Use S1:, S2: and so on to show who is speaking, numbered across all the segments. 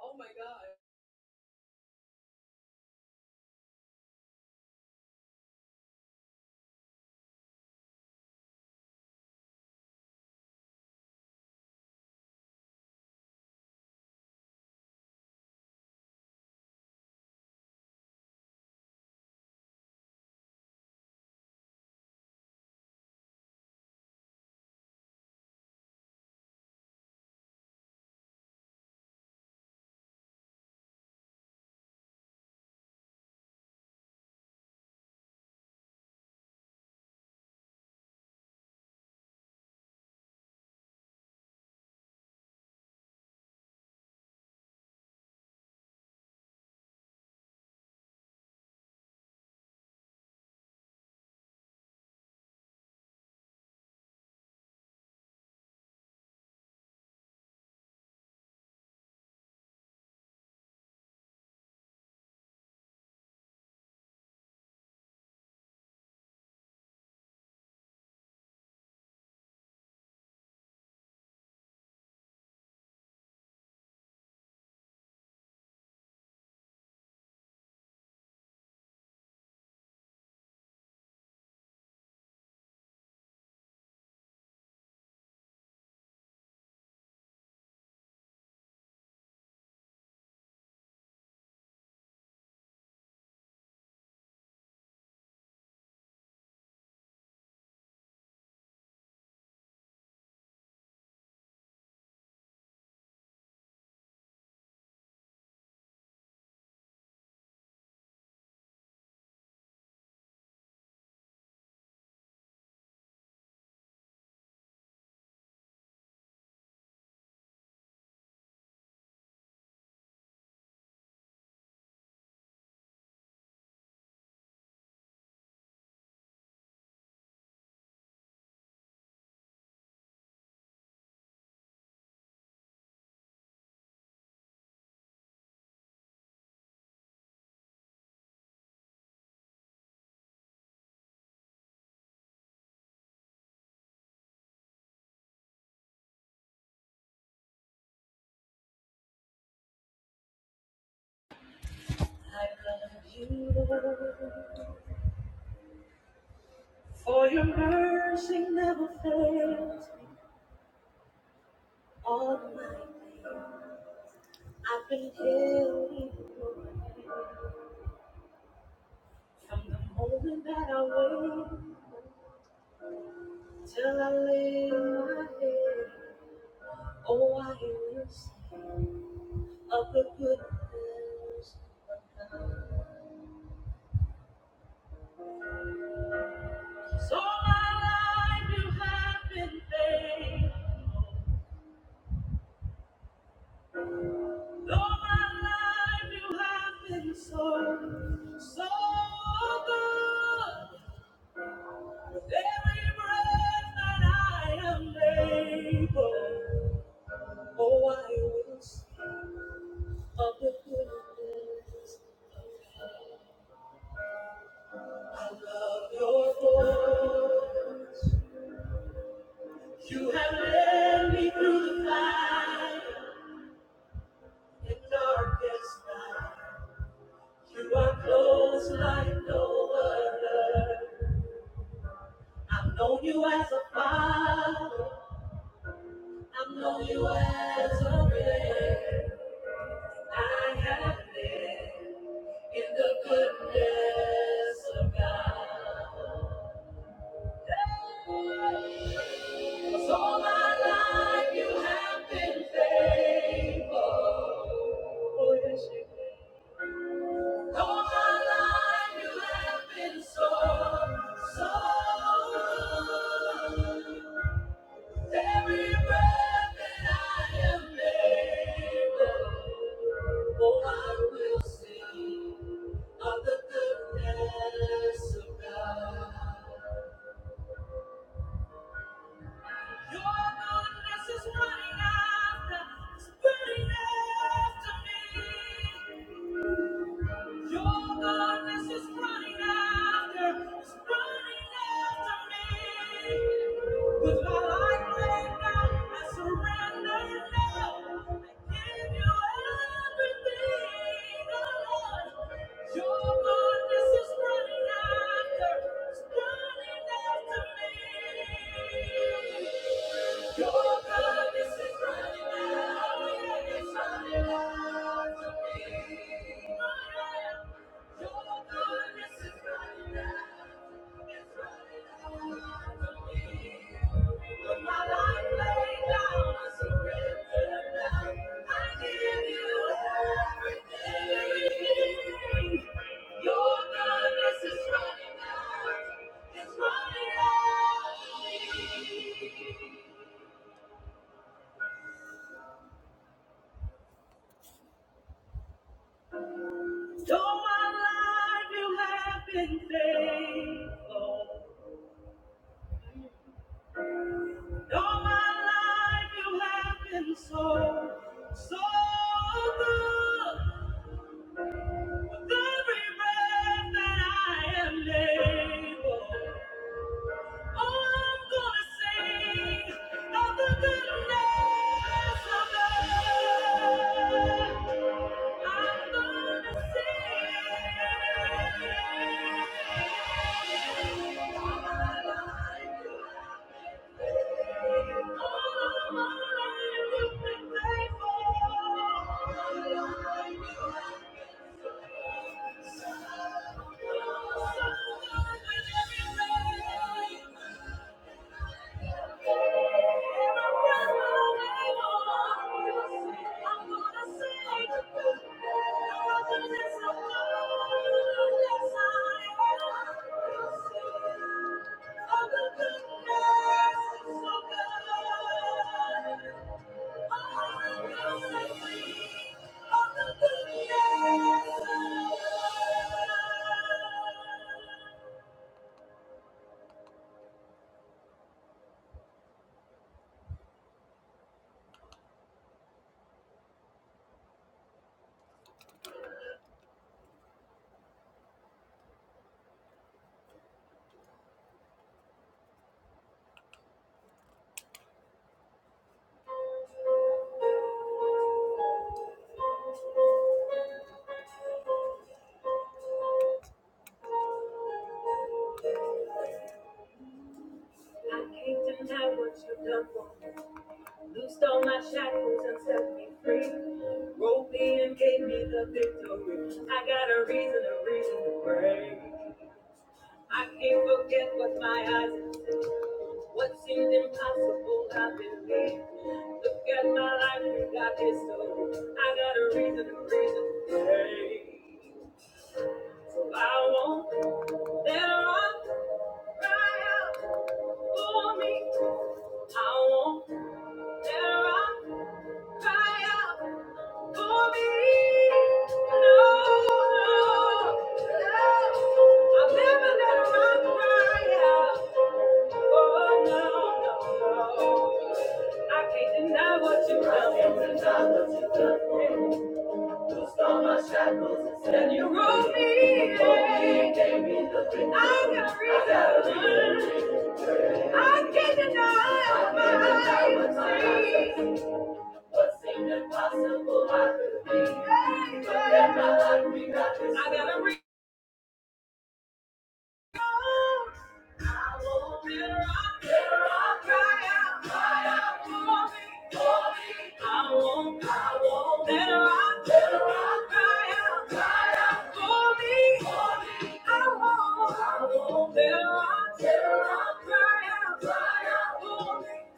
S1: Oh my God. For your mercy never fails all my days. I've been held in your hand from the moment that I wake till I lay my head. Oh, I will sing of the goodness of God. So my life you have been faithful. Though my life you have been so, so good. Every breath that I am able, oh, I will sing of the goodness of your voice. You have led me through the fire and darkest night. You are close like no other. I've known you as a father. I've known you as a friend. I have lived in the goodness of God. 'Cause all my life you have been faithful. Oh, yes, you have. All my life you have been so, so good. Every breath that I am able. Oh, I will sing of the goodness of God. Your goodness is running after, is running after me. Your goodness is running after, is running after me. With my life laid down, I surrender now. I give you everything, oh Lord. Your goodness is running after, is running after me. Your goodness is running after, oh yeah, it's running after me. So my life you have been faithful. All my life you have been so, so good. With every breath that I am able, all I'm gonna sing of the goodness of God. I'm gonna sing. All my life you have I can't deny what you've done for me. Loosed all my shackles and set me free. Rolled me and gave me the victory. I got a reason, a reason to pray. I can't forget what my eyes have seen. What seemed impossible, I believe. Look at my life, we got history. I got a reason, a reason to pray. So I won't let rock cry out for me. I won't let rock cry out. For me, no, no, no. I've never let a rock cry Oh, no, no, no. I can't deny what you've done. I can't deny what you've done for me. my shackles and you rose me. you gave me the victory. I got a reason. I can't deny I can't deny my what you've done. What seemed impossible, I could be out. out, cry out, cry for for me,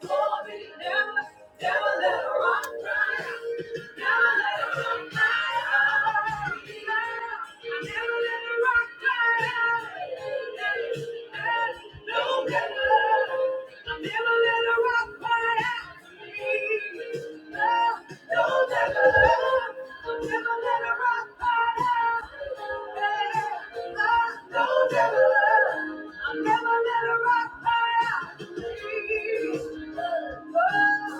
S1: for me. Never Never let a rock fire.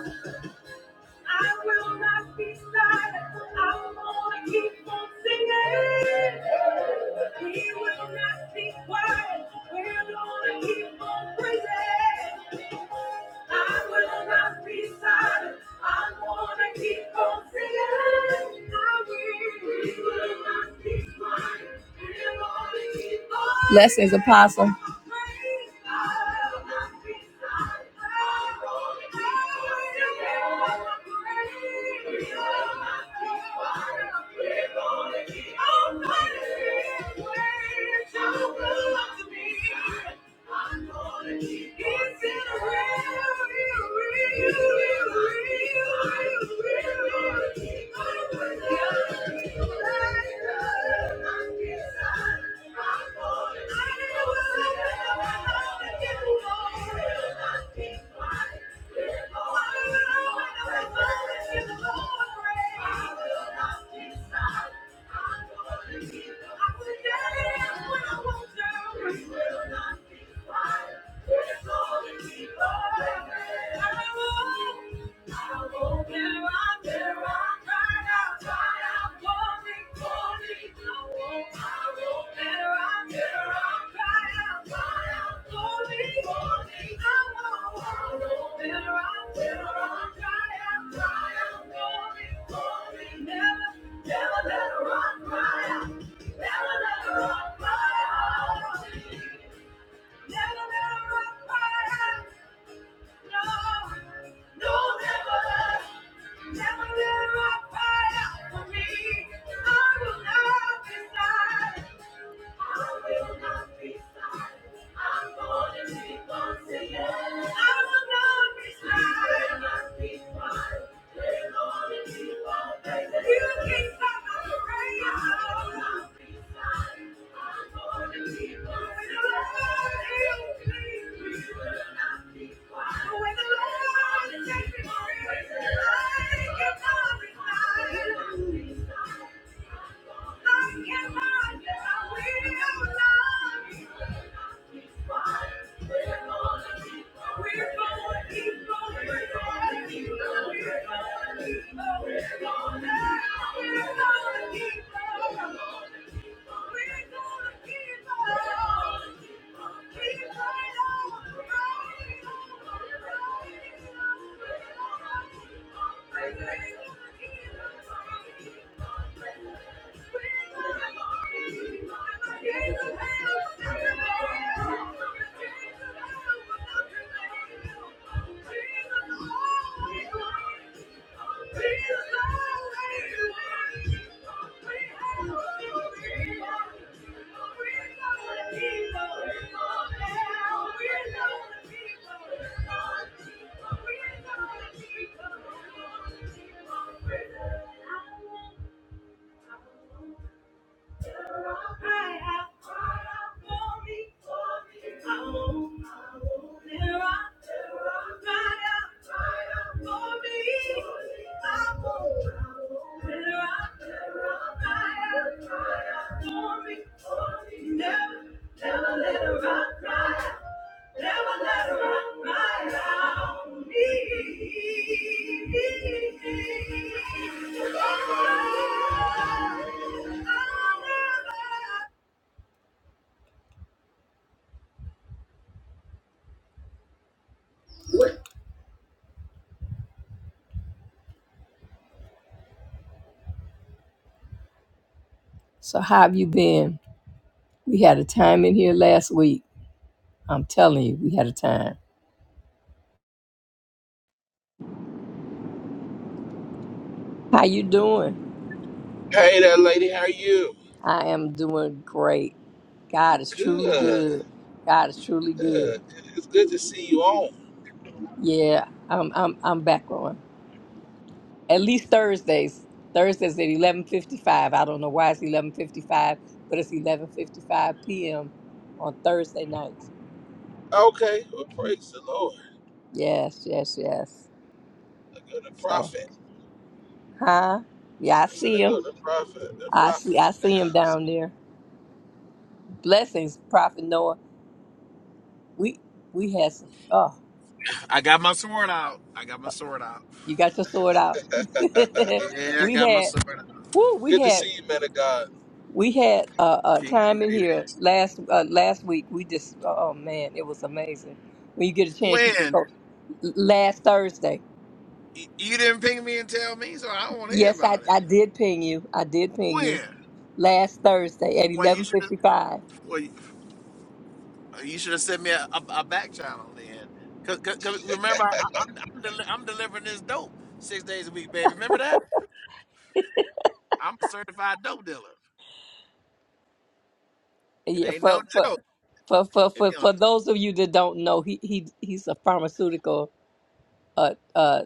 S1: I will not be silent. I'm gonna keep on singing. We will not be quiet. We're gonna keep on praising. I will not be silent. I'm gonna keep on singing. I will. We will not be quiet. We're gonna keep on. Blessings, Apostle. It's in the real, real, real, real, real, real, real. Thank you. Never let a rock cry out. Never let a rock cry out. Never let a rock cry out. No, never, never let my pride out for me. I will not be silent. I will not die. I'm gonna keep on singing. I will not be silent. I must be quiet. We're going to keep going. We're going to keep going. We're going to keep going. Thank you. Thank you. So how have you been? We had a time in here last week. I'm telling you, we had a time. How you doing?
S2: Hey there, lady. How are you?
S1: I am doing great. God is truly
S2: Good.
S1: good. God is truly good.
S2: Good. It's good to see you on.
S1: Yeah, I'm I'm I'm back on. At least Thursdays. Thursdays at eleven fifty five. I don't know why it's eleven fifty five, but it's eleven fifty five PM on Thursday nights.
S2: Okay. Well, praise the Lord.
S1: Yes, yes, yes.
S2: Look at the
S1: So
S2: prophet.
S1: huh? Yeah, I
S2: I said,
S1: see him.
S2: look at the prophet. The
S1: I see
S2: prophet's
S1: I
S2: in the
S1: see him
S2: house.
S1: down there. Blessings, Prophet Noah. We we had some. oh.
S3: I got my sword out. I got my sword out.
S1: You got your sword out.
S3: Yeah, I
S1: we
S3: got my
S1: had,
S3: sword.
S1: woo, we
S2: Good to
S1: had,
S2: see you, man of God.
S1: we had a uh, uh,
S3: King and
S1: time in
S3: greeted.
S1: here last uh, last week. We just, oh man, it was amazing. When you get a chance, you should
S3: When
S1: go. Last Thursday,
S3: Y- you didn't ping me and tell me, so I don't want to hear
S1: yes, I,
S3: about it.
S1: I did ping you. I did ping you
S3: When?
S1: last Thursday at
S3: Well,
S1: eleven
S3: you should.
S1: fifty five.
S3: Well, you you should have sent me a, a, a back channel then. Cause, cause, 'cause remember, I, I'm I'm, deli- I'm delivering this dope six days a week, baby. Remember that? I'm a certified dope dealer. It
S1: Yeah,
S3: ain't no
S1: for for
S3: joke.
S1: for for
S3: If
S1: for
S3: you don't,
S1: for those of you that don't know, he he he's a pharmaceutical uh uh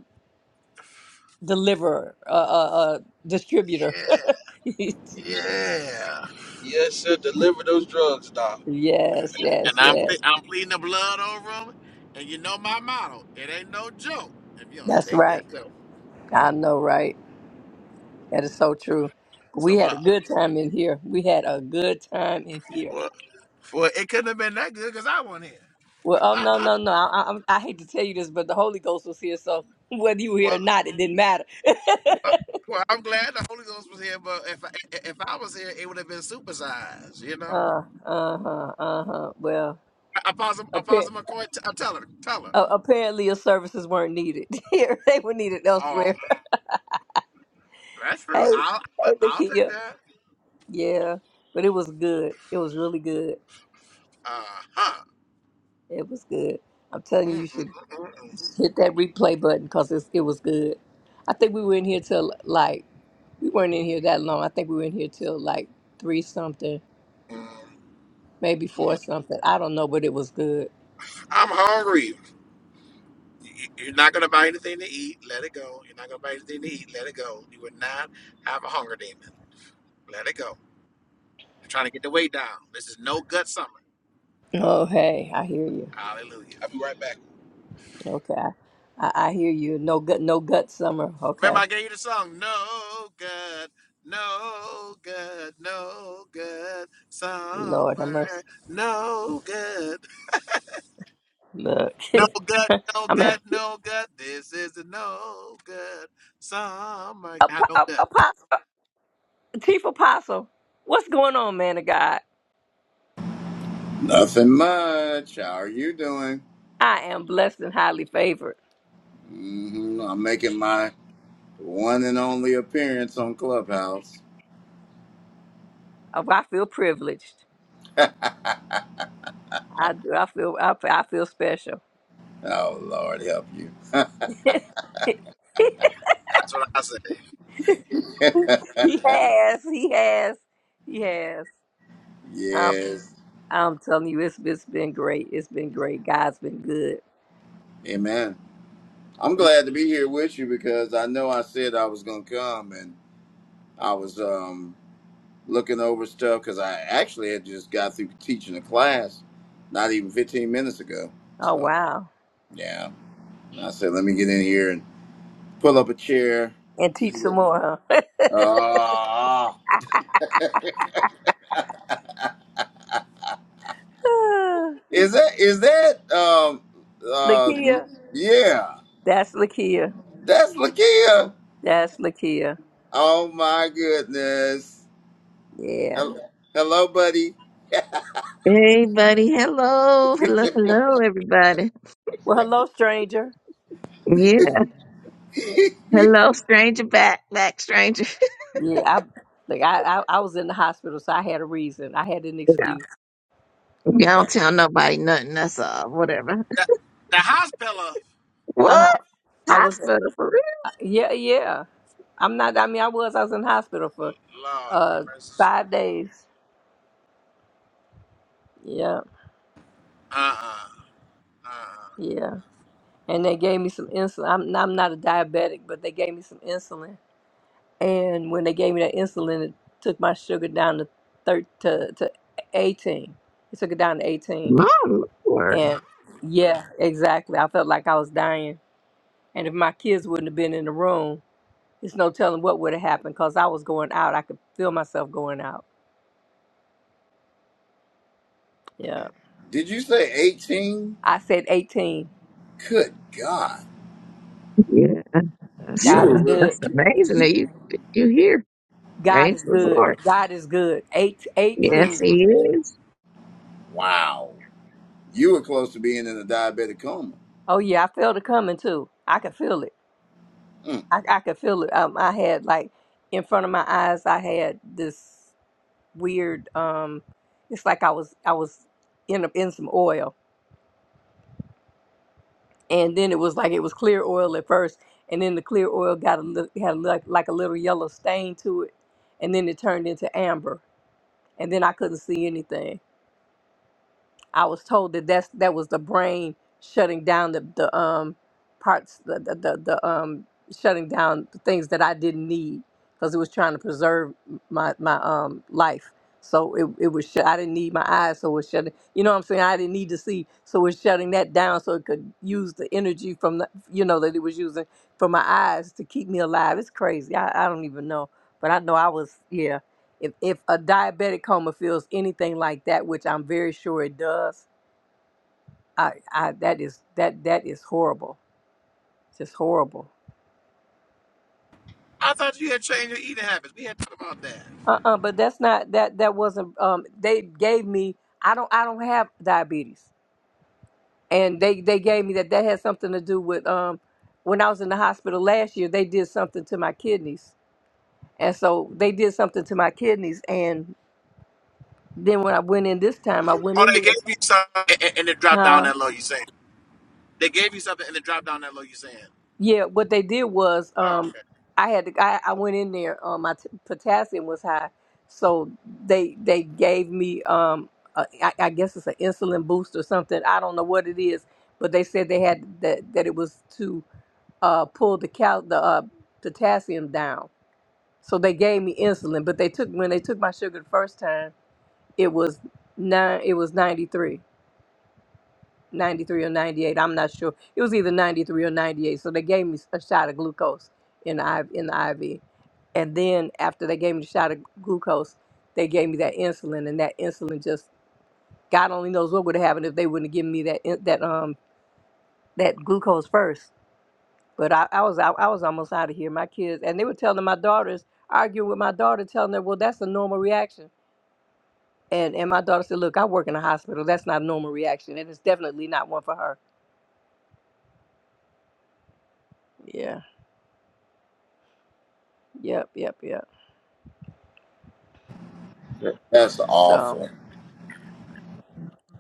S1: deliverer uh uh, uh distributor.
S3: yeah, yeah.
S2: Yes, sir. Deliver those drugs, doc.
S1: Yes,
S3: And
S1: yes,
S3: I'm ple-
S1: yes.
S3: I'm pleading the blood over them. And you know my motto. It ain't no joke. If you don't
S1: That's
S3: take that
S1: right.
S3: dope.
S1: I know, right? That is so true. We
S3: So,
S1: had a
S3: but
S1: good time in here. We had a good time in here.
S3: well, well, it couldn't have been that good because I wasn't here.
S1: Well, oh no, no, no. I, I, I'm- I hate to tell you this, but the Holy Ghost was here, so whether you were here or
S3: Well,
S1: not, it didn't matter.
S3: well, well, I'm glad the Holy Ghost was here, but if I, if I was here, it would have been supersized, you know.
S1: uh, uh huh, uh huh. Well,
S3: Apostle,
S1: appa-
S3: Apostle McCoy, t- uh, tell her, tell her.
S1: uh, apparently your services weren't needed here; they were needed
S3: Oh,
S1: elsewhere.
S3: that's true.
S1: Hey,
S3: I'll,
S1: hey,
S3: I'll take
S1: Lakia.
S3: that.
S1: Yeah, but it was good. It was really good.
S3: Uh huh.
S1: It was good. I'm telling
S3: Mm,
S1: you, you
S3: mm,
S1: should.
S3: mm,
S1: Hit that replay button because it, was good. I think we were in here till like, we weren't in here that long. I think we were in here till like three something,
S3: mm, mm,
S1: maybe
S3: mm.
S1: four something. I don't know, but it was good.
S3: I'm hungry. You- You're not gonna buy anything to eat. Let it go. You're not gonna buy anything to eat. Let it go. You would not have a hunger demon. Let it go. You're trying to get the weight down. This is no gut
S1: Oh, hey, I hear you.
S3: Hallelujah.
S2: I'll be right back.
S1: Okay. I, I I hear you. No gut, no gut summer.
S3: Remember,
S1: Okay.
S3: I gave you the song, No Good, No Good, No Good Summer,
S1: Lord have mercy.
S3: No Good,
S1: Look,
S3: No Good, No
S1: I'm at
S3: Good, No Good. This is the No Good Summer,
S1: Ap-
S3: God, No
S1: Ap-
S3: Good.
S1: Apostle, Chief Apostle. What's going on, man of God?
S4: Nothing much. How are you doing?
S1: I am blessed and highly favored.
S4: hmm I'm making my one and only appearance on Clubhouse.
S1: Oh, I feel privileged. I do. I feel. I, I feel special.
S4: Oh, Lord, help you.
S3: That's what I say.
S1: he has. He has. He has. I'm,
S4: yes.
S1: I'm telling you, it's it's been great. It's been great. God's been good.
S4: Amen. I'm glad to be here with you because I know I said I was going to come and I was um, looking over stuff because I actually had just got through teaching a class not even 15 minutes ago.
S1: Oh
S4: So,
S1: wow!
S4: yeah. And I said, let me get in here and pull up a chair,
S1: And
S4: see
S1: teach
S4: what
S1: some more, huh?
S4: Ah. Is that is that um uh
S1: Lakia.
S4: yeah.
S1: That's Lakia.
S4: That's Lakia.
S1: That's Lakia.
S4: Oh my goodness.
S1: Yeah.
S4: Hello, hello buddy.
S5: Hey, buddy. Hello. Hello. Hello, everybody.
S1: Well, hello, stranger.
S5: Yeah. Hello, stranger. Back, back, stranger.
S1: Yeah, I like I, I I was in the hospital, so I had a reason. I had an
S5: Yeah.
S1: excuse.
S5: Y'all don't tell nobody nothing. That's uh, whatever.
S3: That, the hospital,
S1: Uh huh.
S5: What?
S1: I was
S5: Hospital for
S1: uh, yeah yeah. I'm not. I mean, I was. I was in the hospital for
S3: Lord, have
S1: uh
S3: mercy.
S1: five days. Yeah
S3: uh uh, uh.
S1: yeah. And they gave me some insulin. I'm I'm not a diabetic, but they gave me some insulin. And when they gave me that insulin, it took my sugar down to thir- to to 18. It took it down to
S5: real?
S1: 18.
S5: My lord.
S1: And yeah, exactly. I felt like I was dying. And if my kids wouldn't have been in the room. There's no telling what would have happened because I was going out. I could feel myself going out. Yeah.
S4: Did you say 18?
S1: I said 18.
S4: Good God.
S5: Yeah. That's,
S4: You
S1: God
S4: were
S1: is
S5: uh,
S4: re-
S1: good.
S5: that's amazing that you, you here.
S1: God is
S5: Praise the
S1: good.
S5: Lord.
S1: God is good. Eight, eighteen.
S3: Mm.
S5: Yes, he is.
S4: wow. You were close to being in a diabetic coma.
S1: Oh, yeah. I felt it coming too. I could feel it.
S4: Mm,
S1: I, I could feel it. Um, I had like in front of my eyes, I had this weird, um, it's like I was, I was in, a, in some oil and then it was like it was clear oil at first, and then the clear oil got a lit- had a, like like a little yellow stain to it, and then it turned into amber, and then I couldn't see anything. I was told that that's that was the brain shutting down the the um parts the the the, the um shutting down the things that I didn't need because it was trying to preserve my my um life. So it, it was shut. I didn't need my eyes, so it was shutting. You know what I'm saying? I didn't need to see, so it was shutting that down, so it could use the energy from the you know that it was using for my eyes to keep me alive. It's crazy. I, I don't even know, but I know I was. yeah. If if a diabetic coma feels anything like that, which I'm very sure it does, I, I that is that that is horrible. It's Just horrible.
S3: I thought you had changed your eating habits. We had talked about that.
S1: Uh-uh, but that's not that that wasn't um they gave me I don't I don't have diabetes. And they they gave me that that had something to do with um when I was in the hospital last year, they did something to my kidneys. And so they did something to my kidneys and then when I went in this time, I went
S3: Oh,
S1: in
S3: they gave
S1: there.
S3: me some, and, and it dropped down
S1: huh?
S3: that low. You saying? They gave you something and then dropped down that low. You saying,
S1: Yeah, what they did was
S3: "Oh,
S1: um,
S3: okay,
S1: I had to, I, I went in there. Um, my t- potassium was high, so they they gave me um, a, I, I guess it's an insulin boost or something. I don't know what it is, but they said they had that that it was to uh, pull the cal the uh, potassium down. So they gave me insulin, but they took when they took my sugar the first time, it was nine. It was ninety three. 93 or 98. I'm not sure. It was either 93 or 98. So they gave me a shot of glucose in the, IV in the IV. And then after they gave me the shot of glucose, they gave me that insulin, and that insulin just God only knows what would have happened if they wouldn't have given me that in- that um that glucose first. But I, I was I, I was almost out of here. My kids and they were telling my daughters, arguing with my daughter, telling her, well, that's a normal reaction. And and my daughter said, look, I work in a hospital. That's not a normal reaction, and it's definitely not one for her. Yeah. Yep. Yep. Yep.
S4: that's
S1: So
S4: awful.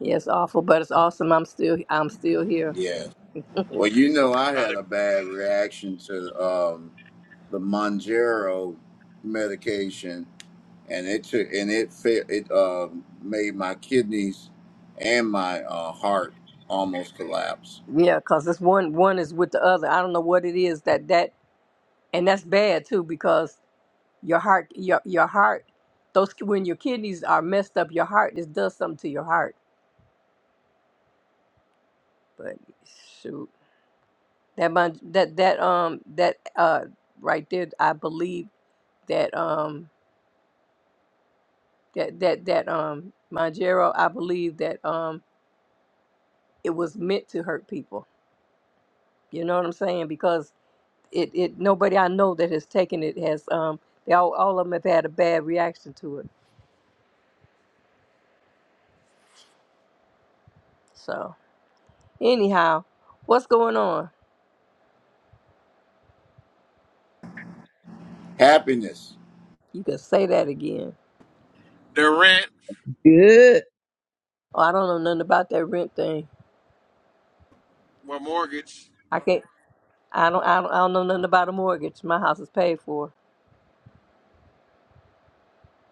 S1: yeah, it's awful, but it's awesome. I'm still I'm still here.
S4: Yeah. Well, you know I
S3: got
S4: had
S3: it."
S4: a bad reaction to um the Monjero medication and it took, and it fa- it uh made my kidneys and my uh, heart almost collapse.
S1: Yeah, because this one one is with the other. I don't know what it is that that and that's bad too because your heart your your heart those when your kidneys are messed up, your heart this does something to your heart. But shoot, that mon- that that um that uh right there, I believe that um that that that um Monjero, I believe that um it was meant to hurt people. You know what I'm saying? Because it, it nobody I know that has taken it has um they all, all of them have had a bad reaction to it. So anyhow, what's going on?
S4: Happiness.
S1: You can say that again.
S3: Their rent,
S5: Good.
S1: Oh, I don't know nothing about that rent thing.
S3: or mortgage,
S1: I can't. I don't. I don't. I don't know nothing about a mortgage. My house is paid for.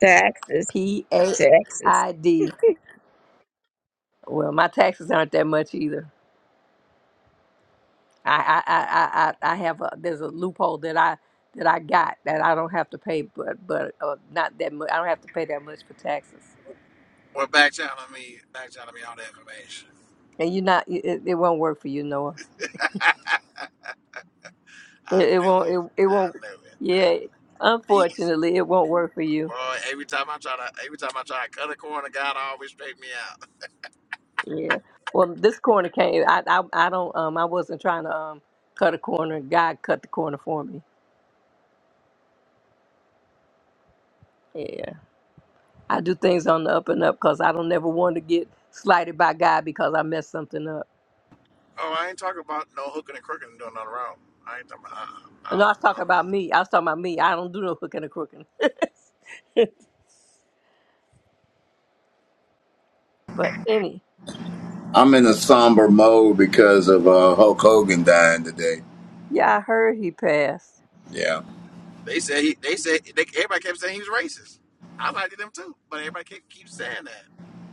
S5: Taxes.
S1: P A
S5: Taxes.
S1: I D. Well, my taxes aren't that much either. I I I I, I I have a there's a loophole that I that I got that I don't have to pay, but but uh, not that much. I don't have to pay that much for taxes.
S3: or back channeling me, back channeling me all the information.
S1: and you're not. It, it won't work for you, Noah.
S3: I
S1: It, it
S3: knew
S1: won't.
S3: it.
S1: It, it
S3: I
S1: won't.
S3: knew it.
S1: Yeah.
S3: These
S1: Unfortunately, it won't work for you.
S3: boy, every time I try to, every time I try to cut a corner, God always straight me out.
S1: Yeah. Well, this corner came. I, I I don't. Um, I wasn't trying to um cut a corner. God cut the corner for me. Yeah. I do things on the up and up because I don't ever want to get slighted by God because I messed something up.
S3: Oh, I ain't talking about no hooking and crooking and doing nothing wrong. I ain't talking about. Uh, I
S1: And I
S3: don't,
S1: was talking
S3: uh,
S1: about me. I was talking about me. I don't do no hooking or crooking. but any,
S4: I'm in a somber mode because of uh, Hulk Hogan dying today.
S1: yeah, I heard he passed.
S4: Yeah.
S3: they said he. They said they, everybody kept saying he was racist. I liked them too, but everybody kept keep saying that.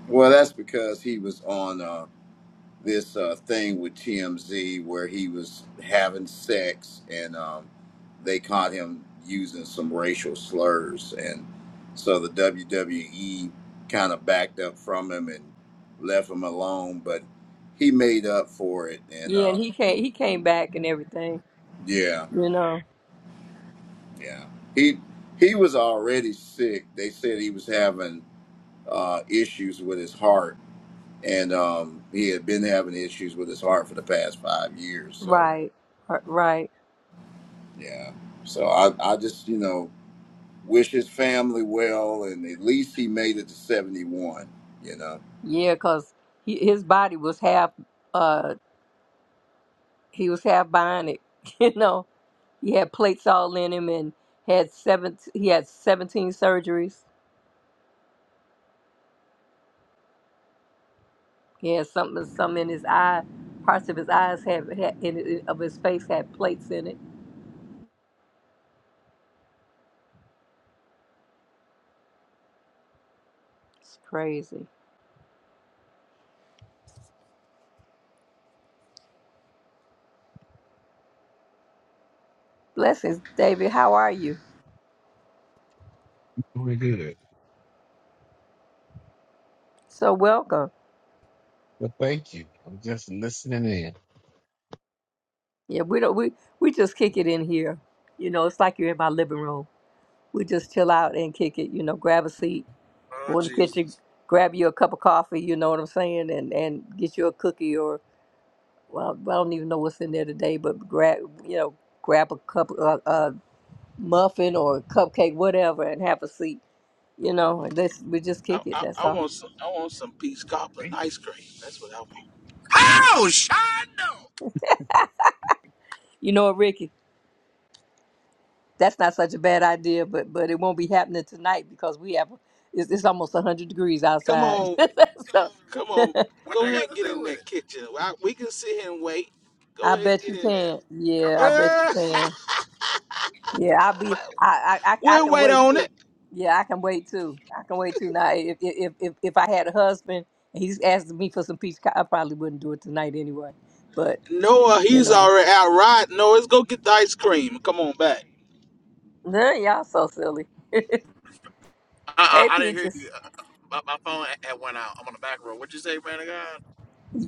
S4: Well, that's because he was on. Uh, this uh, thing with TMZ where he was having sex and um, they caught him using some racial slurs. And so the WWE kind of backed up from him and left him alone, but he made up for it. And
S1: Yeah, and
S4: uh,
S1: he came. He came back and everything.
S4: yeah,
S1: You know.
S4: yeah. He, he was already sick. They said he was having uh, issues with his heart. And um, he had been having issues with his heart for the past five years. So,
S1: Right, r- right.
S4: Yeah. So I, I just, you know, wish his family well, and at least he made it to 71, you know.
S1: Yeah, 'cause he, his body was half, uh, he was half bionic. You know, he had plates all in him and had seven, he had 17 surgeries. He had something, some in his eye, parts of his eyes have, had, in, in- of his face had plates in it. It's crazy. Blessings, David. How are you?
S6: Doing good.
S1: So welcome.
S6: Well, thank you. I'm just listening in.
S1: Yeah, we don't, we, we just kick it in here. You know, it's like you're in my living room. We just chill out and kick it, you know, grab a seat
S3: Oh
S1: go in the kitchen,
S3: Jesus!
S1: grab you a cup of coffee, you know what I'm saying, and and get you a cookie or well, I don't even know what's in there today, but grab you know grab a cup a, a muffin or a cupcake, whatever, and have a seat, you know, and this we just
S2: I,
S1: kick it.
S2: I,
S1: That's
S2: I
S1: all.
S2: want some. I want some peach cobbler and
S6: Thank you.
S2: ice cream. That's what I want.
S3: How Shondo?
S1: You know, what, Ricky, that's not such a bad idea, but but it won't be happening tonight because we have it's, it's almost 100 degrees
S2: Come
S1: outside.
S2: on,
S1: so
S3: What,
S2: come on.
S3: what
S2: Go
S3: they
S2: ahead and
S3: got
S2: get
S3: to do
S2: in
S3: with it?
S2: that kitchen. I- we can sit here and wait. Go
S1: I
S2: ahead and
S1: bet
S2: get
S1: you
S2: in
S1: can.
S2: there.
S3: Come
S1: Yeah, I
S3: on.
S1: bet you can.
S3: What
S1: Yeah,
S3: you-
S1: I'll be. I I I, I
S3: what-
S2: we'll
S1: can
S2: wait
S1: wait
S2: on it.
S1: too. Yeah, I can wait too. I can wait too. Now, if if if, if I had a husband and he's asking me for some peach, co- I probably wouldn't do it tonight anyway. But
S2: Noah,
S1: you
S2: he's
S1: know,
S2: already out riding. Noah, let's go get the ice cream. Come on back.
S1: nah, y'all so silly. hey,
S3: I, I, I didn't hear
S1: peaches,
S3: you. My, my phone had went out. I'm on the back row. What you say, man of God?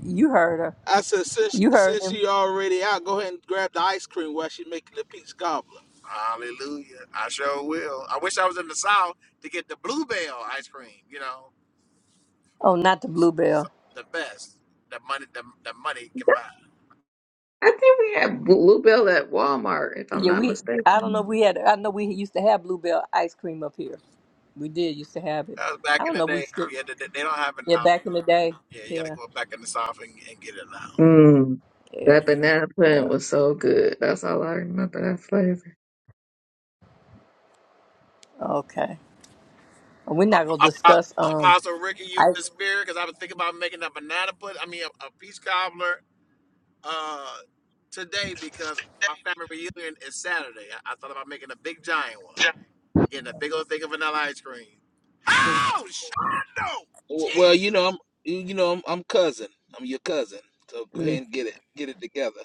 S1: you heard her.
S2: I said, since
S1: You heard
S2: since
S1: him.
S2: she already out, go ahead and grab the ice cream while she's making the peach cobbler.
S3: Hallelujah. I sure will. I wish I was in the South to get the bluebell ice cream. You know,
S1: Oh, not the
S3: It's- it's
S1: bluebell.
S3: the best. The money, the, the money can buy.
S5: I think we have Bluebell at Walmart, if I'm
S1: Yeah,
S5: not
S1: we. I don't
S5: mistaken.
S1: know. if We had. I know we used to have bluebell ice cream up here. We did used to have it.
S3: That was back
S1: I
S3: in
S1: don't
S3: the
S1: know. if We
S3: day.
S1: still.
S3: Yeah, they, they don't have it
S1: Yeah,
S3: now.
S1: back in the day.
S3: Yeah, you got to
S1: Yeah.
S3: go back in the South and, and get it now.
S5: Mm,
S1: Yeah.
S5: that banana pudding was so good. That's all I remember that flavor.
S1: Okay. We're not gonna
S3: Ap- ap-
S1: discuss. Um.
S3: Apostle Ricky, you
S1: I
S3: in the spirit? Because I was thinking about making a banana pudding. I mean, a, a peach cobbler uh, today because my family reunion is Saturday. I, I thought about making a big giant one, getting a big old thing of vanilla ice cream. Oh, Shondo!
S2: W- Well, you
S3: Jesus!
S2: know, I'm you know, I'm, I'm cousin. I'm your cousin. So go
S1: mm,
S2: ahead and get it get it together.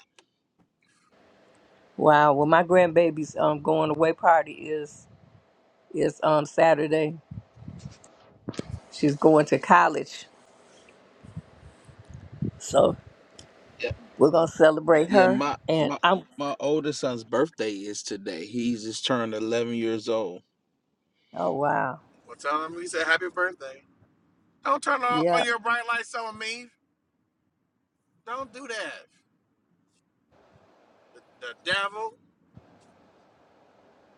S1: wow. Well, my grandbaby's um going away party is is um Saturday. She's going to college, so
S2: Yeah,
S1: we're gonna celebrate
S2: yeah.
S1: her.
S2: My
S1: And
S2: my
S1: I'm
S2: my oldest son's birthday is today. He's just turned 11 years old.
S1: oh wow,
S3: Well, tell them we said happy birthday. Don't turn on, on
S1: yeah.
S3: your bright lights on me. Don't do that. The, the devil.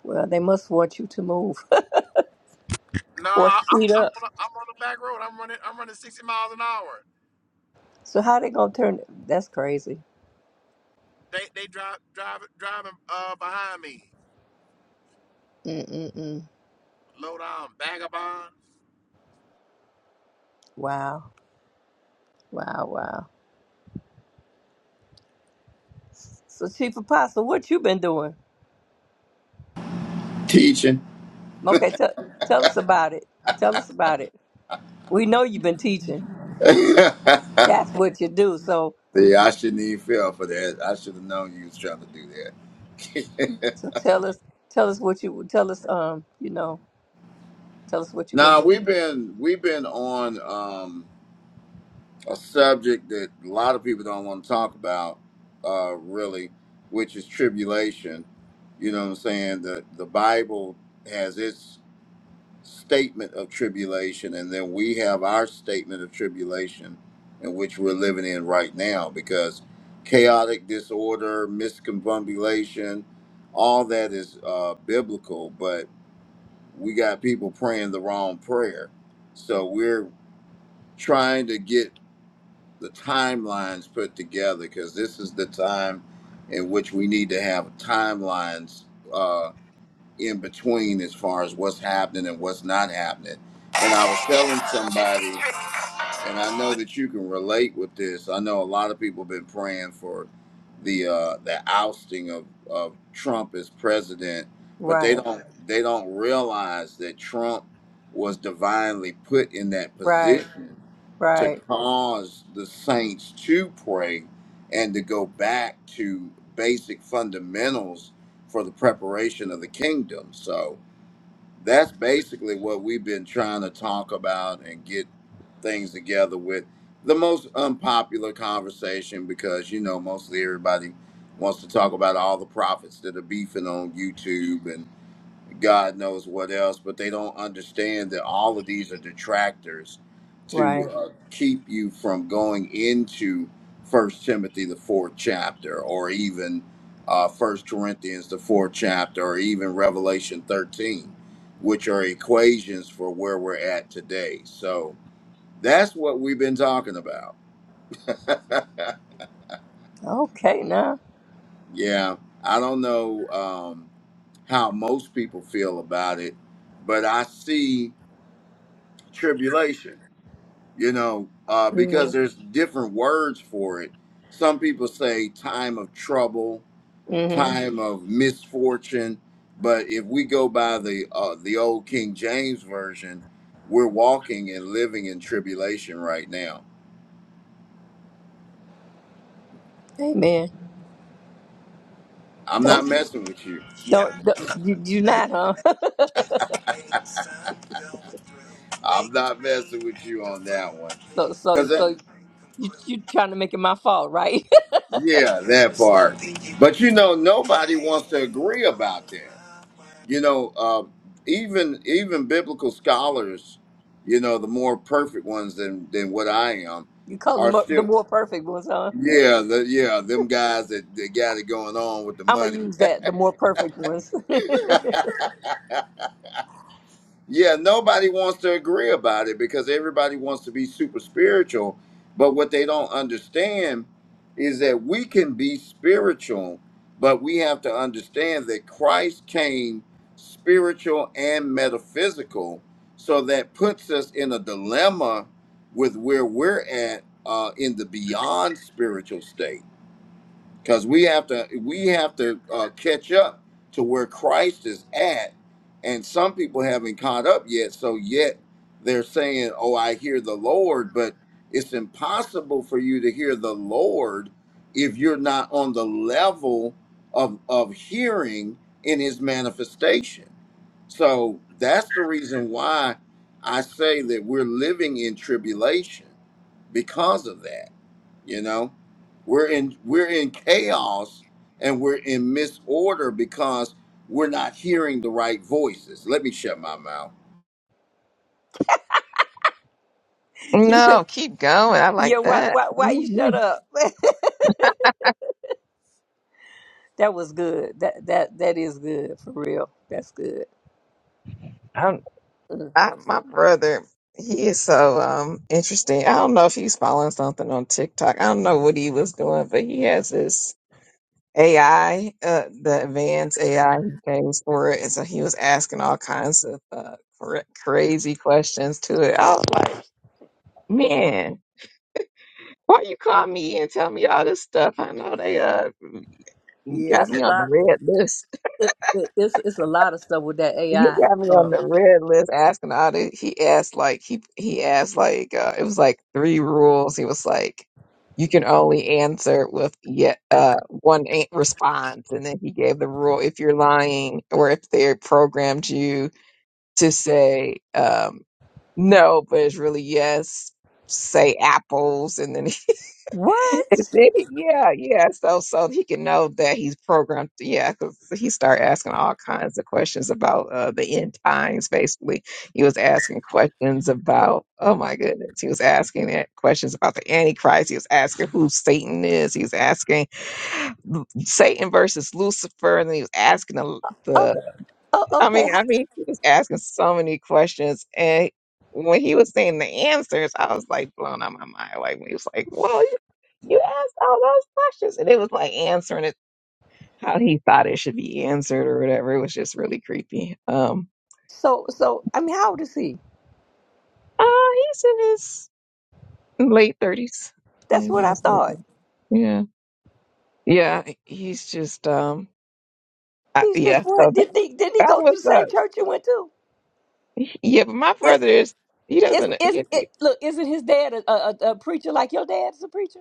S1: Well, they must want you to move
S3: No,
S1: or
S3: I'm I'm
S1: speed up.
S3: on, the, I'm on the back road. I'm running I'm running 60 miles an hour.
S1: So how they gonna turn? That's crazy.
S3: They they drive drive driving uh behind me.
S1: Mm mm mm.
S3: Low down vagabond.
S1: Wow, wow, wow. So Chief Apostle, what you been doing? Okay, tell tell us about it. Tell us about it. We know you've been teaching. That's what you do. So
S4: See, I shouldn't even feel for that. I should have known you was trying to do that.
S1: So tell us, tell us what you tell us. Um, you know, tell us what you've been
S4: now
S1: doing.
S4: we've been we've been on um, a subject that a lot of people don't want to talk about, uh, really, which is tribulation. You know what I'm saying? The the Bible has its statement of tribulation, and then we have our statement of tribulation in which we're living in right now because chaotic disorder, misconfabulation, all that is uh, biblical, but we got people praying the wrong prayer. So we're trying to get the timelines put together because this is the time in which we need to have timelines uh, in between as far as what's happening and what's not happening. And I was telling somebody and I know that you can relate with this. I know a lot of people have been praying for the uh, the ousting of, of Trump as president, but they
S1: Right,
S4: don't they don't realize that Trump was divinely put in that
S1: right,
S4: position to
S1: right,
S4: cause the saints to pray and to go back to basic fundamentals for the preparation of the kingdom. So that's basically what we've been trying to talk about and get things together with the most unpopular conversation because you know mostly everybody wants to talk about all the prophets that are beefing on YouTube and God knows what else, but they don't understand that all of these are detractors to
S1: right.
S4: uh, keep you from going into First Timothy the fourth chapter, or even uh, First Corinthians the fourth chapter, or even Revelation thirteen, which are equations for where we're at today. So that's what we've been talking about.
S1: Okay, now.
S4: yeah, I don't know um, how most people feel about it, but I see. tribulation you know uh, because
S1: Mm-hmm.
S4: there's different words for it some people say time of trouble
S1: mm-hmm.
S4: time of misfortune but if we go by the uh, the old king james version we're walking and living in tribulation right now
S1: Amen.
S4: i'm not
S1: Don't,
S4: messing with you
S1: don't, don't you, you not, huh?
S4: i'm not messing with you on that one
S1: so, so,
S4: because
S1: so you you trying to make it my fault, right?
S4: yeah that part but you know nobody wants to agree about that you know uh, even even biblical scholars you know the more perfect ones than than what i am
S1: you call
S4: are
S1: them the
S4: still
S1: more perfect ones, huh?
S4: yeah the yeah them guys that, that got it going on with the
S1: I'm gonna
S4: money
S1: use that. The more perfect ones.
S4: Yeah, nobody wants to agree about it because everybody wants to be super spiritual. But what they don't understand is that we can be spiritual, but we have to understand that Christ came spiritual and metaphysical. So that puts us in a dilemma with where we're at uh, in the beyond spiritual state because we have to we have to uh, catch up to where Christ is at, and some people haven't caught up yet. So yet they're saying, "Oh, I hear the Lord," but it's impossible for you to hear the Lord if you're not on the level of of hearing in His manifestation. So that's the reason why I say that we're living in tribulation because of that. You know, we're in we're in chaos and we're in misorder because we're not hearing the right voices. Let me shut my mouth.
S1: you said,
S5: No, keep going. I
S1: yeah.
S5: like
S1: Why,
S5: that.
S1: why, why you shut
S5: Mhm.
S1: up? that was good. That that that is good for real. That's good.
S5: Um, I, my brother, he is so um interesting. I don't know if he's following something on TikTok. I don't know what he was doing, but he has this AI, uh, the advanced AI he pays for it, and so he was asking all kinds of uh, cra- crazy questions to it. I was like, man, why you call me and tell me all this stuff? I know they uh You
S1: Yeah,
S5: got
S1: it's a
S5: me on the
S1: lot.
S5: red list.
S1: it, it, it's it's a lot of stuff with that
S5: He
S1: AI.
S5: got me
S1: Uh,
S5: on the red list asking all the he asked like he he asked like uh it was like three rules. He was like you can only answer with yet uh one a- response and then he gave the rule if you're lying or if they programmed you to say um no but it's really yes say apples and then And
S1: What?
S5: then he- yeah, yeah. So so he can know that he's programmed. Yeah, because he started asking all kinds of questions about uh, the end times. Basically, he was asking questions about oh my goodness, he was asking it- questions about the Antichrist. He was asking who Satan is. He was asking Satan versus Lucifer, and then he was asking the,
S1: Oh, oh,
S5: I
S1: okay.
S5: mean, I mean, he was asking so many questions, and when he was saying the answers, I was like blown out my mind. Like when he was like, "Well, you, you asked all those questions," and it was like answering it how he thought it should be answered or whatever. It was just really creepy. Um,
S1: So, so I mean, how old is he?
S5: uh, he's in his late thirties. Yeah,
S1: That's
S5: he's
S1: what I
S5: almost late
S1: thought.
S5: 30s. Yeah, yeah, he's just um, I,
S1: He's just
S5: yeah. So
S1: what?
S5: that,
S1: Didn't he? Didn't he
S5: that
S1: go to
S5: was
S1: the same
S5: uh,
S1: church you went to?
S5: yeah. But my
S1: Is
S5: brother is he
S1: is
S5: doesn't
S1: is
S5: he.
S1: it? Look, isn't his dad a, a, a a preacher like your dad's a preacher?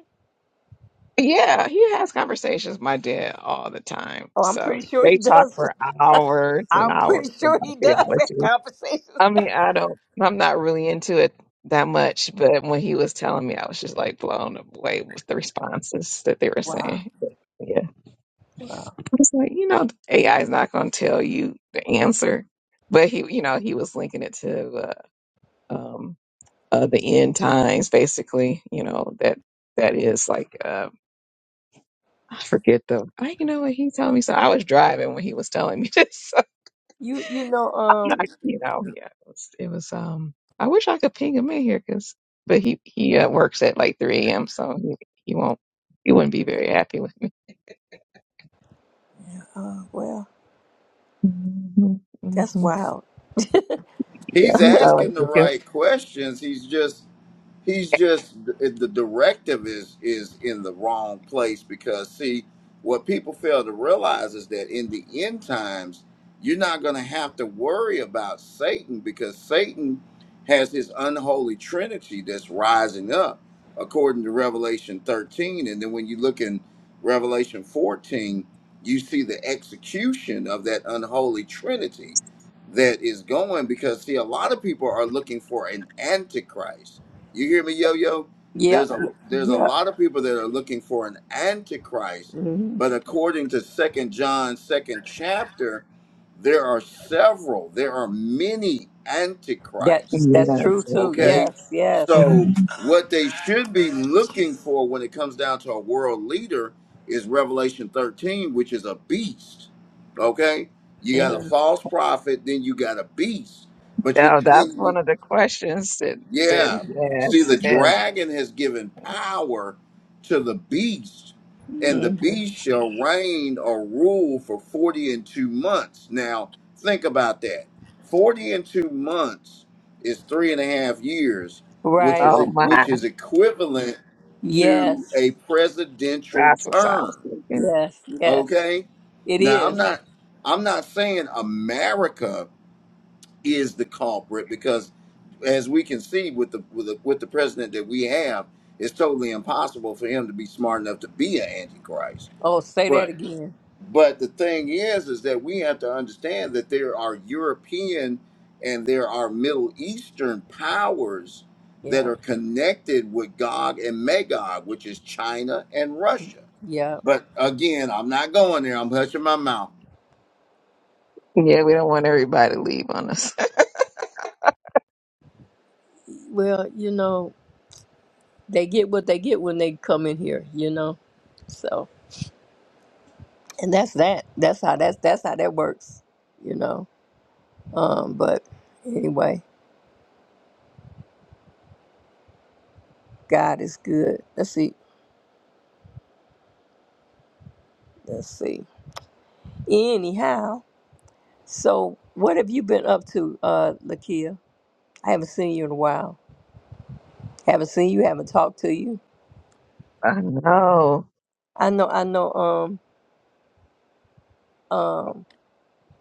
S5: Yeah, he has conversations with my dad all the time.
S1: Oh, I'm
S5: So
S1: pretty sure
S5: they
S1: he
S5: talk
S1: does.
S5: for hours and
S1: I'm
S5: hours
S1: pretty sure
S5: about
S1: he does have
S5: theology.
S1: conversations.
S5: I mean, I don't, I'm not really into it that much, but when he was telling me, I was just like blown away with the responses that they were
S1: Wow,
S5: saying. Yeah.
S1: wow.
S5: I was like, you know, AI is not going to tell you the answer. But he, you know, he was linking it to the, um, uh, the end times, basically, you know, that that is like, uh, I forget the. I you know what he told me. So I was driving when he was telling me this. So
S1: You you know
S5: I'm not,
S1: um.
S5: you know, yeah, it was, it was. Um, I wish I could ping him in here, cause but he he uh, works at like 3 a.m. So he, he won't he wouldn't be very happy with me.
S1: Uh, well,
S5: hmm
S1: that's
S5: hmm
S1: wild.
S5: Yeah,
S4: He's
S5: he's always
S4: asking the
S5: looking.
S4: right questions. He's just he's just the directive is is in the wrong place because see what people fail to realize is that in the end times you're not going to have to worry about satan because satan has his unholy trinity that's rising up according to revelation 13 and then when you look in revelation 14 you see the execution of that unholy trinity that is going because see a lot of people are looking for an antichrist you hear me yo yo
S1: Yeah,
S4: there's a there's a
S1: yeah.
S4: lot of people that are looking for an antichrist
S1: Mm-hmm.
S4: but according to second john second chapter there are several there are many antichrists
S1: That's that's
S5: Yeah,
S1: true too.
S5: sister.
S4: Okay.
S1: Yes, yes.
S4: So,
S5: hmm
S4: what they should be looking for when it comes down to a world leader is Revelation 13, which is a beast. Okay. You got a false prophet, then you got a beast. But you,
S5: Now that's
S4: then,
S5: one of the questions that that
S4: yeah.
S5: he
S4: See,
S5: asked,
S4: the
S5: and
S4: dragon has given power to the beast, and the
S1: Mhm.
S4: beast shall reign or rule for 40 and two months. Now, think about that 40 and two months is three and a half years, which is,
S1: Right.
S5: oh my,
S4: which is equivalent to
S1: Yes.
S4: a presidential
S5: that's what I was
S4: term.
S5: thinking.
S1: Yes. Yes.
S4: Okay.
S1: It
S4: Now, I'm
S1: is.
S4: not. I'm not saying America is the culprit because as we can see with the with the with the president that we have, it's totally impossible for him to be smart enough to be an antichrist.
S1: Oh, say that
S4: But
S1: again.
S4: but the thing is is that we have to understand that there are European and there are Middle Eastern powers that
S1: Yeah.
S4: are connected with Gog and Magog, which is China and Russia.
S1: Yeah.
S4: But again, I'm not going there. I'm hushing my mouth.
S5: Yeah, we don't want everybody to leave on us.
S1: Well, you know, they get what they get when they come in here, you know. So and that's that. That's how that's that's how that works, you know. Um, but anyway, God is good. Let's see. Let's see. Anyhow, so what have you been up to, uh, Lakia? I haven't seen you in a while. Haven't seen you, haven't talked to you.
S5: I know.
S1: I know, I know. Um, um,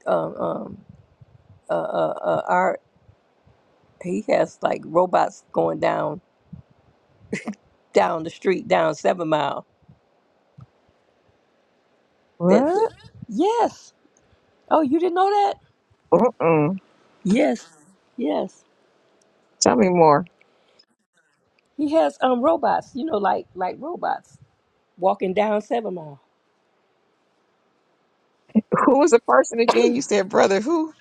S1: um, um uh, uh, uh, our he has like robots going down down the street down Seven Mile. That
S5: What?
S1: yes. Oh, you didn't know that?
S5: Mm-mm.
S1: Yes, yes.
S5: Tell me more.
S1: He has um robots. You know, like like robots walking down Seven Mile.
S5: Who was the person again? You said brother. Who?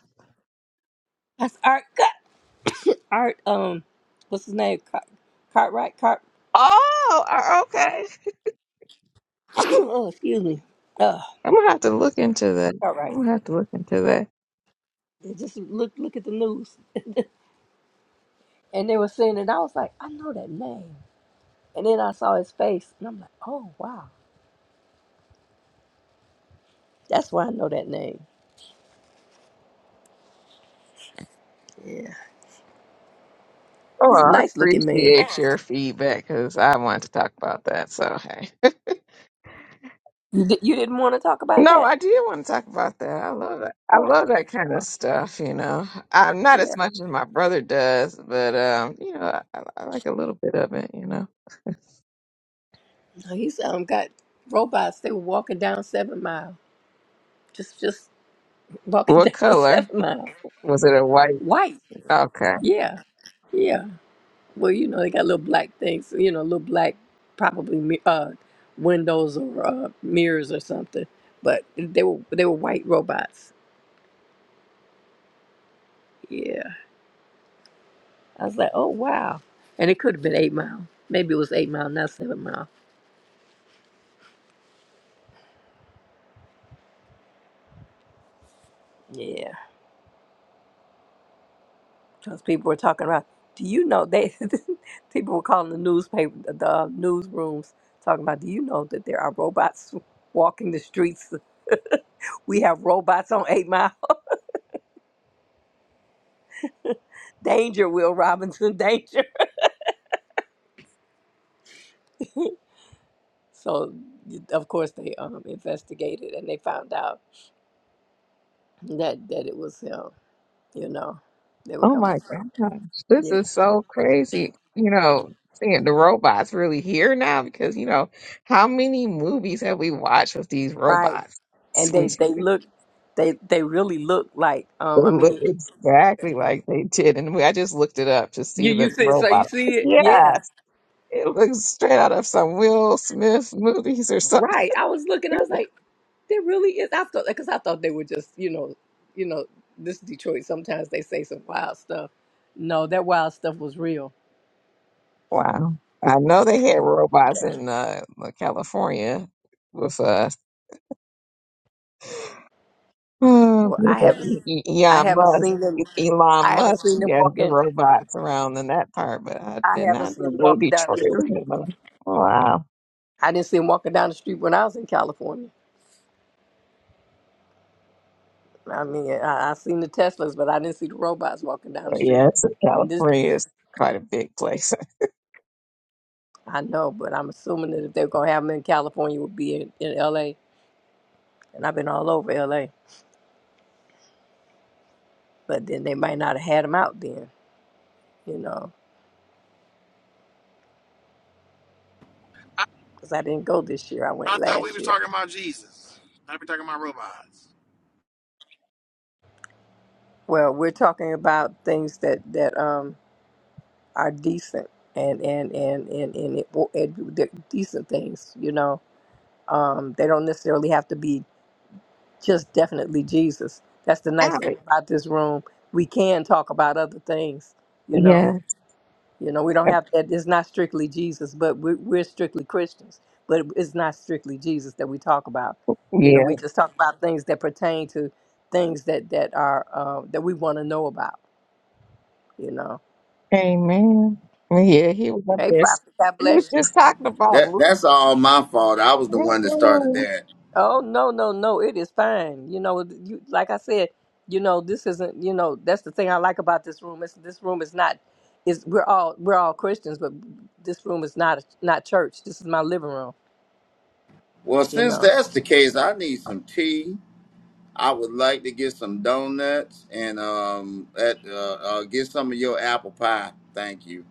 S1: That's Art. Cut- Art. Um, what's his name? Cart, Cartwright. Cart.
S5: Oh, uh, okay.
S1: oh, excuse me. Uh,
S5: I'm gonna have to look into that.
S1: Cartwright.
S5: I'm gonna have to look into that.
S1: Just look look at the news. and they were singing, and I was like, I know that name. And then I saw his face, and I'm like, oh wow, that's why I know that name. Yeah,
S5: Oh,
S1: he's a
S5: I
S1: nice looking man.
S5: appreciate your feedback because I want to talk about that. So hey,
S1: You, di- you didn't want to talk about
S5: no,
S1: that?
S5: I did want to talk about that. I love that. I
S1: Oh,
S5: love that kind
S1: oh
S5: of stuff. You know, I'm not as
S1: yeah.
S5: much as my brother does, but um, you know, I, I like a little bit of it. You know,
S1: No, He's um got robots. They were walking down Seven Mile, just just walking
S5: what
S1: down
S5: color
S1: Seven Mile,
S5: was it? A white?
S1: white.
S5: Okay.
S1: Yeah, yeah. Well, you know they got little black things. You know, little black probably mi- uh windows or uh, mirrors or something. But they were they were white robots. Yeah. I was like, oh, wow. And it could have been eight mile. Maybe it was eight mile, not seven mile. Yeah. Because people were talking about, do you know, they people were calling the newspaper, the newsrooms, talking about, do you know that there are robots walking the streets? We have robots on eight mile. danger, Will Robinson, danger. so, of course, they um, investigated and they found out that, that it was him, you know. They were
S5: Oh
S1: coming.
S5: my
S1: from-
S5: gosh, this
S1: Yeah.
S5: is so crazy. You know, seeing the robots really here now because, you know, how many movies have we watched with these
S1: Right.
S5: robots?
S1: and
S5: We,
S1: they they look they they really look like um
S5: they
S1: I
S5: look
S1: mean
S5: exactly like they did in the movie. I just looked it up to see
S1: you you
S5: the
S1: see so you
S5: robot.
S1: see it yeah
S5: Yes, it looks straight out of some Will Smith movies or something.
S1: right I was looking I was like there really is I thought because I thought they were just you know you know this Detroit sometimes they say some wild stuff no that wild stuff was real
S5: Wow. I know they had robots in uh, California with uh, Hmm.
S1: well I haven't I
S5: Yeah,
S1: haven't
S5: Musk,
S1: seen them
S5: Elon
S1: I
S5: Musk,
S1: haven't seen
S5: he
S1: them
S5: has the
S1: walking
S5: robots around in that part, but I
S1: I
S5: did
S1: haven't
S5: not
S1: seen
S5: know
S1: them
S5: Little
S1: walking down the
S5: Detroit was
S1: street
S5: in the- Oh, Wow.
S1: I didn't see them walking down the street when I was in California I mean I, I seen the Teslas but I didn't see the robots walking down
S5: But
S1: the street.
S5: yeah, it's
S1: I mean, this.
S5: California is quite a big place.
S1: I know, but I'm assuming that if they're gonna have them in California, it would be in, in L.A. And I've been all over L.A. But then they might not have had them out then, you know, because I didn't go this year. I went
S3: I thought we
S1: last
S3: was
S1: year.
S3: talking about Jesus. I be talking about robots.
S1: Well, we're talking about things that that um are decent and and and and and, it, and they're decent things, you know. Um, they don't necessarily have to be just definitely Jesus. That's the nice thing
S5: Alley.
S1: about this room. We can talk about other things, you know.
S5: Yeah.
S1: You know, we don't have to, it's not strictly Jesus, but we're, we're strictly Christians. But it's not strictly Jesus that we talk about. You know,
S5: Yeah.
S1: we just talk about things that pertain to things that that are uh, that we want to know about. You know,
S5: Amen. Yeah, he was up
S1: hey,
S5: there. s-
S1: prophet, God
S5: He was
S1: bless you.
S5: just talking about
S4: That
S5: Luke.
S4: that's all my fault. I was the one that started
S5: Mm-mm.
S4: that.
S1: Oh no, no, no, it is fine. You know, you like I said, you know, this isn't. You know, that's the thing I like about this room. It's, this room is not. Is we're all we're all Christians, but this room is not not church. This is my living room.
S4: Well,
S1: You
S4: since
S1: know.
S4: that's the case, I need some tea. I would like to get some donuts and um, at, uh, uh, get some of your apple pie. Thank you.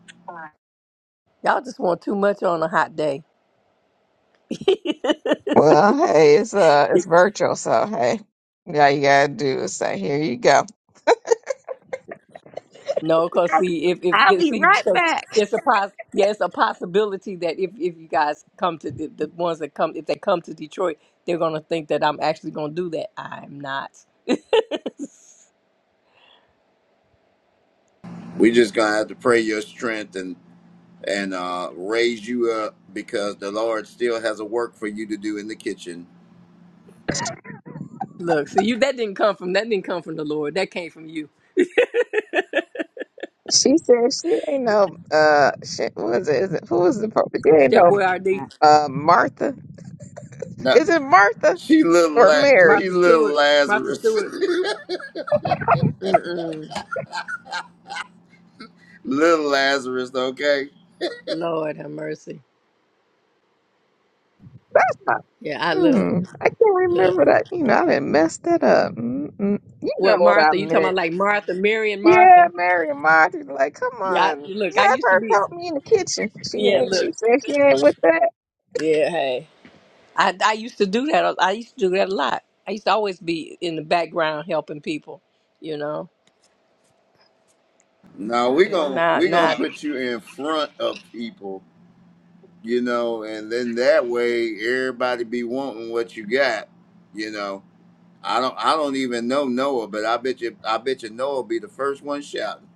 S1: Y'all just want too much on a hot day.
S5: Well, hey, it's uh it's virtual, so hey. Yeah, you gotta do is say, here you go.
S1: no, cause see if if
S5: I'll
S1: this-
S5: be
S1: see
S5: right
S1: because
S5: back.
S1: it's a pos yeah it's a possibility that if if you guys come to the, the ones that come if they come to Detroit they're gonna think that I'm actually gonna do that. I'm not.
S4: We just gonna have to pray your strength and and uh, raise you up because the Lord still has a work for you to do in the kitchen.
S1: Look, see you that didn't come from that didn't come from the Lord. That came from you,
S5: She said she ain't no uh shit what was it? Is it who was the prophet? she ain't
S1: Chef
S5: no
S1: Boyardee,
S5: uh Martha.
S4: No,
S5: Is it Martha
S4: she little
S5: or
S4: la-
S5: Mary?
S4: she
S1: Martha
S4: little
S1: Stewart, Martha
S4: Lazarus,
S1: Stewart. Mm-mm.
S4: little Lazarus. Okay.
S1: Lord have mercy.
S5: That's not
S1: Yeah, I look
S5: hmm, I can't
S1: look.
S5: remember that. You know, I didn't mess that up. Mm-mm. You know
S1: What
S5: what I
S1: Martha? You talking
S5: meant.
S1: about like Martha, Mary, and
S5: Yeah,
S1: Martha?
S5: Mary and Martha like, come
S1: Yeah, I,
S5: on,
S1: look, I
S5: have
S1: used to
S5: her
S1: be.
S5: help me in the kitchen. She
S1: Yeah,
S5: ain't she
S1: look.
S5: said she ain't with that.
S1: Yeah, hey. I, I used to do that. I used to do that a lot. I used to always be in the background helping people, you know.
S4: No, we
S1: You know,
S4: gonna
S1: now,
S4: we gonna
S1: now,
S4: put you in front of people you know, and then that way everybody be wanting what you got, you know. I don't I don't even know Noah, but I bet you I bet you Noah be the first one shouting.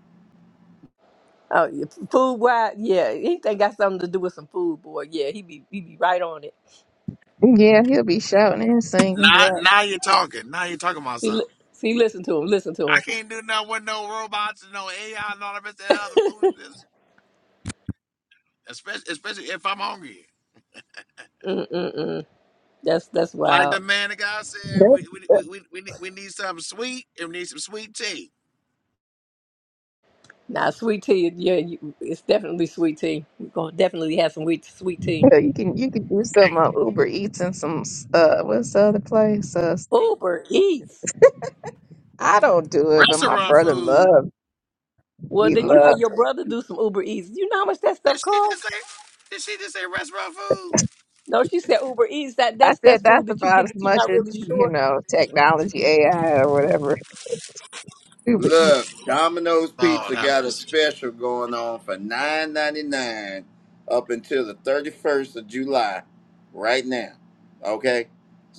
S1: oh, yeah, food wise, yeah, anything got something to do with some food, boy. Yeah, he be, he be right on it.
S5: Yeah, he'll be shouting and singing.
S3: Now,
S1: Yeah.
S3: now you're talking. Now you're talking about
S1: See,
S3: something.
S1: li- see, listen to him, listen to
S3: I
S1: him.
S3: can't do nothing with no robots and no AI and all the rest of that other foolishness. Especially, especially if I'm hungry.
S1: Mm, mm, mm. That's, that's
S3: Like the
S1: wild.
S3: man of God said,
S5: That,
S3: we
S5: that-
S3: we we we, we need we need something sweet and we need some sweet tea.
S1: Now, sweet tea, yeah, you, it's definitely sweet tea. We're gonna definitely have some sweet, sweet tea.
S5: yeah, you can you can do some uh, Uber Eats and some uh what's the other place? uh,
S1: Uber Eats.
S5: I don't do it, but my
S3: Restaurant
S5: brother
S3: food.
S5: loves.
S1: Well,
S5: He
S1: then you had
S5: loves.
S1: your brother do some Uber Eats. You know how much that
S3: Did
S1: stuff
S3: she
S1: costs?
S3: just say? Did she just say restaurant food?
S1: No, she said Uber Eats. That
S5: I
S1: that's
S5: said
S1: that's
S5: that's
S1: food that you
S5: about
S1: get
S5: as
S1: that you're
S5: much
S1: not
S5: as
S1: really
S5: you
S1: sure.
S5: know, technology, AI, or whatever. Stupid. Boy,
S4: Look, Domino's
S3: Oh,
S4: Pizza
S3: that
S4: got a
S3: mercy.
S4: special going on for nine ninety nine up until the thirty first of July, right now. Okay,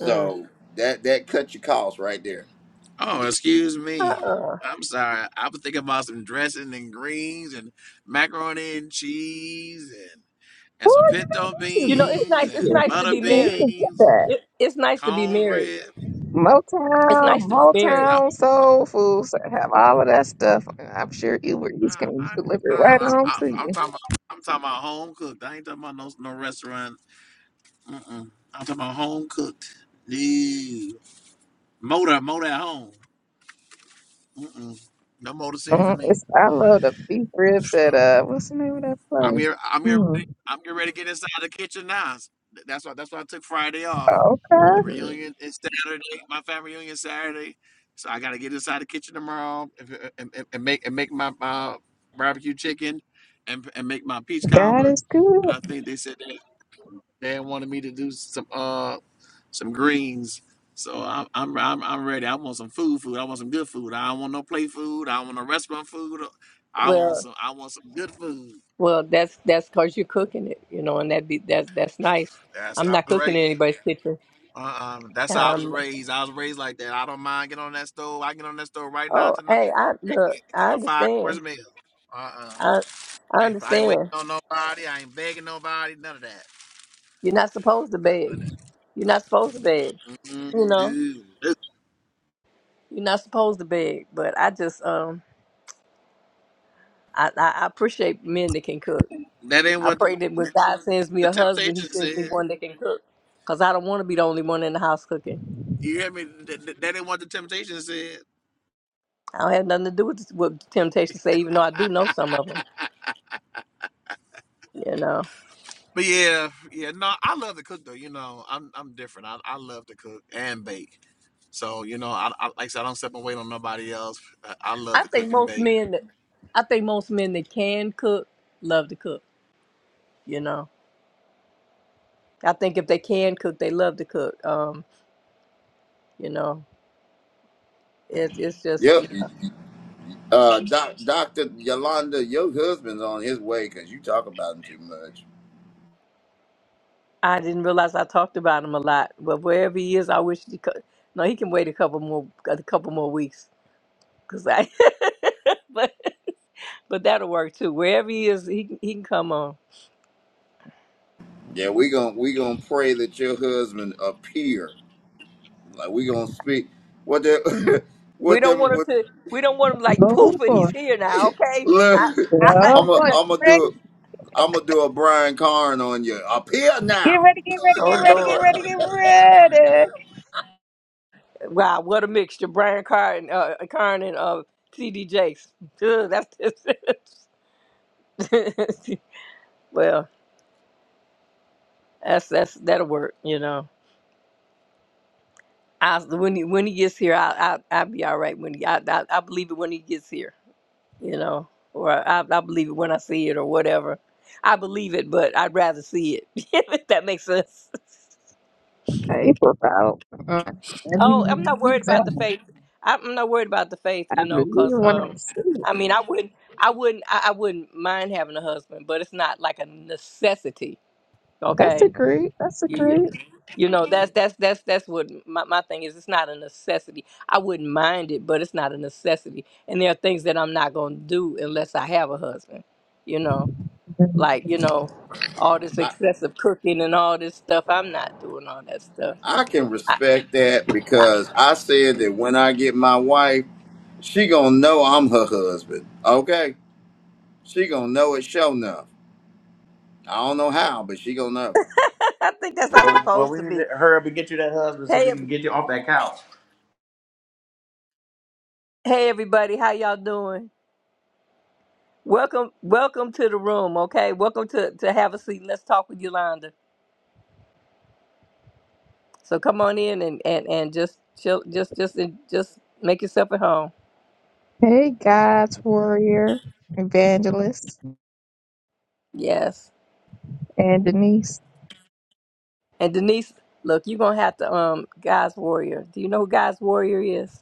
S1: Mm.
S4: that that cut your costs right there.
S3: Oh, excuse me.
S1: Uh-uh.
S3: I'm sorry. I was thinking about some dressing and greens and macaroni and cheese and, and some
S5: you know
S3: pinto
S5: this
S1: You
S5: is
S1: know, it's
S3: beans
S1: nice.
S3: and
S1: It's
S5: Michigan.
S1: nice to
S3: butter
S5: Michigan,
S1: be
S5: we
S1: married.
S5: can get
S3: beans,
S5: that.
S1: It, it's nice to be married.
S3: cornbread.
S1: It's nice
S5: Motown,
S1: to be
S3: I,
S1: married.
S3: I,
S5: Motown, Soul Food, so have all of that stuff. I'm sure Uber Eats can
S3: I,
S5: deliver it
S3: I,
S5: right
S3: am i
S5: home to
S3: I'm
S5: you.
S3: talking about I'm talking about home cooked. I ain't talking about no no restaurant. Mm-mm. I'm talking about home cooked. No. Motor, motor at home. Mm-mm. No motor city for
S5: Mm,
S3: me.
S5: It's, I love the beef ribs at uh, what's the name of that
S3: I'm
S5: place?
S3: here. I'm here. Ready,
S5: Mm,
S3: I'm getting ready to get inside the kitchen now. th- That's why. That's why I took Friday off. The
S5: okay,
S1: hmm
S3: reunion is Saturday. My family reunion is Saturday, so I got to get inside the kitchen tomorrow and, and, and and make and make my, my barbecue chicken and and make my peach
S5: God
S3: cobbler.
S5: is
S3: And I
S5: good.
S3: think they said they, they wanted me to do some uh some greens. So I'm, I'm I'm I'm ready. I want some food, food. I want some good food. I don't want no play food. I don't want no restaurant food. I want
S1: Well,
S3: some I want some good food.
S1: well, that's that's because you're cooking it, you know, and that be that's that's nice.
S3: That's
S1: I'm
S3: what
S1: not cooking in anybody's kitchen.
S3: Uh-uh. That's how I was
S1: Um.
S3: raised. I was raised like that. I don't mind getting on that stove. I get on that stove right now
S1: Oh,
S3: tonight.
S1: hey, I
S3: and
S1: look.
S3: cook cook
S1: I
S3: a five course
S1: understand.
S3: meal. Uh-uh.
S1: I I
S3: I ain't, I ain't waiting
S1: understand.
S3: on nobody. I ain't begging nobody. None of that.
S1: You're not supposed to beg. You're not supposed to beg.
S3: Mm,
S1: You know,
S3: dude, that
S1: you're not supposed to beg. But I just um. I, I, I appreciate men that can cook.
S3: that ain't
S1: I
S3: what
S1: pray that when God sends me
S3: the
S1: a husband, He
S3: temptation
S1: sends me
S3: said.
S1: one that can cook, cause I don't want to be the only one in the house cooking.
S3: You hear me? That, that that ain't what the temptation said.
S1: I don't have nothing to do with what temptation say, even though I do know some of them. You know,
S3: But yeah, yeah, no, I love to cook though. You know, I'm I'm different. I, I love to cook and bake. So you know, I, I like I said, I don't step and wait on nobody else. I, I love
S1: I
S3: to
S1: think
S3: cook and
S1: most
S3: bake.
S1: men that I think most men that can cook love to cook. You know, I think if they can cook, they love to cook. Um, you know, it, it's just
S4: Yep. Uh, doc, Doctor Yolanda, your husband's on his way because you talk about him too much.
S1: I didn't realize I talked about him a lot, but wherever he is, I wish he could. No, he can wait a couple more a couple more weeks Cause I, but but that'll work too. Wherever he is, he can- he can come on.
S4: Yeah, we gon' we gonna pray that your husband appear. Like we gonna speak. What the
S1: We
S4: what
S1: don't
S4: them
S1: want him
S4: what
S1: to. We don't want him like
S5: Lord,
S1: poof, and he's here now. Okay.
S4: look
S1: I, I,
S4: I'm
S5: Lord,
S4: a I'm gonna
S5: boy,
S4: do I'm gonna do a Brian Carn on you. Appear
S5: Get
S4: now.
S5: ready, get ready,
S1: oh
S5: get ready, get
S1: Lord!
S5: ready, get ready.
S1: Wow, what a mixture! Brian Carr and uh, Carn and uh, T.D. Jakes. Ugh, that's well. That's that's that'll work. You know. I when he when he gets here, I I I'll be all right. When he I, I I believe it when he gets here. you know, or I, I believe it when I see it or whatever. I believe it, but I'd rather see it, if that makes sense.
S5: Hey, flip out. Uh, I really
S1: Oh, I'm
S5: wanna
S1: not
S5: do
S1: worried about the
S5: that.
S1: faith. I'm I'm not worried about the faith,
S5: I
S1: you know,
S5: really
S1: because,
S5: want to
S1: um,
S5: see it.
S1: I mean, I wouldn't, I wouldn't, I, I wouldn't mind having a husband, but it's not like a necessity,
S5: That's a
S1: okay?
S5: great. That's a
S1: You, you,
S5: great.
S1: you know, that's, that's, that's, that's what my, my thing is. It's not a necessity. I wouldn't mind it, but it's not a necessity. And there are things that I'm not going to do unless I have a husband, you know? like you know all this
S4: I
S1: excessive cooking and all this stuff i'm not doing all that stuff
S4: I can
S1: i,
S4: respect that
S1: I,
S4: because I said that when I get my wife, she gonna know I'm her husband. Okay, she gonna know it. Show enough. I don't know how, but she gonna know.
S1: I think that's how it's
S3: Well, well,
S1: supposed
S3: we
S1: to
S3: need
S1: be
S3: to hurry up and get you that husband so
S1: hey
S3: we can
S1: ev-
S3: get you off that couch.
S1: hey everybody how y'all doing welcome welcome to the room okay welcome to to have a seat let's talk with yolanda so come on in and and and just chill just just and just make yourself at home
S5: Hey, God's warrior, evangelist,
S1: yes
S5: and Denise.
S1: and denise look you're gonna have to um god's warrior do you know who god's warrior is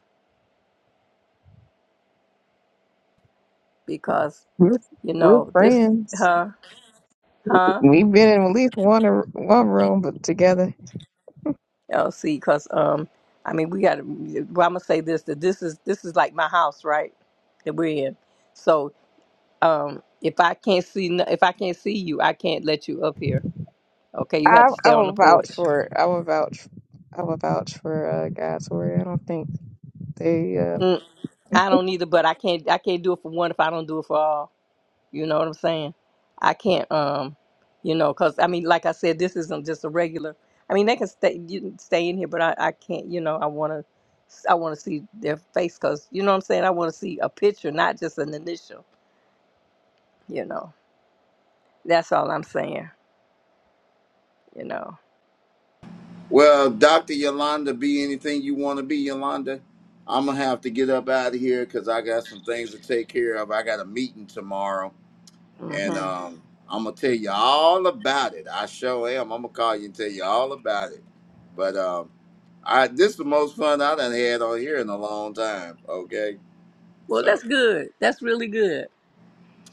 S1: because
S5: We're
S1: you
S5: we're
S1: know this
S5: friends.
S1: huh huh
S5: We've been in at least one or- one room, but together.
S1: Oh, see, because um I mean we got to well, I'm gonna say this that this is this is like my house right that we're in so um if I can't see no- if I can't see you I can't let you up here okay you have
S5: I
S1: to
S5: I
S1: stay on the
S5: will vouch
S1: porch
S5: for. it. I will vouch. I will vouch for uh, God's warrior. I don't think they. uh,
S1: mm, I don't either but I can't I can't do it for one if I don't do it for all You know what I'm saying? I can't, um, you know, because I mean, like I said, this isn't just a regular. I mean, they can stay you can stay in here, but I, I can't. You know, I want to, I want to see their face because you know what I'm saying. I want to see a picture, not just an initial. You know, that's all I'm saying. You know.
S4: Well, Dr. Yolanda, be anything you want to be, Yolanda. I'm going to have to get up out of here because I got some things to take care of. I got a meeting tomorrow,
S1: hmm
S4: and um, I'm going to tell you all about it. I sure am. I'm going to call you and tell you all about it. But um, I this is the most fun I done had on here in a long time, okay?
S1: Well,
S4: So,
S1: that's good. That's really good.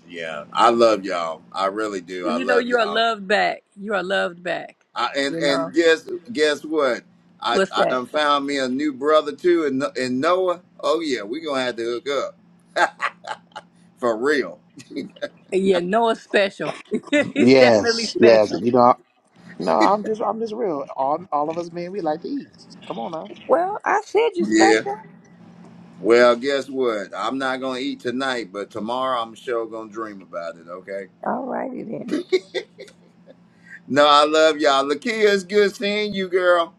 S4: yeah, I love y'all. I really do. I
S1: Well, You know,
S4: love
S1: you are
S4: y'all.
S1: loved back. You are loved back.
S4: I, and
S1: You know.
S4: and guess guess what? I
S1: What's
S4: I
S1: that?
S4: done found me a new brother too, and and Noah. Oh yeah, we gonna have to hook up for real.
S1: Yeah, Noah's special. He's definitely
S3: Yes, yes.
S1: special.
S3: You know, I- no, I'm just, I'm just real. All, all of us men, we like to eat. Come on now.
S1: Well, I said you
S4: Yeah.
S1: special.
S4: Well, guess what? I'm not gonna eat tonight, but tomorrow I'm sure gonna dream about it. Okay.
S1: All righty then.
S4: No, I love y'all. Lakia, it's good seeing you, girl.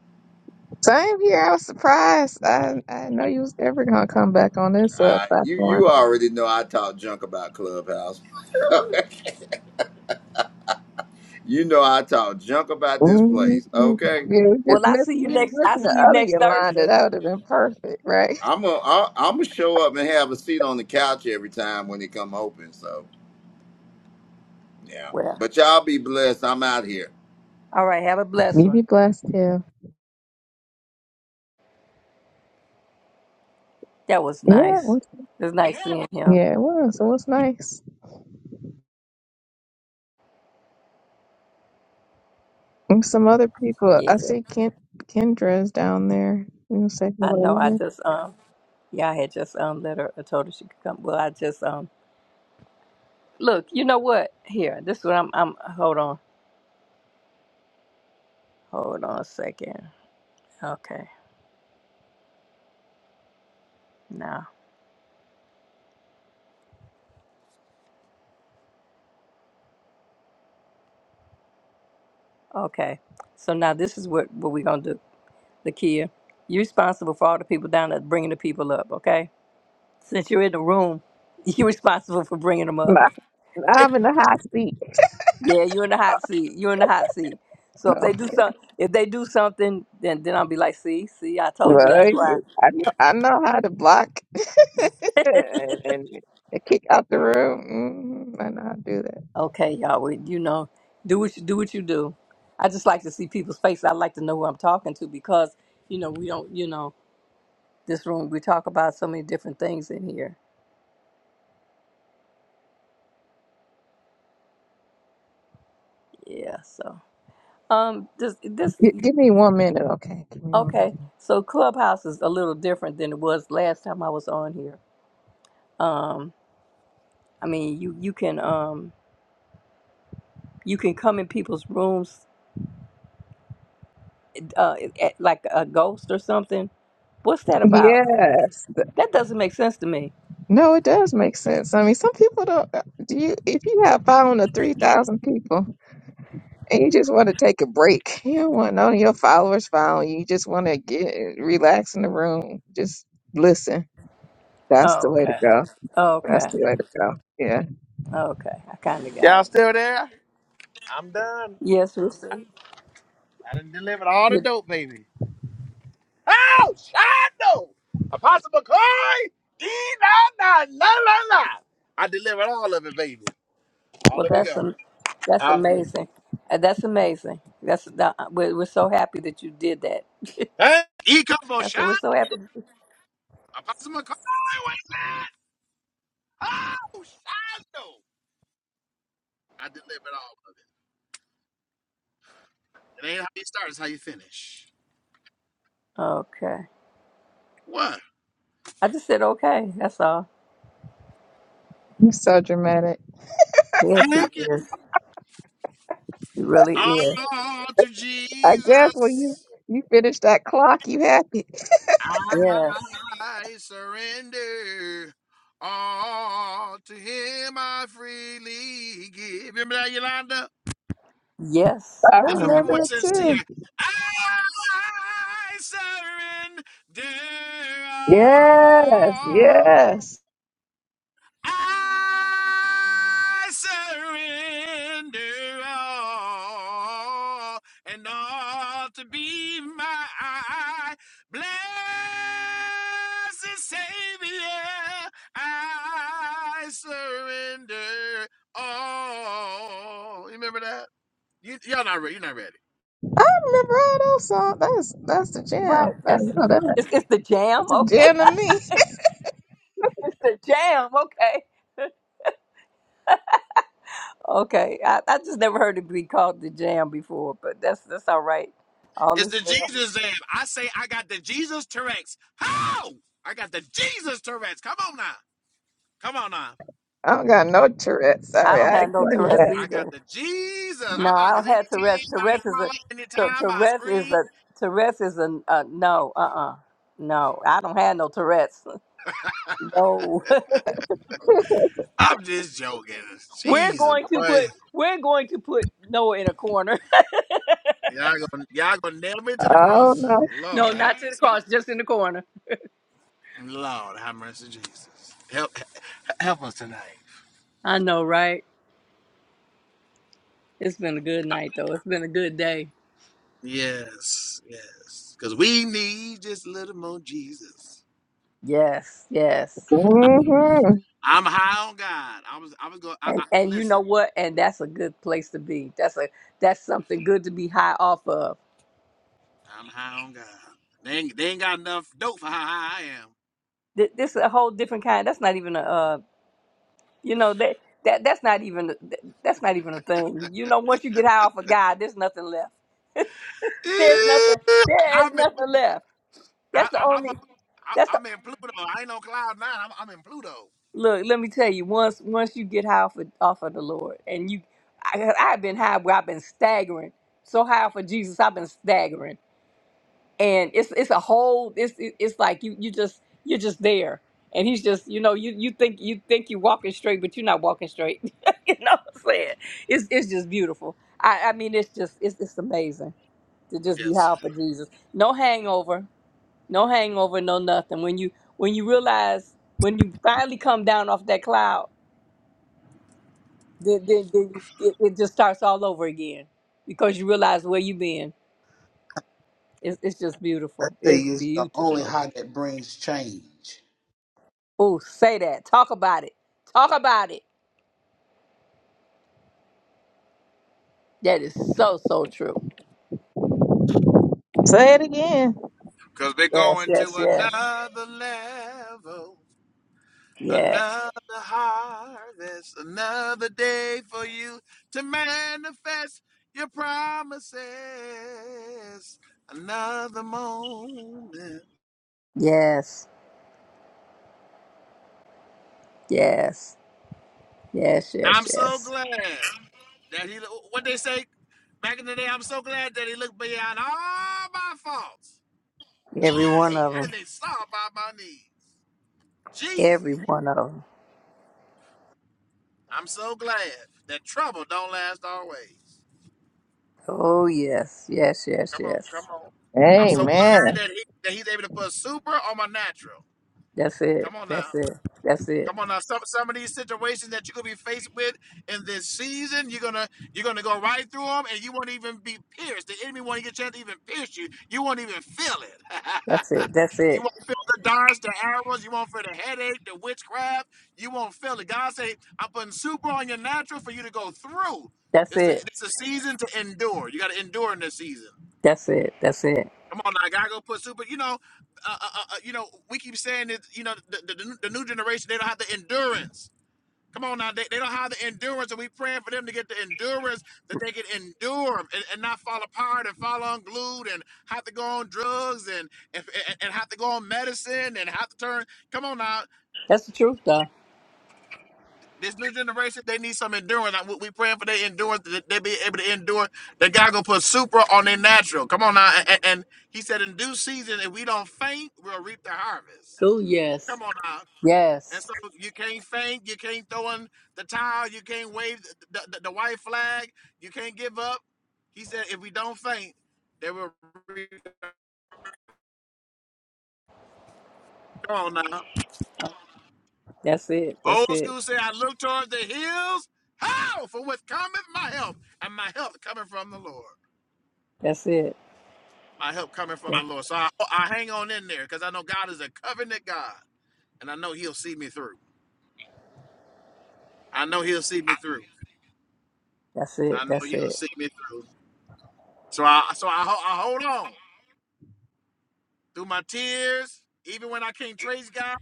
S5: Same here. I was surprised. I I didn't know you was ever gonna come back on this uh
S4: Uh, you
S5: platform.
S4: you already know I talk junk about Clubhouse. you know I talk junk about this
S5: Mhm.
S4: place. Okay.
S5: Yeah, we
S1: Well,
S5: just
S1: I
S5: miss
S1: see you
S5: we didn't
S1: next. I
S5: listen to
S1: see you
S5: other
S1: next
S5: Yolanda.
S1: Thursday.
S5: That would have been perfect, right?
S4: I'm a, I, am gonna i am gonna show up and have a seat on the couch every time when it come open. So. Yeah.
S1: Well,
S4: But y'all be blessed. I'm out here.
S1: all right. Have a blessed
S5: You
S1: one.
S5: be blessed, yeah.
S1: That was
S5: Yeah, it
S1: nice.
S5: was,
S1: It was nice seeing him.
S5: yeah, it was. It was nice. And some other people.
S1: Yeah,
S5: I see Ken, Kendra's down there. You wanna say
S1: I
S5: hello.
S1: know. I
S5: to
S1: just um, yeah, I had just um let her. I told her she could come. Well, I just um, look. You know what? Here, this is what I'm. I'm. Hold on. Hold on a second. Okay. Now. Okay. So now this is what what we're gonna do. Lakia, you're responsible for all the people down there bringing the people up. Okay. Since you're in the room, you're responsible for bringing them up.
S5: her? I'm I'm in the hot seat.
S1: Yeah, you're in the hot seat. You're in the hot seat. So if they do some, if they do something, then then I'll be like, see, see, I told you. That's
S5: Right.
S1: why.
S5: I know, I know how to block and, and kick out the room. Mm, I know how to do that.
S1: Okay, y'all. We, you know, do what you do what you do. I just like to see people's faces. I like to know who I'm talking to because you know we don't. You know, this room we talk about so many different things in here. Yeah. So um, this this
S5: G- give me one minute, okay? Give me one
S1: okay.
S5: minute.
S1: So Clubhouse is a little different than it was last time I was on here. Um, I mean, you you can um you can come in people's rooms uh, eh, like a ghost or something? What's that about?
S5: Yes. th-
S1: That doesn't make sense to me.
S5: No, it does make sense. I mean, some people don't. uh, Do you? If you have following a three thousand people and you just want to take a break, you don't want none of your followers following you. You just want to get uh, relax in the room, just listen. That's the
S1: Oh,
S5: way to
S1: okay.
S5: go. That's
S1: Okay.
S5: the way to go. Yeah.
S1: Okay. I kind of got
S3: Y'all
S1: it.
S3: still there? I'm done.
S1: Yes, Rooster.
S3: I done delivered all the
S1: You,
S3: dope, baby. Oh, Shondo! Apostle McCoy! Dee, la, la, la, la, la. I delivered all of it, baby. All
S1: well,
S3: of it
S1: that's
S3: gone.
S1: um, that's
S3: Hallelujah.
S1: amazing. Uh, That's amazing. That's that- we're, we're so happy that you did that.
S3: Hey, Ecombo
S1: I said
S3: Shondo!
S1: we're so happy.
S3: Apostle McCoy, wait a minute! Oh, Shondo! I delivered all. It ain't how you start, it's how you finish.
S1: Okay.
S3: What?
S1: I just said okay. That's all.
S5: You're so dramatic.
S1: Yes, he
S3: Thank you.
S1: is. He really is.
S3: All to
S5: I guess when
S3: Jesus.
S5: you you finished that clock, you had it.
S1: Yes.
S3: I surrender. All to him I freely give. Remember that, Yolanda?
S1: Yes.
S5: I
S1: I
S3: This one, people
S1: remember
S3: were
S5: remember
S1: that.
S5: it
S3: sincere.
S5: too.
S3: I surrender
S5: Yes,
S3: all.
S5: yes.
S3: I surrender all and all to be my blessed Savior. I surrender all. You remember that? You, y'all not ready. You're not ready.
S5: I remember all those songs. That's that's the
S1: Right.
S5: jam. I
S1: That's
S5: know that.
S1: it's, it's the jam.
S5: That's a
S1: Okay.
S5: jam to me.
S1: It's the jam. Okay. Okay. I, I just never heard it be called the jam before, but that's that's all right. All
S3: It's
S1: is
S3: the
S1: well.
S3: Jesus Zam. I say I got the Jesus Tourette's. How? I got the Jesus Tourette's. Come on now. Come on now.
S5: I don't got no Tourette.
S1: I
S5: Sorry,
S1: don't
S5: I
S1: have
S5: ain't
S1: no
S5: claim
S1: Tourette's
S5: that.
S3: I got
S1: either.
S3: the Jesus.
S1: No,
S3: Uh-uh,
S1: I
S3: because
S1: don't
S3: anytime
S1: have Tourette's. Tourette's
S3: I
S1: is a
S3: holler,
S1: Tou-
S3: anytime I
S1: Tourette's is
S3: scream,
S1: a Tourette's is a uh, no. Uh uh No, I don't have no Tourette's. No.
S3: I'm just joking.
S1: we're
S3: Jesus,
S1: going to
S3: boy.
S1: put we're going to put Noah in a corner.
S3: Y'all gonna y'all gonna nail me to the
S5: Oh
S3: cross.
S5: no.
S1: No,
S3: Lord have
S1: not to the cross, just in the corner.
S3: Lord have mercy, Jesus. Help help us tonight.
S1: I know, right? It's been a good night though. It's been a good day.
S3: Yes, yes. Cause we need just a little more Jesus.
S1: Yes, yes.
S5: Mm-hmm.
S3: I'm high on God. I was I was going I,
S1: And
S3: I
S1: and you know
S3: listen,
S1: what? And that's a good place to be. That's a that's something good to be high off of.
S3: I'm high on God. They ain't, they ain't got enough dope for how high I am.
S1: Th- This is a whole different kind. That's not even a uh, you know that that that's not even th- that's not even a thing. You know, once you get high off of God, there's nothing left. There's nothing. There is
S3: I'm in
S1: nothing left.
S3: I,
S1: That's the
S3: I, I'm, a,
S1: only.
S3: I,
S1: That's the
S3: I'm in Pluto. I ain't on cloud nine. I'm, I'm in Pluto.
S1: look. Let me tell you. Once once you get high off of, off of the Lord, and you, I, I've been high where I've been staggering so high off of Jesus, I've been staggering and it's it's a whole it's it- it's like you you just you're just there and he's just you know you you think you think you're walking straight but you're not walking straight you know what i'm saying it's it's just beautiful i i mean it's just it's it's amazing to just be
S3: Yes,
S1: high for jesus no hangover no hangover no nothing when you when you realize when you finally come down off that cloud then then, then you, it, it just starts all over again because you realize where you've been it's, it's just
S2: I
S1: beautiful
S2: tell
S1: it's
S2: you, it's the only
S1: beautiful
S2: high that brings change.
S1: Ooh, say that. Talk about it. Talk about it. That is so, so true.
S5: Say it again.
S3: because they're
S1: Yes,
S3: going to
S1: yes, yes.
S3: another level,
S1: Yes,
S3: another harvest, another day for you to manifest your promises. Another moment.
S1: yes, yes, yes,
S3: I'm
S1: yes,
S3: so
S1: yes.
S3: glad that he. What they say back in the day. I'm so glad that he looked beyond all my faults.
S1: Every one
S3: Hey,
S1: of
S3: and
S1: them.
S3: they saw by my knees. Jesus,
S1: Every one of them.
S3: I'm so glad that trouble don't last always.
S1: Oh, yes, yes, yes,
S3: Come on, come
S1: yes.
S3: on. I'm so
S5: Amen.
S3: glad that he that he's able to put super on my natural.
S1: That's it.
S3: Come on now.
S1: That's it. That's it.
S3: Come on now, some some of these situations that you're gonna be faced with in this season, you're gonna you're gonna go right through them, and you won't even be pierced. The enemy won't get a chance to even pierce you. You won't even feel it.
S1: That's it. That's
S3: you
S1: it.
S3: won't feel the darts, the arrows. You won't feel the headache, the witchcraft. You won't feel it. God say, I'm putting super on your natural for you to go through.
S1: That's
S3: It's a,
S1: it.
S3: it's a season to endure. You got to endure in this season.
S1: That's it. That's it.
S3: Come on now, God, go put super. You know, uh, uh, uh, uh, you know, we keep saying that. You know, the, the, the new generation they don't have the endurance. Come on now, they, they don't have the endurance, and we praying for them to get the endurance that they can endure and, and not fall apart and fall unglued and have to go on drugs and, and and have to go on medicine and have to turn. Come on now,
S1: That's the truth, though.
S3: this new generation they need some endurance. Like, We, we praying for their endurance that they be able to endure. That God gonna put super on their natural. Come on now, and, and and He said in due season, if we don't faint, we'll reap the harvest.
S1: True, yes.
S3: Come on now. And
S1: Yes.
S3: so you can't faint, you can't throw in the towel, you can't wave the, the, the white flag, you can't give up. He said, if we don't faint, they will reach on now.
S1: That's it. That's
S3: Old
S1: it.
S3: school say, I look towards the hills. How? For what cometh my help, and my help coming from the Lord.
S1: That's it.
S3: My help coming from the
S1: That-
S3: Lord. So I, I hang on in there because I know God is a covenant God, and I know He'll see me through. I know He'll see me through.
S1: That's it.
S3: I know
S1: That's
S3: He'll
S1: it.
S3: see me through. So I so I, ho- I hold on. through my tears, even when I can't trace God.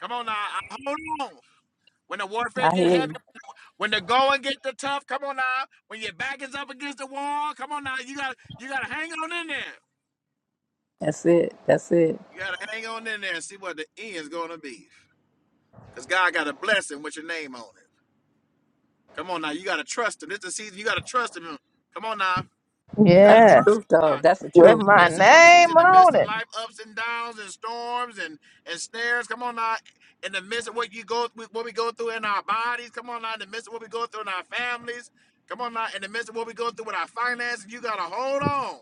S3: Come on now, I hold on. When the warfare
S1: I
S3: get
S1: hear
S3: heavy,
S1: you.
S3: when the going get the tough, come on now. When your back is up against the wall, come on now. You gotta you gotta hang on in there.
S1: That's it. That's it.
S3: You gotta hang on in there and see what the end's gonna be. Cause God got a blessing with your name on it. Come on now, you gotta trust him. This is the season you gotta trust him. Come on now. You gotta
S1: That's the
S5: Yeah.
S3: trust
S1: truth, though.
S3: God
S1: That's the
S5: With
S3: in
S1: truth.
S3: the
S5: my
S3: midst of your disease,
S5: name
S3: in the midst
S5: on
S3: of
S5: it.
S3: life ups and downs and storms and and snares. Come on now, in the midst of what you go through, what we go through in our bodies. Come on now, in the midst of what we go through in our families. Come on now, in the midst of what we go through with our finances. You gotta hold on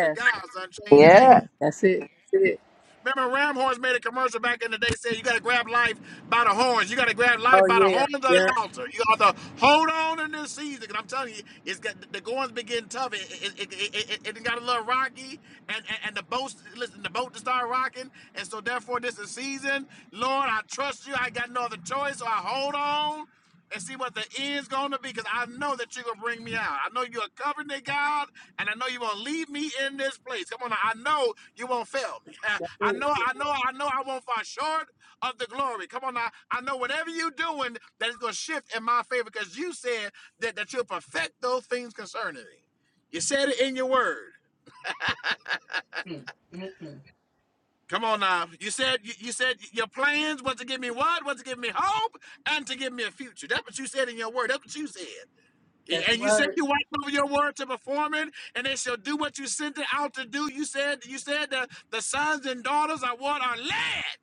S3: to God's unchanging
S5: Yeah.
S3: hand.
S1: that's it. That's it.
S3: Remember, Ram Horns made a commercial back in the day saying you got to grab life by the horns. You got to grab
S1: Oh
S3: life by the
S1: yeah,
S3: horns of the
S1: yeah.
S3: altar. You got to hold on in this season. season. 'cause I'm telling you, it's got the going's been getting tough. It, it, it, it, it, it got a little rocky, and, and, and the boat, listen, the boat to start rocking. And so, therefore, this is season. Lord, I trust you. I got no other choice. So I hold on and see what the end's going to be because I know that you're going to bring me out. I know you're a covenant God. And I know you won't leave me in this place. Come on, now, I know you won't fail me. I know, I know, I know I won't fall short of the glory. Come on, now, I know whatever you're doing that is going to shift in my favor because you said that, that you'll perfect those things concerning me. You said it in your word. Come on now. You said you, you said your plans was to give me what? Was to give me hope and to give me a future. That's what you said in your word. That's what you said.
S1: That's the
S3: And you said
S1: word.
S3: you watch over your word to perform it, and they shall do what you sent it out to do. You said you said that the sons and daughters are what are led.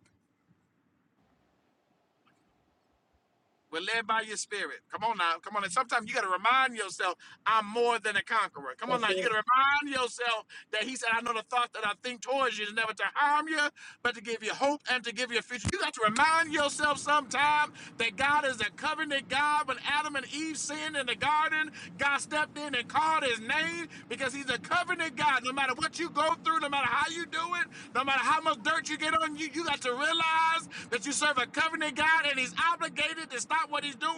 S3: We're led by your spirit. Come on now, come on. And sometimes you got to remind yourself, I'm more than a conqueror. Come on
S1: That's
S3: now, you got
S1: it.
S3: to remind yourself That he said, I know the thoughts that I think towards you is never to harm you, but to give you hope and to give you a future. You got to remind yourself sometime that God is a covenant God. When Adam and Eve sinned in the garden, God stepped in and called his name because he's a covenant God. No matter what you go through, no matter how you do it, no matter how much dirt you get on you, you got to realize that you serve a covenant God and he's obligated to stop what he's doing,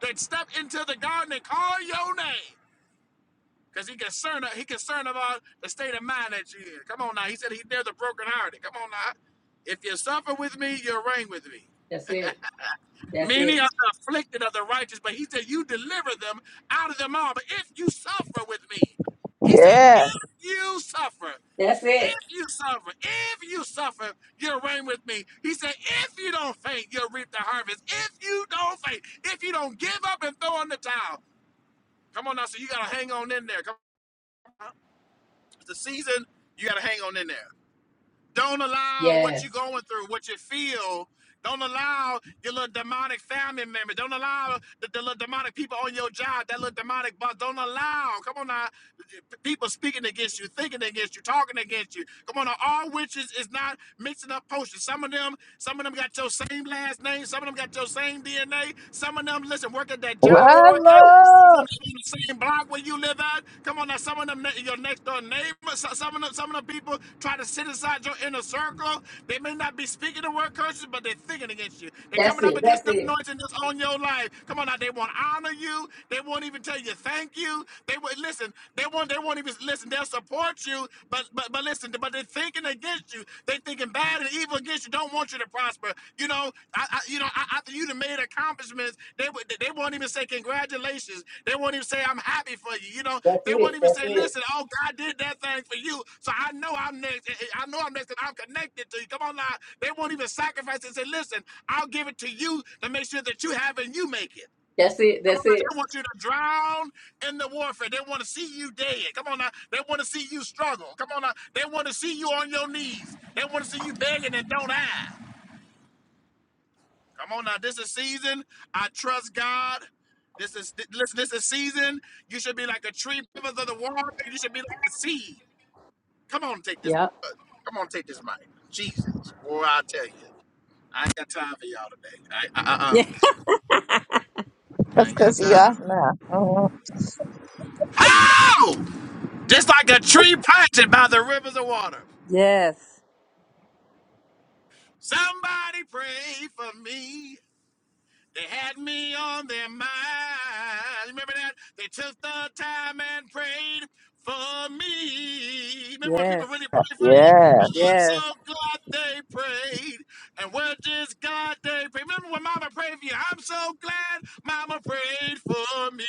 S3: that step into the garden and call your name. Cause he concerned he concerned about the state of mind that you're in. Come on now. He said he there's a broken hearted. Come on now. If you suffer with me, you'll reign with me.
S1: That's it. That's
S3: Many
S1: it.
S3: are the afflicted of the righteous, but he said you deliver them out of them all. But if you suffer with me, he said,
S5: Yeah.
S3: if you suffer,
S1: That's
S3: if
S1: it.
S3: you suffer, if you suffer, you'll reign with me. He said, if you don't faint, you'll reap the harvest. If you don't faint, if you don't give up and throw in the towel. Come on now, so you gotta hang on in there. Come on. the season, you got to hang on in there. Don't allow what you're
S1: Yes.
S3: going through, what you feel. Don't allow your little demonic family member. Don't allow the, the little demonic people on your job, that little demonic boss. Don't allow, come on now, people speaking against you, thinking against you, talking against you. Come on now, all witches is not mixing up potions. Some of them some of them got your same last name. Some of them got your same DNA. Some of them, listen, work at that job you
S5: My
S3: work at. Some of
S5: love.
S3: them in the same block where you live at. Come on now, some of them your next door neighbor. so- Some of them, some of them people try to sit inside your inner circle. They may not be speaking the word curses, but they're thinking against you. They're
S1: That's
S3: coming up
S1: it. That's
S3: against the
S1: it.
S3: anointing that's on your life. Come on now, they won't honor you. They won't even tell you thank you. They will listen. They won't. They won't even listen. They'll they'll support you, but but but listen, but they're thinking against you. They thinking bad and evil against you. Don't want you to prosper. You know, I, I you know, I, after you have made accomplishments, they they won't even say congratulations. They won't even say I'm happy for you. You know,
S1: That's
S3: they won't
S1: it.
S3: even
S1: That's
S3: say,
S1: it.
S3: listen, oh God did that thing for you, so I know I'm next. Eh, eh, I know I'm next, and I'm connected to you. Come on now, they won't even sacrifice and say, listen, I'll give it to you to make sure that you have it and you make it.
S1: That's it.
S3: Come on,
S1: That's
S3: now,
S1: it.
S3: they want you to drown in the warfare. They want to see you dead. Come on now, they want to see you struggle. Come on now, they want to see you on your knees. They want to see you begging and don't have. Come on now, this is season. I trust God. This is th- listen. This is season. You should be like a tree rivers of the water. You should be like a seed. Come on, take this.
S1: Yep.
S3: uh, Come on, take this mic. Jesus, boy, I tell you, I ain't got time for y'all today. I, uh, uh, I I-
S1: Yeah.
S3: uh-uh. I
S5: That's
S3: ain't got
S5: cause he
S3: time.
S5: off now. Mhm.
S3: How? Just like a tree planted by the rivers of water.
S1: Yes.
S3: Somebody prayed for me. They had me on their mind. Remember that? They took the time and prayed for me. Remember when people
S1: Yes.
S3: really prayed for you?
S5: Yeah.
S3: I'm
S1: Yeah.
S3: so glad they prayed. And we're just glad they prayed. Remember when Mama prayed for you? I'm so glad Mama prayed for me.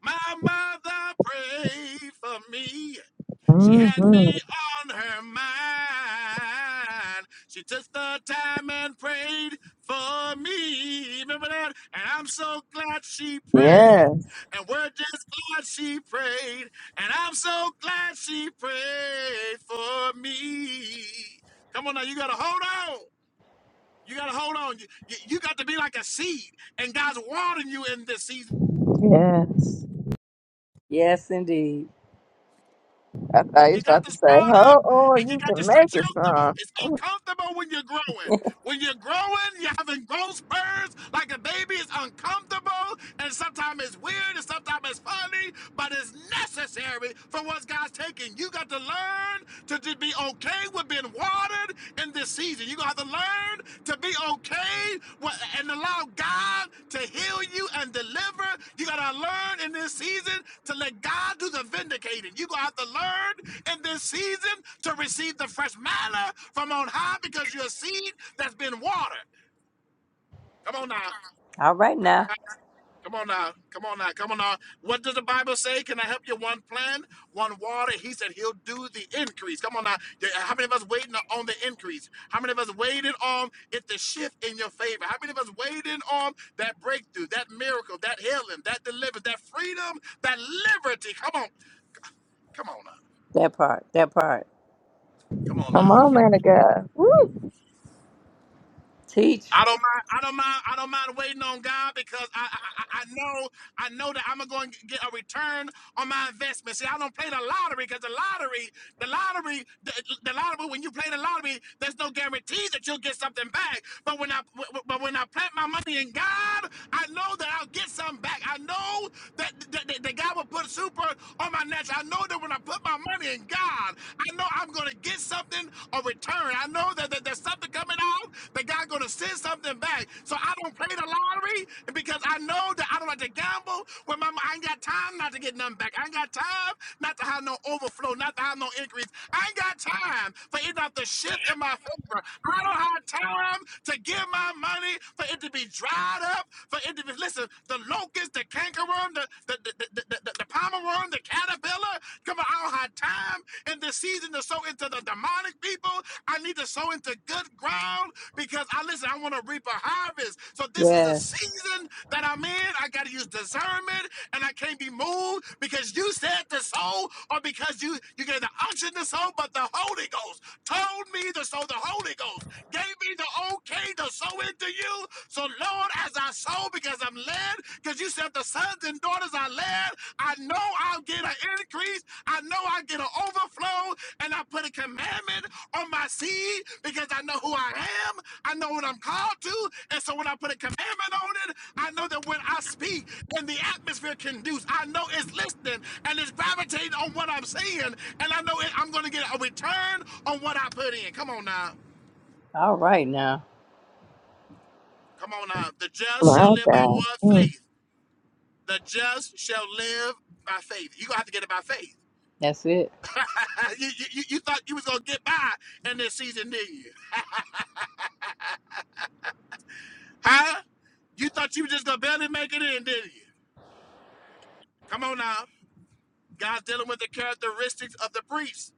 S3: My mother prayed for me. She
S5: hmm
S3: had me on her mind. She took the time and prayed for me. Remember that? And I'm so glad she prayed.
S5: Yes,
S3: And we're just glad she prayed. And I'm so glad she prayed for me. Come on now, you gotta hold on. You gotta hold on. You, you, you got to be like a seed, and God's watering you in this season
S5: yes.
S1: Yes, indeed.
S5: I thought you
S3: You
S5: was
S3: got
S5: about
S3: to
S5: to say,
S3: sprout up
S5: "Oh, oh,
S3: and you
S5: you
S3: got to
S5: can make
S3: stretch
S5: it,
S3: comfortable.
S5: son.
S3: It's uncomfortable when you're growing. When you're growing, you're having growth spurts like a baby. It's uncomfortable and sometimes it's weird and sometimes it's funny, but it's necessary for what God's taking. You got to learn to just be okay with being watered in this season. You got to learn to to be okay and allow God to heal you and deliver. You gotta learn in this season to let God do the vindicating. You gonna have to learn in this season to receive the fresh manna from on high because you're a seed that's been watered. Come on now.
S1: All right
S3: Come on.
S1: now.
S3: Come on now. Come on now. Come on now. What does the Bible say? Can I help you? One plan, one water. He said he'll do the increase. Come on now. Yeah, How many of us waiting on the increase? How many of us waiting on it to shift in your favor? How many of us waiting on that breakthrough, that miracle, that healing, that deliverance, that freedom, that liberty? Come on. Come on now.
S1: That part. That part.
S3: Come on
S5: Come
S3: now.
S5: on, man of God." Woo!
S1: Teach.
S3: I don't mind. I don't mind. I don't mind waiting on God because I I, I I know I know that I'm going to get a return on my investment. See, I don't play the lottery because the lottery, the lottery, the, the lottery. When you play the lottery, there's no guarantee that you'll get something back. But when I but when I plant my money in God, I know that I'll get something back. I know that that, that, that God will put super on my natural. I know that when I put my money in God, I know I'm going to get something or return. I know that, that there's something coming out that God's going to send something back. So I don't play the lottery because I know that I don't like to gamble. When my, I ain't got time not to get nothing back. I ain't got time not to have no overflow, not to have no increase. I ain't got time for it not to shift in my favor. I don't have time to give my money for it to be dried up, for it to be, listen, the locust, the cankerworm, the, the, the, the, the, the, the Pomeroy, the caterpillar. Come on, I don't have time in this season to sow into the demonic people. I need to sow into good ground because I listen, I want to reap a harvest. So this is the
S1: Yeah.
S3: season that I'm in. I gotta use discernment and I can't be moved because you said to sow or because you you gave the unction to sow, but the Holy Ghost told me to sow the Holy Ghost, gave me the okay to sow into you. So Lord, as I my soul because I'm led. Because you said the sons and daughters are led. I know I'll get an increase. I know I'll get an overflow. And I put a commandment on my seed because I know who I am. I know what I'm called to. And so when I put a commandment on it, I know that when I speak and the atmosphere conduce, I know it's listening and it's gravitating on what I'm saying. And I know it, I'm going to get a return on what I put in. Come on now.
S1: All right now.
S3: Come on now. The just
S5: My
S3: shall live by
S5: God.
S3: what
S5: Mm.
S3: faith. The just shall live by faith. You're gonna have to get it by faith.
S1: That's it.
S3: you, you, you thought you was gonna get by in this season, didn't you? Huh? You thought you were just gonna barely make it in, didn't you? Come on now. God's dealing with the characteristics of the priests.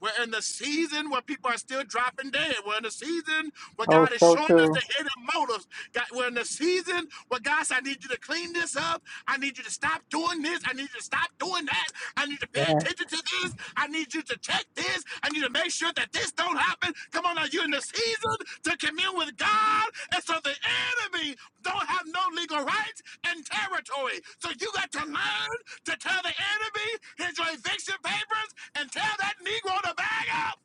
S3: We're in the season where people are still dropping dead. We're in the season where
S1: Oh,
S3: God is
S1: so
S3: showing us
S1: true.
S3: the hidden motives. God, we're in the season where God said, I need you to clean this up. I need you to stop doing this. I need you to stop doing that. I need you to pay
S1: Yeah.
S3: attention to this. I need you to check this. I need to make sure that this don't happen. Come on now, you're in the season to commune with God. And so the enemy don't have no legal rights and territory. So you got to learn to tell the enemy his eviction papers and tell that Negro to bag up.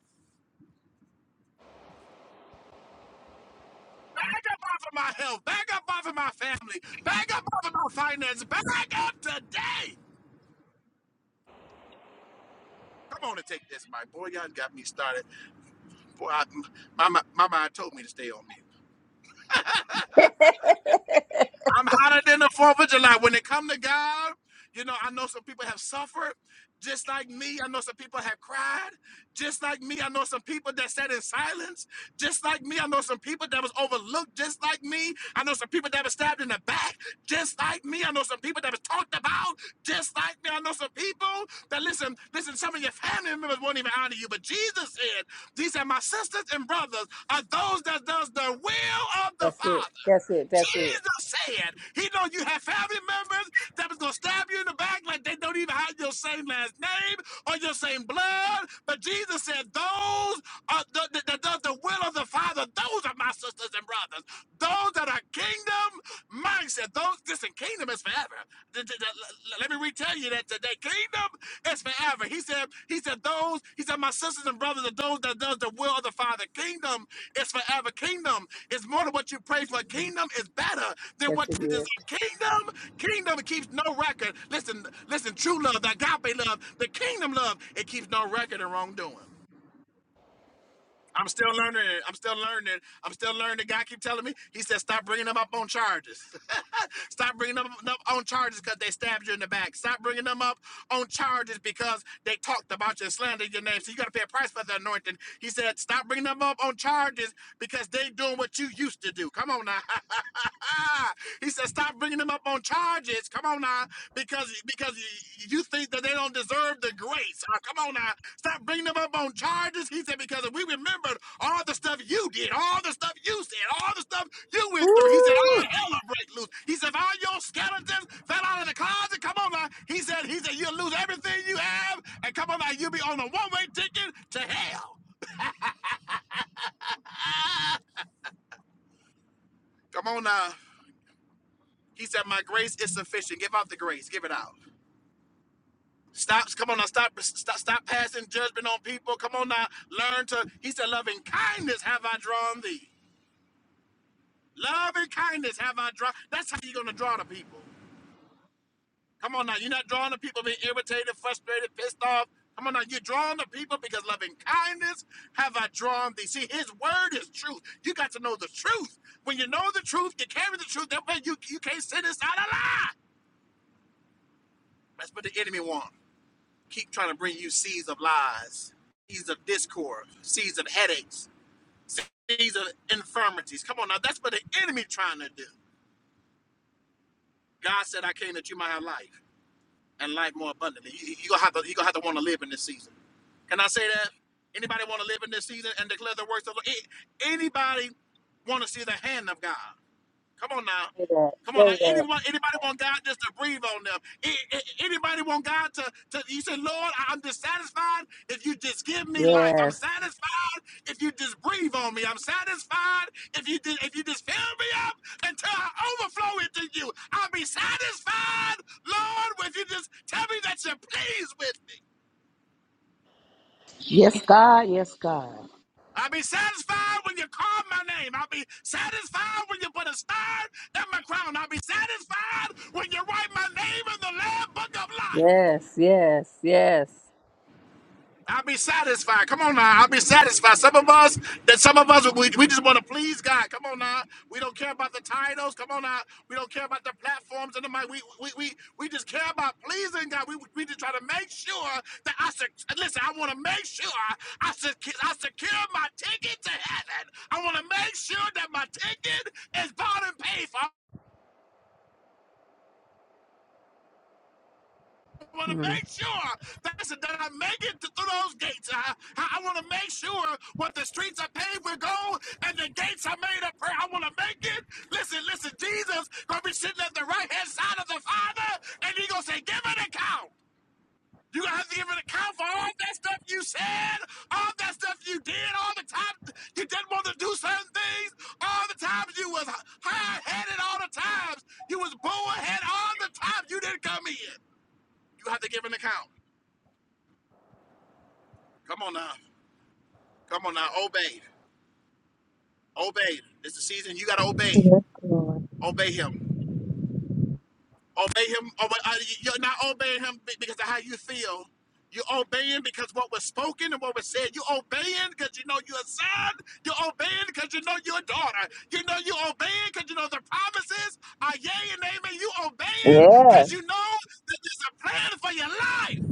S3: Bag up off of my health. Bag up off of my family. Bag up off of my finances. Bag up today. Come on and take this, my Boy, y'all got me started. Boy, I, my, my, my mind told me to stay on me. I'm hotter than the Fourth of July. When it come to God, you know, I know some people have suffered, just like me. I know some people have cried, just like me. I know some people that sat in silence, just like me. I know some people that was overlooked, just like me. I know some people that was stabbed in the back, just like me. I know some people that was talked about, just like me. I know some people that listen, listen. Some of your family members won't even honor you, but Jesus said, "These are my sisters and brothers, are those that does the will of the
S1: That's it.
S3: Father."
S1: That's it. That's it.
S3: Jesus said he know you have family members that was gonna stab you in the back like they don't even have your same last name or your same blood. But Jesus said, "Those are the, the, that does the will of the Father. Those are my sisters and brothers. Those that are kingdom mindset. Those listen, kingdom is forever. Th- th- th- Let me read we tell you that today. Kingdom is forever. He said, He said, those, he said, my sisters and brothers are those that does the will of the Father. Kingdom is forever. Kingdom is more than what you pray for. Kingdom is better than
S1: That's
S3: what
S1: it.
S3: you desire. Kingdom, kingdom it keeps no record. Listen, listen, true love, the agape love, the kingdom love, it keeps no record of wrongdoing. I'm still learning. I'm still learning. I'm still learning. The guy keep telling me. He said, "Stop bringing them up on charges. Stop bringing them up on charges because they stabbed you in the back. Stop bringing them up on charges because they talked about you and slandered your name. So you got to pay a price for the anointing." He said, "Stop bringing them up on charges because they doing what you used to do. Come on now." he said, "Stop bringing them up on charges. Come on now, because because you, you think." that they don't deserve the grace. Uh, come on now. Stop bringing them up on charges. He said, because if we remembered all the stuff you did, all the stuff you said, all the stuff you went through, he said,
S1: Woo!
S3: all hell will break loose. He said, if all your skeletons fell out of the closet, come on now. He said, he said, you'll lose everything you have. And come on now, you'll be on a one-way ticket to hell. Come on now. He said, my grace is sufficient. Give out the grace. Give it out. Stop! Come on now. Stop. Stop. Stop passing judgment on people. Come on now. Learn to. He said, "Loving kindness have I drawn thee. Love and kindness have I drawn." That's how you're gonna draw the people. Come on now. You're not drawing the people being irritated, frustrated, pissed off. Come on now. You're drawing the people because loving kindness have I drawn thee. See, His word is truth. You got to know the truth. When you know the truth, you carry the truth. That way, you you can't sit inside a lie. That's what the enemy wants. keep trying to bring you seeds of lies, seeds of discord, seeds of headaches, seeds of infirmities. Come on, now that's what the enemy trying to do. God said, "I came that you might have life and life more abundantly." You, you gonna have to, you gonna have to want to live in this season. Can I say that? Anybody want to live in this season and declare the works of the? a- Anybody want to see the hand of God? Come on now.
S1: Say that.
S3: Come on now.
S1: Say that.
S3: Anyone, anybody want God just to breathe on them? A- a- Anybody want God to, to you say, Lord, I- am dissatisfied if you just give me life. I'm
S1: Yes.
S3: satisfied if you just breathe on me. I'm satisfied if you just, if you just fill me up until I overflow into you. I'll be satisfied, Lord, if you just tell me that you're pleased with me.
S7: Yes, God. Yes, God.
S3: I'll be satisfied when you call my name. I'll be satisfied when you put a star in my crown. I'll be satisfied when you write my name in the Lamb Book of Life.
S1: Yes. Yes. Yes.
S3: I'll be satisfied. Come on now, I'll be satisfied. Some of us, that some of us, we, we just want to please God. Come on now, we don't care about the titles. Come on now, we don't care about the platforms and the mic. We we we, we just care about pleasing God. We we just try to make sure that I sec- listen. I want to make sure I sec- I secure my ticket to heaven. I want to make sure that my ticket is bought and paid for. I want to
S1: Mm.
S3: make sure that I make it through those gates. I, I, want to make sure what the streets are paved with gold and the gates are made of prayer. I want to make it. Listen, listen, Jesus gonna be sitting at the right hand side of the Father, and he gonna say, "Give an account." You gonna have to give an account for all that stuff you said, all that stuff you did, all the time you didn't want to do certain things, all the times you was high-headed, all the times you was bull-headed, all the times you didn't come in. You have to give an account. Come on now. Come on now. Obey. Obey. It's the season. You got to obey.
S5: Yes, Lord.
S3: Obey him. Obey him. Obey, uh, you- are not obeying him because of how you feel. You're obeying because what was spoken and what was said. You're obeying because you know you're a son. You're obeying because you know you're a daughter. You know you're obeying because you know the promises are yea and amen. You obeying
S5: Yes.
S3: because you know that there's a plan for your life.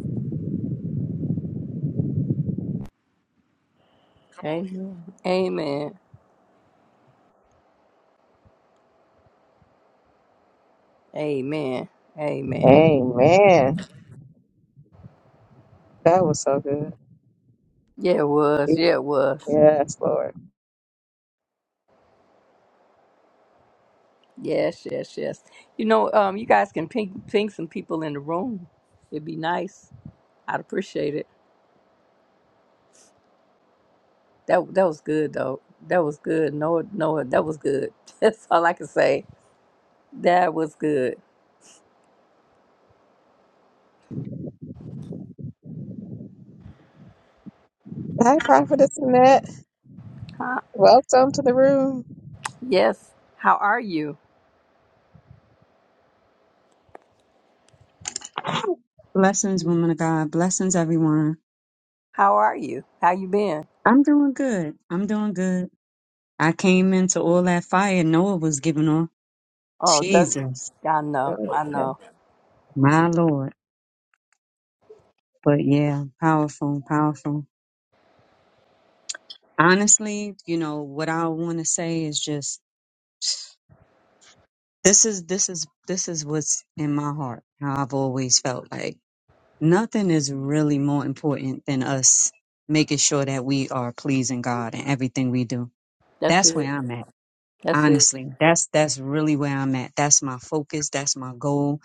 S3: Come on
S1: Amen. Amen. Amen. Amen.
S5: Amen. That was so good.
S1: Yeah, it was. Yeah, it was.
S5: Yes, Lord.
S1: Yes. Yes. Yes. You know, um, you guys can ping ping some people in the room. It'd be nice. I'd appreciate it. That that was good though. That was good. No, no, that was good. That's all I can say. That was good.
S5: Hi, prophetess Annette.
S1: Huh?
S5: Welcome to the room.
S1: Yes. How are you?
S8: Blessings, woman of God. Blessings, everyone.
S1: How are you? How you been?
S8: I'm doing good. I'm doing good. I came into all that fire Noah was giving off.
S1: Oh, that
S8: Jesus,
S1: yeah, I know,
S5: Oh,
S1: I
S5: yeah.
S1: know.
S8: my Lord. But yeah, powerful, powerful. Honestly, you know, what I want to say is just this is this is this is what's in my heart. How I've always felt like nothing is really more important than us making sure that we are pleasing God in everything we do.
S1: That's
S8: That's
S1: it.
S8: where I'm at.
S1: That's it.
S8: honestly that's that's really where i'm at that's my focus that's my goal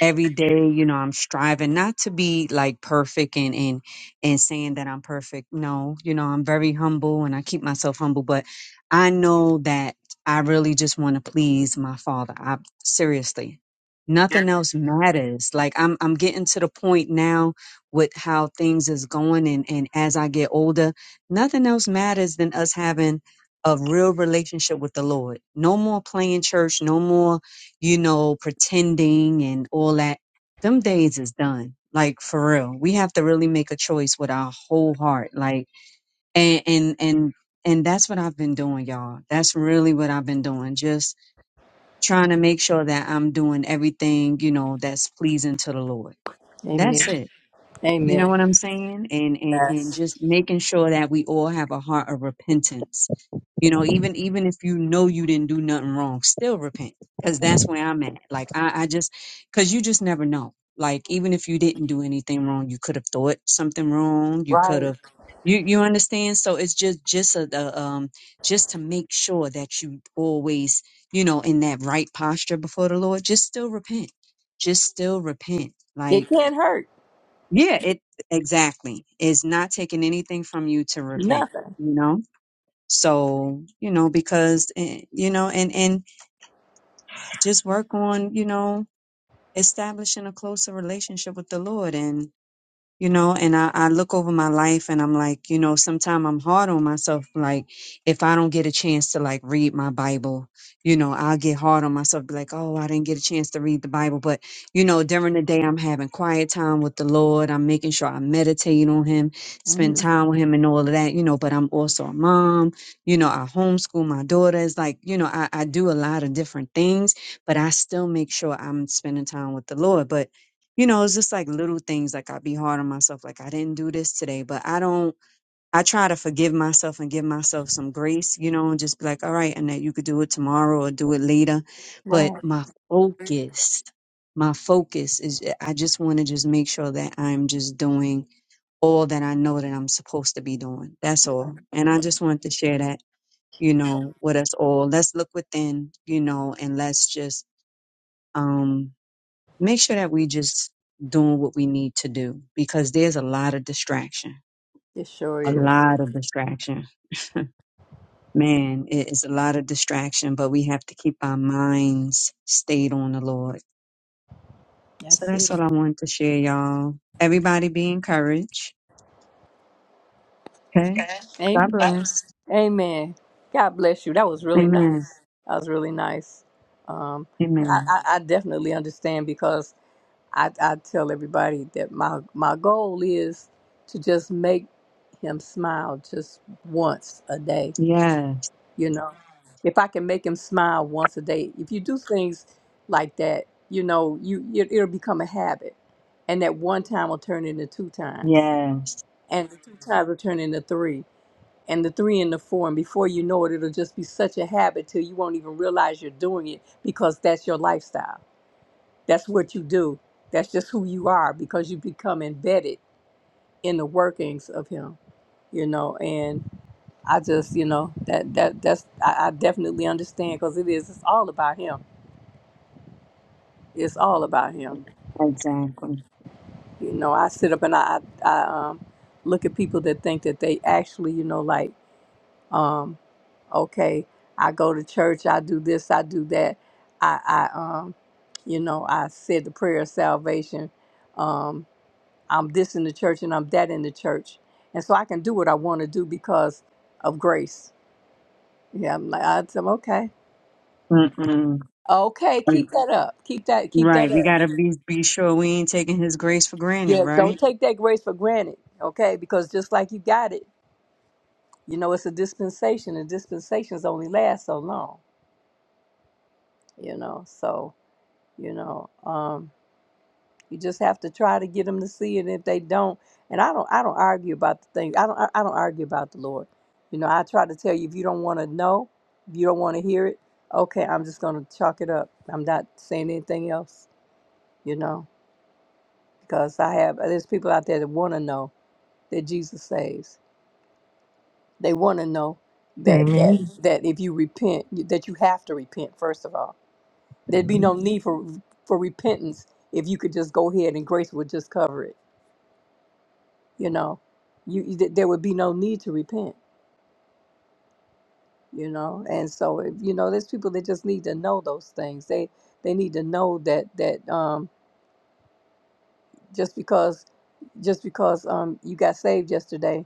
S8: every day you know i'm striving not to be like perfect and and and saying that i'm perfect no you know i'm very humble and i keep myself humble but i know that i really just want to please my father i seriously nothing else matters like i'm i'm getting to the point now with how things is going and and as i get older nothing else matters than us having of real relationship with the Lord. No more playing church, no more, you know, pretending and all that. Them days is done. Like for real. We have to really make a choice with our whole heart. Like and and and and that's what I've been doing, y'all. That's really what I've been doing. Just trying to make sure that I'm doing everything, you know, that's pleasing to the Lord.
S1: Amen.
S8: That's it you know
S1: Amen.
S8: what I'm saying? And, and and
S1: That's
S8: just making sure that we all have a heart of repentance. You know, even even if you know you didn't do nothing wrong, still repent. Cause that's where I'm at. Like I, I just cause you just never know. Like even if you didn't do anything wrong, you could have thought something wrong. You could
S1: right.
S8: have you you understand? So it's just just a, a um just to make sure that you always, you know, in that right posture before the Lord, just still repent. Just still repent.
S1: It
S8: Like
S1: can't hurt.
S8: yeah, it exactly is not taking anything from you to repent,
S1: Nothing.
S8: you know? So, you know, because eh, you know, and and just work on, you know, establishing a closer relationship with the Lord you know and I, I look over my life and i'm like you know sometimes i'm hard on myself like if i don't get a chance to like read my bible you know i'll get hard on myself be like oh i didn't get a chance to read the bible but you know during the day i'm having quiet time with the lord i'm making sure i meditate on him spend
S1: hmm
S8: time with him and all of that you know but i'm also a mom you know i homeschool my daughters like you know i, I do a lot of different things but i still make sure i'm spending time with the lord but you know, it's just like little things. Like i be hard on myself. Like I didn't do this today, but I don't, I try to forgive myself and give myself some grace, you know, and just be like, all right, and that you could do it tomorrow or do it later. But
S1: Right.
S8: my focus, my focus is, eh, I just want to just make sure that I'm just doing all that I know that I'm supposed to be doing. That's all. And I just wanted to share that, you know, with us all. Let's look within, you know, and let's just, um, make sure that we just doing what we need to do because there's a lot of distraction
S1: It sure
S8: a
S1: is.
S8: lot of distraction man it is a lot of distraction but we have to keep our minds stayed on the lord so
S1: That's
S8: that's
S1: it.
S8: all i wanted to share y'all everybody be encouraged okay
S1: Amen.
S8: god bless
S1: Amen. God bless you. That was really
S8: amen
S1: nice. That was really nice. Um, and I,
S8: amen
S1: I, I definitely understand because I, I tell everybody that my my goal is to just make him smile just once a day
S8: yes
S1: you know if i can make him smile once a day if you do things like that you know you it, it'll become a habit and that one time will turn into two times
S8: yes
S1: and the two times will turn into three and the three into four and before you know it it'll just be such a habit till you won't even realize you're doing it because that's your lifestyle that's what you do that's just who you are because you become embedded in the workings of him you know I just, you know, that that that's I, I definitely understand because it is. It's all about him. It's all about him.
S8: exactly
S1: You know, I sit up and I I, I um, look at people that think that they actually, you know, like um, okay, I go to church, I do this, I do that, I I um, you know, I said the prayer of salvation. Um, I'm this in the church and I'm that in the church, and so I can do what I want to do because of grace. Yeah, I'm like I said, okay
S8: Mm-mm.
S1: Okay, keep that up. Keep that keep that
S8: right we
S1: up.
S8: gotta be be sure we ain't taking his grace for granted
S1: Yeah, don't
S8: right
S1: take that grace for granted. Okay, because just like you got it, you know, it's a dispensation and dispensations only last so long, you know. So, you know, um you just have to try to get them to see it. If they don't, and I don't, I don't argue about the thing. I don't, I I don't argue about the Lord. You know, I try to tell you if you don't want to know, if you don't want to hear it, okay, I'm just gonna chalk it up. I'm not saying anything else. You know, because I have there's people out there that want to know, that Jesus saves. They want to know that that
S5: Amen.
S1: Mhm. that if you repent, you- that you have to repent first of all. There'd be
S5: Amen.
S1: no need for for repentance if you could just go ahead and grace would just cover it. You know, you you- th- there would be no need to repent. You know, and so if, you know, there's people that just need to know those things. They they need to know that that um, just because just because um, you got saved yesterday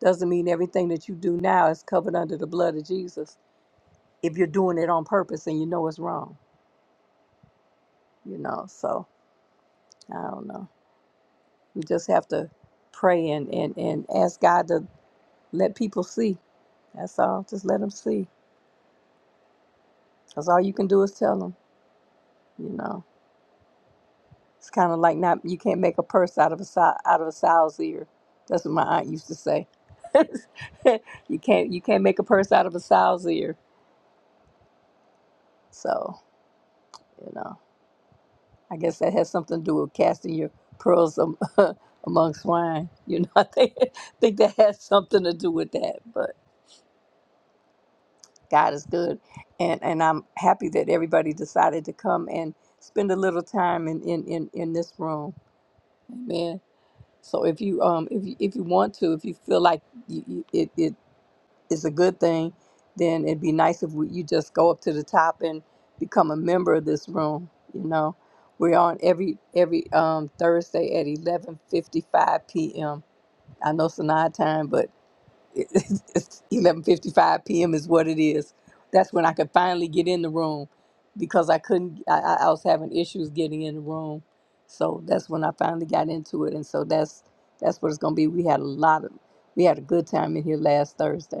S1: doesn't mean everything that you do now is covered under the blood of Jesus if you're doing it on purpose and you know it's wrong, you know. So I don't know. We just have to pray and, and, and ask God to let people see. That's all. Just let them see. That's all you can do is tell them, you know. It's kind of like not you can't make a purse out of a sow, out of a sow's ear. That's what my aunt used to say. you can't you can't make a purse out of a sow's ear. So, you know. I guess that has something to do with casting your pearls am- among swine. You know, I think, think that has something to do with that. But God is good, and and I'm happy that everybody decided to come and spend a little time in in in, in this room. Amen. So if you um if you, if you want to, if you feel like you, you, it, it is a good thing, then it'd be nice if we, you just go up to the top and become a member of this room. You know, we're on every every um, Thursday at eleven fifty five p.m. I know it's an odd time, but it, it's, it's eleven fifty five p.m. is what it is. That's when I could finally get in the room because I couldn't. I, I I was having issues getting in the room, so that's when I finally got into it. And so that's that's what it's gonna be. We had a lot of we had a good time in here last Thursday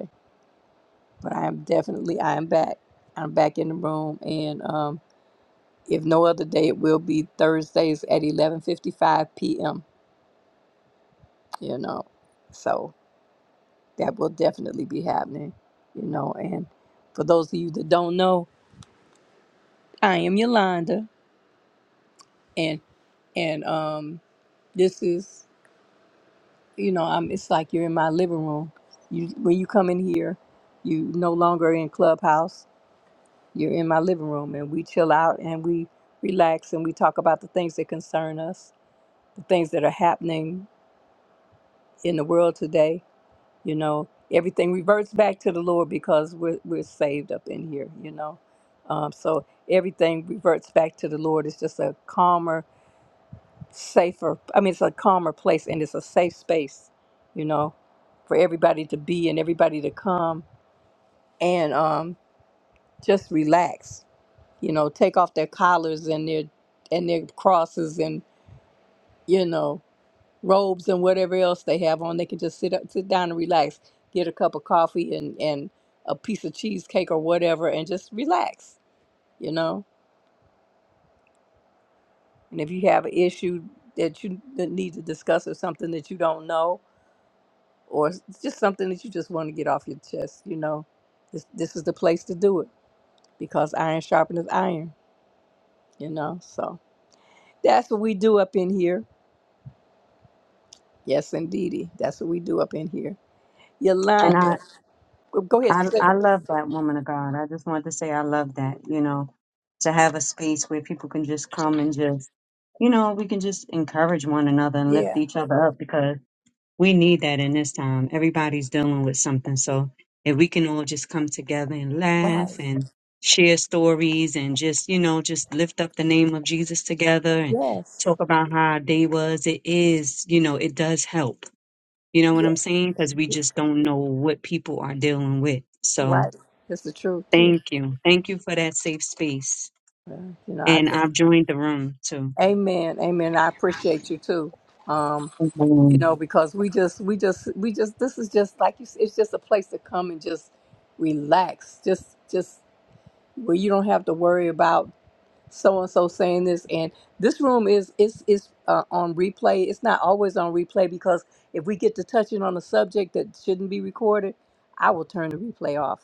S1: but I am definitely I am back. I'm back in the room, and um, if no other day, it will be Thursdays at 11:55 p.m. You know, so that will definitely be happening. You know, and for those of you that don't know, I am Yolanda, and and um, this is you know I'm. It's like you're in my living room. You when you come in here, you no longer in Clubhouse You're in my living room and we chill out and we relax and we talk about the things that concern us, the things that are happening in the world today. You know, everything reverts back to the Lord because we're, we're saved up in here, you know. Um, so everything reverts back to the Lord. It's just a calmer, safer, I mean, it's a calmer place and it's a safe space, you know, for everybody to be and everybody to come and um, just relax you know, take off their collars and their and their crosses and you know robes and whatever else they have on. They can just sit up, sit down and relax, get a cup of coffee and and a piece of cheesecake or whatever, and just relax. You know, and if you have an issue that you that need to discuss or something that you don't know or s- just something that you just want to get off your chest, you know, this this is the place to do it because iron sharpens iron. You know, so that's what we do up in here Yes, indeedy. That's what we do up in here.
S8: And I.
S1: Yolanda, go go ahead.
S8: I
S1: say-
S8: I love that woman of God. I just wanted to say I love that, you know, to have a space where people can just come and just, you know, we can just encourage one another and lift
S1: Yeah,
S8: each other up because we need that in this time. Everybody's dealing with something. So if we can all just come together and
S1: right.
S8: laugh and share stories and just, you know, just lift up the name of Jesus together and
S1: Yes,
S8: talk about how our day was, it is, you know, it does help. You know what I'm
S1: yes,
S8: saying? Because we just don't know what people are dealing with. So,
S1: right. That's the truth too.
S8: Thank you. Thank you for that safe space.
S1: Uh, You know, I
S8: And
S1: just,
S8: I've joined the room too.
S1: Amen, Amen. I appreciate you too. Um, you
S8: Mhm.
S1: know, because we just, we just, we just. This is just like you. s- It's just a place to come and just relax. Just, just where you don't have to worry about so and so saying this and this room is is is uh, on replay it's not always on replay because if we get to touching on a subject that shouldn't be recorded i will turn the replay off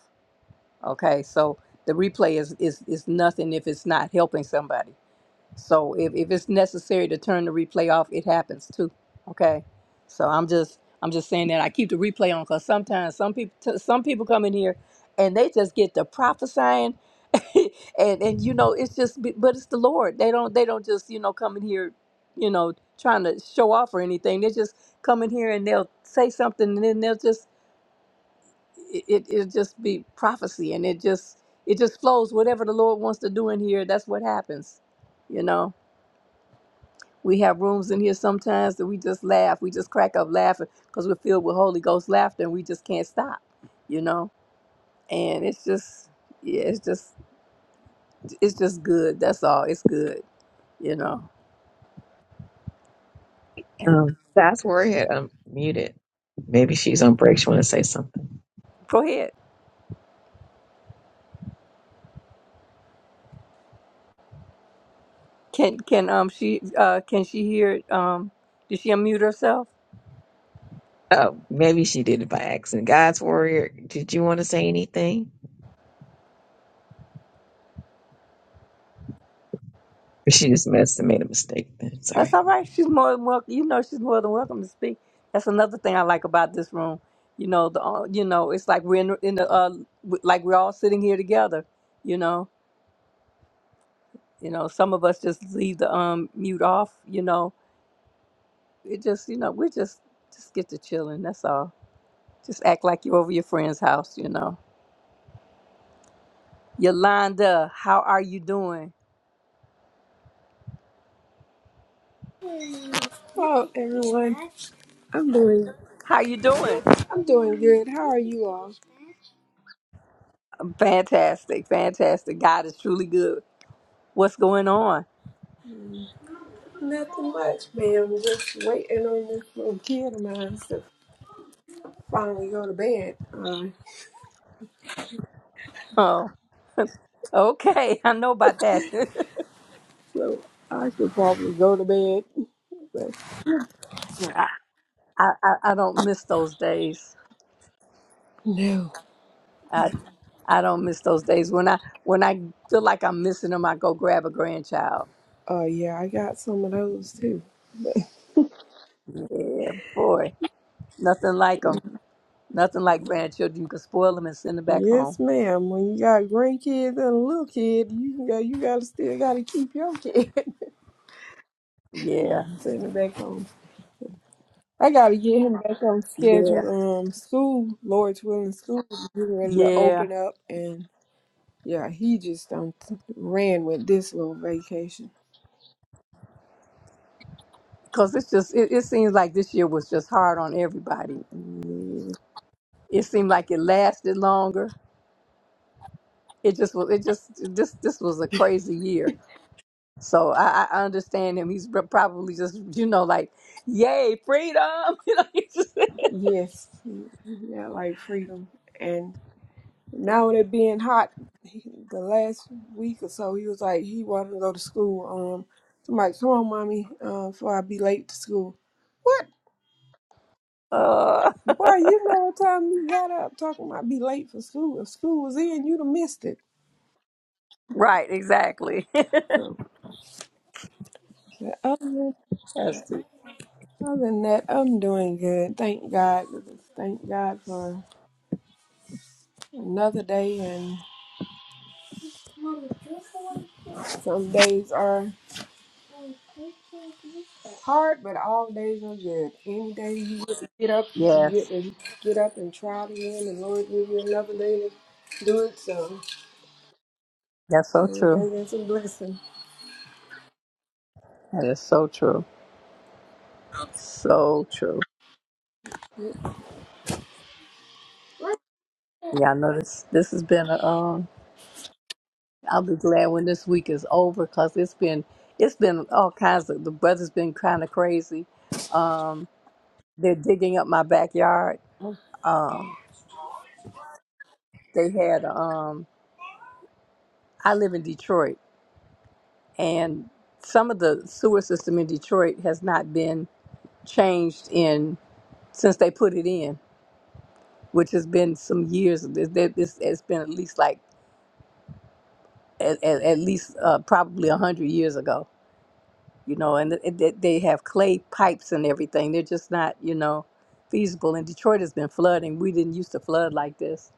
S1: okay so the replay is is is nothing if it's not helping somebody so if, if it's necessary to turn the replay off, it happens too. Okay. So I'm just I'm just saying that I keep the replay on because sometimes some people t- some people come in here and they just get to prophesying, and and you know it's just be- but it's the Lord. They don't they don't just you know come in here, you know trying to show off or anything. They just come in here and they'll say something and then they'll just it it it'll just be prophecy and it just it just flows whatever the Lord wants to do in here. That's what happens, you know. We have rooms in here sometimes that we just laugh. We just crack up laughing because we're filled with Holy Ghost laughter and we just can't stop, you know? And it's just, yeah, it's just, it's just good. That's all. It's good, you know? And
S5: Um, that's where I had unmuted. Maybe she's on break. She want to say something.
S1: Go ahead. Can, can, um, she, uh, can she hear, it? um, did she unmute herself?
S5: Oh, maybe she did it by accident. God's warrior, did you want to say anything? Or she just messed and made a mistake then.
S1: That's
S5: Sorry.
S1: all right. She's more than welcome. You know, she's more than welcome to speak. That's another thing I like about this room. You know, the, uh, you know, it's like we're in, in the, uh, w- like we're all sitting here together, you know? You know, some of us just leave the um mute off. You know, it just you know we just just get to chilling. That's all. Just act like you're over your friend's house. You know, Yolanda, how are you doing?
S9: Hello everyone. I'm doing
S1: How you doing?
S9: I'm doing good. How are you all?
S1: Fantastic, fantastic. God is truly good. What's going on?
S9: Nothing much, ma'am. Just waiting on this little kid of mine to finally go to bed. Uh,
S1: Oh, okay. I know about that.
S9: so I should probably go to bed. But
S1: I, I I don't miss those days.
S9: no.
S1: I I don't miss those days. When I when I feel like I'm missing them, I go grab a grandchild.
S9: Uh yeah, I got some of those too. But
S1: Yeah, boy, nothing like 'em. Nothing like grandchildren. You can spoil them and send them back home.
S9: yes, ma'am. When you got grandkids and a little kid, you can go you gotta still gotta keep your kid.
S1: Yeah,
S9: Not sending it back home. I gotta get him back on
S1: yeah,
S9: schedule. Um, school, Lord's willing, school is getting ready to
S1: yeah.
S9: open up, and yeah, he just um ran with this little vacation.
S1: Because it's just, it, it seems like this year was just hard on everybody.
S9: Yeah.
S1: It seemed like it lasted longer. It just was, it just, this, this was a crazy year. So I, I understand him. He's prob- probably just, you know, like, yay, freedom. You know, he's just,
S9: Yes, yeah, like freedom. And now with it being hot, he- the last week or so, he was like he wanted to go to school. Um, so I'm like, come on, mommy, uh, before I be late to school. What?
S1: uh,
S9: Boy, you know what time you got up talking about be late for school. If school was in, you'd have missed it.
S1: right, exactly.
S9: So, Other
S1: That's true.
S9: other than that, I'm doing good. Thank God. Thank God for another day. And some days are hard, but all days are good. Any day you get to get up, you get
S1: Yes,
S9: to get up and try it again. The Lord give you another day to do it. So
S1: that's so
S9: every
S1: true.
S9: day is a blessing.
S1: That is so true. So true. Yeah, I know this. This has been. a, Um, I'll be glad when this week is over because it's been it's been all kinds of. The weather's been kind of crazy. Um, they're digging up my backyard. Um, they had. Um, I live in Detroit, and some of the sewer system in Detroit has not been changed in since they put it in, which has been some years. This it's it's been at least like at, at, at least uh, probably a hundred years ago you know, and it, it, they have clay pipes and everything. They're just not, you know, feasible. And Detroit has been flooding. We didn't used to flood like this,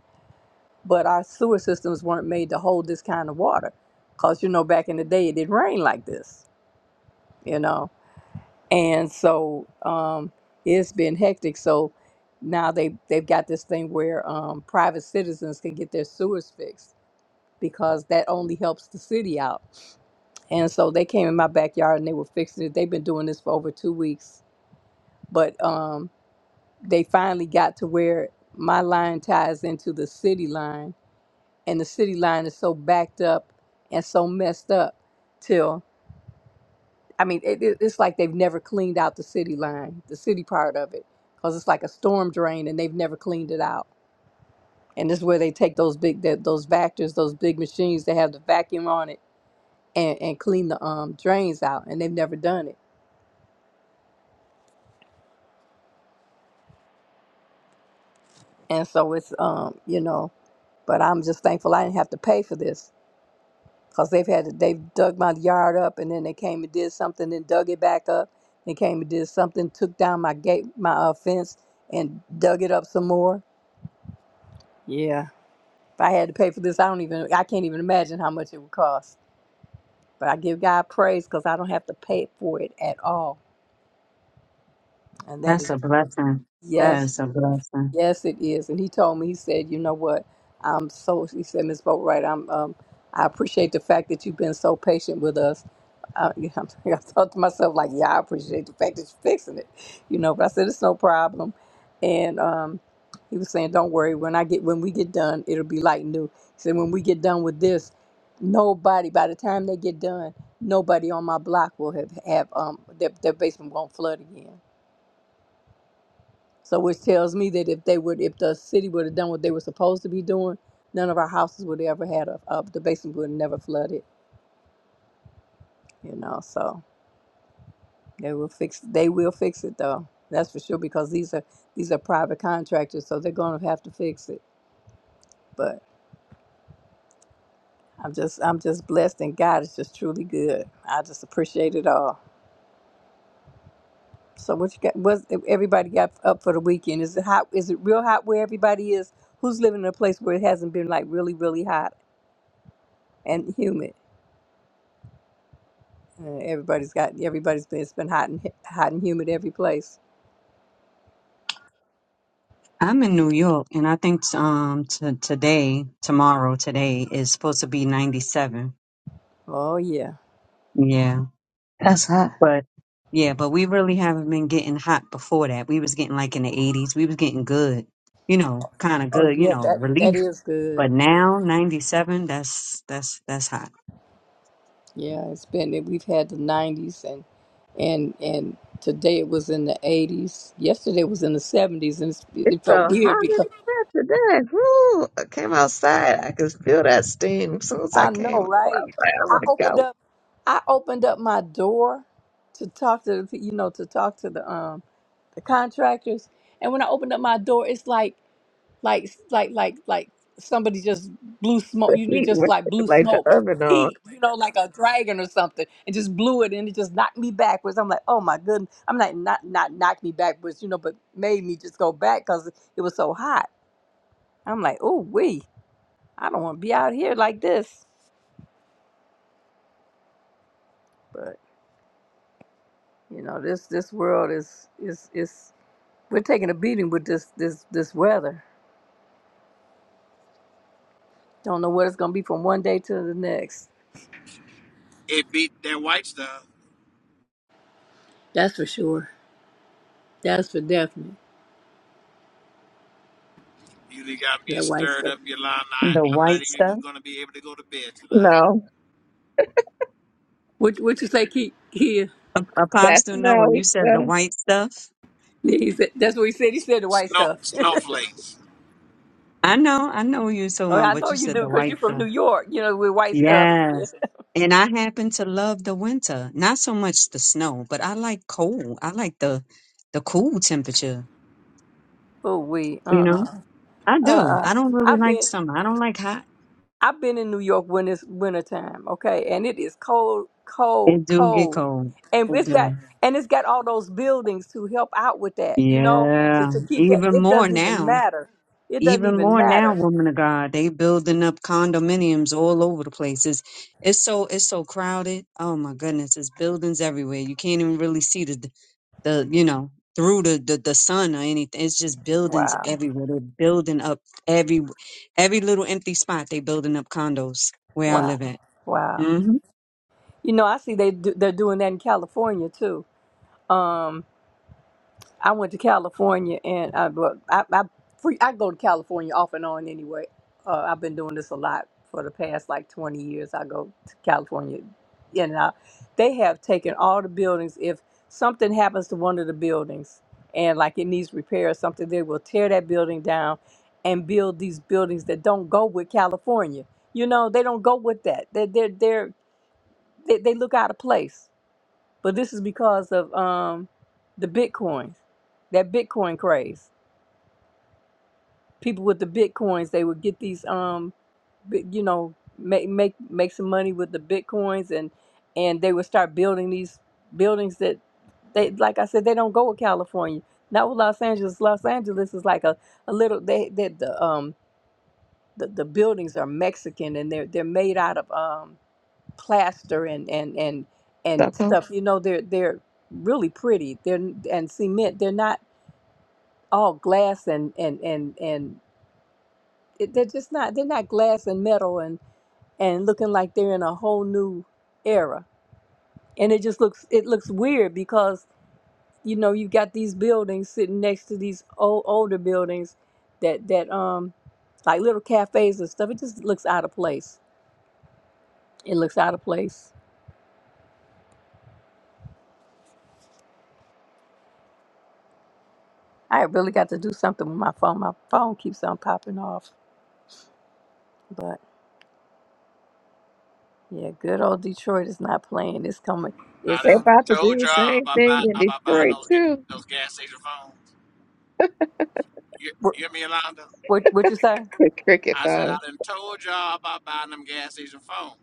S1: but our sewer systems weren't made to hold this kind of water, cause you know back in the day it didn't rain like this, you know, and so um, it's been hectic. So now they they've got this thing where um, private citizens can get their sewers fixed because that only helps the city out. And so they came in my backyard and they were fixing it. They've been doing this for over two weeks but um, they finally got to where my line ties into the city line, and the city line is so backed up and so messed up till I mean, it, it- it's like they've never cleaned out the city line, the city part of it, because it's like a storm drain, and they've never cleaned it out. And this is where they take those big that those vectors, those big machines that have the vacuum on it, and and clean the um drains out, and they've never done it. And so it's um you know, but I'm just thankful I didn't have to pay for this because they've had they have dug my yard up and then they came and did something and dug it back up they came and did something took down my gate my uh, fence and dug it up some more yeah if i had to pay for this i don't even i can't even imagine how much it would cost but i give god praise because i don't have to pay for it at all and that
S8: That's
S1: is
S8: a blessing.
S1: yes.
S8: That is a blessing.
S1: Yes, it is. And he told me, he said, you know what? I'm so, he said, "Miss Boatwright, I'm, um, I appreciate the fact that you've been so patient with us. Uh, I thought to myself, like, yeah, I appreciate the fact that you're fixing it, you know, but I said, it's no problem. And, um, he was saying, don't worry, when I get, when we get done, it'll be like new. He said, when we get done with this, nobody, by the time they get done, nobody on my block will have, have, um, their, their basement won't flood again. So which tells me that if they would, if the city would have done what they were supposed to be doing, none of our houses would have ever had a, a the basement would have never flooded. You know, so they will fix. They will fix it though. That's for sure because these are these are private contractors, so they're going to have to fix it. But I'm just I'm just blessed, and God is just truly good. I just appreciate it all. So what you got? Was everybody got up for the weekend? Is it hot? Is it real hot where everybody is? Who's living in a place where it hasn't been like really really hot and humid? Uh, everybody's got everybody's been it's been hot and hot and humid every place.
S8: I'm in New York, and I think um t- today, tomorrow, today is supposed to be 97.
S1: Oh yeah.
S8: Yeah,
S5: That's hot.
S8: but yeah, but we really haven't been getting hot before that. We was getting like in the 80s. We was getting good, you know, kind of
S1: Oh
S8: good, you
S1: yeah,
S8: know,
S1: that that
S8: relief.
S1: is good.
S8: But now 97, that's that's that's hot.
S1: Yeah, it's been we've had the 90s and and and today it was in the 80s. Yesterday was in the 70s and it's,
S5: It's
S1: it
S5: so
S1: felt
S5: hot
S1: weird
S5: in
S1: because
S5: the today. Woo! I came outside. I could feel that steam. As soon as I
S1: I
S5: came,
S1: know,
S5: I
S1: right?
S5: was like, I
S1: I
S5: want to
S1: opened
S5: go.
S1: up I opened up my door to talk to the, you know to talk to the um the contractors and when I opened up my door it's like like like like like somebody just blew smoke
S5: The
S1: you know
S5: heat
S1: just
S5: was
S1: like blew
S5: like the
S1: smoke
S5: oven on.
S1: heat you know like a dragon or something and just blew it and it just knocked me backwards i'm like oh my goodness i'm like not not knocked me backwards you know but made me just go back because it was so hot i'm like oh we i don't want to be out here like this but you know this this world is is is we're taking a beating with this this this weather don't know what it's gonna be from one day to the next
S3: in. It beat that white stuff.
S1: that's for sure that's for definite
S3: You done got me
S1: that white
S3: stirred
S1: stuff
S3: up, Yolanda. I,
S8: The
S3: I'm
S8: white
S3: not even
S8: stuff.
S3: going to be able to go to bed tonight.
S5: No,
S1: What what you say, Keith? He,
S8: A-
S5: that's
S8: Apostle Noah,
S5: no. We
S8: you said the
S5: still
S8: white stuff.
S1: yeah, he said that's what he said. He said the white
S3: Snow
S1: stuff.
S3: snowflakes.
S8: I know, I know you were talking
S1: oh, I
S8: but
S1: know
S8: you
S1: you
S8: said
S1: do
S8: the
S1: because you're
S8: white
S1: from
S8: stuff.
S1: New York. You know with white stuff.
S8: Yes. And I happen to love the winter. Not so much the snow, but I like cold. I like the the cool temperature,
S1: oh we
S8: you
S1: uh
S8: know?
S1: uh
S8: I
S1: uh
S8: do.
S1: uh.
S8: I don't really
S1: I've
S8: like
S1: been
S8: summer. I don't like hot.
S1: I've been in New York when it's winter time. Okay, and it is cold, cold,
S8: It do get
S1: cold,
S8: cold.
S1: and
S8: It
S1: it's got
S8: do.
S1: and it's got all those buildings to help out with that. You know to
S8: Yeah.
S1: to keep that.
S8: Even
S1: It
S8: more
S1: doesn't even
S8: now.
S1: matter. It doesn't
S8: even
S1: even
S8: more now,
S1: matter.
S8: woman of God, they building up condominiums all over the places. It's it's so it's so crowded. Oh my goodness, it's buildings everywhere. You can't even really see the the you know through the the, the sun or anything. It's just buildings
S1: Wow,
S8: everywhere. They're building up every every little empty spot. They building up condos where I
S1: wow,
S8: live at.
S1: wow.
S8: hmm
S1: You know I see they do, they're doing that in California too. Um. I went to California and I, but I, I, free, I go to California off and on anyway. Uh, I've been doing this a lot for the past like 20 years. I go to California in and out. they have taken all the buildings. If something happens to one of the buildings and like it needs repair or something, they will tear that building down and build these buildings that don't go with California. You know, they don't go with that. They, they're, they're, they, they look out of place but this is because of um, the bitcoins, that Bitcoin craze. People with the bitcoins, they would get these, um, bi- you know, make make make some money with the bitcoins, and and they would start building these buildings that they, like I said, they don't go with California, not with Los Angeles. Los Angeles is like a, a little they that the um the, the buildings are Mexican and they're they're made out of um plaster and and and and
S5: stuck on.
S1: stuff. You know, they're they're really pretty. They're and cement. They're not all glass and and and and it, they're just not. They're not glass and metal and and looking like they're in a whole new era. And it just looks it looks weird because you know you have got these buildings sitting next to these old older buildings that that um like little cafes and stuff. It just looks out of place. It looks out of place. I really got to do something with my phone. My phone keeps on popping off. But yeah, good old Detroit is not playing. It's coming.
S3: I
S1: It's
S5: They
S3: done
S1: coming.
S5: about to do
S3: told
S5: the
S3: y'all
S5: same
S3: about buy,
S5: thing in
S3: about buying
S5: Detroit
S3: those ga-
S5: too.
S3: those gas station phones. You,
S1: What
S3: you hear me, Yolanda?
S1: what what you say?
S5: The cricket
S3: I said I
S5: phone.
S3: done told y'all about buying them gas station phones.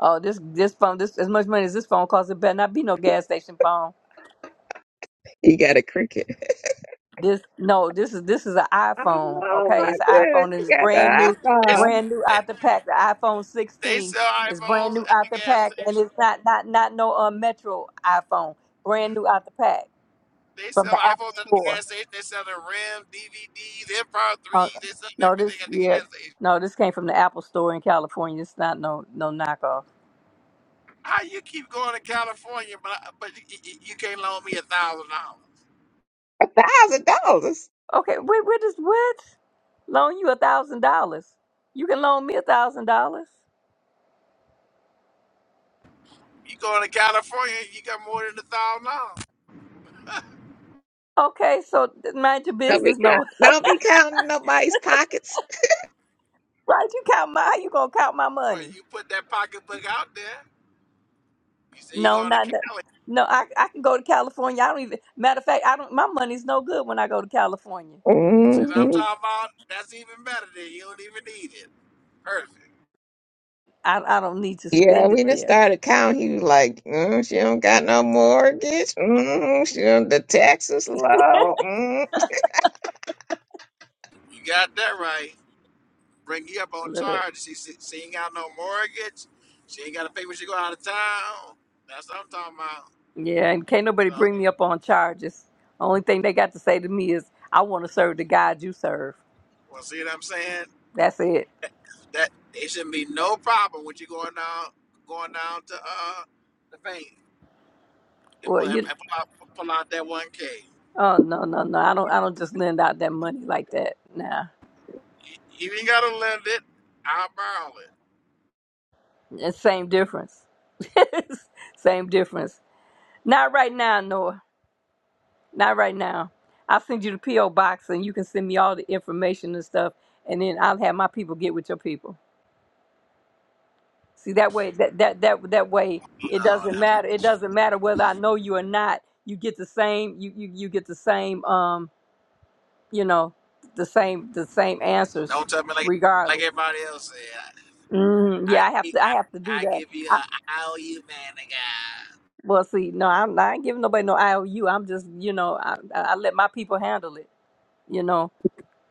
S1: Oh, this this phone. This as much money as this phone costs. It better not be no gas station phone.
S5: You got a cricket.
S1: This no. This is this is an iPhone.
S5: Oh
S1: Okay,
S5: my
S1: it's an
S5: goodness!
S1: iPhone and
S5: You
S1: it's
S5: got
S1: brand
S5: the
S1: new,
S3: It's,
S5: iPhone.
S1: brand new
S3: they,
S1: out the pack. The iPhone
S3: they
S1: 16
S3: sell
S1: is brand
S3: iPhones
S1: new
S3: at
S1: out
S3: the
S1: the
S3: gas
S1: pack, and
S3: station.
S1: it's not not not no uh, Metro iPhone. Brand new out the pack
S3: They
S1: from
S3: sell
S1: the Apple
S3: iPhones at the
S1: Store.
S3: gas station. They sell the RIM, DVDs, Empire 3.
S1: Uh,
S3: They sell
S1: no,
S3: everything
S1: this
S3: at the
S1: yeah.
S3: gas station.
S1: No, this came from the Apple Store in California. It's not no no knockoff.
S3: How you keep going to California, but I- but you, you you can't loan me a thousand dollars?
S5: A thousand dollars.
S1: Okay, wait, what is what? Loan you a thousand dollars. You can loan me a thousand dollars.
S3: You go to California, you got more than a thousand dollars.
S1: Okay, so mind your
S5: Don't be
S1: business, no.
S5: counting. Don't be counting nobody's pockets.
S1: Right? You count my how you gonna count my
S3: Well,
S1: money.
S3: you put that pocketbook out there. You say you're
S1: No,
S3: going to
S1: not that.
S3: Cali.
S1: No, I I can go to California. I don't even matter of fact, I don't my money's no good when I go to California.
S3: See what I'm
S5: hmm
S3: talking about, that's even better than you don't even need it. Perfect.
S1: I I don't need to
S5: Yeah,
S1: spend it
S5: we just
S1: there.
S5: started counting. He was like, mm, she don't got no mortgage. Mm, she don't, the taxes low. Mm.
S3: You got that right. Bring you up on
S1: Look.
S3: charge. She, she, she ain't got no mortgage. She ain't got to pay when she go out of town. That's what I'm talking about.
S1: Yeah, and can't nobody
S3: So,
S1: bring me up on charges. Only thing they got to say to me is I wanna serve the God you serve.
S3: well, see what I'm saying?
S1: That's it.
S3: That it shouldn't be no problem when you going down, going down to uh the bank and
S1: Well
S3: pull, and
S1: you
S3: pull, out, pull out that one K.
S1: Oh no, no, no. I don't I don't just lend out that money like that. Nah.
S3: If you gotta lend it, I'll borrow
S1: It's same difference. same difference. Not right now, Noah. Not right now. I'll send you the P.O. box and you can send me all the information and stuff and then I'll have my people get with your people. See that way that that that that way it
S3: it. No,
S1: doesn't matter. It doesn't matter whether I know you or not. You get the same you you, you get the same um, you know, the same the same answers
S3: don't tell me like like
S1: regardless.
S3: everybody else said.
S1: Mhm. Yeah,
S3: I
S1: I have to I have to do
S3: I, I give
S1: that.
S3: you a I owe you man again.
S1: Well, see, no, I'm not giving nobody no IOU. I'm just, you know, I, I I let my people handle it. You know,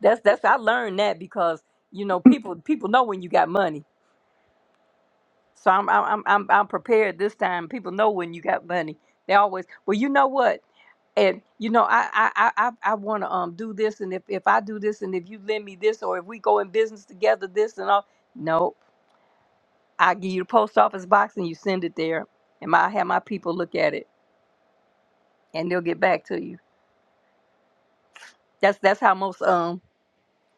S1: that's that's I learned that because you know people people know when you got money. So I'm I'm I'm I'm I'm prepared this time. People know when you got money. They always well, you know what? And you know, I I I I want to um do this, and if if I do this, and if you lend me this, or if we go in business together, this and all. No, I give you the post office box, and you send it there, and my, I have my people look at it, and they'll get back to you. That's that's how most um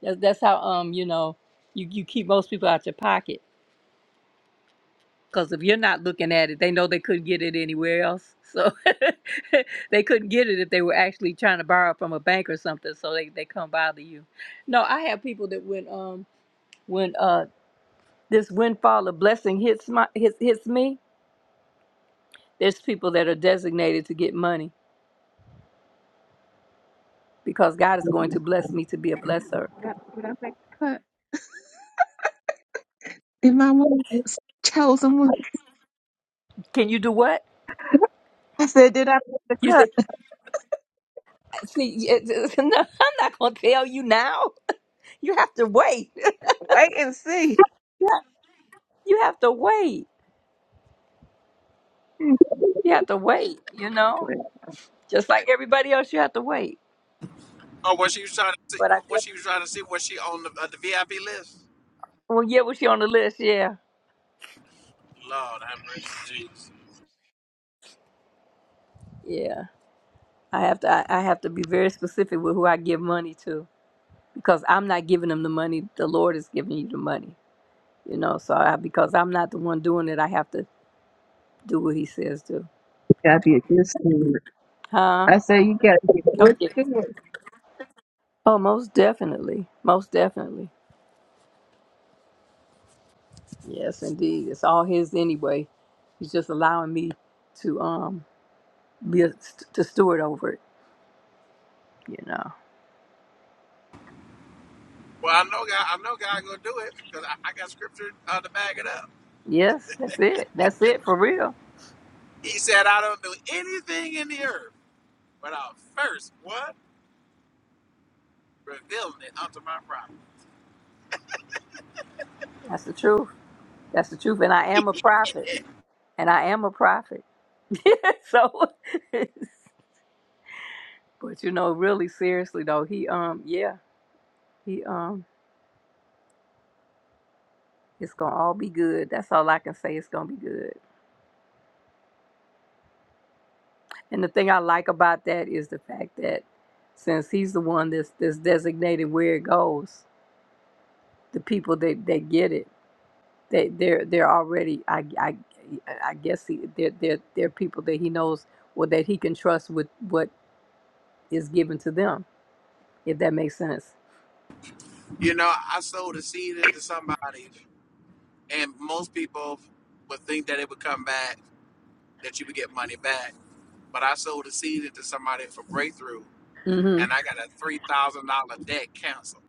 S1: that's that's how um you know you you keep most people out your pocket because if you're not looking at it, they know they couldn't get it anywhere else. So they couldn't get it if they were actually trying to borrow from a bank or something. So they they come bother you. No, I have people that when um when uh this windfall of blessing hits my hits hits me, there's people that are designated to get money because God is going to bless me to be a blesser.
S5: Did I make the cut? If my was chosen one,
S1: Can you do what?
S5: I said, did I make the
S1: You
S5: cut?
S1: said, see, it- no, I'm not going to tell you now. You have to wait.
S5: Wait and see.
S1: You have to wait.
S5: You
S1: You have to wait, you know? Just like everybody else, you have to wait.
S3: Oh, what she was trying to see?
S1: But I
S3: What
S1: just,
S3: she was trying to see? Was she on the, uh, the VIP list?
S1: well, yeah, was she on the list? Yeah.
S3: Lord have mercy, Jesus.
S1: Yeah. I have to, I, I have to be very specific with who I give money to because I'm not giving them the money. The Lord is giving you the money, you know? So I, because I'm not the one doing it, I have to do what he says to.
S5: gotta be a good steward.
S1: Huh?
S5: I said, you gotta be a good
S1: Okay.
S5: steward.
S1: Oh, most definitely. Most definitely. Yes, indeed. It's all his anyway. He's just allowing me to um be a, to steward over it. You know.
S3: Well, I know God. I know God gonna do it because I, I got scripture uh, to back it up.
S1: Yes, that's it. That's it for real.
S3: He said, "I don't do anything in the earth without first what revealing it unto my prophet."
S1: That's the truth. That's the truth. And I am a prophet. And I am a prophet. so, but you know, really seriously though, he um, yeah, he um, it's gonna all be good. That's all I can say. It's gonna be good. And the thing I like about that is the fact that since he's the one that's that's designated where it goes, the people that that get it They they're they're already I I I guess he, they're they're they're people that he knows or that he can trust with what is given to them. If that makes sense.
S3: You know, I sowed a seed into somebody and most people would think that it would come back, that you would get money back. But I sold a seed to somebody for breakthrough,
S1: hmm
S3: and I got a three thousand dollar debt canceled.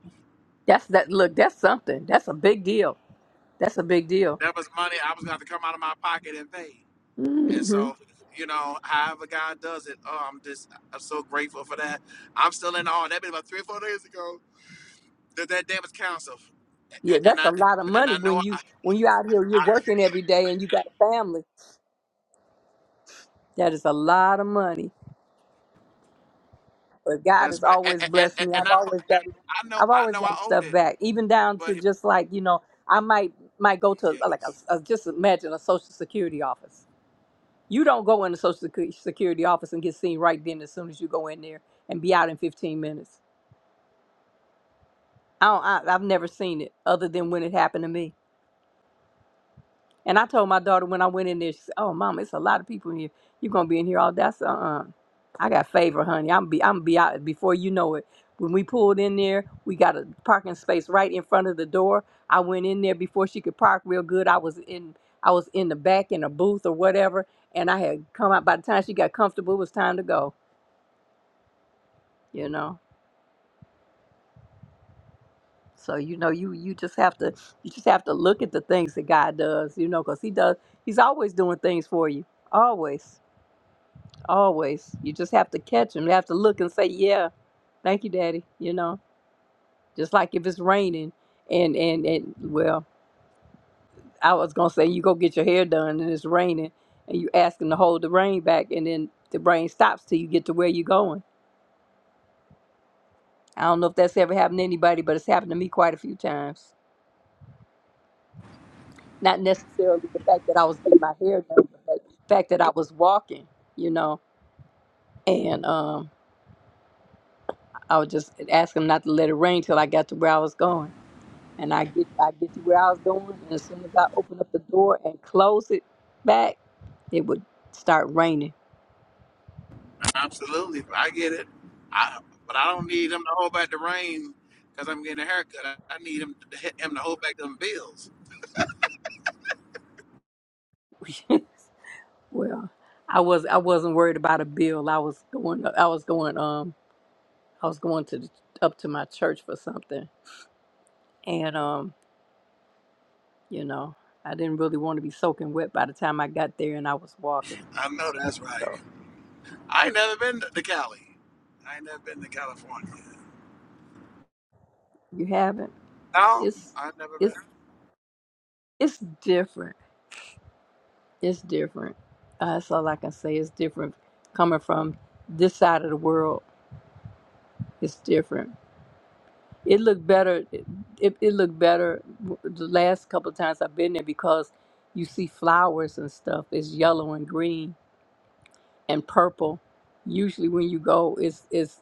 S1: That's that. Look, that's something. That's a big deal. That's a big deal.
S3: That was money I was going to have to come out of my pocket and pay. And
S1: hmm
S3: so, you know, however God does it, oh, I'm just I'm so grateful for that. I'm still in awe. That been about three or four days ago that that debt was canceled,
S1: Yeah,
S3: A- and
S1: that's
S3: I
S1: a lot of
S3: and I
S1: money when
S3: know
S1: you
S3: I,
S1: when you out here you're
S3: I
S1: working every day and you got a family. That is a lot of money. but God
S3: that's
S1: has
S3: my and,
S1: always
S3: and,
S1: blessed me.
S3: and
S1: I've
S3: I know
S1: always gotten,
S3: and I know
S1: I've
S3: I
S1: always
S3: know
S1: gotten
S3: I owed
S1: stuff
S3: it,
S1: back, even down to
S3: but.
S1: just like you know, I might might go to uh, like a, a just imagine a social security office. You don't go in the social Secu- security office and get seen right then as soon as you go in there and be out in 15 minutes. I don't, I, I've never seen it other than when it happened to me And I told my daughter when I went in there, she said, "Oh, mama, it's a lot of people in here. You're gonna be in here all day." I said, "Uh-uh, I got favor, honey. I'm be I'm be out before you know it." When we pulled in there, we got a parking space right in front of the door. I went in there before she could park real good. I was in I was in the back in a booth or whatever, and I had come out. By the time she got comfortable, it was time to go. You know. So you know you you just have to you just have to look at the things that God does, you know, because He does He's always doing things for you, always. Always. You just have to catch them. You have to look and say, "Yeah, thank you, Daddy." You know, just like if it's raining, and and and well, I was gonna say you go get your hair done and it's raining, and you ask them to hold the rain back, and then the rain stops till you get to where you're going. I don't know if that's ever happened to anybody, but it's happened to me quite a few times. Not necessarily the fact that I was getting my hair done, but the fact that I was walking. You know, and um, I would just ask them not to let it rain till I got to where I was going and I get I get to where I was going, and as soon as I open up the door and close it back, it would start raining.
S3: Absolutely, I get it. I, but I don't need him to hold back the rain because I'm getting a haircut. I, I need him to, him to hold back them bills.
S1: well, I was I wasn't worried about a bill. I was going I was going um I was going to the, up to my church for something, and um you know I didn't really want to be soaking wet by the time I got there, and I was walking.
S3: I know that's right.
S1: So
S3: I ain't never been to Cali. I ain't never been to California.
S1: you haven't.
S3: No,
S1: It's
S3: I've never
S1: it's
S3: been.
S1: it's different. It's different. Uh, that's all I can say. It's different coming from this side of the world It's different. It looked better. It, it looked better the last couple of times I've been there because you see flowers and stuff. It's yellow and green and purple. Usually when you go, it's it's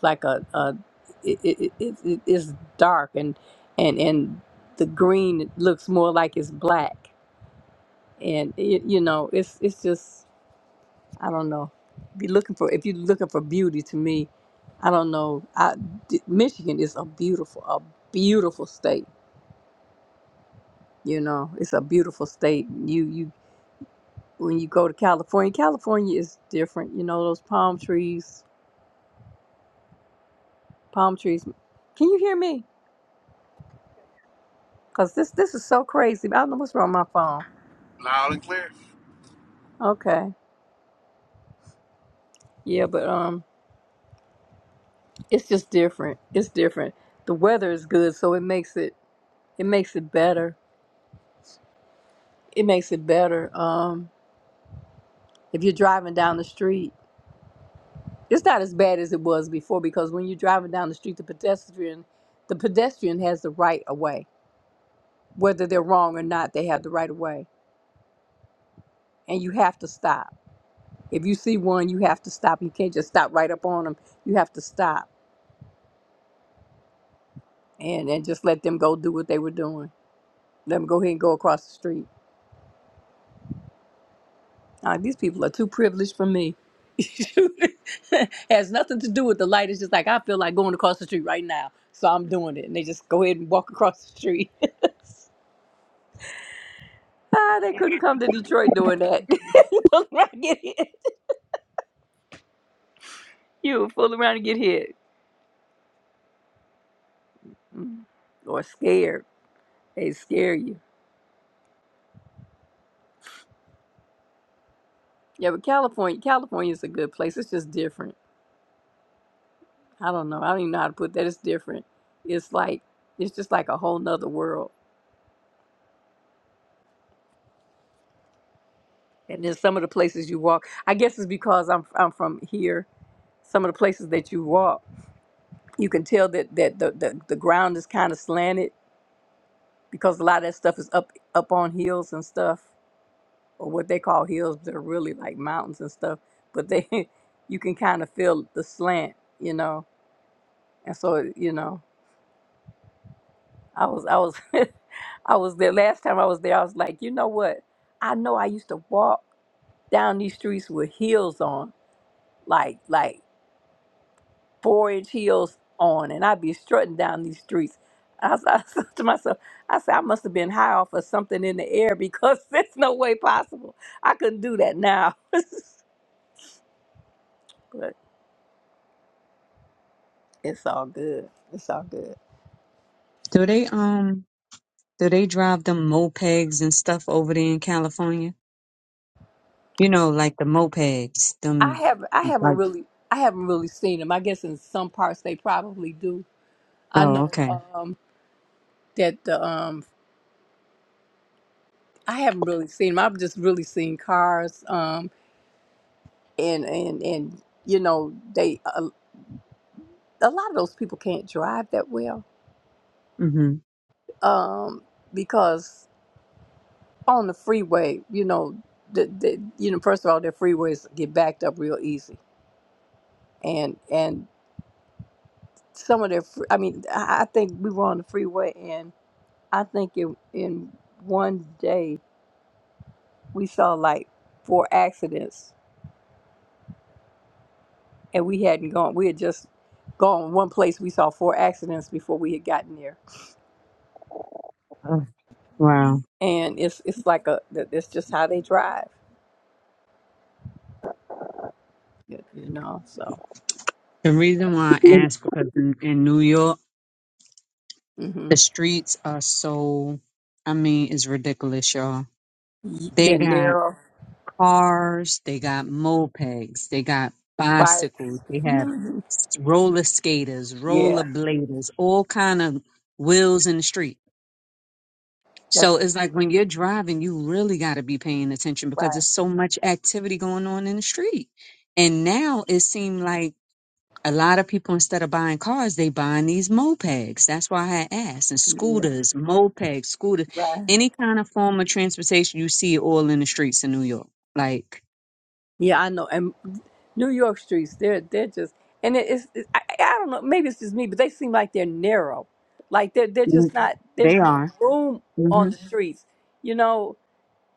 S1: like a, a it, it, it, it- it's dark and and and the green looks more like it's black and it, you know it's it's just I don't know. Be looking for if you're looking for beauty to me, I don't know. I d Michigan is a beautiful, a beautiful state. You know, it's a beautiful state. You you when you go to California, California is different. You know those palm trees, palm trees. Can you hear me? Cause this this is so crazy. I don't know what's wrong with my phone.
S3: Loud and clear.
S1: Okay, yeah, but um, it's just different. It's different. The weather is good, so it makes it it makes it better. It makes it better. Um. If you're driving down the street, it's not as bad as it was before because when you're driving down the street, the pedestrian, the pedestrian has the right of way. Whether they're wrong or not, they have the right of way, and you have to stop. If you see one, you have to stop. You can't just stop right up on them. You have to stop and and just let them go do what they were doing. Let them go ahead and go across the street. Uh, these people are too privileged for me. has nothing to do with the light. It's just like I feel like going across the street right now, so I'm doing it. And they just go ahead and walk across the street. Ah, they couldn't come to Detroit doing that. you fool around and get hit. You fool around and get hit. Mm. Or scared. They scare you. Yeah, but California, California is a good place. It's just different. I don't know. I don't even know how to put that. It's different. It's like it's just like a whole nother world. And then some of the places you walk, I guess it's because I'm I'm from here. Some of the places that you walk, you can tell that that the the, the ground is kind of slanted because a lot of that stuff is up up on hills and stuff or what they call hills, they're really like mountains and stuff. But they, you can kind of feel the slant, you know. And so, you know, I was, I was, I was there last time I was there. I was like, you know what? I know I used to walk down these streets with heels on, like like four inch heels on, and I'd be strutting down these streets. I, was, I said to myself, I said, I must have been high off of something in the air because there's no way possible I couldn't do that now. It's all good. It's all good.
S8: Do they um do they drive them mopeds and stuff over there in California? You know, like the mopeds,
S1: I
S8: them
S1: have I haven't
S8: like
S1: really I haven't really seen them. I guess in some parts they probably do. I
S8: oh
S1: know
S8: okay.
S1: um that the um I haven't really seen them. I've just really seen cars um and and and you know they a, a lot of those people can't drive that well
S8: Mm-hmm.
S1: um because on the freeway you know the, the you know first of all their freeways get backed up real easy and and some of their fr- I mean I I think we were on the freeway I think in, in one day we saw like four accidents and we hadn't gone. We had just gone one place. We saw four accidents before we had gotten there.
S5: Oh.
S8: Wow.
S1: And it's, it's like a, that- that's just how they drive, you you know? So,
S8: The reason why I asked because in, in New York,
S1: hmm
S8: the streets are so, I mean, it's ridiculous, y'all. They
S1: they're
S8: got
S1: narrow
S8: cars, they got mopeds, they got bicycles,
S1: bikes.
S8: they have
S1: Mhm.
S8: s- roller skaters,
S1: Yeah.
S8: roller bladers, all kind of wheels in the street. So
S1: That's
S8: it's like when you're driving, you really got to be paying attention
S1: why.
S8: because
S1: Right.
S8: there's so much activity going on in the street. And now it seems like a lot of people instead of buying cars, they buying these mopeds. That's why I had asked. And
S1: Yeah.
S8: scooters, mopeds, scooters,
S1: right.
S8: any kind of form of transportation you see it all in the streets in New York. Like
S1: Yeah, I know. And New York streets, they're they're just and it- it's, it's I, I don't know, maybe it's just me, but they seem like they're narrow. Like they're they're
S8: mm,
S1: just not
S8: they
S1: there's no
S8: are.
S1: room on
S8: hmm
S1: the streets, you know.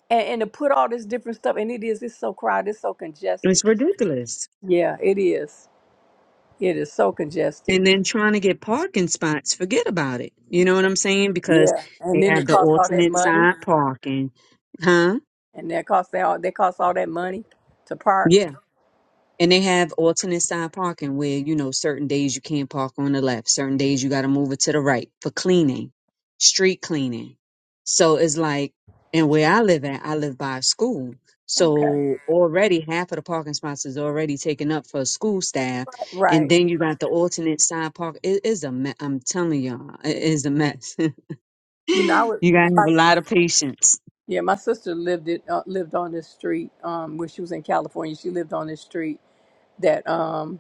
S1: And, and to put all this different stuff and it is it's so crowded, it's so congested.
S8: It's ridiculous.
S1: Yeah, it is. It is so congested.
S8: And then trying to get parking spots, forget about it. You know what I'm saying? Because
S1: Yeah. And
S8: they
S1: then it
S8: have the
S1: costs all that
S8: alternate
S1: money.
S8: side parking. Huh?
S1: And they cost they all they cost all that money to park.
S8: And they have alternate side parking where, you know, certain days you can't park on the left, certain days you got to move it to the right for cleaning, street cleaning. So it's like, and where I live at, I live by a school.
S1: Okay.
S8: So already half of the parking spots is already taken up for school staff. And
S1: Right.
S8: then you got the alternate side park. It is a mess. I'm telling y'all, it is a mess.
S1: You know, I
S8: you got to have a
S1: would
S8: lot of patience.
S1: Yeah, my sister lived it uh, lived on this street um, when she was in California. She lived on this street that, um,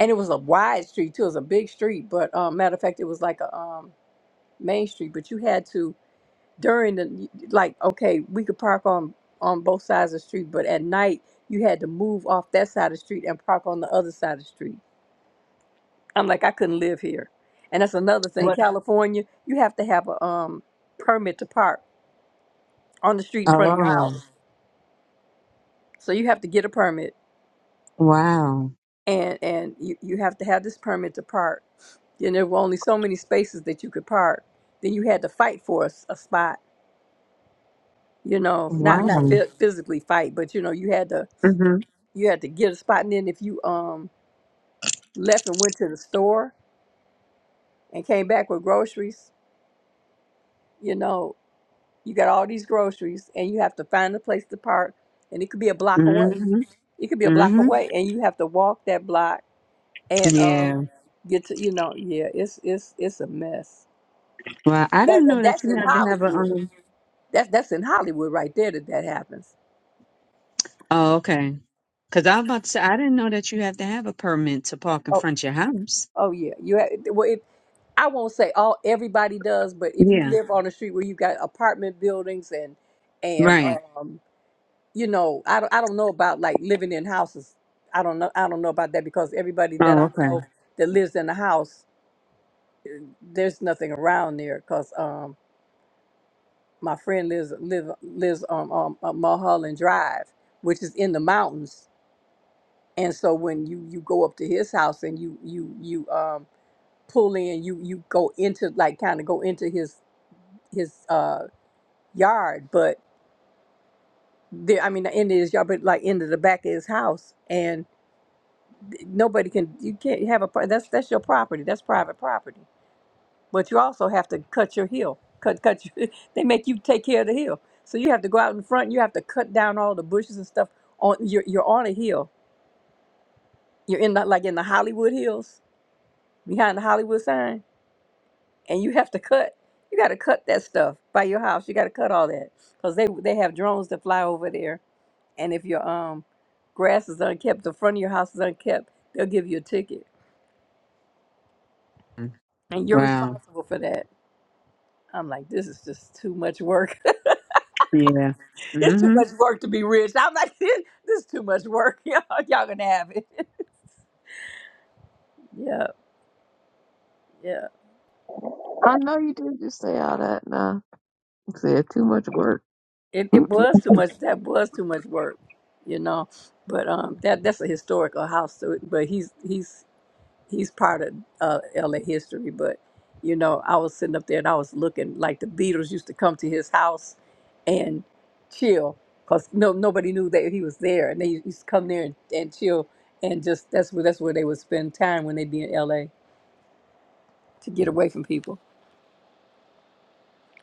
S1: and it was a wide street too. It was a big street, but um, matter of fact, it was like a um, main street. But you had to during the like, okay, we could park on on both sides of the street, but at night you had to move off that side of the street and park on the other side of the street. I'm like, I couldn't live here, and that's another thing.
S8: What?
S1: California, you have to have a um, permit to park on the street in front of your
S8: Oh,
S1: house, so you have to get a permit.
S8: wow.
S1: and and you, you have to have this permit to park. And there were only so many spaces that you could park. Then you had to fight for a, s- a spot. You know, not not
S8: Wow.
S1: phy- physically fight, but you know you had to
S8: Mm-hmm.
S1: you had to get a spot. And then if you um left and went to the store and came back with groceries, you know you got all these groceries and you have to find a place to park. And it could be a block away. It could be a
S8: Mm-hmm.
S1: block away, and you have to walk that block and um
S8: Yeah.
S1: get to you know yeah it's it's it's a mess
S8: Well, I
S1: That,
S8: didn't know that
S1: that's
S8: you
S1: in
S8: have to have a
S1: Hollywood.
S8: um.
S1: That's that's in Hollywood right there that that happens.
S8: Oh, okay. Because I'm about to say I didn't know that you have to have a permit to park in
S1: Oh
S8: front of your house.
S1: oh yeah. You ha well it, I won't say all everybody does, but if you
S8: Yeah.
S1: live on a street where you've got apartment buildings and and
S8: Right.
S1: um you know I don't I don't know about like living in houses. I don't know I don't know about that because everybody that
S8: Oh,
S1: I know
S8: okay.
S1: that lives in a house, there's nothing around there because um my friend lives live lives on um, on Mulholland Drive, which is in the mountains and so when you you go up to his house and you you you um pull in you you go into like kind of go into his his uh yard but there i mean the end his yard but like into the back of his house and th- nobody can you can't have a pro- that's that's your property that's private property but you also have to cut your hill cut cut your, they make you take care of the hill so you have to go out in front you have to cut down all the bushes and stuff on you're, you're on a hill you're in the, like in the hollywood hills behind the hollywood sign and you have to cut. You got to cut that stuff by your house. You got to cut all that because they they have drones that fly over there, and if your um grass is unkept, the front of your house is unkept, they'll give you a ticket, and you're
S8: Wow.
S1: responsible for that. I'm like, this is just too much work.
S8: Yeah.
S1: it's too
S8: Mhm.
S1: much work to be rich. I'm like, this is too much work. Y'all, y'all gonna have it. yeah, yeah.
S5: I know you did just say all that. Nah, I said too much work.
S1: It
S5: Mm-mm.
S1: it was too much. That was too much work, you know. But um, that that's a historical house. So, it- but he's he's he's part of uh, LA history, but you know, I was sitting up there and I was looking like the Beatles used to come to his house and chill because no nobody knew that he was there, and they used to come there and, and chill and just that's where that's where they would spend time when they would be in LA to get away from people.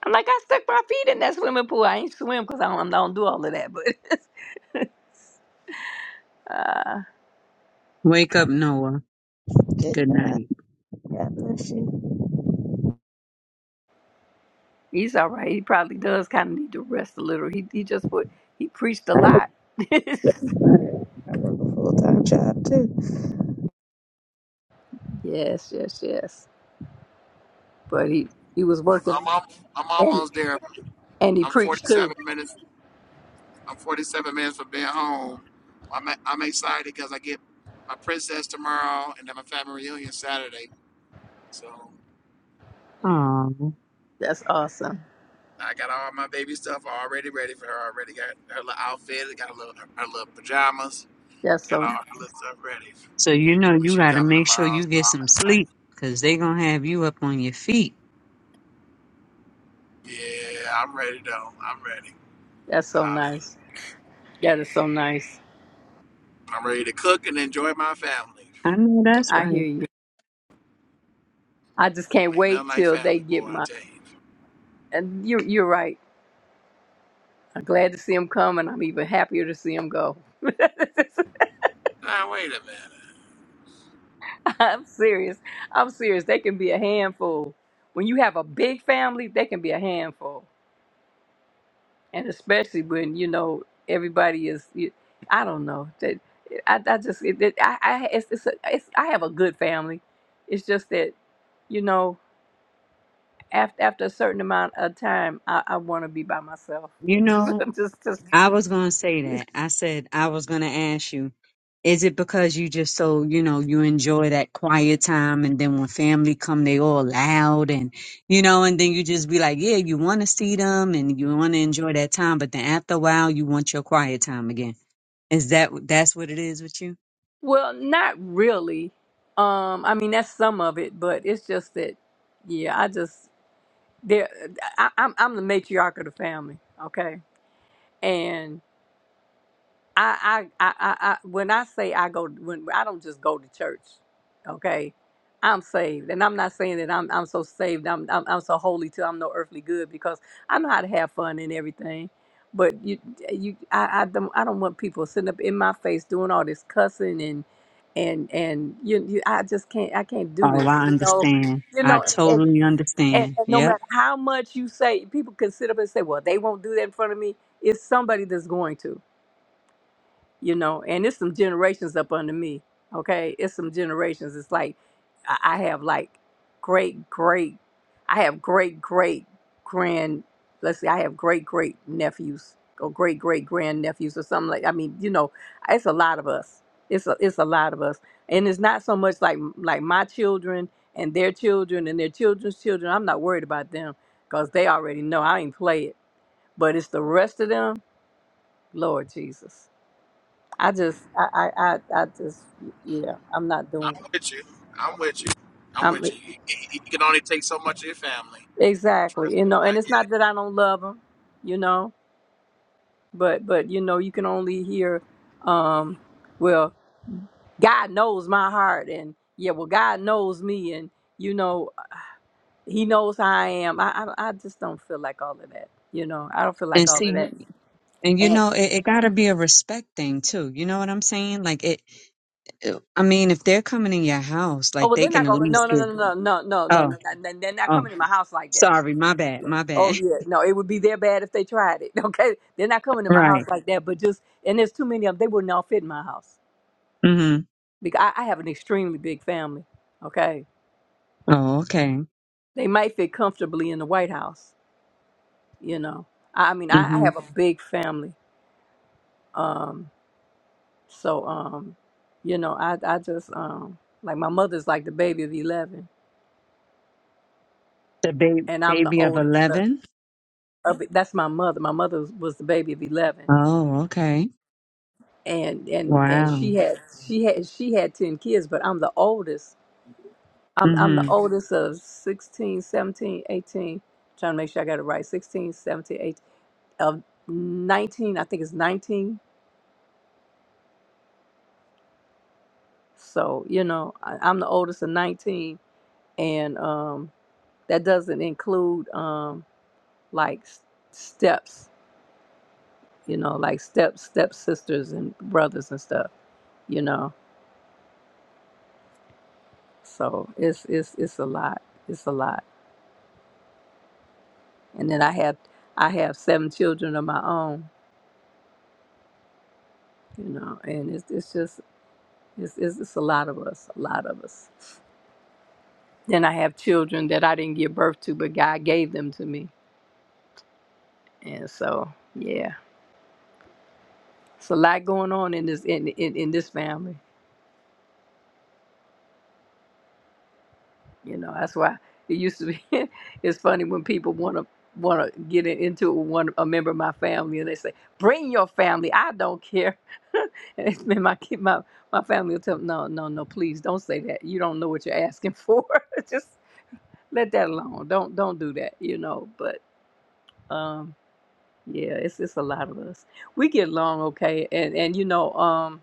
S1: I'm like, I stuck my feet in that swimming pool. I ain't swim because I don't, I don't do all of that, but uh,
S8: Wake up, Noah.
S5: Good
S8: Good
S5: God.
S8: night.
S5: God bless you.
S1: he's all right. He probably does kind of need to rest a little. He he just put he preached a
S5: I look
S1: lot.
S5: at the I work a full time job too.
S1: yes, yes, yes. but he he was working
S3: I'm al- I'm
S1: and
S3: almost there.
S1: and he
S3: I'm
S1: preached
S3: 47
S1: too.
S3: minutes. I'm 47 minutes from being home. I'm I'm excited because I get my princess tomorrow and then my family reunion Saturday. So.
S8: Oh.
S1: That's awesome.
S3: I got all my baby stuff already ready for her. Already got her little outfit. Got a little her her little pajamas.
S1: That's
S3: Got
S1: so
S3: all her little stuff ready
S8: So you know
S3: when
S8: you
S3: she
S8: got to
S3: come
S8: make sure
S3: tomorrow.
S8: you
S3: So
S8: get
S3: I'm
S8: some
S3: excited.
S8: sleep because they gonna have you up on your feet.
S3: Yeah, I'm ready though. I'm ready.
S1: that's so nice.
S3: Hallelujah.
S1: That is so nice.
S3: I'm ready to cook and enjoy my family.
S8: I know that's
S1: I hear
S8: right.
S1: you. I just can't
S3: Ain't nothing
S1: wait
S3: like
S1: till they
S3: family, boy.
S1: get
S3: I
S1: my.
S3: tell you.
S1: And you're you're right. I'm glad to see them come, and I'm even happier to see them go.
S3: Now wait a minute.
S1: I'm serious. I'm serious. They can be a handful. When you have a big family, they can be a handful. and especially when you know everybody is you, i don't know that i, I just it, it, i i it's, it's, a, it's i have a good family it's just that you know after after a certain amount of time i, I want to be by myself
S8: You
S1: just
S8: know
S1: just just-
S8: I was gonna say
S1: it's,
S8: that. I said I was gonna ask you, is it because you just so you know you enjoy that quiet time, and then when family come, they all loud, and you know, and then you just be like, yeah, you want to see them, and you want to enjoy that time, but then after a while, you want your quiet time again. Is that that's what it is with you?
S1: well not really um i mean that's some of it but it's just that yeah i just there I, i'm i'm the matriarch of the family okay and. I, I, I, I, I, when I say I go, when I don't just go to church, okay, I'm saved, and I'm not saying that I'm, I'm so saved, I'm, I'm, I'm so holy till I'm no earthly good because I know how to have fun and everything, but you, you, I, I don't, I don't want people sitting up in my face doing all this cussing and, and, and you, you, I just can't, I can't do
S8: Oh,
S1: this,
S8: I
S1: you know,
S8: understand.
S1: you
S8: I
S1: know, and,
S8: totally
S1: and,
S8: understand.
S1: and no
S8: Yep.
S1: matter how much you say, people can sit up and say, well, they won't do that in front of me. It's somebody that's going to you know, and it's some generations up under me. Okay, it's some generations. It's like I I have like great great, I have great great grand. Let's see, I have great great nephews or great great grand nephews or something like. I mean, you know, it's a lot of us. It's a it's a lot of us, and it's not so much like like my children and their children and their children's children. I'm not worried about them because they already know I ain't play it. But it's the rest of them, Lord Jesus. I just, I, I, I, I just, yeah, I'm not
S3: I'm
S1: doing it.
S3: with you. I'm with you. I'm
S1: I'm e,
S3: with you. You, you- you can only take so much of your family.
S1: exactly, you know,
S3: I,
S1: and it's not that I don't love them, you know, but, but you know, you can only hear, um, well, God knows my heart, and yeah, well, God knows me, and you know, He knows how I am. I, I, I just don't feel like all of that, you know. I don't feel like
S8: And
S1: all of that,
S8: see, and you
S1: and
S8: know, it, it got to be a respect thing too. You know what I'm saying? Like it. uh, I mean, if they're coming in your house,
S1: oh
S8: like
S1: well,
S8: they
S1: they're not
S8: can at
S1: gonna, no,
S8: least
S1: no, no,
S8: give.
S1: no, no, no, no,
S8: Oh,
S1: no, no, they're not
S8: oh,
S1: coming to my house like that.
S8: sorry, my bad, my
S1: Oh
S8: bad.
S1: yeah, no, it would be their bad if they tried it. Okay, they're not coming to my house
S8: Right.
S1: like that. But just and there's too many of them. They would not fit in my house
S8: Mm-hmm.
S1: because I, I have an extremely big family. Okay,
S8: Oh, okay.
S1: they might fit comfortably in the White House. You know, I, I mean, I, I
S8: Mm-hmm.
S1: have a big family. Um, so um, you know, I I just um like my mother's like the baby of eleven,
S8: The ba-
S1: and I'm the
S8: baby of
S1: oldest. of-
S8: eleven.
S1: of- That's my mother. My mother was the baby of eleven
S8: Oh, okay.
S1: and and and
S8: Wow.
S1: she had she had she had 10 kids but i'm the oldest i'm i'm the
S8: Mm-hmm.
S1: oldest of 16, 17, 18. trying to make sure i got it right 16 seventeen, eighteen of 19 i think it's 19 so you know I, i'm the oldest of 19 and um that doesn't include um like s- steps you know like step step sisters and brothers and stuff you know so it's it's it's a lot it's a lot and then I have I have seven children of my own, you know, and it's it's just it's it's, it's a lot of us, a lot of us. Then I have children that I didn't give birth to, but God gave them to me, and so yeah, it's a lot going on in this in in, in this family. You know, that's why it used to be. it's funny when people want to want to get in- into it with one a member of my family, and they say, "Bring your family. I don't care." and it's been my kid, my my family will tell me, "No, no, no, please don't say that. You don't know what you're asking for. Just let that alone. Don't don't do that." You know, but um, yeah, it's it's a lot of us. We get along okay, and and you know, um,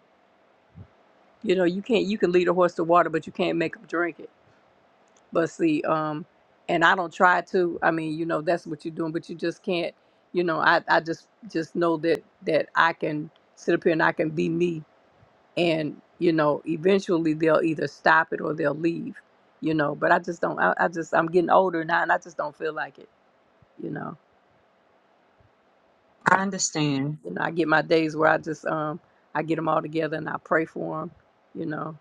S1: you know, you can't you can lead a horse to water, but you can't make him drink it But see, um, and I don't try to. I mean, you know, that's what you're doing, but you just can't. You know, I, I just just know that that I can sit up here and I can be me, and you know, eventually they'll either stop it or they'll leave. You know, but I just don't. I, I just I'm getting older now, and I just don't feel like it. You know,
S8: I understand.
S1: you know, I get my days where I just um I get them all together and I pray for them. You know,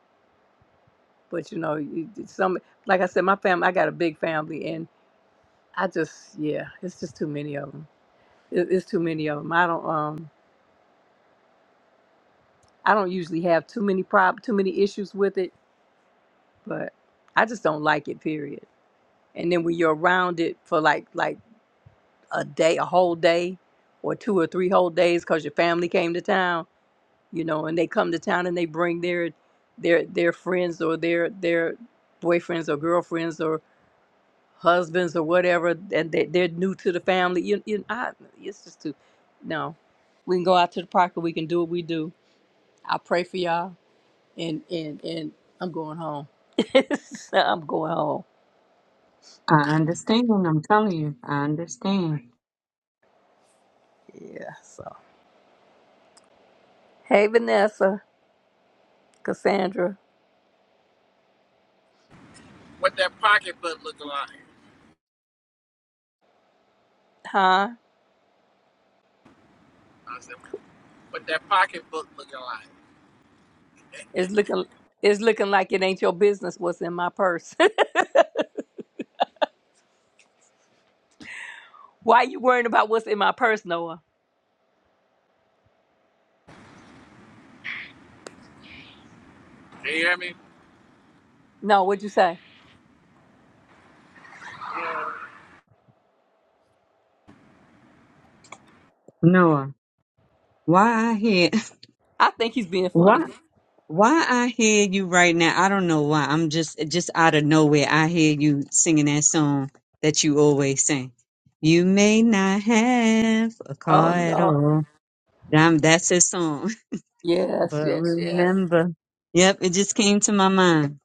S1: but you know, you- some like I said, my family. I got a big family, and I just yeah, it's just too many of 'em. it, it's too many of them. I don't um I don't usually have too many prob too many issues with it, but I just don't like it. Period. And then when you're around it for like like a day, a whole day, or two or three whole days, because your family came to town, you know, and they come to town and they bring their their their friends or their their boyfriends or girlfriends or husbands or whatever, and they, they're new to the family. You you I, it's just too no. We can go out to the park and we can do what we do. I pray for y'all. and and and I'm going home. so I'm going home.
S8: I understand. I'm telling you, I understand.
S1: Yeah. So hey, Vanessa, Cassandra,
S3: what that pocketbook looking like?
S1: huh?
S3: I said, what that pocketbook looking like?
S1: It's looking it's looking like it ain't your business what's in my purse. Why you worrying about what's in my purse, Noah?
S3: Can you hear me?
S1: No, what'd you say?
S8: Noah, why I hit?
S1: I think he's being
S8: here?
S1: funny.
S8: Why I hear you right now, I don't know why. I'm just just out of nowhere. I hear you singing that song that you always sing. You may not have a
S1: Oh
S8: car at
S1: no.
S8: all. Damn, that's his song.
S1: Yes,
S8: But
S1: yes, yes.
S8: remember, yep, it just came to my mind.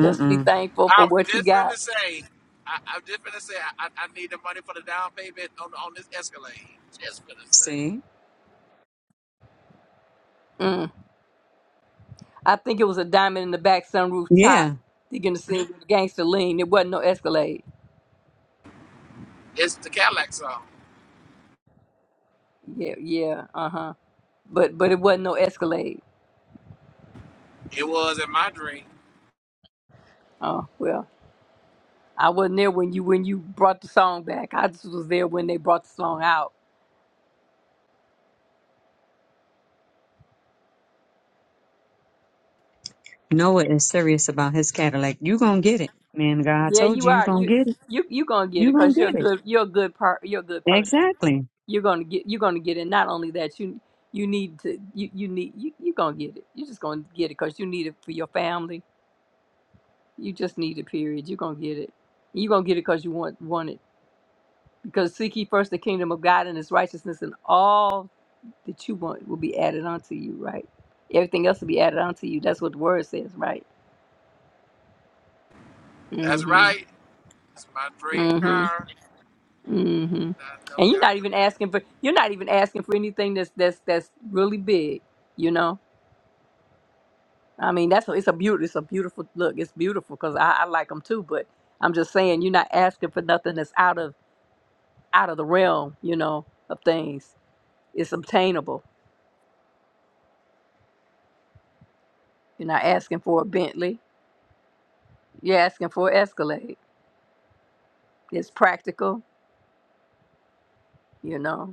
S1: Just be thankful for
S3: I'm
S1: what you
S3: just finna
S1: got.
S3: say, I, I'm just finna say, I, I I need the money for the down payment on on this Escalade. Just finna say,
S8: See,
S1: Mm. I think it was a diamond in the back sunroof top.
S8: yeah,
S1: You're gonna see the gangster lean. It wasn't no Escalade.
S3: it's the Cadillac song.
S1: Yeah, yeah. Uh huh. but but it wasn't no Escalade.
S3: It was in my dream.
S1: Oh well, I wasn't there when you when you brought the song back. I just was there when they brought the song out.
S8: Noah is serious about his Cadillac. You gonna get it, man? God
S1: Yeah,
S8: told
S1: you
S8: you, you
S1: are.
S8: gonna
S1: You
S8: get it.
S1: you you gonna get
S8: You
S1: it
S8: gonna
S1: because you're a
S8: get it.
S1: good. You're a good per. You're a good person.
S8: Exactly.
S1: You're gonna get. You're gonna get it. Not only that, you you need to. You you need. You you gonna get it. You're just gonna get it because you need it for your family. You just need it. Period. You're gonna get it. You're gonna get it because you want want it. Because seek ye first the kingdom of God and His righteousness, and all that you want will be added onto you, right? Everything else will be added onto you. That's what the word says, right?
S3: That's
S1: Mm-hmm.
S3: right. It's my dream
S1: Mm-hmm.
S3: car.
S1: Mm-hmm.
S3: I know
S1: And you're
S3: God.
S1: not even asking for you're not even asking for anything that's that's that's really big, you know. I mean, that's it's a beautiful it's a beautiful look. It's beautiful because I, I like them too. But I'm just saying, you're not asking for nothing that's out of out of the realm, you know, of things. It's obtainable. You're not asking for a Bentley. You're asking for an Escalade. It's practical, you know.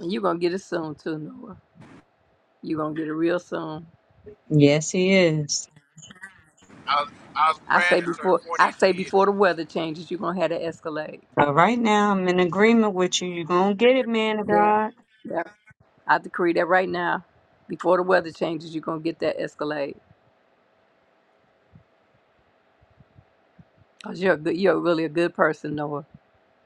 S1: You're gonna get it soon too, Noah. You're gonna get it real soon.
S8: Yes, he is.
S3: I was, I was
S1: I
S3: praying
S1: say
S3: to turn
S1: before
S3: 40
S1: I
S3: in
S1: say
S3: two years.
S1: before the weather changes, you're gonna have to Escalade.
S8: Uh, right now, I'm in agreement with you. You're going to get it, man of
S1: Yeah.
S8: God.
S1: Yeah. I decree that right now. Before the weather changes, you're gonna get that Escalade. Cause you're a good, you're really a good person, Noah.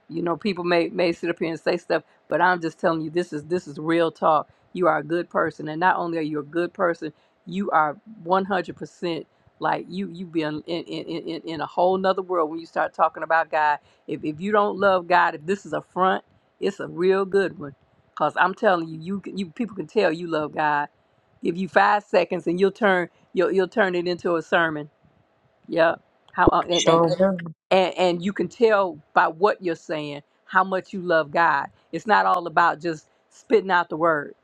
S1: you know people may may sit up here and say stuff but i'm just telling you this is this is real talk you are a good person and not only are you a good person you are 100% like you you be in in, in, in in a whole nother world when you start talking about god if, if you don't love god if this is a front it's a real good one because i'm telling you you can- you people can tell you love god give you five seconds and you'll turn you'll, you'll turn it into a sermon yeah. How uh, and, and
S8: Sure will.
S1: and and you can tell by what you're saying how much you love God. It's not all about just spitting out the word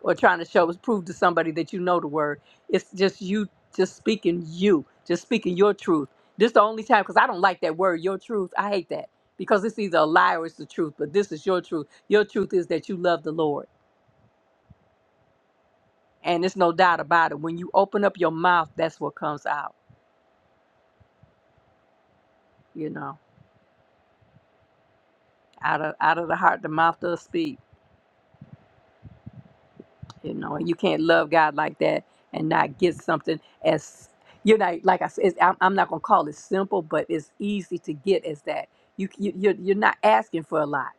S1: or trying to show prove to somebody that you know the word. It's just you just speaking you, just speaking your truth. This the only time because I don't like that word, your truth. I hate that because it's either a lie or it's the truth. But this is your truth. Your truth is that you love the Lord, and it's no doubt about it. When you open up your mouth, that's what comes out. You know, out of out of the heart, the mouth does speak. you know and you can't love god like that and not get something as you know like i said it's- i'm, I'm not going to call it simple but it's easy to get as that you, you you're, you're not asking for a lot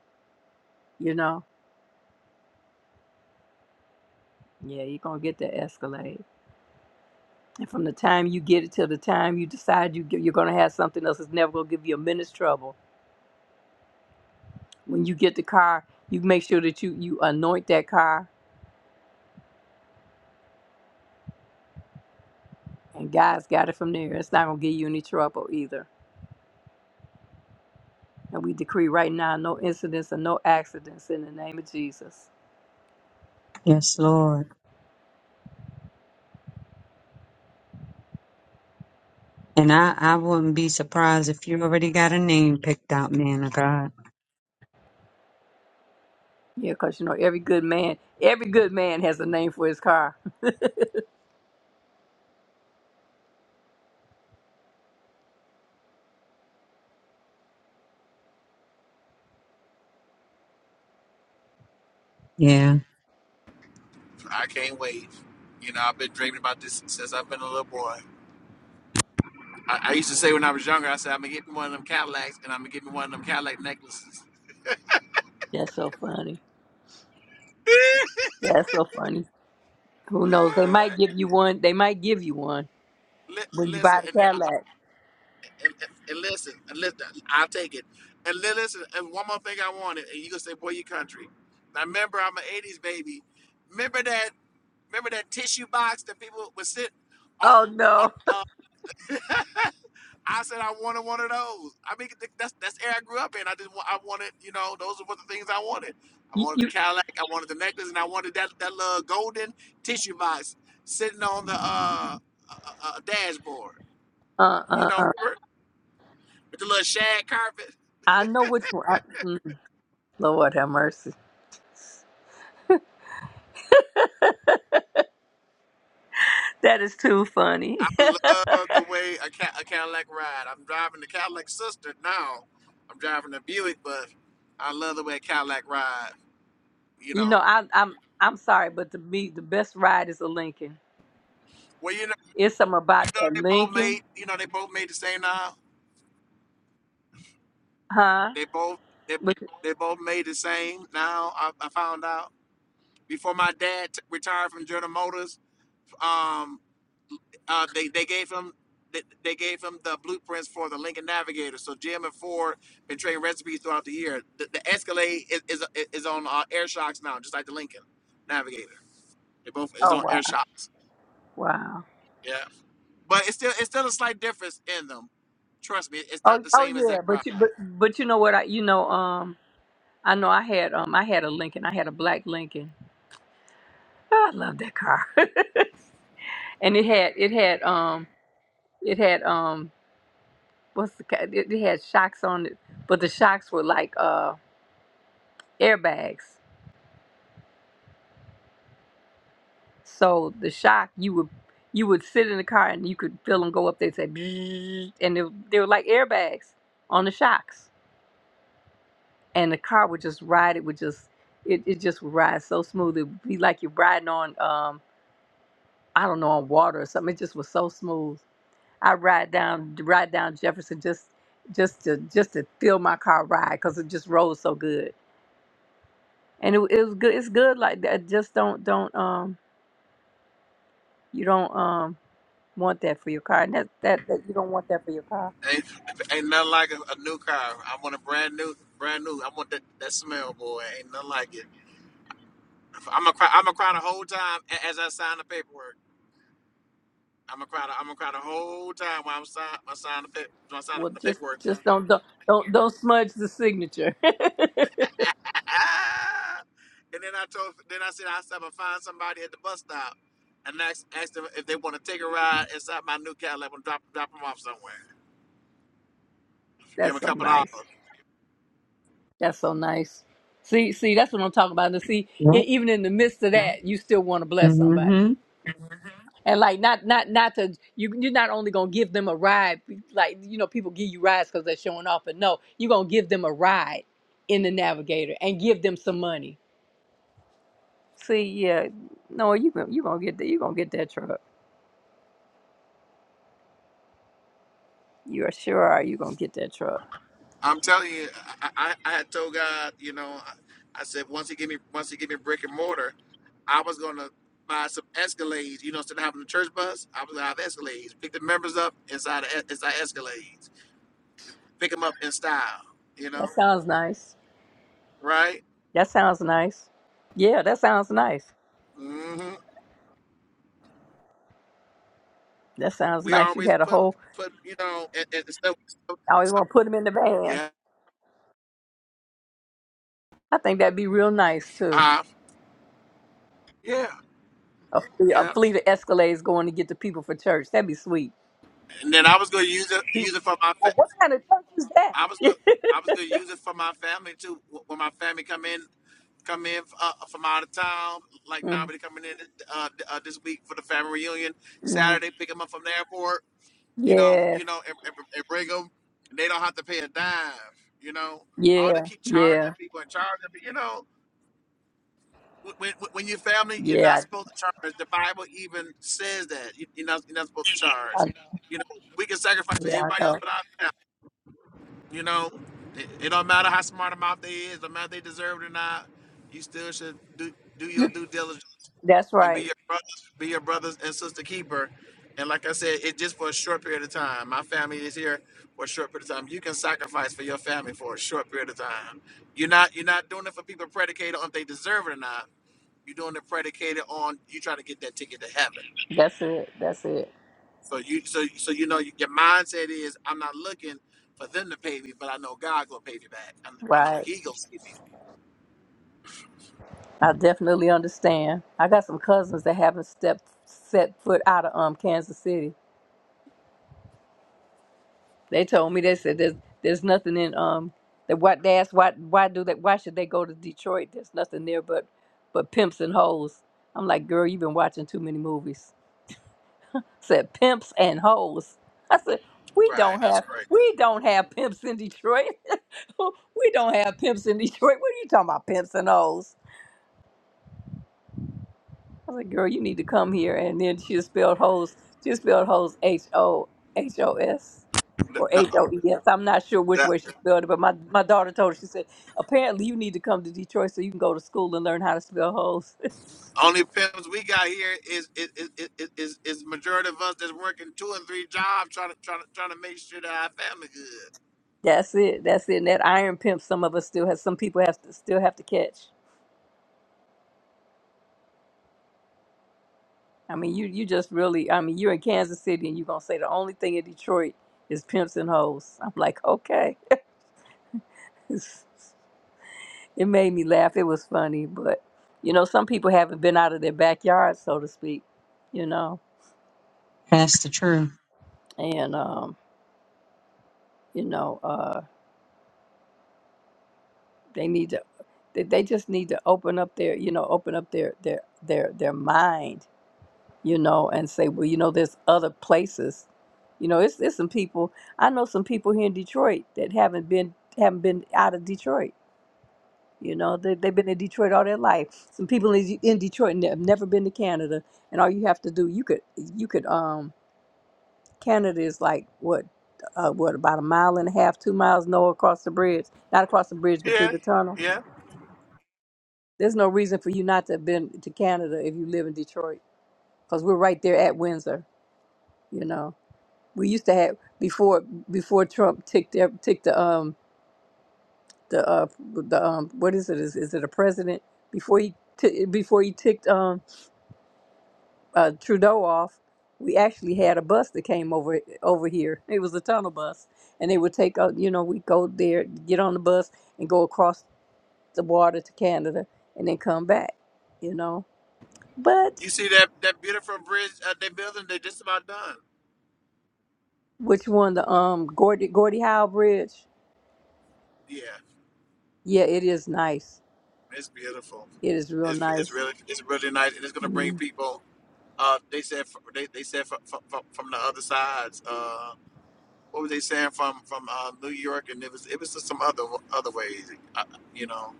S1: you know yeah you're going to get that escalade and from the time you get it till the time you decide you get, you're going to have something else it's never going to give you a minute's trouble when you get the car you make sure that you you anoint that car and god's got it from there it's not going to give you any trouble either and we decree right now no incidents and no accidents in the name of jesus
S8: Yes, Lord. And I, I wouldn't be surprised if you already got a name picked out, man of God.
S1: Yeah, because you know every good man, every good man has a name for his car.
S8: Yeah.
S3: I can't wait. You know, I've been dreaming about this since I've been a little boy. I, I used to say when I was younger, I said, I'm gonna get me one of them Cadillacs and I'm gonna get me one of them Cadillac necklaces.
S1: That's so funny. That's so funny. Who knows? They might give you one. They might give you one
S3: Li-
S1: when you
S3: Listen,
S1: buy the
S3: and then
S1: Cadillac.
S3: and, and listen, and listen, I'll take it. And li- listen, and one more thing I wanted, and you gonna say, boy, your country. Now remember, I'm an '80s baby. Remember that? Remember that tissue box that people would sit on?
S1: Oh
S3: on
S1: no!
S3: uh, I said I wanted one of those. I mean, th- that's that's the air I grew up in. I just wa- I wanted, you know, those were the things I wanted. I
S1: You,
S3: wanted the
S1: you
S3: Cadillac, I wanted the necklace, and I wanted that that little golden tissue box sitting on the uh, uh, uh dashboard.
S1: uh
S3: You
S1: uh
S3: know,
S1: uh.
S3: remember with the little shag carpet.
S1: I know which one. I, mm, Lord have mercy. That is too
S3: I
S1: funny.
S3: love the way a, Ca- a Cadillac ride. I'm driving the Cadillac sister now. I'm driving the Buick, but I love the way a Cadillac ride. You
S1: you
S3: know,
S1: know, I, I'm I'm sorry, but to me, the best ride is a Lincoln.
S3: well, you know,
S1: It's something
S3: you
S1: about
S3: know,
S1: that
S3: they both made,
S1: Lincoln,
S3: you know, they both made the same now.
S1: huh?
S3: They both, they,
S1: But,
S3: they both made the same now. I, I found out before my dad t- retired from General Motors. um, uh, they they gave him they, they gave him the blueprints for the Lincoln Navigator. So Jim and Ford been trading recipes throughout the year. The, the Escalade is is, is on uh, air shocks now, just like the Lincoln Navigator. They both is
S1: oh
S3: on
S1: wow,
S3: air shocks.
S1: wow.
S3: Yeah, but it's still it's still a slight difference in them. Trust me, it's not
S1: Oh
S3: the
S1: oh
S3: same as that
S1: yeah,
S3: ride.
S1: but you but but you know what? I you know um. I know I had um I had a Lincoln. I had a black Lincoln. Oh, I love that car. and it had it had um it had um what's the ca- it, it had shocks on it, but the shocks were like uh airbags. So the shock you would you would sit in the car and you could feel them go up there and say "Bzzz," and they, they were like airbags on the shocks. And the car would just ride. It would just it, it just would ride so smooth. It would be like you're riding on um I don't know on water or something. It just was so smooth I ride down ride down Jefferson just just to just to feel my car ride because it just rolls so good and it, it was good it's good like that just don't don't um you don't um want that for your car and that, that that you don't want that for your car
S3: Ain't, ain't nothing like a, a new car. I want a brand new, brand new. I want that, that smell, boy. Ain't nothing like it. I'm gonna cry. I'm gonna cry the whole time a- as I sign the paperwork. I'm gonna cry. The, I'm gonna cry the whole time while I'm sign, I sign the pa- when I sign
S1: well
S3: the
S1: just
S3: paperwork.
S1: just don't don't don't, don't smudge the signature
S3: and then I told, then I said I said I'm gonna find somebody at the bus stop, and ask, ask them if they want to take a ride inside my new Cadillac and drop drop them off somewhere. Give them
S1: that's
S3: a
S1: so
S3: couple dollars.
S1: nice that's so nice see see that's what I'm talking about and see e-
S8: Yep.
S1: even in the midst of that you still want to bless somebody
S8: Mm-hmm.
S1: and like not not not to you you're not only gonna give them a ride like you know people give you rides because they're showing off but no you're gonna give them a ride in the navigator and give them some money See, yeah, no, you gonna you gonna get that you gonna get that truck. You are sure are you gonna get that truck.
S3: I'm telling you, I, I, I had told God, you know, I, I said once he give me once he give me brick and mortar, I was gonna buy some Escalades. You know, instead of having a church bus, I was gonna have Escalades. Pick the members up inside the, inside Escalades. pick them up in style, you know,
S1: that sounds nice
S3: right?
S1: That sounds nice. Yeah, that sounds nice.
S3: hmm
S1: That sounds
S3: We
S1: nice. You
S3: always
S1: had a
S3: put 'em-
S1: whole.
S3: put you know, and, and stuff, stuff-
S1: I always
S3: stuff-
S1: want to put them in the van.
S3: yeah,
S1: I think that'd be real nice too.
S3: uh, yeah,
S1: A, fle- a
S3: yeah.
S1: fleet of Escalades going to get the people for church. That'd be sweet.
S3: And then I was gonna use it use it for my fa-
S1: Well, what kind of church is that?
S3: I was gonna I was gonna use it for my family too. Wh- When my family come in come in uh, from out of town, like now, they coming in uh, uh, this week for the family reunion
S1: Mm-hmm.
S3: Saturday, pick them up from the airport. you know,
S1: Yes.
S3: you know, and, and, and bring them. And they don't have to pay a dime. You know, all to
S1: Yeah.
S3: keep charging
S1: Yeah.
S3: people and charging. But you know, when when, when your family, you're not
S1: Yeah.
S3: supposed to charge. The Bible even says that you, you're not you're not supposed to
S1: I, I,
S3: charge. You know, we can sacrifice for
S1: yeah. I
S3: everybody else, but
S1: know.
S3: our family. You know, it, it don't matter how smart a mouth they is, no matter if they deserve it or not. You still should do do your due diligence
S1: That's
S3: and be
S1: right.
S3: your brothers, be your brothers and sister keeper. And like I said, it's just for a short period of time. My family is here for a short period of time. You can sacrifice for your family for a short period of time. You're not you're not doing it for people predicated on if they deserve it or not. You're doing it predicated on you trying to get that ticket to heaven.
S1: That's it. That's it.
S3: So you so so you know your mindset is I'm not looking for them to pay me, but I know God gonna pay me back. I, I know
S1: Right.
S3: He gonna see me.
S1: I definitely understand. I got some cousins that haven't stepped set foot out of um Kansas City. They told me they said there's there's nothing in um that what they asked why why do they why should they go to Detroit? There's nothing there but but pimps and hoes. I'm like, girl, you've been watching too many movies. said pimps and hoes. I said, we
S3: Right,
S1: don't
S3: that's
S1: have we don't have pimps in Detroit. we don't have pimps in Detroit. What are you talking about, pimps and hoes? I was like, girl, you need to come here. And then she spelled hoes. She spelled hoes H O H O S or H O E S. I'm not sure which
S3: great.
S1: way she spelled it, but my, my daughter told her, she said, apparently you need to come to Detroit so you can go to school and learn how to spell hoes.
S3: Only pimps we got here is is is is, is, is majority of us that's working two and three jobs trying to trying to trying to make sure that our family good.
S1: That's it. That's it. And that iron pimp some of us still have some people have to still have to catch. I mean, you you just really, I mean, you're in Kansas City and you're gonna say the only thing in Detroit is pimps and hoes. I'm like, okay. it made me laugh. It was funny, but you know, some people haven't been out of their backyard, so to speak. You know,
S8: That's the truth.
S1: and um, you know, uh, they need to. They they just need to open up their, you know, open up their their their their mind you know, and say, well, you know, there's other places. You know, it's it's some people I know some people here in Detroit that haven't been haven't been out of Detroit. You know, they they've been in Detroit all their life. Some people in, in Detroit and have never been to Canada, and all you have to do you could you could um Canada is like what uh, what about a mile and a half, two miles no across the bridge, not across the bridge, but
S3: Yeah,
S1: through the tunnel.
S3: yeah.
S1: There's no reason for you not to have been to Canada if you live in Detroit, because we're right there at Windsor. You know. we used to have before before Trump ticked ev- ticked the um the uh the um what is it is is it a president before he t- before he ticked um uh Trudeau off we actually had a bus that came over over here it was a tunnel bus and they would take out you know we go there get on the bus and go across the water to Canada and then come back you know but
S3: You see that that beautiful bridge uh, they building? They just about done.
S1: which one the um Gordie Gordie Howe Bridge
S3: Yeah,
S1: yeah it is nice
S3: it's beautiful.
S1: it is real
S3: It's it's
S1: nice
S3: really it's really nice, and it's gonna bring
S1: Mhm.
S3: people. Uh, they said f- they they said from from, from from the other sides. Uh, what were they saying from from uh, New York? And it was it was just some other other ways. Uh, you know,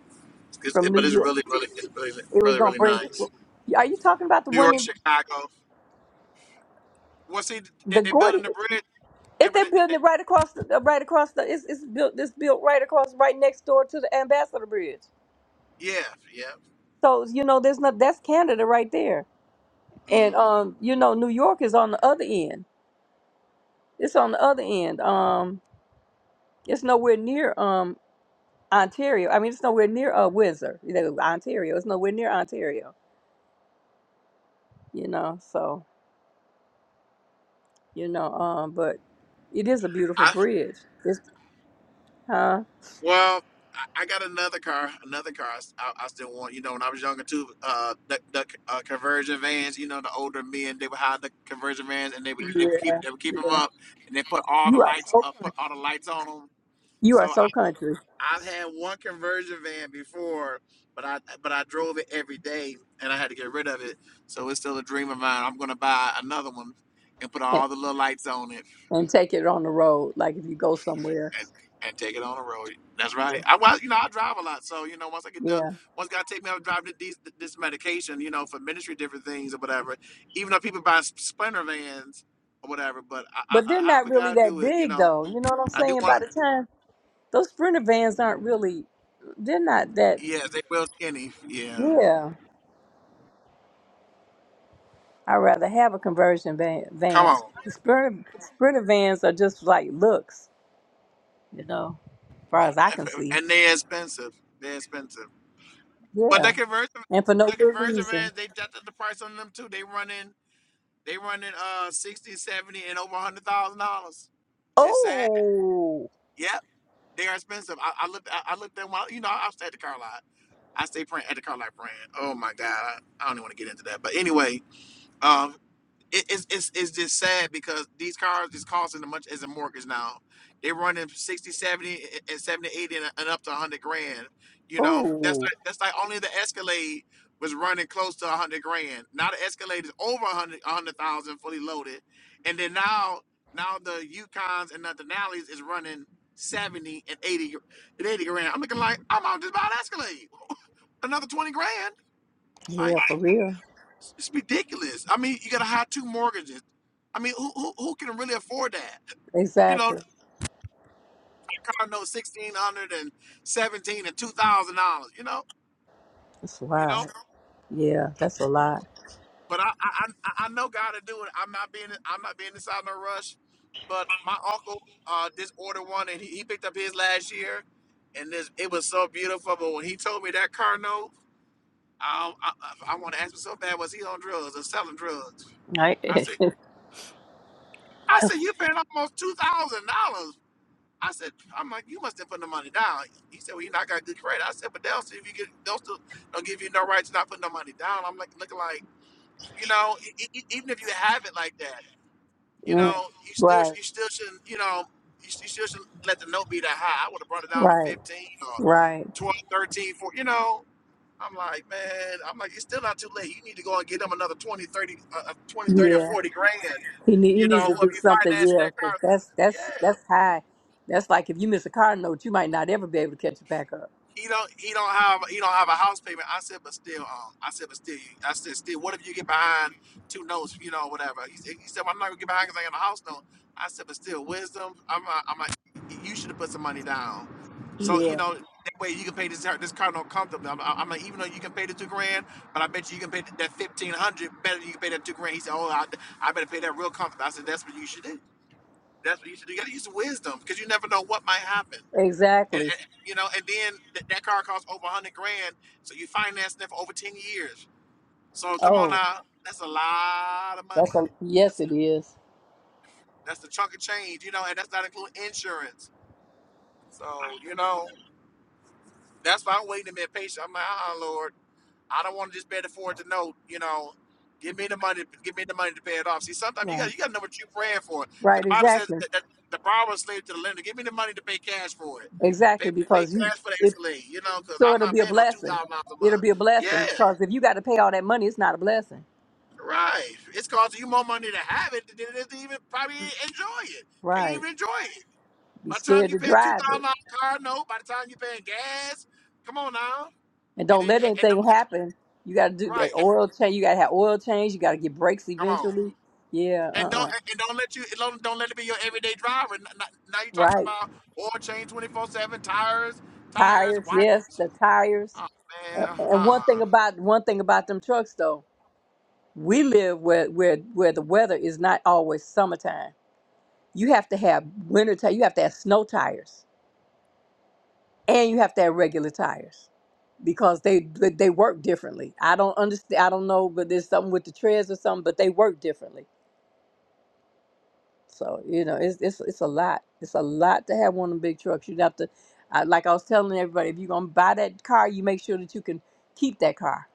S3: it's,
S1: from
S3: but
S1: New
S3: it's
S1: York.
S3: really really it's really
S1: It was
S3: really
S1: gonna
S3: really
S1: bring
S3: nice.
S1: people. Are you talking about the
S3: New
S1: one
S3: York,
S1: in
S3: Chicago. Well, see, they,
S1: the
S3: they're building
S1: Gordy?
S3: the bridge.
S1: Is
S3: Remember
S1: that
S3: that? that- that-
S1: building right across the uh, right across the? It's, it's built. It's built right across, right next door to the Ambassador Bridge.
S3: yeah, yeah.
S1: So you know, there's not. That's Canada right there, and
S3: hmm
S1: um, you know, New York is on the other end. It's on the other end. Um, it's nowhere near um Ontario. I mean, it's nowhere near uh, Windsor. You know, Ontario. It's nowhere near Ontario. You know, so you know, um, but it is a beautiful
S3: I
S1: bridge. It's huh?
S3: well, I, I got another car, another car. I, s- I- I still want. You know, when I was younger too, uh, the, the uh, conversion vans. You know, the older men they would hide the conversion vans, and they would they would keep
S1: Yeah.
S3: they would keep them up, and they put all the
S1: You are
S3: lights
S1: so
S3: up,
S1: country.
S3: put all the lights on them.
S1: You are
S3: So.
S1: so country,
S3: I've had one conversion van before, but I but I drove it every day and I had to get rid of it. So it's still a dream of mine. I'm gonna buy another one and put
S1: and,
S3: all the little lights on it
S1: and take it on the road. Like if you go somewhere,
S3: and, and take it on the road. That's
S1: yeah.
S3: right. I well, you know, I drive a lot, so you know, once I get done,
S1: Yeah.
S3: once God take me out driving this this medication, you know, for ministry, different things or whatever. Even though people buy splinter vans or whatever, but I, I,
S1: But
S3: I
S1: they're not
S3: however
S1: really
S3: God
S1: that
S3: do it, you
S1: big,
S3: know,
S1: though. You know what I'm
S3: I do
S1: saying? By
S3: want.
S1: the time those sprinter vans aren't really, they're not that.
S3: Yes, they real skinny. Yeah,
S1: Yeah, I'd rather have a conversion van.
S3: come
S1: van.
S3: on.
S1: The sprinter sprinter vans are just like looks, you know, as far as I can see.
S3: and they're expensive. They're expensive. But the
S1: Yeah,
S3: conversion,
S1: and for no
S3: the
S1: good
S3: conversion
S1: reason.
S3: vans, they've jacked the price on them too. They running, they running uh 60, 70, and over a hundred thousand dollars. It's sad.
S1: Oh,
S3: Yep, they are expensive. I, I looked, I, I looked them while you know I stay at the car lot. I stay print at the car lot brand. Oh my god, I, I don't even want to get into that. But anyway, um. it, it's it's it's just sad because these cars is costing as much as a mortgage now. They're running 60, 70, and 70, 80, and and up to 100 grand. You know, that's
S1: oh,
S3: like, that's like only the Escalade was running close to 100 grand. Now the Escalade is over 100 a 100,000 fully loaded. And then now now the Yukons and the Denali's is running 70 and 80 and 80 grand. I'm looking like I'm out just buy an Escalade. Another 20 grand.
S1: yeah,
S3: Like
S1: for real.
S3: it's it's ridiculous. I mean, you got to have two mortgages. I mean, who, who who can really afford that? You know, a
S1: Exactly.
S3: car note sixteen hundred and seventeen and two thousand dollars. You know,
S1: It's
S3: you know.
S1: wild. Yeah, that's a lot.
S3: But I I I I know God to do it. I'm not being I'm not being inside no rush. But my uncle uh just ordered one and he, he picked up his last year, and this it was so beautiful. But when he told me that car note, um, I I, I want to ask him so bad. Was he on drugs or selling drugs?
S1: Right?
S3: I said I said you're paying almost two thousand dollars I said, I'm like, you must have put no money down. He said, well, you know, I got good credit. I said, but they'll see if you get, they'll still don't give you no right to not put no money down. I'm like, looking like, you know, e- e- e, even if you have it like that, you
S1: Mm.
S3: know, you still,
S1: right,
S3: you still shouldn't, you know, you, you still shouldn't let the note be that high. I would have brought it down to
S1: right,
S3: 15 or
S1: right.
S3: 12, thirteen, fourteen, you know. I'm like, man, I'm like, it's still not too late. You need to go and get them another 20, thirty, uh, uh, 20, thirty, or
S1: Yeah,
S3: 40 grand,
S1: he need, he
S3: you
S1: needs
S3: know,
S1: to
S3: whoever
S1: do
S3: you're
S1: something.
S3: financing
S1: Yeah,
S3: that car
S1: 'cause
S3: through.
S1: that's that's
S3: Yeah.
S1: that's high. That's like if you miss a car note, you might not ever be able to catch it back up.
S3: he don't he don't have he don't have a house payment. I said, but still, um, I said, but still, I said, still, what if you get behind two notes, you know, whatever? He, said- he said, well, I'm not gonna get behind because I ain't got a house note. I said, but still, wisdom. I'm like, I'm like, you should have put some money down, so you
S1: Yeah,
S3: know that way you can pay this this car note comfortably. I'm, I'm like, even though you can pay the two grand, but I bet you you can pay that fifteen hundred better. than You can pay that two grand. He said, oh, I, I better pay that real comfortable. I said, that's what you should do. That's what you should do. You gotta use wisdom because you never know what might happen. And,
S1: exactly.
S3: and you know, and then th- that car costs over a hundred grand, so you finance that for over ten years. So come on
S1: Oh,
S3: now, that's a lot of
S1: that's
S3: money.
S1: a yes,
S3: That's,
S1: it is.
S3: that's the chunk of change, you know, and that's not including insurance. So you know, that's why I'm waiting to be patient. I'm like, ah, Lord. I don't want to just be able to afford to know, you know, give me the money, give me the money to pay it off. See, sometimes you got
S1: Right,
S3: you got to know what you're praying for, because
S1: right,
S3: the Bible says
S1: exactly,
S3: that, that the borrower is slave to the lender. Give me the money to pay cash for it.
S1: exactly.
S3: Pay pay
S1: Because you
S3: cash for the
S1: it
S3: Escalade, you know, because
S1: so
S3: I'm
S1: it'll
S3: not
S1: be a
S3: paying no two
S1: blessing.
S3: thousand dollars a
S1: It'll
S3: month.
S1: be a
S3: Yeah,
S1: blessing because if you got to pay all that money, it's not a blessing.
S3: right. It's costing you more money to have it than it is to even probably enjoy it. Can't
S1: Right.
S3: even enjoy it.
S1: Be
S3: By the time
S1: scared
S3: you
S1: to
S3: pay a two
S1: drive it.
S3: thousand dollar car note, by the time you paying gas, come on now,
S1: And
S3: and
S1: don't
S3: it,
S1: let
S3: and, and
S1: anything happen. You got to do that
S3: right, and,
S1: oil change. You got to have oil change. You got to get brakes
S3: come on.
S1: eventually. Yeah, uh
S3: and don't
S1: uh
S3: and and don't let you don't, don't let it be your everyday driver. N- n- Now you're talking
S1: Right.
S3: about oil change twenty four seven tires, tires,
S1: Tires.
S3: white.
S1: Yes, the tires.
S3: Oh
S1: And,
S3: man,
S1: and one thing
S3: uh-uh.
S1: about one thing about them trucks though, we live where where where the weather is not always summertime. You have to have winter tires. You have to have snow tires, and you have to have regular tires because they they they work differently. I don't understand. I don't know, but there's something with the treads or something, but they work differently. So you know, it's it's it's a lot. It's a lot to have one of them big trucks. You'd have to, I, like I was telling everybody, if you're gonna buy that car, you make sure that you can keep that car.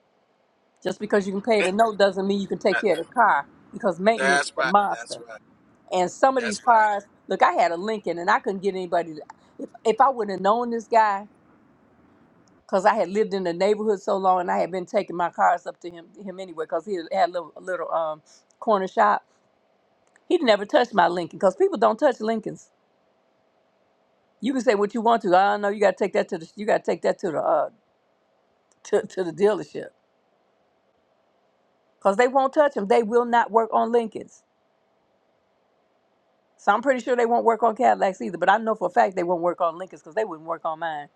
S1: Just because you can pay the note doesn't mean you can take care of the car because maintenance
S3: That's
S1: is a
S3: right. That's
S1: monster.
S3: right.
S1: And some of these
S3: That's right.
S1: cars, look, I had a Lincoln and I couldn't get anybody. To, if if I would have known this guy, because I had lived in the neighborhood so long and I had been taking my cars up to him him anyway, because he had a little, a little um corner shop. He'd never touched my Lincoln because people don't touch Lincolns. You can say what you want to. I don't know. You got to take that to the. You got to take that to the uh to, to the dealership because they won't touch them. They will not work on Lincolns. So I'm pretty sure they won't work on Cadillacs either. But I know for a fact they won't work on Lincolns because they wouldn't work on mine.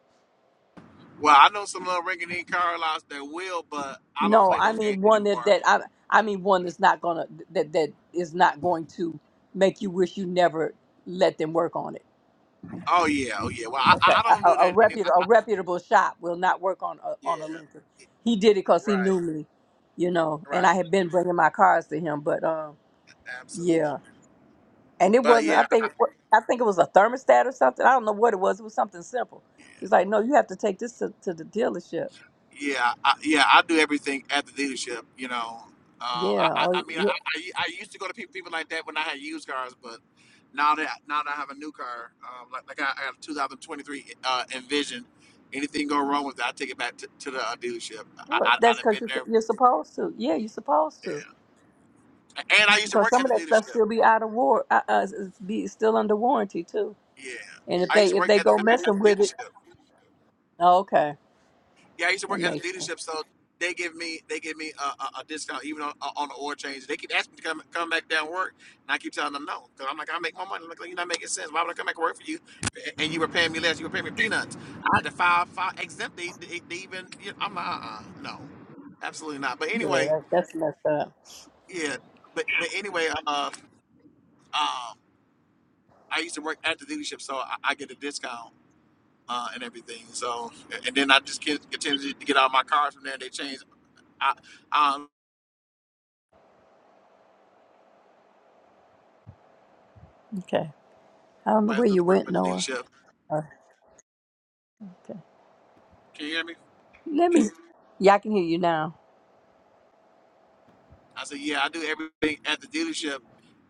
S3: Well, I know some little rinky-dink car lots that will, but I don't
S1: No,
S3: play
S1: I
S3: those games
S1: mean one that
S3: anymore.
S1: that I I mean one that's not gonna that that is not going to make you wish you never let them work on it.
S3: Oh yeah, oh yeah. Well, I
S1: Okay,
S3: I I don't
S1: a, a,
S3: do
S1: a
S3: that anymore.
S1: reputable a reputable shop will not work on a,
S3: Yeah,
S1: on a Lincoln.
S3: yeah,
S1: He did it because he
S3: right,
S1: knew me, you know, and I
S3: right,
S1: had been bringing my cars to him, but um.
S3: absolutely.
S1: Yeah, and it
S3: But
S1: wasn't. I
S3: yeah.
S1: think what- I think it was a thermostat or something. I don't know what it was. It was something simple. He's like, no, you have to take this to, to the dealership.
S3: Yeah, I, yeah, I do everything at the dealership. You know, uh, I,
S1: Yeah,
S3: I, I
S1: oh,
S3: mean,
S1: yeah.
S3: I, I, I used to go to people, people like that when I had used cars, but now that now that I have a new car, um, like, like I, I have a 2023 uh, Envision. Anything go wrong with that, I take it back to, to the uh, dealership. I,
S1: Well,
S3: I, I
S1: that's
S3: done
S1: because
S3: been
S1: you're,
S3: there,
S1: you're supposed to. Yeah, you're supposed to.
S3: yeah. and I used to
S1: Because
S3: work
S1: some
S3: at
S1: of
S3: the
S1: that stuff
S3: dealership.
S1: still be out of war, uh, uh, is- is be still under warranty too.
S3: Yeah,
S1: And if
S3: I used
S1: they
S3: to
S1: if
S3: work
S1: they
S3: at the,
S1: go
S3: at at
S1: messing
S3: the
S1: with it,
S3: dealership.
S1: oh, okay,
S3: Yeah, I used to
S1: that
S3: work at
S1: makes
S3: the
S1: sense.
S3: dealership, so they give me they give me a, a, a discount even on uh, on the oil change. They keep asking me to come come back down and work, and I keep telling them no because I'm like I make my money. Like "Well, you're not making sense. Why would I come back and work for you? And you were paying me less. You were paying me peanuts. I had to file file exempt. They, they, they even you know, I'm like uh, uh no, absolutely not. But
S1: Yeah,
S3: anyway,
S1: that, that's messed up.
S3: yeah. But but anyway, uh, um, I used to work at the dealership, so I, I get a discount. Uh, and everything. So, and then I just get, continue to get out of my cars from there. They change I, um,
S1: Okay, I don't know
S3: My
S1: where
S3: else does
S1: you
S3: the work
S1: went,
S3: at the
S1: Noah.
S3: dealership.
S1: Uh, okay,
S3: Can you hear me?
S1: let me. Yeah, I can hear you now.
S3: I said, yeah, I do everything at the dealership,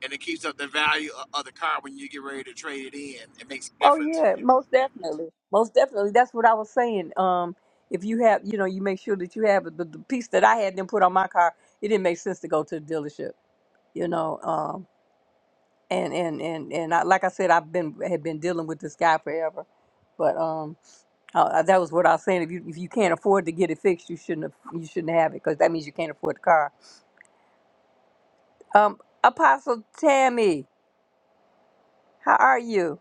S3: and it keeps up the value of, of the car when you get ready to trade it in. It makes a
S1: Oh
S3: difference.
S1: yeah, most definitely, most definitely. That's what I was saying. Um, if you have, you know, you make sure that you have it. But the piece that I had them put on my car, it didn't make sense to go to the dealership, you know. Um, and and and and I, like I said, I've been had been dealing with this guy forever, but um, uh, uh, that was what I was saying. If you if you can't afford to get it fixed, you shouldn't have, you shouldn't have it because that means you can't afford the car. Um, Apostle Tammy, how are you?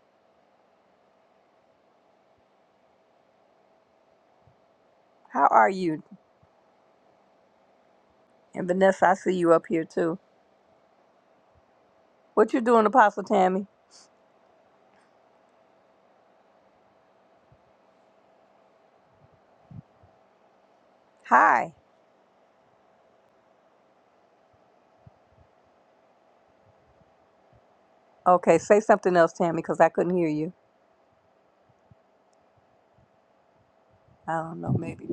S1: How are you? And Vanessa, I see you up here too. What you doing, Apostle Tammy? Hi. Okay, say something else, Tammy, because I couldn't hear you. I don't know, maybe.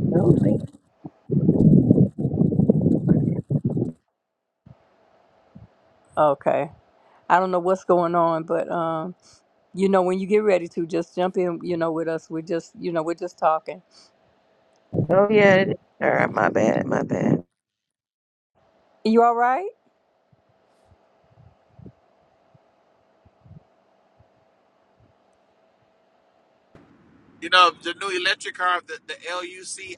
S5: I Don't think.
S1: Okay. I don't know what's going on, but um, you know, when you get ready to, just jump in. You know, with us, we're just, you know, we're just talking.
S5: Oh yeah, it is her. My bad. My bad.
S1: You all right?
S3: You know, the new electric car, the, the LUC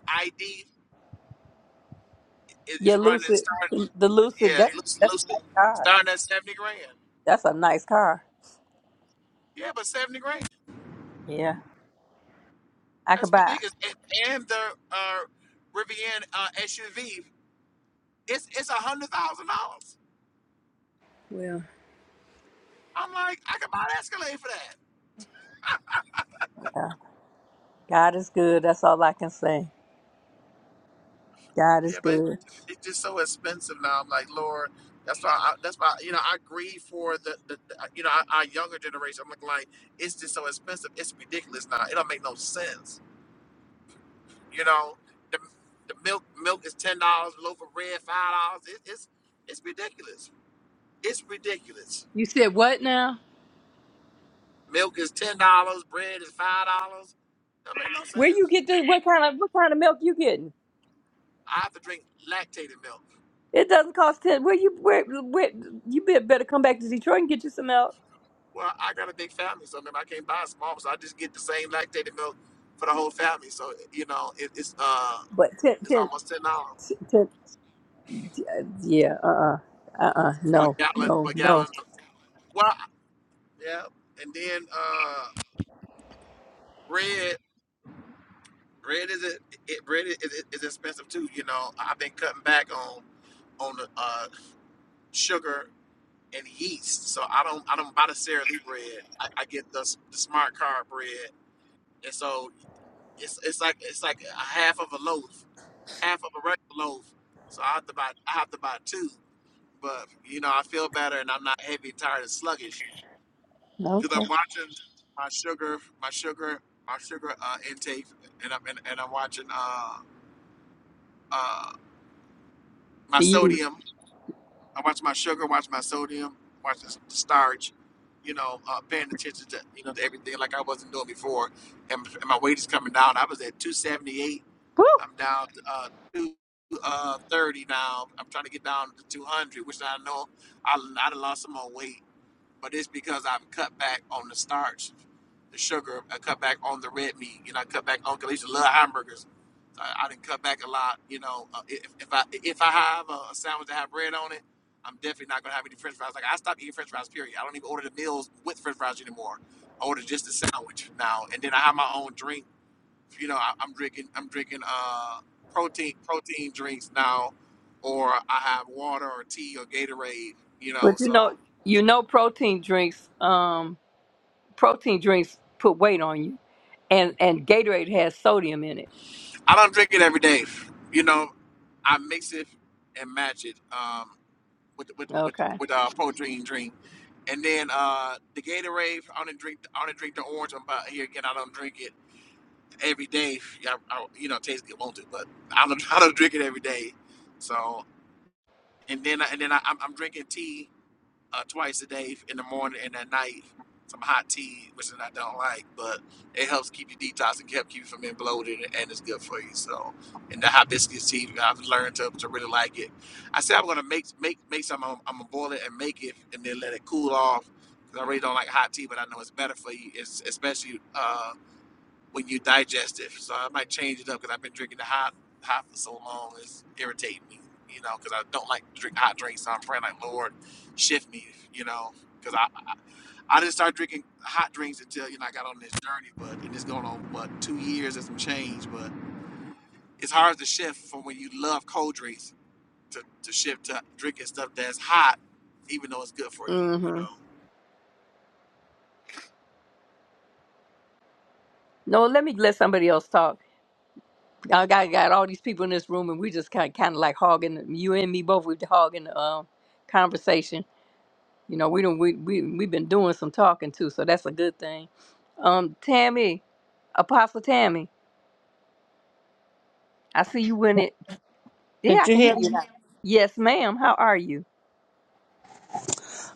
S3: is,
S1: Yeah,
S3: is running
S1: Lucid.
S3: starting,
S1: The Lucid.
S3: yeah,
S1: That's
S3: loose,
S1: that's a
S3: loosely,
S1: nice car.
S3: starting at 70 grand.
S1: That's a nice car.
S3: Yeah, but 70 grand,
S1: Yeah, I could
S3: that's
S1: buy. it.
S3: ridiculous. And, and the uh, Rivian uh, SUV, it's, it's $100,000.
S1: Well,
S3: I'm like, I could buy an Escalade for that.
S1: yeah. God is good. That's all I can say. God is
S3: Yeah, but it-
S1: good.
S3: it's just so expensive now. I'm like, Lord, that's why. I, that's why you know I grieve for the, the, the uh, you know our, our younger generation. I'm like, like it's just so expensive. It's ridiculous now. It don't make no sense. You know, the the milk milk is ten dollars. Loaf of bread five dollars. It, it's it's ridiculous. It's ridiculous.
S1: You said what now?
S3: Milk is ten dollars. Bread is five dollars. That make no
S1: Where you
S3: sense.
S1: get this? What kind of what kind of milk you getting?
S3: I have to drink lactated milk.
S1: It doesn't cost ten. Where you where where you be- better come back to Detroit and get you some out.
S3: Well, I got a big family, so remember I can't buy a small, one, so I just get the same lactated milk for the whole family. So you know, it, it's uh,
S1: But ten
S3: it's
S1: ten
S3: almost ten dollars
S1: ten. ten uh, yeah. Uh. Uh-uh, uh. uh, uh
S3: for a
S1: No.
S3: gallon
S1: No.
S3: for a
S1: No.
S3: gallon. Of, well, yeah, and then uh, bread, bread is it, it bread is, is, is expensive too. You know, I've been cutting back on on the uh, sugar and yeast, so I don't I don't buy the Sara Lee bread. I, I get the, the smart card bread, and so it's it's like it's like a half of a loaf. half of a regular loaf, so I have to buy I have to buy two. But you know, I feel better and I'm not heavy, tired, and sluggish
S1: no.
S3: because
S1: Okay.
S3: I'm watching my sugar, my sugar, my sugar uh, intake, and I'm and, and I'm watching uh, uh, my
S1: You.
S3: sodium. I watch my sugar, watch my sodium, watch the s- the starch. You know, uh, paying attention to you know to everything like I wasn't doing before, and, and my weight is coming down. I was at 278
S1: Woo!
S3: I'm down to uh, two uh, thirty now. I'm trying to get down to two hundred, which I know I I done lost some more weight, but it's because I've cut back on the starch, the sugar. I cut back on the red meat. You know, I cut back on 'cause I used to love hamburgers. I, I didn't cut back a lot. You know, uh, if, if I if I have a, a sandwich that have bread on it. I'm definitely not gonna have any French fries. Like I stopped eating French fries. Period. I don't even order the meals with French fries anymore. I order just the sandwich now, and then I have my own drink you know, I, I'm drinking I'm drinking uh protein protein drinks now, or I have water or tea or Gatorade. You know,
S1: But you
S3: so
S1: know you know protein drinks. Um. Protein drinks put weight on you, and and Gatorade has sodium in it.
S3: I don't drink it every day. You know, I mix it and match it um with with with
S1: Okay.
S3: with a uh, protein drink, and then uh the Gatorade. I don't drink I don't drink the orange. I'm about here again. I don't drink it every day. Yeah, I, I, you know, taste good, won't it? But I don't I don't drink it every day. So and then I- and then I, I'm, I'm drinking tea uh, twice a day in the morning and at night. Some hot tea, which I don't like, but it helps keep you detox and help keep you from being bloated, and it's good for you. So, and the hibiscus tea, I've learned to, to really like it. I said I'm gonna make make make some. I'm, I'm gonna boil it and make it, and then let it cool off. 'cause I really don't like hot tea, but I know it's better for you. It's especially uh, when you digest it. So I might change it up because I've been drinking the hot hot for so long. It's irritating me, you know, because I don't like to drink hot drinks. So I'm praying like, Lord, shift me, you know, because I I didn't start drinking hot drinks until you know I got on this journey. But and it's going on what two years and some change. But it's hard to shift from when you love cold drinks to to shift to drinking stuff that's hot, even though it's good for you, you
S1: Mm-hmm.
S3: know.
S1: No, let me let somebody else talk. I got got all these people in this room, and we just kind kind of like hogging. You and me both. We're hogging the um, conversation. You know, we don't we we we've been doing some talking too, so that's a good thing. Um, Tammy, Apostle Tammy, I see you in it. Yeah,
S10: Did
S1: I
S10: you
S1: can
S10: hear?
S1: hear
S10: me?
S1: you. now. Yes, ma'am. How are you?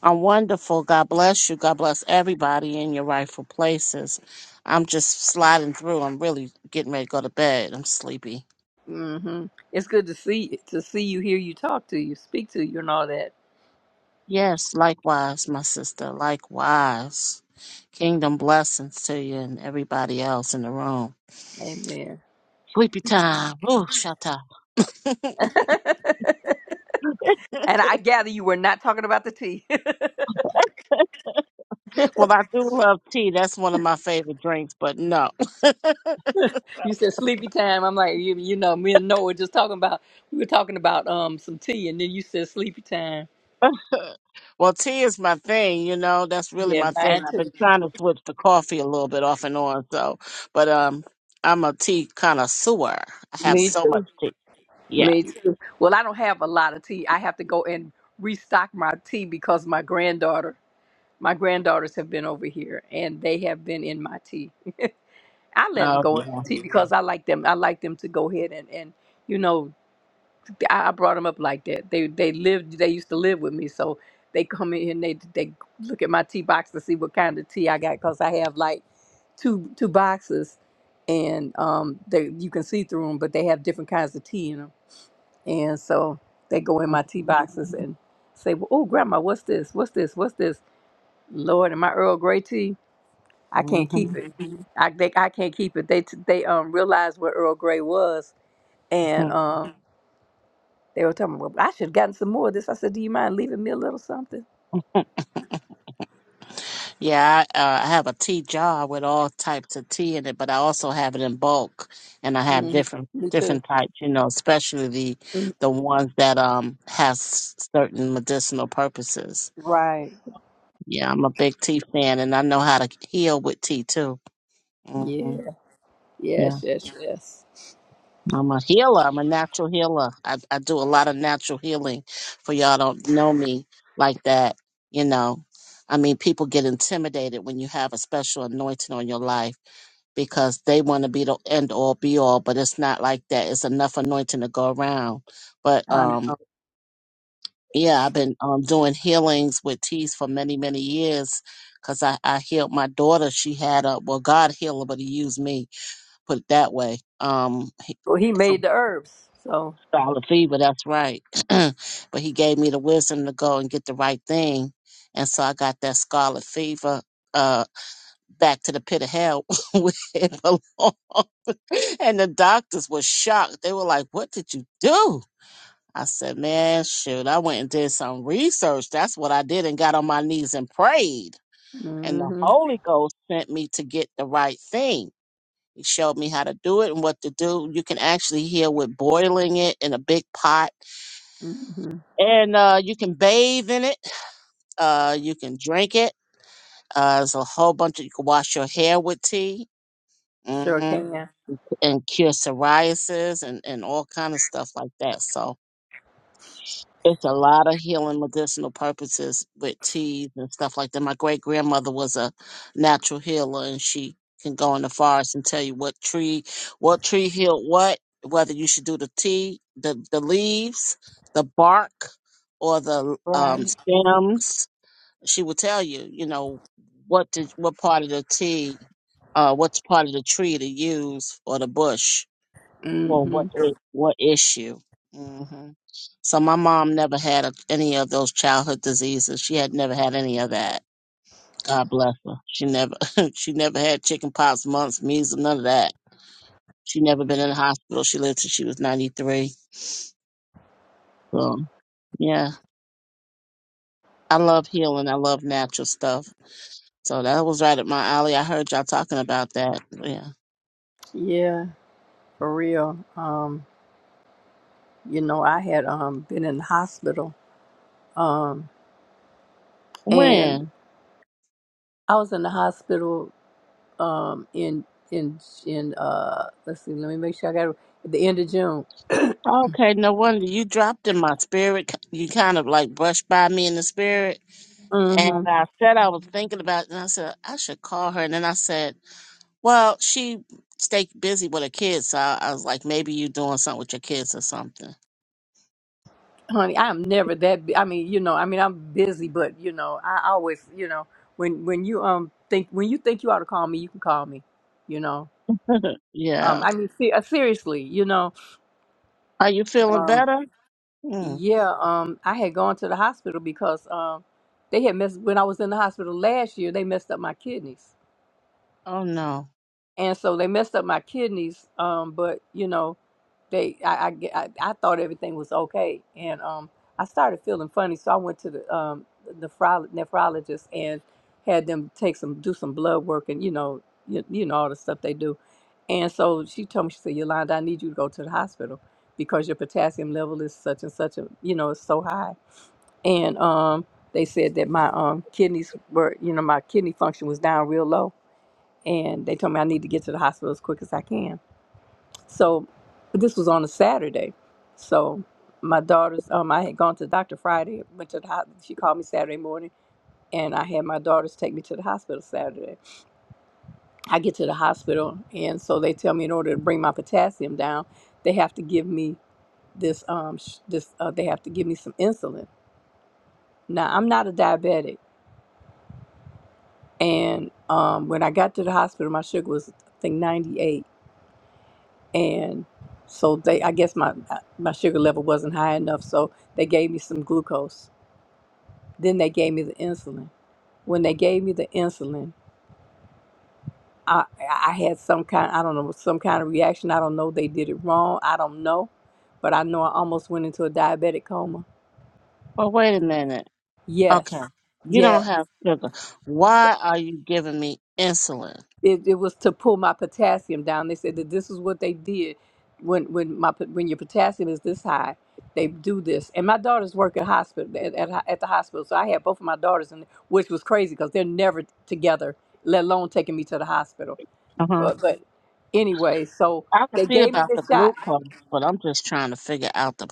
S10: I'm wonderful. God bless you. God bless everybody in your rightful places. I'm just sliding through. I'm really getting ready to go to bed. I'm sleepy.
S1: Mm-hmm. It's good to see to see you, hear you, talk to you, speak to you, and all that.
S10: Yes, likewise, my sister. Likewise. Kingdom blessings to you and everybody else in the room.
S1: Amen.
S10: Sleepy time. Ooh, shut up.
S1: and I gather you were not talking about the tea.
S10: well, I do love tea. That's one of my favorite drinks, but no.
S1: you said sleepy time. I'm like, you, you know, me and Noah were just talking about we were talking about um some tea, and then you said sleepy time.
S10: Well, tea is my thing, you know. That's really
S1: Yeah,
S10: my thing.
S1: mine
S10: I've
S1: too.
S10: been trying to switch to coffee a little bit off and on, so but um I'm a tea connoisseur. I have
S1: Me
S10: so
S1: too.
S10: much tea. Yeah.
S1: Me too. Well, I don't have a lot of tea. I have to go and restock my tea because my granddaughter, my granddaughters have been over here and they have been in my tea. I let them
S10: Oh
S1: go in
S10: yeah.
S1: my tea because I like them. I like them to go ahead and and you know, I, I brought them up like that. They they lived. They used to live with me, so they come in here and they they look at my tea box to see what kind of tea I got because I have like two two boxes and um they you can see through them, but they have different kinds of tea in 'em. And so they go in my tea boxes and say, well, Oh, grandma, what's this? What's this? What's this? Lord, and my Earl Grey tea, I can't
S10: hmm
S1: keep it. Mhm. I they, I can't keep it. They t- they um realized what Earl Grey was, and um they were telling me, well, I should have gotten some more of this. I said, Do you mind leaving me a little something?
S10: Yeah, I, uh, I have a tea jar with all types of tea in it, but I also have it in bulk, and I have
S1: hmm
S10: different
S1: Me too.
S10: different types, you know, especially the
S1: Mhm.
S10: the ones that um has certain medicinal purposes.
S1: Right.
S10: Yeah, I'm a big tea fan, and I know how to heal with tea too. hmm
S1: Yeah.
S10: Yeah,
S1: Yes. Yes. Yes.
S10: I'm a healer. I'm a natural healer. I, I do a lot of natural healing. For y'all don't know me like that, you know. I mean, people get intimidated when you have a special anointing on your life because they want to be the end all be all, but it's not like that. It's enough anointing to go around. But
S1: I
S10: um,
S1: know.
S10: Yeah, I've been um, doing healings with teas for many, many years because I, I healed my daughter. She had a, well, God healed her, but he used me, put it that way, um, he,
S1: Well, he made
S10: from
S1: the herbs, so.
S10: scarlet fever. That's right. but he gave me the wisdom to go and get the right thing. And so I got that scarlet fever uh, back to the pit of hell where it belonged. And the doctors were shocked. They were like, what did you do? I said, man, shoot, I went and did some research. That's what I did and got on my knees and prayed. And the
S1: hmm
S10: Holy Ghost sent me to get the right thing. He showed me how to do it and what to do. You can actually heal with boiling it in a big pot
S1: hmm
S10: and uh, you can bathe in it. Uh, you can drink it. Uh, there's a whole bunch of, you can wash your hair with tea
S1: Sure
S10: hmm
S1: can.
S10: and cure psoriasis and, and all kind of stuff like that. So It's a lot of healing medicinal purposes with teas and stuff like that. My great grandmother was a natural healer and she can go in the forest and tell you what tree what tree healed what, whether you should do the tea, the, the leaves, the bark, or the um,
S1: Right.
S10: stems. She will tell you, you know, what did what part of the tea, uh, what part of the tree to use or the bush for what i- what issue. Mm-hmm. So my mom never had a, any of those childhood diseases. She had never had any of that. God bless her. She never she never had chicken pox, mumps, measles, none of that. She never been in the hospital. She lived till she was 93. So yeah, I love healing. I love natural stuff. So that was right at my alley. I heard y'all talking about that. Yeah.
S1: Yeah, for real. Um, you know, I had um been in the hospital. Um, and
S10: When?
S1: I was in the hospital um in in in uh let's see, let me make sure I got it at the end of June.
S10: Okay, no wonder you dropped in my spirit. You kind of like brushed by me in the spirit.
S1: Mm-hmm.
S10: And I said I was thinking about it, and I said, I should call her. And then I said, Well, she stayed busy with her kids, so I, I was like, maybe you doing something with your kids or something.
S1: Honey, I'm never that. Bu- I mean, you know, I mean, I'm busy, but you know, I always, you know, when when you um think when you think you ought to call me, you can call me. You know,
S10: yeah.
S1: um, I mean, se- uh, seriously, you know,
S10: Are you feeling
S1: um,
S10: better? Hmm.
S1: Yeah, um, I had gone to the hospital because um, they had messed when I was in the hospital last year. They messed up my kidneys,
S10: Oh no.
S1: and so they messed up my kidneys. Um, but you know, they I, I ge- I- I thought everything was okay, and um, I started feeling funny, so I went to the um nephrolo- nephrologist and had them take some do some blood work and you know you, you know all the stuff they do, and so she told me she said Yolanda, I need you to go to the hospital because your potassium level is such and such a you know it's so high and um, they said that my um, kidneys were, you know, my kidney function was down real low, and they told me I need to get to the hospital as quick as I can. So, but this was on a Saturday, so my daughter's, um, I had gone to the doctor Friday, went to the hospital. She called me Saturday morning, and I had my daughters take me to the hospital Saturday. I get to the hospital, and so they tell me in order to bring my potassium down, they have to give me this, um, sh- this, uh, they have to give me some insulin. Now I'm not a diabetic And um, when I got to the hospital, my sugar was I think 98, and so they I guess my uh, my sugar level wasn't high enough, so they gave me some glucose. Then they gave me the insulin. When they gave me the insulin, I I had some kind I don't know some kind of reaction. I don't know they did it wrong. I don't know, but I know I almost went into a diabetic coma.
S10: Well, wait a minute.
S1: Yes,
S10: Okay. You don't
S1: yeah.
S10: have sugar. Why are you giving me insulin?
S1: it, it was to pull my potassium down. They said that this is what they did when when my when your potassium is this high, they do this. And my daughters work at hospital at, at, at the hospital, so I had both of my daughters, in, which was crazy because they're never together, let alone taking me to the hospital.
S10: Uh huh.
S1: But, but anyway, so
S10: I can
S1: they
S10: see
S1: gave me
S10: about
S1: the
S10: the
S1: shot.
S10: glucose, but I'm just trying to figure out the.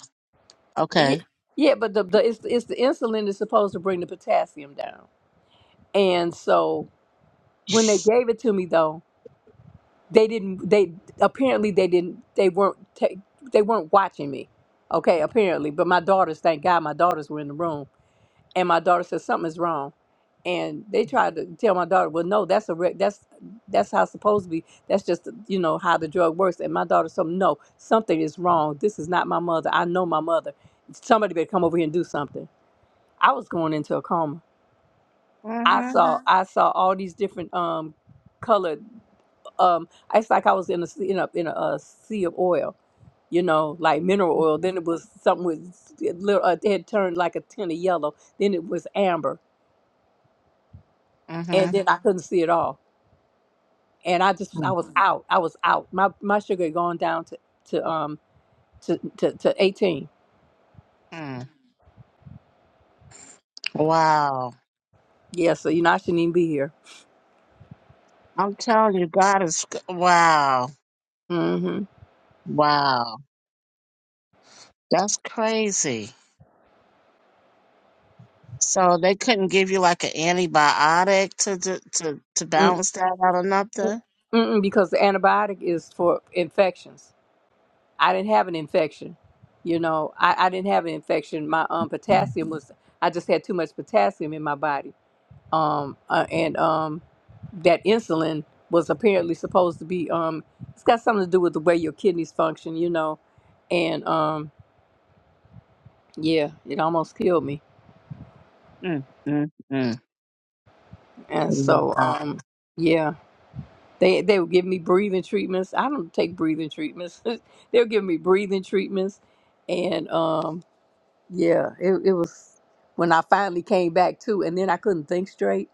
S1: Yeah,
S10: Okay.
S1: yeah but the, the it's, it's the insulin that's supposed to bring the potassium down. And so when they gave it to me though, they didn't they apparently they didn't they weren't ta they weren't watching me okay apparently but my daughters thank god my daughters were in the room and my daughter said something's wrong and they tried to tell my daughter well no that's a re- that's that's how it's supposed to be that's just you know how the drug works and my daughter said no something is wrong this is not my mother i know my mother somebody better come over here and do something i was going into a coma i
S10: Mhm.
S1: saw Mhm. i saw all these different um colored um it's like i was in a sea- in a, in a, uh sea of oil you know like mineral oil then it was something with it lit- uh, it had turned like a tint of yellow then it was amber and
S10: Mhm.
S1: then i could couldn't see it all and i just i
S10: Mm.
S1: was Mm. out i was out my my sugar had gone down to to um to to, to 18
S10: Mm. Wow.
S1: yeah so you know i shouldn't even be here
S10: I'm telling you, God is. Wow.
S1: mm-hmm.
S10: Wow. That's crazy. So they couldn't give you like an antibiotic to to to, to
S1: Mm,
S10: balance that out or nothing.
S1: Mm-mm, because the antibiotic is for infections I didn't have an infection. You know, I, I didn't have an infection. My um potassium was I just had too much potassium in my body. Um uh, and um that insulin was apparently supposed to be um it's got something to do with the way your kidneys function, you know. And um yeah, it almost killed me.
S10: Mm, mm, mm.
S1: And
S10: Wow.
S1: so um yeah, they they would give me breathing treatments. I don't take breathing treatments. they were giving me breathing treatments and um Yeah, it, it was when I finally came back too, and then I couldn't think straight.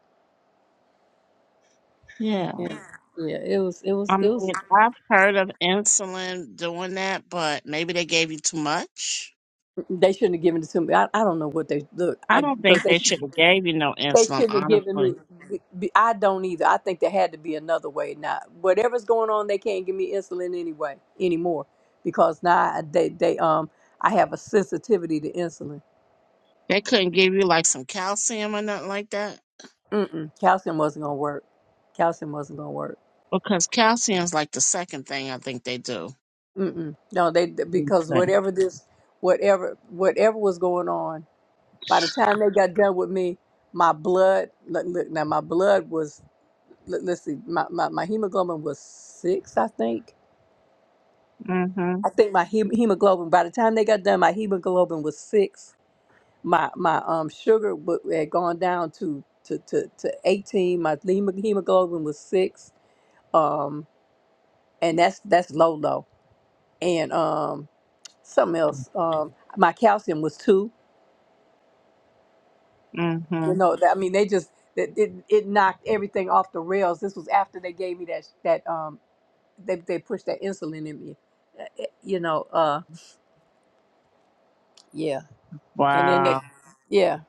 S10: Yeah.
S1: And yeah, it was it was
S10: I
S1: it was.
S10: mean, I've heard of insulin doing that, but maybe they gave you too much.
S1: mm, They shouldn't have given it to me. I, I don't know what they look.
S10: I
S1: I
S10: don't
S1: because
S10: think
S1: they
S10: they
S1: sh-
S10: should have gave you no
S1: they
S10: insulin,
S1: shouldn't have given me.
S10: honestly.
S1: b- b- I don't either. I think there had to be another way. Now whatever's going on, they can't give me insulin anyway anymore because now I- they they um I have a sensitivity to insulin.
S10: They couldn't give you like some calcium or nothing like that.
S1: Mm-mm, calcium wasn't gonna work. Calcium wasn't gonna work.
S10: Because calcium's like the second thing I think they do.
S1: Mm-mm. No, they because
S10: Okay.
S1: whatever this, whatever whatever was going on, by the time they got done with me, my blood look, look now my blood was look, let's see my, my, my hemoglobin was six I think
S10: Mm-hmm.
S1: I think my hem- hemoglobin by the time they got done my hemoglobin was six my my um sugar w- had gone down to to to, to eighteen my hemo- hemoglobin was six um and that's that's low low and um something else um my calcium was two
S10: Mm-hmm.
S1: You know, that, I mean, they just that it, it knocked everything off the rails. This was after they gave me that that um they they pushed that insulin in me. Uh, it- You know, uh yeah. And then they
S10: Wow.
S1: yeah,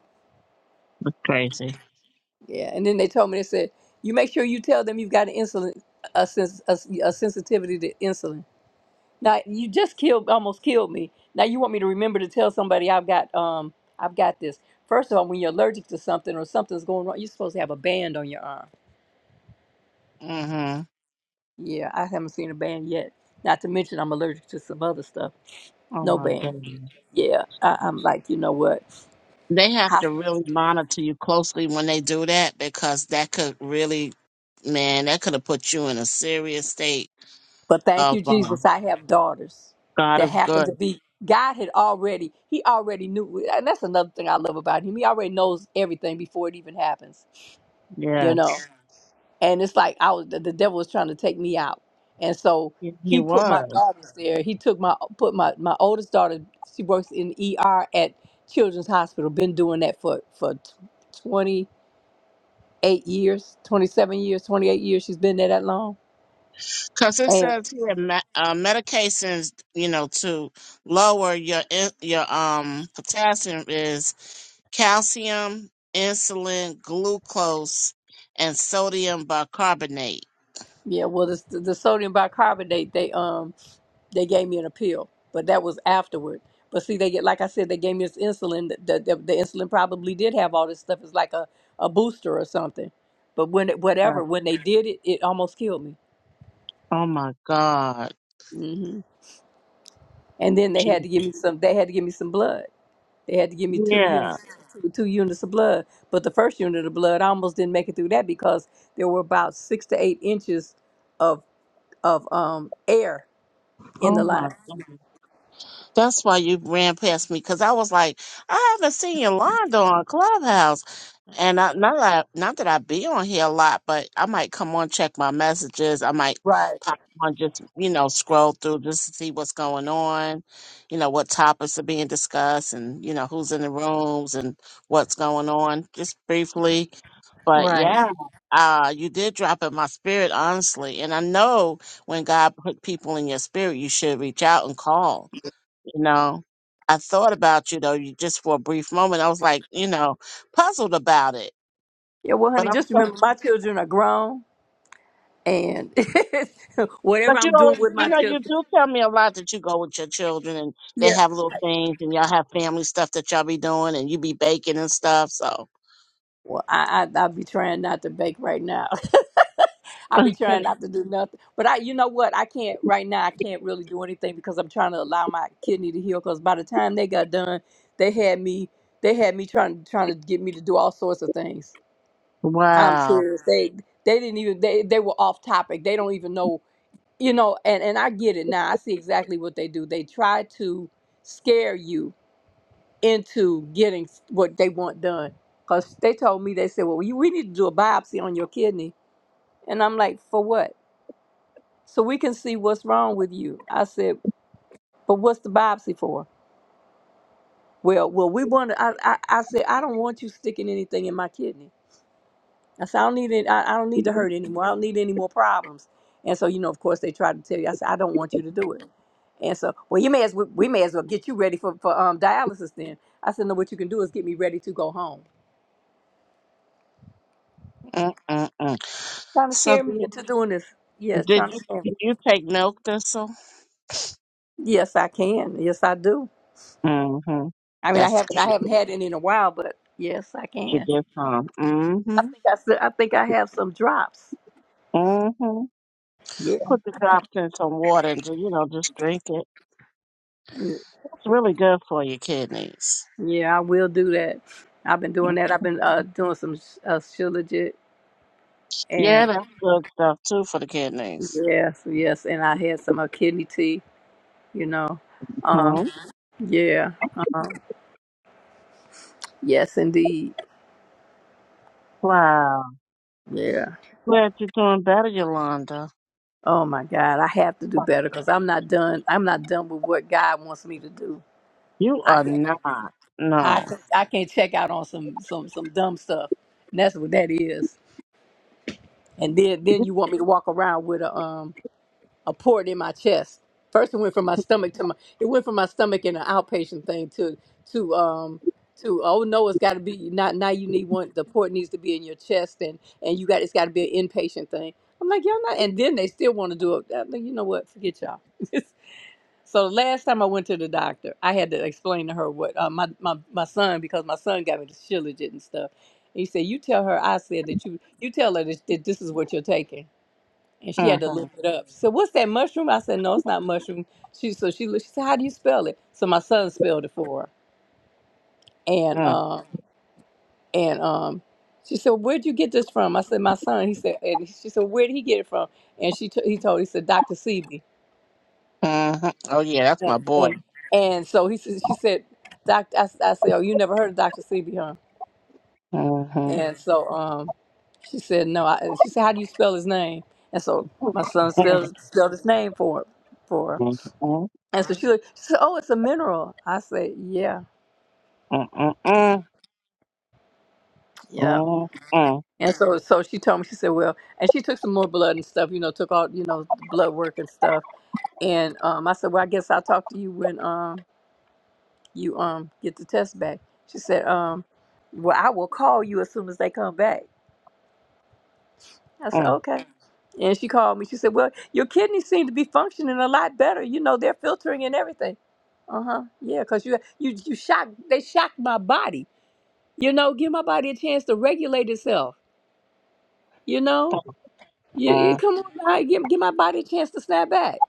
S10: That's crazy.
S1: yeah. And then they told me they said, "You make sure you tell them you've got an insulin a, sens- a, a sensitivity to insulin." Now, you just killed almost killed me. Now you want me to remember to tell somebody I've got um I've got this. First of all, when you're allergic to something or something's going wrong, you're supposed to have a band on your arm
S10: Mm-hmm.
S1: Yeah, I haven't seen a band yet. Not to mention, I'm allergic to some other stuff.
S10: Oh
S1: No
S10: my
S1: band.
S10: goodness.
S1: Yeah, I, I'm like, you know what?
S10: They have
S1: How,
S10: to really monitor you closely when they do that because that could really, man, that could have put you in a serious state
S1: but thank
S10: of
S1: you,
S10: uh,
S1: Jesus. I have daughters
S10: God
S1: that
S10: is
S1: happen
S10: good.
S1: to be. God had already, He already knew, and that's another thing I love about Him. He already knows everything before it even happens. You know.
S10: Yes,
S1: and it's like I was the, the devil was trying to take me out, and so
S10: he he
S1: he put my
S10: was.
S1: daughters there. He took my put my my oldest daughter. She works in ER at Children's Hospital. Been doing that for for twenty eight years, twenty seven years, twenty eight years. She's been there that long.
S10: Because it
S1: And
S10: says here, me- uh, medications, you know, to lower your in- your um potassium is calcium, insulin, glucose, and sodium bicarbonate.
S1: yeah, well, the, the sodium bicarbonate they um They gave me an appeal, but that was afterward. But see, they get like I said, they gave me this insulin. The, the, the insulin probably did have all this stuff. It's like a, a booster or something. But when it,
S10: Right.
S1: whatever, when they did it, it almost killed me.
S10: Oh my God,
S1: hmm And then they had
S10: Jesus.
S1: to give me some. They had to give me some blood. They had to give me two
S10: Yeah.
S1: units, two, two units of blood. But the first unit of blood, I almost didn't make it through that because there were about six to eight inches of of um air in the
S10: Oh my
S1: line.
S10: God. That's why you ran past me because I was like, I haven't seen Yolanda on Clubhouse. And I, not that I, not that I be on here a lot, but I might come on check my messages. I might
S1: Right,
S10: pop on just you know scroll through just to see what's going on, you know what topics are being discussed, and you know who's in the rooms and what's going on, just briefly. But
S1: right.
S10: yeah, uh, you did drop in my spirit, honestly. And I know when God put people in your spirit, you should reach out and call. You know, I thought about you though, you just for a brief moment. I was like, you know, puzzled about it.
S1: Yeah, well,
S10: But
S1: honey,
S10: I'm
S1: just
S10: so,
S1: remember, my children are grown and
S10: but
S1: whatever
S10: you
S1: I'm
S10: know,
S1: doing with
S10: you
S1: my
S10: know, you
S1: tips,
S10: do tell me a lot that you go with your children and they
S1: yeah.
S10: have little things and y'all have family stuff that y'all be doing and you be baking and stuff. So
S1: Well, I, I I'll be trying not to bake right now. I'll be trying not to do nothing. But I, you know what? I can't right now. I can't really do anything because I'm trying to allow my kidney to heal. Because by the time they got done, they had me. They had me trying trying to get me to do all sorts of things. I'm
S10: wow.
S1: serious. They they didn't even they they were off topic. They don't even know you know. And and I get it now. I see exactly what they do. They try to scare you into getting what they want done. Because they told me, they said, well, we we need to do a biopsy on your kidney. And I'm like, for what? So we can see what's wrong with you. I said, but what's the biopsy for? Well, well, we want to, I, I, I said, I don't want you sticking anything in my kidney. I said, I don't need it. I, I don't need to hurt anymore. I don't need any more problems. And so, you know, of course they tried to tell you, I said, I don't want you to do it. And so, well, you may as well, we may as well get you ready for, for um, dialysis then. I said, no, what you can do is get me ready to go home.
S10: Mm-mm-mm.
S1: Trying to
S10: So
S1: scare me
S10: did,
S1: into doing this. Yes,
S10: did
S1: trying to
S10: you
S1: scare
S10: did you take milk thistle?
S1: me. Yes, I can. Yes, I do.
S10: Mm-hmm.
S1: I mean, I
S10: That's
S1: haven't.
S10: good.
S1: I haven't had any in a while, but yes, I
S10: You
S1: can.
S10: get some.
S1: I
S10: Mm-hmm.
S1: think I. still- I think I have some drops.
S10: Mm-hmm.
S1: Yeah.
S10: Put the drops in some water and ju- you know just drink it.
S1: Y-
S10: It's really good for your kidneys.
S1: Yeah, I will do that. I've been doing that. I've been uh, doing some uh, Shilajit
S10: Yeah,
S1: and
S10: that's good stuff too for the kidneys.
S1: yes, yes, and I had some uh, kidney tea. You know.
S10: hmm
S1: Um. Yeah. Um, yes, indeed.
S10: Wow.
S1: Yeah.
S10: Glad you're doing better, Yolanda.
S1: Oh my God, I have to do better because I'm not done. I'm not done with what God wants me to do
S10: You
S1: I
S10: are
S1: can
S10: not.
S1: I
S10: No.
S1: can I can check out on some some some dumb stuff. And that's what that is. And then then you want me to walk around with a um a port in my chest. First it went from my stomach to my it went from my stomach in an outpatient thing to to um to oh no it's got to be not now you need one the port needs to be in your chest and and you got it's got to be an inpatient thing. I'm like y'all not and then they still want to do it. I'm like, you know what? Forget y'all. So last time I went to the doctor, I had to explain to her what uh, my, my my son because my son got me the Shilajit and stuff. He said, "You tell her I said that you you tell her that, that this is what you're taking." And she had to
S10: Mm-hmm.
S1: look it up. So what's that mushroom? I said, "No, it's not mushroom." She so she looked- she said, "How do you spell it?" So my son spelled it for her, and
S10: Mm-hmm.
S1: um and um. She said, "Where'd you get this from?" I said, "My son." He said, and she said, "Where did he get it from?" And she t- he told he said, "Dr. Sebi."
S10: Mm-hmm. Oh yeah, that's
S1: and
S10: my boy.
S1: and, and so he said, she said, Doc, I, s- I said, oh, you never heard of Doctor Sebi, huh?
S10: Mm-hmm.
S1: And so um, she said, no. I, she said, how do you spell his name? And so my son spelled spelled his name for for her. And so she looked, she said, oh, it's a mineral. I said, yeah, yeah. And so so she told me, she said, well, and she took some more blood and stuff, you know, took all you know blood work and stuff. And um, I said, well, I guess I'll talk to you when um you um get the test back. She said, um, well, I will call you as soon as they come back. I said, okay. And she called me. She said, well, your kidneys seem to be functioning a lot better. You know, they're filtering and everything. Uh huh. Yeah, cause you you you shocked. They shocked my body. You know, give my body a chance to regulate itself. You know, you, you- come on, now, give give my body a chance to snap back.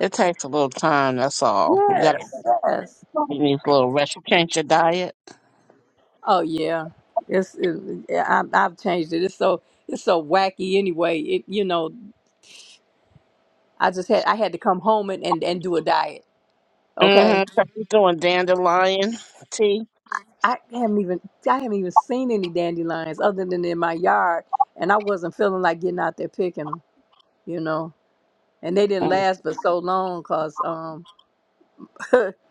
S10: It takes a little time. That's all. You
S1: Yes, yes.
S10: You need a little rest. You change your diet.
S1: Oh yeah. It's it, yeah, I, I've changed it. It's so it's so wacky anyway. It you know I just had I had to come home and, and, and do a diet. Okay.
S10: Mm-hmm. You're doing dandelion tea.
S1: I haven't even I haven't even seen any dandelions other than in my yard and I wasn't feeling like getting out there picking them, you know. And they didn't
S10: Mm.
S1: last but so long cuz um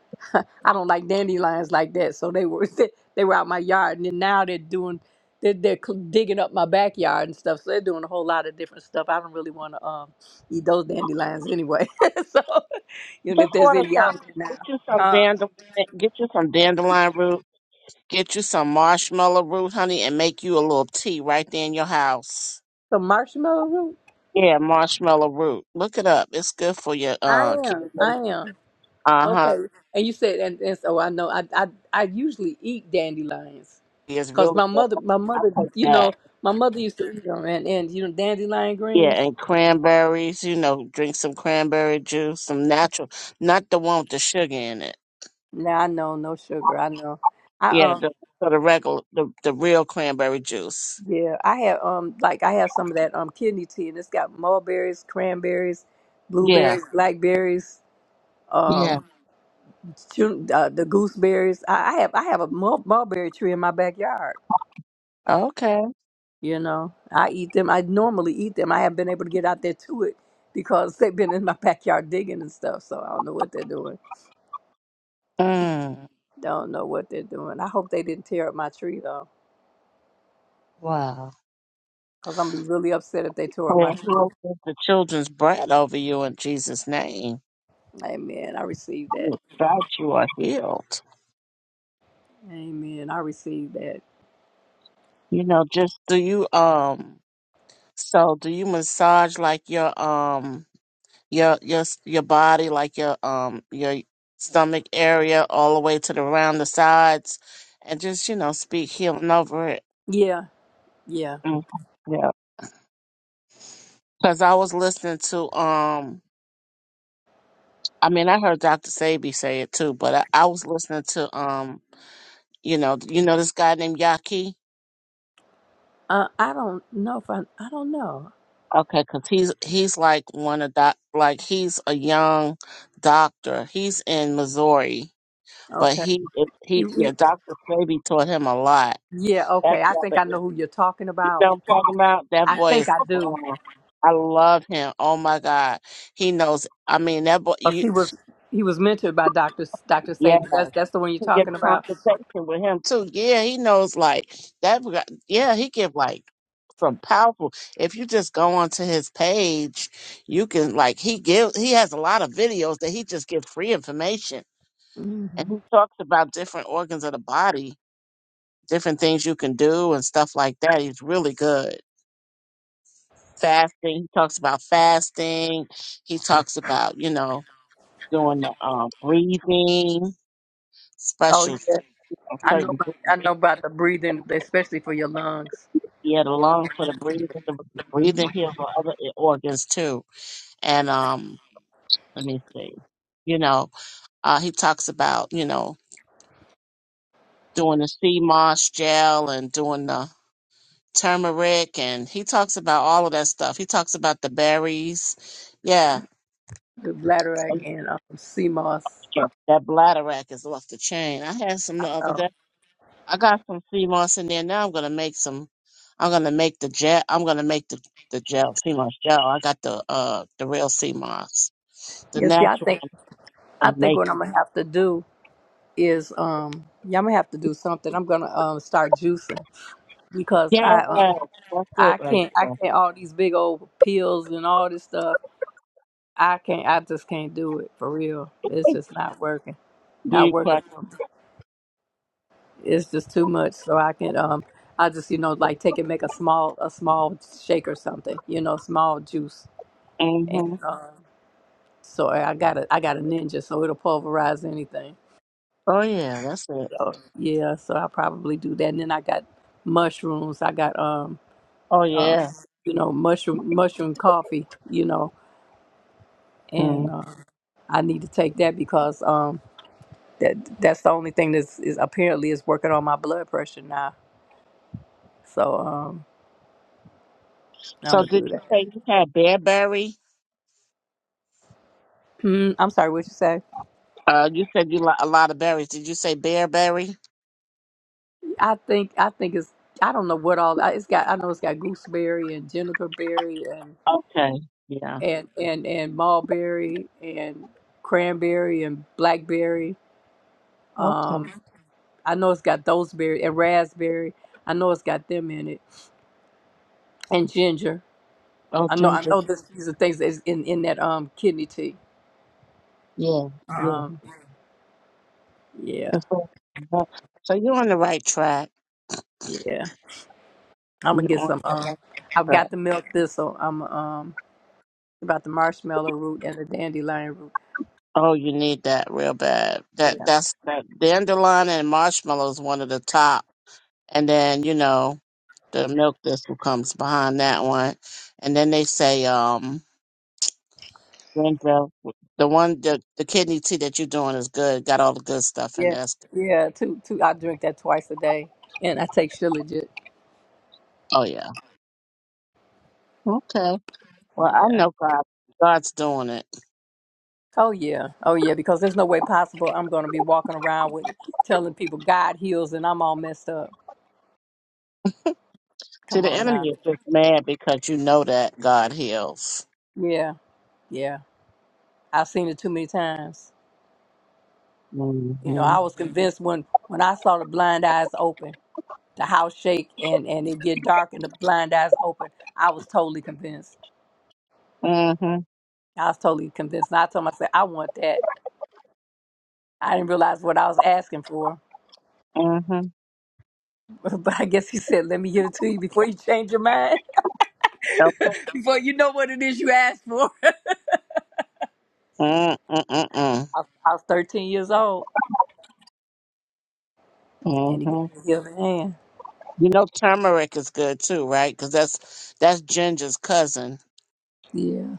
S1: I don't like dandelions like that. So they were they, were out my yard and then now they're doing they're, they're cl- digging up my backyard and stuff. So they're doing a whole lot of different stuff. I don't really want to um eat those dandelions anyway. so you know
S10: Just
S1: if there's
S10: order
S1: any
S10: some.
S1: out there now.
S10: Get you some
S1: Huh?
S10: dandelion. Get you some dandelion root. Get you some marshmallow root, honey, and make you a little tea right there in your house.
S1: The marshmallow root?
S10: Yeah, marshmallow root. Look it up. It's good for your
S1: I
S10: uh
S1: am.
S10: kidney.
S1: I am.
S10: Uh huh.
S1: Okay. And you said, and, and so I know. I, I I usually eat dandelions,
S10: It's
S1: cause
S10: really
S1: my
S10: good.
S1: mother, my
S10: I
S1: mother,
S10: take
S1: you
S10: that.
S1: know, my mother used to eat them, and and you know, dandelion
S10: Yeah,
S1: greens.
S10: and cranberries. You know, drink some cranberry juice, some natural, not the one with the sugar in it.
S1: Now I know no sugar. I know. I
S10: Yeah,
S1: um
S10: the, for the regular, the, the real cranberry juice.
S1: yeah. I have um like I have some of that um kidney tea, and it's got mulberries, cranberries,
S10: Yeah,
S1: blueberries, blackberries,
S10: yeah.
S1: um, chu- uh, the gooseberries. I, I have I have a mul- mulberry tree in my backyard.
S10: Okay.
S1: You know, I eat them. I normally eat them. I haven't been able to get out there to it because they've been in my backyard digging and stuff. So I don't know what they're doing.
S10: Mm,
S1: Don't know what they're doing. I hope they didn't tear up my tree though,
S10: wow.
S1: because I'm gonna be really upset if they tore up my
S10: Well, Lord,
S1: tree.
S10: put the children's bread over you in Jesus' name.
S1: Amen. I received that.
S10: Oh, God, you are healed.
S1: Amen. I received that.
S10: You know, just do you um. So, do you massage like your um your your s- your body, like your um your stomach area, all the way to the round the sides, and just you know speak healing over it?
S1: Yeah. Yeah.
S10: Mm, Because I was listening to um I mean I heard Dr. Sabi say it too, but I, I was listening to um you know you know this guy named Yaki?
S1: Uh, I don't know if I. I don't know.
S10: Okay, because he's he's like one of doc like he's a young doctor. He's in Missouri, but
S1: Okay.
S10: he he
S1: You,
S10: yeah,
S1: you,
S10: Dr. Sabi taught him a lot.
S1: yeah.
S10: That
S1: Okay. I think
S10: brother
S1: I
S10: is-
S1: know who you're talking
S10: you
S1: about.
S10: know what I'm talking about? That
S1: I
S10: boy
S1: think
S10: is
S1: I do.
S10: oh, I love him. Oh my God. He knows I mean that boy
S1: Plus,
S10: you
S1: he was he was mentored by Doctor Doctor Sabi. That's that's the one you're
S10: can get
S1: talking
S10: a
S1: about.
S10: consultation with him too. Yeah, he knows like that. guy- Yeah, he give like some powerful. If you just go onto his page, you can like he give he has a lot of videos that he just give free information
S1: Mhm.
S10: and he talks about different organs of the body, different things you can do and stuff like that. He's really good. Fasting. He talks about fasting. He talks about you know doing the um, breathing
S1: Oh
S10: special
S1: yeah, I know.
S10: certain.
S1: About, I know about the breathing, especially for your lungs.
S10: Yeah, the lung for the breathing, the
S1: hmm
S10: breathing here for other organs too. And um, let me see. You know, uh, he talks about you know doing the sea moss gel and doing the turmeric, and he talks about all of that stuff. He talks about the berries. Yeah,
S1: The bladder and um, CMOS.
S10: that bladder rack is off the chain. I had some
S1: I
S10: the other
S1: know.
S10: day. I got some sea moss in there. Now I'm gonna make some. I'm gonna make the gel. I'm gonna make the the gel sea moss gel. I got the uh the real sea moss The
S1: Yeah. See, I
S10: natural
S1: think I
S10: going
S1: think
S10: make
S1: what I'm gonna have to do is um, yeah, I'm gonna have to do something. I'm gonna um start juicing because
S10: Yeah,
S1: I um
S10: that's it
S1: I
S10: right
S1: can't I
S10: there.
S1: can't all these big old pills and all this stuff. I can't. I just can't do it for real. It's just not working.
S10: Do
S1: Not
S10: you
S1: working.
S10: crack?
S1: it's just too much. So I can um I just you know like take and make a small a small shake or something, you know, small juice. And
S10: Mm-hmm.
S1: um, so I got a I got a ninja, so it'll pulverize anything.
S10: Oh yeah, that's it.
S1: So yeah, so I will probably do that. And then I got mushrooms. I got um
S10: Oh
S1: uh
S10: yeah.
S1: you know mushroom mushroom coffee, you know, and
S10: Mm.
S1: um, I need to take that because um that that's the only thing that's is apparently is working on my blood pressure now. So um I'm
S10: So
S1: gonna
S10: did
S1: do
S10: you
S1: that.
S10: say you had bearberry?
S1: Mm, I'm sorry, what you say?
S10: Uh, you said you like a lot of berries. Did you say bearberry?
S1: I think I think it's I don't know what all I- it's got. I know it's got gooseberry and juniper berry and
S10: Okay. Yeah.
S1: and and and mulberry and cranberry and blackberry.
S10: Okay.
S1: Um, I know it's got those berry and raspberry. I know it's got them in it and ginger.
S10: Oh,
S1: I know I
S10: ginger.
S1: know this, these are things that's in in that um kidney tea.
S10: Yeah. Yeah.
S1: Um, yeah,
S10: And So uh, so you're on the right track.
S1: yeah. I'm gonna
S10: You're
S1: get
S10: on
S1: some.
S10: the right
S1: Um, I've
S10: track.
S1: got the milk thistle. I'm um about the marshmallow root and the dandelion
S10: Oh, you need that real bad.
S1: root.
S10: That that's that dandelion and marshmallow is one of the top. And then you know. the milk thistle comes behind that one. And then they say, um, ginger, the one, the, the kidney tea that you're doing is good. Got all the good stuff in
S1: Yeah,
S10: there. It's good.
S1: yeah. Two, two. I drink that twice a day, and I take Shilajit.
S10: Oh, yeah. Okay. Well, I
S1: Yeah.
S10: know God. God's doing it.
S1: Oh yeah. Oh yeah. Because there's no way possible I'm gonna be walking around with telling people God heals, and I'm all messed up.
S10: See,
S1: Come
S10: the
S1: on now.
S10: enemy is just mad because you know that God heals.
S1: Yeah, yeah. I've seen it too many times. You know,
S10: Mm-hmm.
S1: I was convinced when when I saw the blind eyes open, the house shake, and and it get dark, and the blind eyes open. I was totally convinced.
S10: Mm-hmm.
S1: I was totally convinced, and I told myself I want that. I didn't realize what I was asking for.
S10: Mm-hmm.
S1: But I guess he said, let me give it to you before you change your mind,
S10: Okay.
S1: before you know what it is you asked for. I,
S10: Mm-mm-mm-mm.
S1: was- I was 13 years old, and he gave
S10: Mm-hmm.
S1: me the other hand.
S10: You know turmeric is good too, right? Because that's that's ginger's cousin.
S1: Yeah.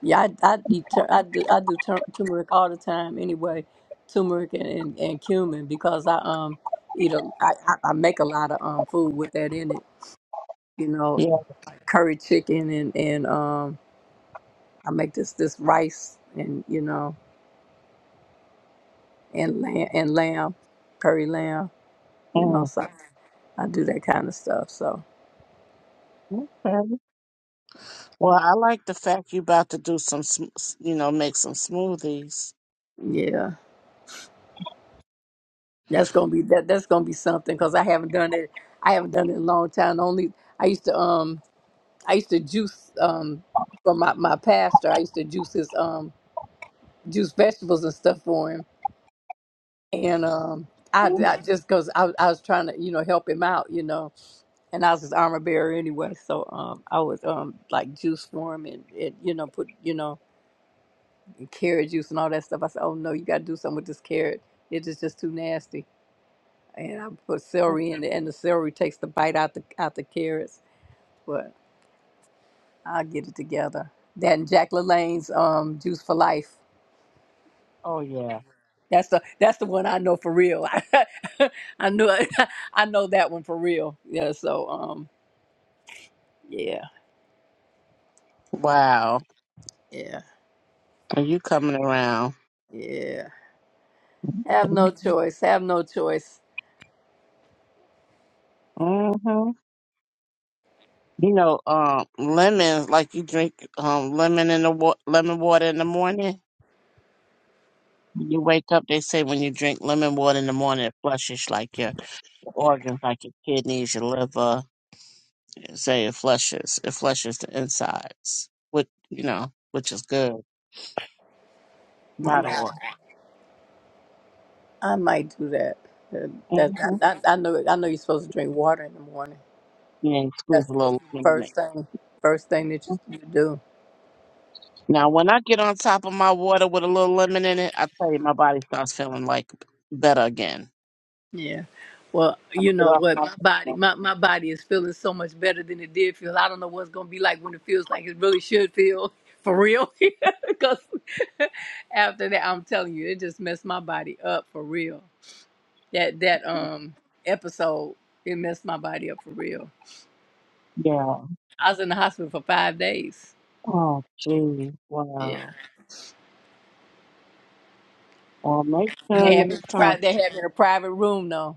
S1: Yeah, I, I, deter, I do, I do tur- turmeric all the time anyway, turmeric and, and, and cumin, because I um eat a, I, I, I make a lot of um food with that in it, you know,
S10: Yeah.
S1: like curry chicken and, and um I make this, this rice and, you know, and lamb, and lamb, curry lamb, you know,
S10: Mm.
S1: so. I do that kind of stuff. So
S10: Okay. Well, I like the fact you about to do some, sm- s- you know, make some smoothies.
S1: yeah, that's gonna be that. That's gonna be something because I haven't done it. I haven't done it in a long time. Only I used to um I used to juice um for my my pastor. I used to juice his um juice vegetables and stuff for him. And um I,
S10: Mhm.
S1: I just because I, was- I was trying to you know help him out you know and I was his armor bearer anyway. So um I was um like juice for him and, it you know put you know carrot juice and all that stuff. I said oh no you got to do something with this carrot. It is just too nasty and I put celery in there, and the celery takes the bite out the out the carrots. But I'll get it together. That and Jack LaLanne's um, Juice for Life.
S10: Oh yeah.
S1: That's the that's the one I know for real. I, knew I know that one for real. Yeah. So um yeah
S10: Wow.
S1: yeah
S10: And you coming around?
S1: yeah. Have no choice. Have no choice.
S10: Mm-hmm. You know, um, lemon, like you drink um lemon in the wa- lemon water in the morning. When you wake up, they say when you drink lemon water in the morning, it flushes like your organs like your kidneys, your liver, say it flushes. It flushes the insides, which you know, which is good.
S1: I
S10: Vital
S1: might,
S10: organ.
S1: I might do that. Uh, That
S10: Mm-hmm.
S1: I, I I know I know you're supposed to drink water in the morning.
S10: Yeah, you squeeze
S1: That's
S10: a
S1: supposed
S10: little
S1: to be the
S10: lemon in
S1: first thing first thing that you
S10: it.
S1: you do.
S10: Now, when I get on top of my water with a little lemon in it, I tell you, my body starts feeling like better again.
S1: Yeah. Well, you
S10: Get
S1: know
S10: off my
S1: what, my body,
S10: system.
S1: my, my body is feeling so much better than it did feel. I don't know what it's gonna be like when it feels like it really should feel for real. Because after that, I'm telling you, it just messed my body up for real. That that um episode, it messed my body up for real.
S10: yeah.
S1: I was in the hospital for five days.
S10: Oh, gee.
S1: Yeah.
S10: Wow. Well, make
S1: And
S10: sure
S1: they had me in
S10: next
S1: a
S10: time.
S1: pri- they had me in a private room though.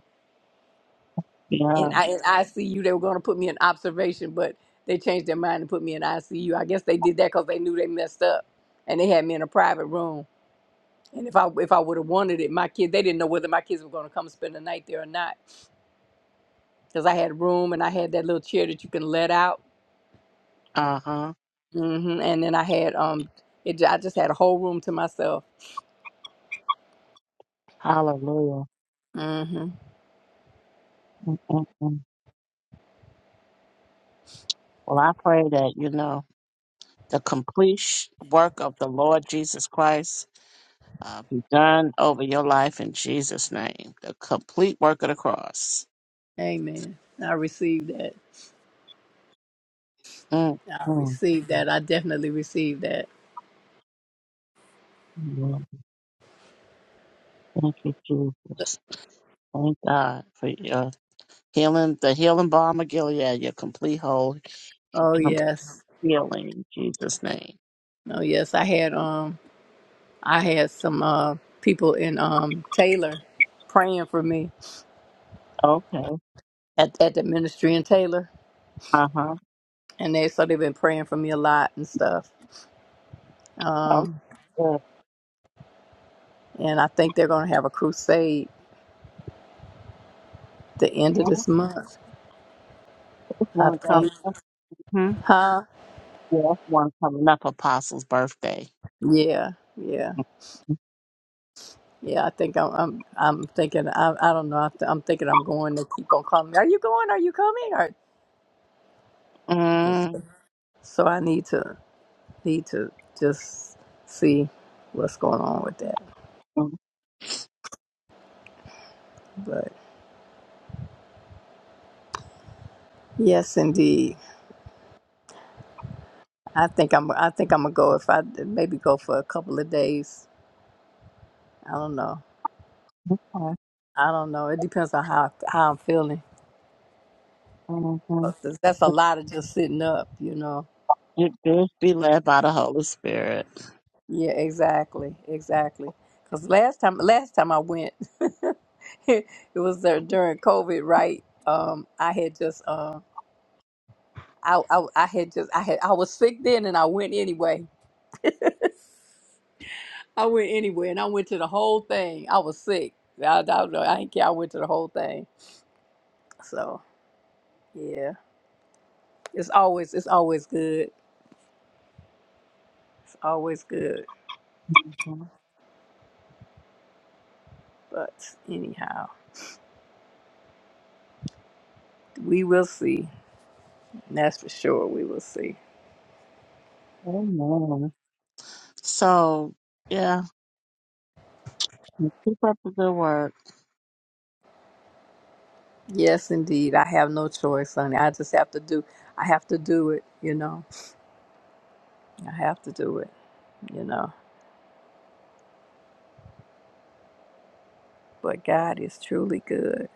S1: in
S10: Yeah.
S1: I, in ICU. They were going to put me in observation, but they changed their mind and put me in ICU. I guess they did that because they knew they messed up, and they had me in a private room. And if I if I would have wanted it, my kids they didn't know whether my kids were going to come spend the night there or not because I had room and I had that little chair that you can let out.
S10: Uh huh.
S1: hmm And then I had um, it ju- I just had a whole room to myself.
S10: Hallelujah.
S1: hmm
S10: Mm-mm-mm. Well, I pray that you know. the complete sh- work of the Lord Jesus Christ uh, be done over your life in Jesus' name. The complete work of the cross.
S1: Amen. I received that.
S10: Mm,
S1: I
S10: mm,
S1: received that. I definitely received that.
S10: mm. Thank you, Jesus. Thank God for your healing, the healing balm of Gilead, your complete whole
S1: Oh
S10: complete
S1: yes.
S10: healing in Jesus' name.
S1: Oh yes. I had um. I had some uh, people in um, Taylor praying for me
S10: Okay.
S1: at, at the ministry in Taylor,
S10: Uh huh.
S1: and they so they've been praying for me a lot and stuff.
S10: Oh,
S1: Um,
S10: good.
S1: and I think they're going to have a crusade the end
S10: And
S1: of this month.
S10: there's
S1: I
S10: one
S1: think,
S10: coming up. hmm
S1: huh?
S10: Yes, one coming up, Apostle's birthday.
S1: Yeah, yeah, yeah. I think I'm I'm, I'm thinking I, I don't know. I th- I'm thinking I'm going. They keep on calling me. Are you going? Are you coming? Or yeah. so I need to need to just see what's going on with that,
S10: Mm-hmm.
S1: but. Yes, indeed. I think I'm. I think I'm gonna go if I maybe go for a couple of days. I don't know. I don't know. It depends on how how I'm feeling. But th- That's a lot of just sitting up, you know.
S10: Your group be led by the Holy Spirit.
S1: Yeah, exactly, exactly. Because last time, last time I went, it was there during COVID, right? Um, I had just, uh, I, I, I had just, I had, I was sick then, and I went anyway. I went anyway, and I went to the whole thing. I was sick. I, I, don't know. I didn't care. I went to the whole thing. So yeah. It's always it's always good. It's always good.
S10: Mhm.
S1: But anyhow, we will see. That's for sure. We will see.
S10: Amen. So, yeah, keep up the good work.
S1: Yes, indeed. I have no choice, honey. I just have to do. I have to do it. You know. I have to do it. You know. But God is truly good.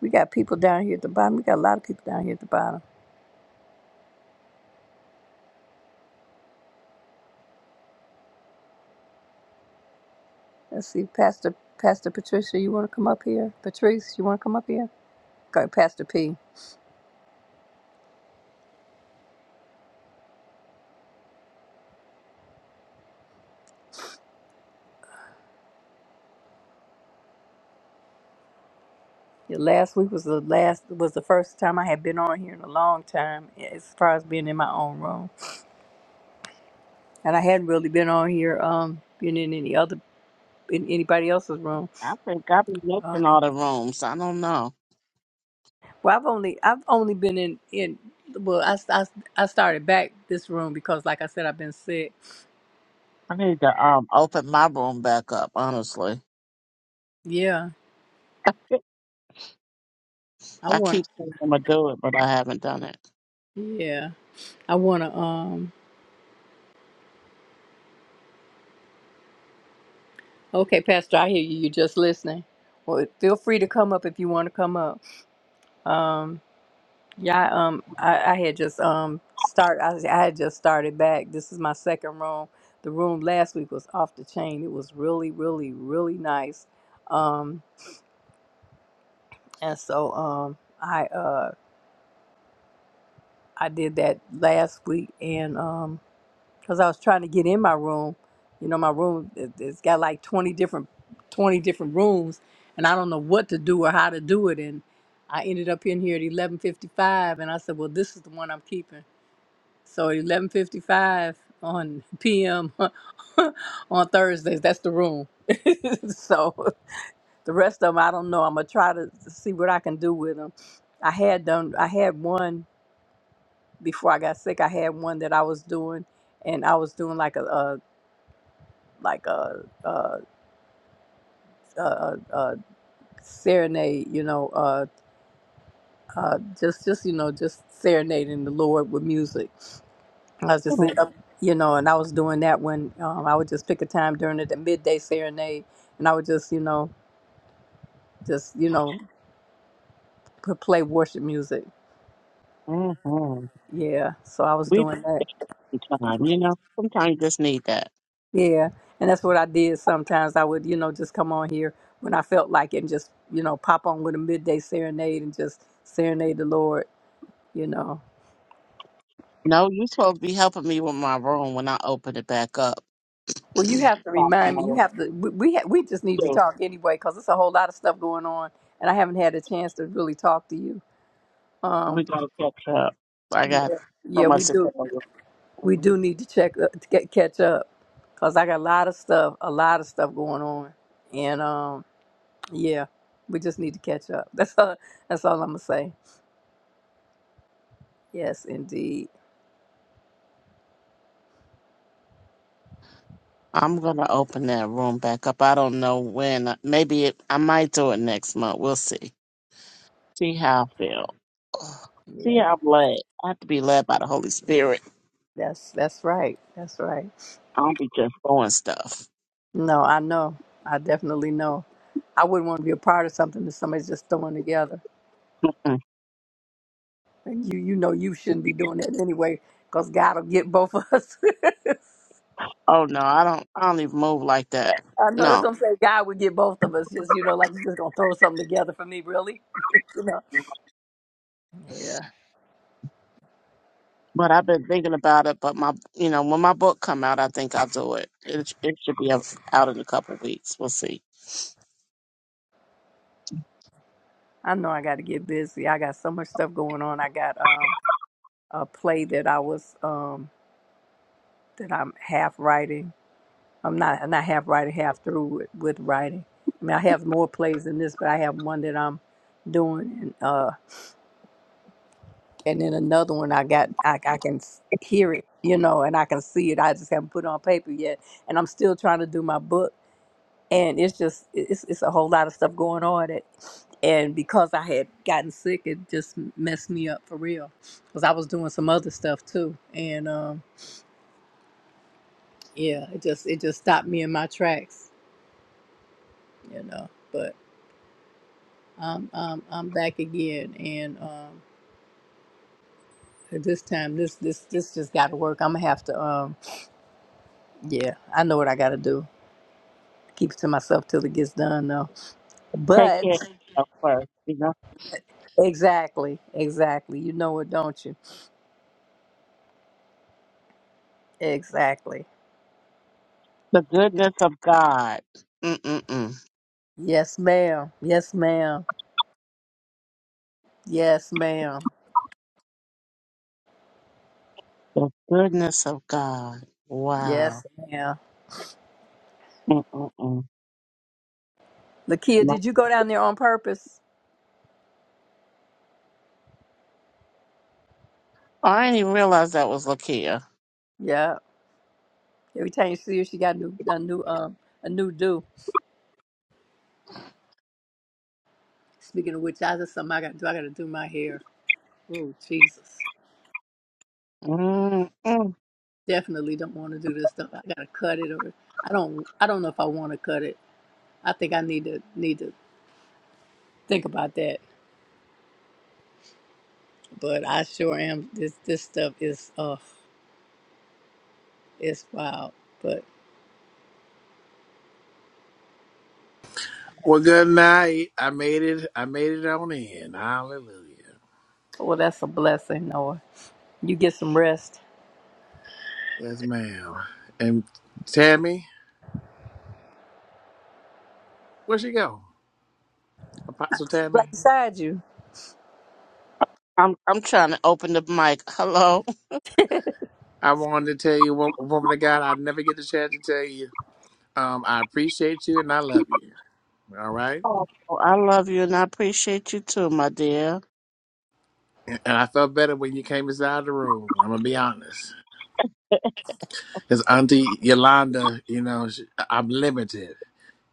S1: We got people down here at the bottom. We got a lot of people down here at the bottom. Let's see, Pastor Pastor Patricia, you want to come up here? Patrice, you want to come up here? Okay, Pastor P. Yeah, last week was the last was the first time I had been on here in a long time eh, as far as being in my own room, and I hadn't really been on here um been in any other in anybody else's room.
S10: I think I've been
S1: Uh,
S10: missing all the rooms. I don't know.
S1: well, I've only I've only been in in well I, I, I started back this room because like I said I've been sick.
S10: I need to um open my room back up, honestly.
S1: Yeah, I
S10: I
S1: want
S10: keep saying I'm going to do it, but I haven't done it.
S1: yeah I want to um okay Pastor I hear you you're just listening. Well, feel free to come up if you want to come up. Um, Yeah, I, um, I, I had just um start. I, was- I had just started back. This is my second room. The room last week was off the chain. It was really, really, really nice. Um, and so um, I uh I did that last week, and um, cause I was trying to get in my room. You know, my room it, it's got like twenty different, twenty different rooms, and I don't know what to do or how to do it. And I ended up in here at eleven fifty five, and I said, well, this is the one I'm keeping. So 11:55 on PM on Thursdays. That's the room. so the rest of them, I don't know. I'm gonna try to see what I can do with them. I had done. I had one before I got sick. I had one that I was doing, and I was doing like a, a like a, a, a, a, a serenade. You know, uh, uh, just just you know, just serenading the Lord with music I was just,
S10: hmm
S1: in- you know, and I was doing that when um, I would just pick a time during the midday serenade, and I would just, you know, just you know, p- play worship music. Yeah, so I was
S10: We
S1: doing that.
S10: time, you know, sometimes you just need that.
S1: Yeah, and that's what I did. Sometimes I would, you know, just come on here when I felt like it, and just, you know, pop on with a midday serenade and just serenade the Lord. You know.
S10: No, you supposed to be helping me with my room when I open it back up.
S1: Well, you have to
S10: Talking
S1: remind me. You
S10: about it,
S1: have to. We we, ha- we just need to
S10: too.
S1: talk anyway, because it's a whole lot of stuff going on, and I haven't had a chance to really talk to you.
S10: We
S1: Um,
S10: gotta catch up. I got so
S1: yeah, we
S10: much to
S1: do.
S10: tell you.
S1: We
S10: Mhm.
S1: do need to check uh, to get catch up, cause I got a lot of stuff, a lot of stuff going on, and um, yeah, we just need to catch up. That's all. That's all I'm gonna say. Yes, indeed.
S10: I'm gonna open that room back up. I don't know when. Maybe it, I might do it next month. We'll see. See how I feel. Ugh. See
S1: Yeah,
S10: how I'm led. I have to be led by the Holy Spirit.
S1: that's that's right. That's right.
S10: I don't be just doing stuff.
S1: No, I know. I definitely know. I wouldn't want to be a part of something that somebody's just throwing together,
S10: Mm.
S1: and you you know you shouldn't be doing that anyway, cause God will get both of us.
S10: Oh no, I don't. I don't even move like that.
S1: I know that's
S10: No.
S1: what I'm saying. God would get both of us. Just you know, like you just gonna throw something together for me, really? Yeah,
S10: But I've been thinking about it. But my, you know, when my book come out, I think I'll do it. It, it should be out out in a couple weeks. We'll see.
S1: I know I got to get busy. I got so much stuff going on. I got um a play that I was um that I'm half writing. I'm not I'm not half writing, half through with, with writing. I mean, I have more plays than this, but I have one that I'm doing, and uh, and then another one I got. I I can s- hear it, you know, and I can see it. I just haven't put it on paper yet, and I'm still trying to do my book and it's just it's it's a whole lot of stuff going on that and because i had gotten sick it just messed me up for real because i was doing some other stuff too and um yeah it just it just stopped me in my tracks you know but i'm i'm, I'm back again and um this time this this this just gotta work i'm gonna have to um yeah i know what i gotta do keep it to myself till it gets done though
S10: Take
S1: but
S10: care of yourself first.
S1: exactly exactly you know it don't you exactly
S10: The goodness of God. Mm-mm-mm.
S1: Yes, ma'am. Yes, ma'am. Yes, ma'am.
S10: The goodness of God. Wow.
S1: Yes, ma'am.
S10: Mm-mm-mm.
S1: Lakia,
S10: No.
S1: did you go down there on purpose?
S10: I didn't even realize that was Lakia.
S1: Yeah. Every time you see her, she got a new, a new, um, a new do. Speaking of which, I just something I got to do. I got to do my hair. Oh, Jesus.
S10: Mm-mm.
S1: Definitely don't want to do this stuff. I got to cut it, or I don't. I don't know if I want to cut it. I think I need to need to think about that. But I sure am. This this stuff is uh, it's wild. But
S3: Well, good night. I made it. I made it on in. Hallelujah.
S1: well, that's a blessing, Noah. You get some rest.
S3: Yes, ma'am. And Tammy, where'd she go? Apostle
S1: She's right
S3: Tammy?
S1: beside you.
S10: I'm I'm trying to open the mic. Hello.
S3: I wanted to tell you, wo- woman of God, I never get the chance to tell you. Um, I appreciate you and I love you. All right.
S10: Oh, I love you and I appreciate you too, my dear.
S3: And and I felt better when you came inside the room. I'm gonna be honest, because Auntie Yolanda, you know, she, I'm limited,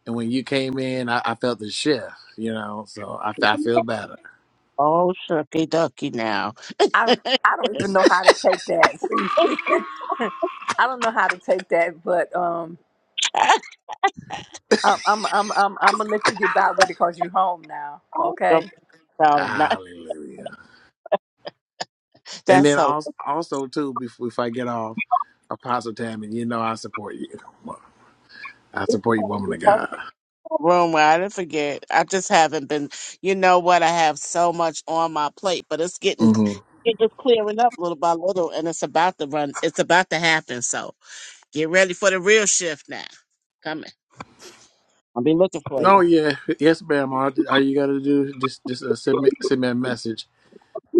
S3: and when you came in, I, I felt the shift. You know, so I, I feel better.
S10: Oh, shucky ducky now.
S1: I I don't even know how to take that. See, I don't know how to take that, but um, I'm I'm I'm I'm, I'm gonna let you get by with it because you're home now.
S10: Go
S1: Okay.
S10: back out and not-
S3: Hallelujah. And
S10: That's
S3: then
S10: a
S3: also, also too, before, before I get off, Apostle Tammy, you know I support you. I support you, woman of God.
S10: room where I didn't forget. I just haven't been. You know what? I have so much on my plate, but it's getting
S3: hmm
S10: it's just clearing up little by little, and it's about to run. It's about to happen. So get ready for the real shift now. Coming. I'll be looking for you.
S3: Oh yeah, yes, ma'am. All, all you gotta do is just just uh, send me send me a message.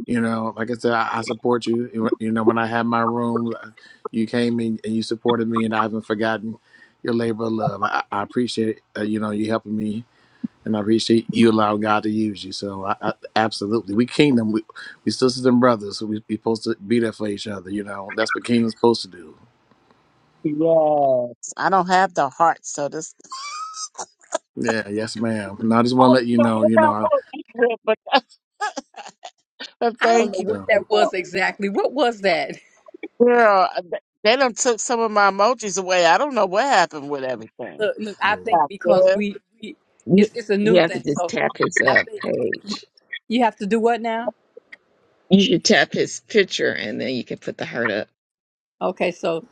S3: You know, like I said, I, I support you. You know, when I had my room, uh, you came in and you supported me, and I haven't forgotten your labor of love. I, I appreciate it. Uh, you know, you helping me, and I appreciate you allowing God to use you. So, I, I absolutely, we kingdom, we we sisters and brothers. So we we supposed to be there for each other. You know, that's what kingdom's supposed to do.
S10: Yes, I don't have the heart, so this.
S3: Yeah, yes, ma'am. And I just want to let you know. You know, I,
S10: but
S1: I don't know
S10: thank
S1: what
S3: so.
S1: that
S10: you.
S1: was exactly. What was that?
S10: Girl, uh, th- they done took some of my emojis away. I don't know what happened with everything.
S1: Look, look. I
S3: mm.
S1: think
S10: Stop
S1: because
S10: this.
S1: we, we
S5: You
S1: it's it's a new
S5: you have to
S1: thing,
S5: just
S1: so
S5: tap his
S1: I
S5: up
S1: think
S5: page.
S1: you have to do what now?
S5: You should tap his picture, and then you can put the heart up.
S1: Okay, so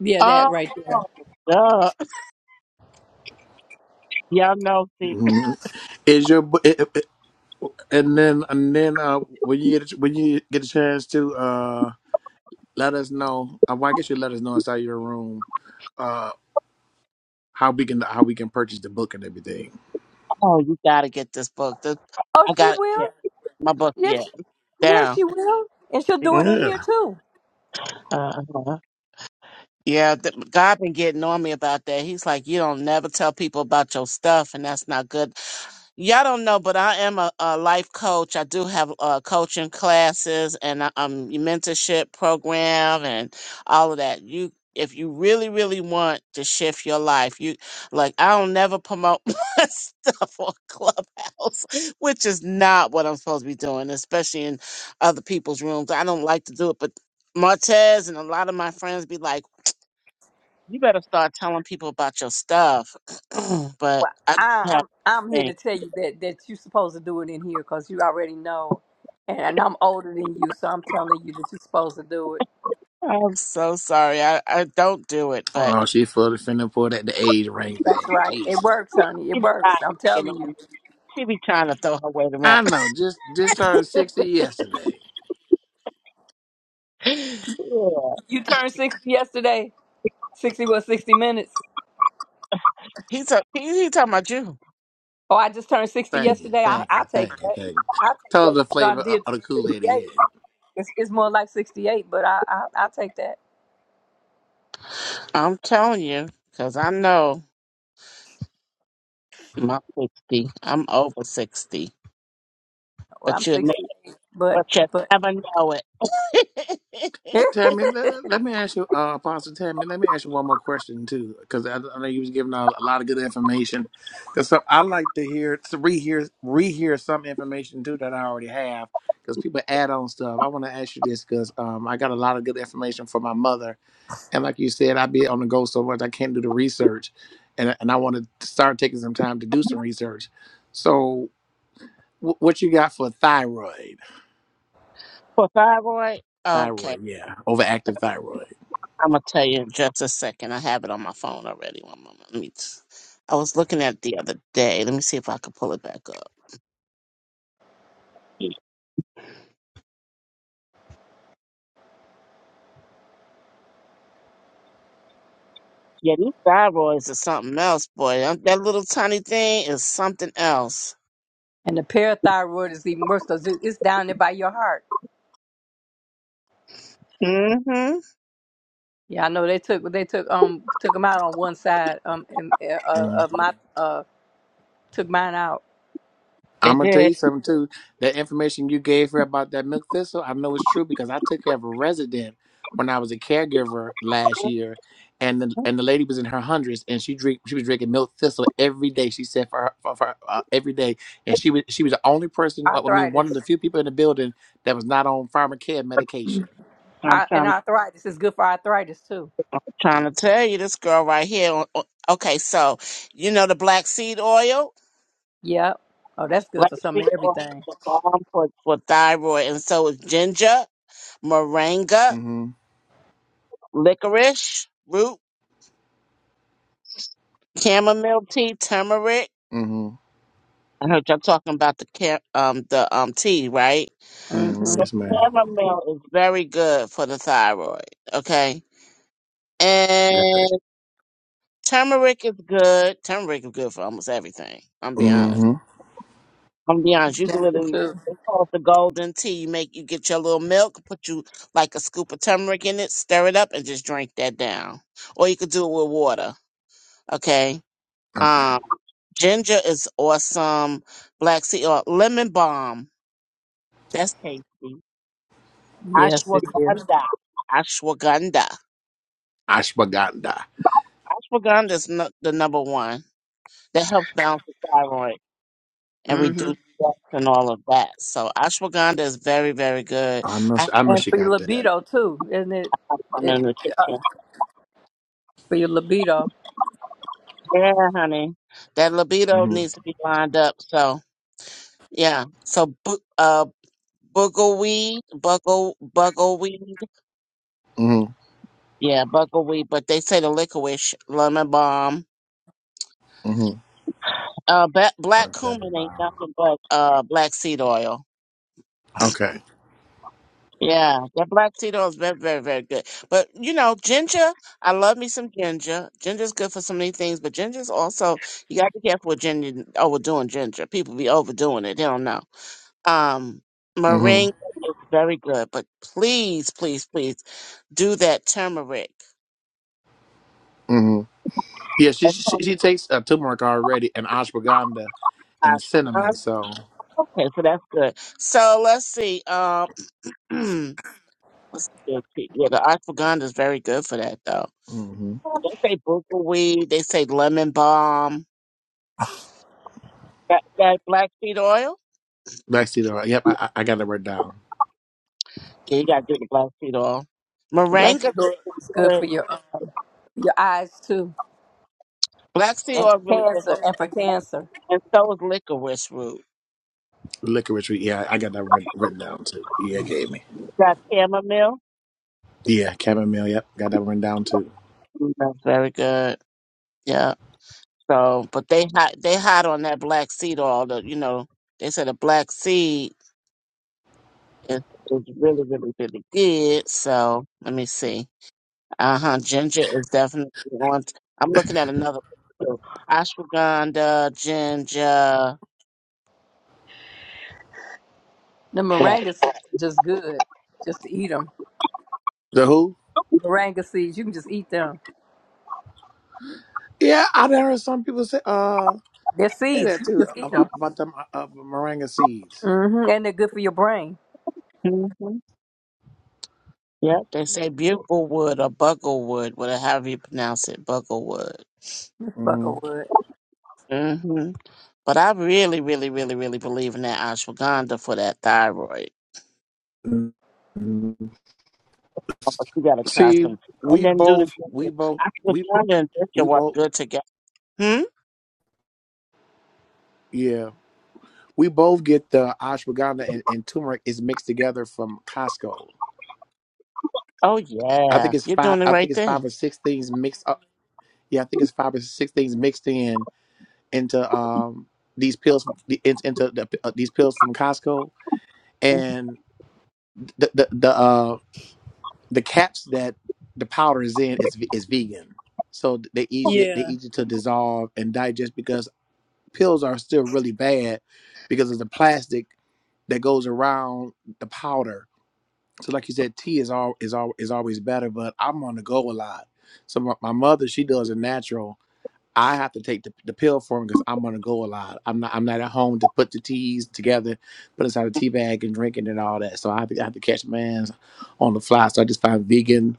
S1: yeah, that
S10: Oh,
S1: right there.
S10: duh. y'all know. See,
S3: Mhm. Is your bu- it- it- and then and then uh when you get a- when you get a chance to uh let us know. uh, Well, I guess you let us know inside your room uh how we can how we can purchase the book and everything.
S10: oh, you gotta get this book. This,
S1: Oh,
S10: I
S1: she
S10: got it. yeah,
S1: will.
S10: my book. Yeah,
S1: Yes, yes,
S10: down.
S1: she will, and she'll do it in here
S3: Yeah.
S1: too.
S10: Uh, yeah, th- God been getting on me about that. He's like, you don't never tell people about your stuff, and that's not good. Y'all don't know, but I am a, a life coach. I do have uh, coaching classes and a um, mentorship program and all of that. You, if you really, really want to shift your life, you like I don't never promote my stuff on Clubhouse, which is not what I'm supposed to be doing, especially in other people's rooms. I don't like to do it, but Martez and a lot of my friends be like, "You better start telling people about your stuff," but
S1: Well,
S10: I
S1: I,
S10: don't have.
S1: I'm I'm here
S10: things.
S1: to tell you that that you're supposed to do it in here because you already know, and, and I'm older than you, so I'm telling you that you're supposed to do it.
S10: I'm so sorry. I, I don't do it, but
S3: Oh, she full of finna pull that the age ring
S1: That's
S3: thing.
S1: right. It
S3: Jesus.
S1: works, honey. It
S10: she be trying,
S1: works. I'm telling you.
S10: to- she be trying to throw her weight around.
S3: I know. Just just turned sixty yesterday.
S10: yeah.
S1: You turned 60 yesterday. 60 was 60 minutes.
S10: He's a, he, he talking about you.
S1: Oh, I just turned 60
S3: Thank you,
S1: yesterday. I
S3: thank
S1: I
S3: you,
S1: take
S3: thank you,
S1: that.
S3: thank you.
S1: I take
S3: Tell us
S1: that.
S3: the
S1: You know, I
S3: flavor of,
S1: did
S3: of the
S1: turn
S3: Kool Aid
S1: 68.
S3: is.
S1: It's, it's more like 68, but I I, I take that.
S10: I'm telling you, because I know my 60. I'm over 60.
S1: Well, I'm
S10: But you,
S1: 68, but
S10: but you
S1: but
S10: never know it.
S1: and
S3: Tammy, let, let me ask you, uh, Apostle Tammy, let me ask you one more question too, because I, I know you was giving out a lot of good information. Because I like to hear, to rehear, rehear some information too that I already have, because people add on stuff. I want to ask you this because um, I got a lot of good information from my mother, and like you said, I be on the go so much I can't do the research, and and I want to start taking some time to do some research. So, w- what you got for thyroid?
S10: For thyroid? Okay.
S3: Thyroid, yeah, overactive thyroid.
S10: I'm going to tell you in just a second. I have it on my phone already. One moment. Let me t- I was looking at it the other day. Let me see if I could pull it back up. Yeah, yeah these thyroids are something else, boy. That that little tiny thing is something else.
S1: the parathyroid is even worse because it's down there by your heart.
S10: Mm-hmm.
S1: Yeah, I know they took they took um took them out on one side um and uh, uh,
S3: Mm.
S1: of my uh took mine out
S3: I'm
S10: It
S3: gonna tell
S10: did.
S3: you something too. That information you gave her about that milk thistle, I know it's true because I took care of a resident when I was a caregiver last
S10: Okay.
S3: year, and the and the lady was in her hundreds, and she drink she was drinking milk thistle every day. She said for, her, for, for uh, every day, and she was she was the only person. well, I mean, one of
S1: arthritis.
S3: the few people in the building that was not on pharmacare medication.
S1: Mhm.
S10: I'm
S1: I, and
S10: trying,
S1: arthritis is good for arthritis too.
S10: trying to tell you this girl right here. o- o- Okay, so you know the black seed oil,
S1: Yep. Oh, that's good
S10: black
S1: for some
S10: seed
S1: of
S10: oil
S1: everything.
S10: is a balm for, for thyroid, and so is ginger, moringa, licorice root, chamomile tea, turmeric.
S3: Mm-hmm.
S10: I heard y'all talking about the ca- um the um tea, right?
S3: Mm-hmm.
S10: So
S1: Mm-hmm.
S3: Yes, ma'am.
S10: chamomile is very good for the thyroid. Okay,
S3: Yeah.
S10: and turmeric is good. Turmeric is good for almost everything. I'm be honest.
S3: Mm-hmm.
S10: I'm be honest. You can
S1: Ginger
S10: literally
S1: too.
S10: it's called the golden tea. You make you get your little milk, put you like a scoop of turmeric in it, stir it up, and just drink that down. Or you could do it with water. Okay.
S3: Okay.
S10: Um, ginger is awesome. Black sea or lemon balm. That's tasty.
S1: Yes, it is.
S10: Ashwagandha. Ashwagandha.
S3: Ashwagandha.
S10: Ashwagandha is nu- the number one that helps balance the thyroid and
S1: Mm-hmm.
S10: reduce stress and all of that. So ashwagandha is very, very good.
S3: I know.
S10: I have
S3: She, I know
S1: And
S3: she
S1: for your
S3: got that.
S1: libido too, isn't it?
S10: some
S1: It
S10: in the kitchen.
S1: for your libido.
S10: Yeah, honey, that libido
S3: Mm-hmm.
S10: needs to be lined up. So yeah, so bu- uh, buggleweed, buggle, buggleweed,
S3: Mm-hmm.
S10: yeah, buggleweed. But they say the licorice, lemon balm,
S3: Mm-hmm.
S10: uh, ba- black
S3: Or Lemon
S10: cumin ain't
S3: balm.
S10: nothing but uh black seed oil.
S3: Okay.
S10: Yeah, that black Tito is very, very, very good. But you know, ginger, I love me some ginger. Ginger's good for so many things, but ginger's also you gotta be careful with ginger overdoing ginger. People be overdoing it, they don't know. Um
S3: Mm-hmm.
S10: meringue is very good, but please, please, please do that turmeric.
S3: Mm-hmm. Yeah, she
S10: That's
S3: she,
S10: on the
S3: she takes uh, turmeric already and ashwagandha
S10: side
S3: and
S10: for God.
S3: cinnamon. So.
S10: Okay, so that's good. So let's see. Um, what's the good tea? Yeah, the ashwagandha is very good for that though.
S3: Mm-hmm.
S10: They say buckwheat. They say lemon balm That, that black seed oil?
S3: Lexi, though. Yep, I, I I got that written down.
S10: Yeah, you gotta drink the black seed oil.
S1: Black
S10: Moringa
S1: seed
S10: is
S1: is good
S10: good.
S1: for your um, your eyes too,
S10: Black seed
S1: and
S10: oil
S1: for
S10: is really good for
S1: cancer, and for cancer.
S10: and so is licorice root.
S3: Licorice. Yeah, I got that writ- written down too. Yeah, gave me.
S10: Got chamomile?
S3: Yeah, chamomile. Yep, got that written down too.
S10: Mm, That's very good. Yeah. So but they hot they hot on that black seed oil the you know, they said a black seed is, is really, really, really good. So let me see. Uh huh. Ginger is definitely on t- I'm looking at another one too. ashwagandha, ginger,
S1: The moringas are just good, just to eat 'em.
S3: The who?
S1: Moringa seeds. You can just eat them.
S3: Yeah, I done heard some people say. Uh.
S1: They're
S3: Say
S1: seeds.
S3: that
S1: You can
S3: too
S1: Just eat
S3: ab-
S1: them.
S3: about them uh, uh, moringa seeds.
S1: hmm And they're good for your brain.
S10: black. Yep. They say bugle or bugle whatever however you pronounce it, bugle
S3: hmm
S1: Buckerwood.
S10: hmm But I really, really, really, really believe in that ashwagandha for that thyroid. Oh, But you gotta try
S3: See,
S10: some, and
S3: we
S10: then do the
S3: both, we both, we
S10: ashwagandha and ginger
S3: we
S10: work
S3: both,
S10: good together. Hmm.
S3: yeah, we both get the ashwagandha and, and turmeric is mixed together from Costco.
S10: Oh
S3: I
S10: yeah,
S3: think it's
S10: you're
S3: five.
S10: doing the
S3: I think
S10: right
S3: it's five
S10: thing.
S3: or six things mixed up. Yeah, I think it's five or six things mixed in into um these pills from- in- into the, uh, these pills from Costco and the the the, uh, the caps that the powder is in is is vegan, so they easy they
S1: Yeah.
S3: easy to dissolve and digest because pills are still really bad because of the plastic that goes around the powder. So like you said, tea is all is all is always better, but I'm on the go a lot. So my, my mother she does a natural. I have to take the, the pill for him because I'm on the go a lot. I'm not I'm not at home to put the teas together, put inside a tea bag and drink it and all that. So I have to, I have to catch my hands on the fly. So I just find vegan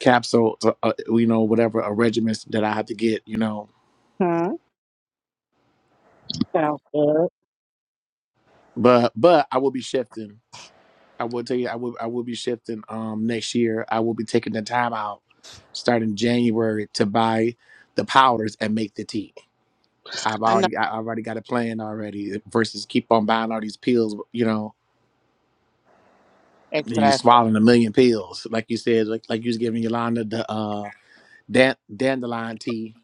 S3: capsules, uh, uh, you know, whatever a regiments that I have to get, you know.
S10: Hmm. Sounds good.
S3: But but I will be shifting. I will tell you, I will I will be shifting. Um, next year I will be taking the time out, starting January to buy the powders and make the tea. I've
S10: I know
S3: already I I've already got a plan already. eh, Versus keep on buying all these pills, you know. and You
S10: exactly.
S3: swallowing a million pills, like you said, like like you was giving Yolanda the uh dan- dandelion tea.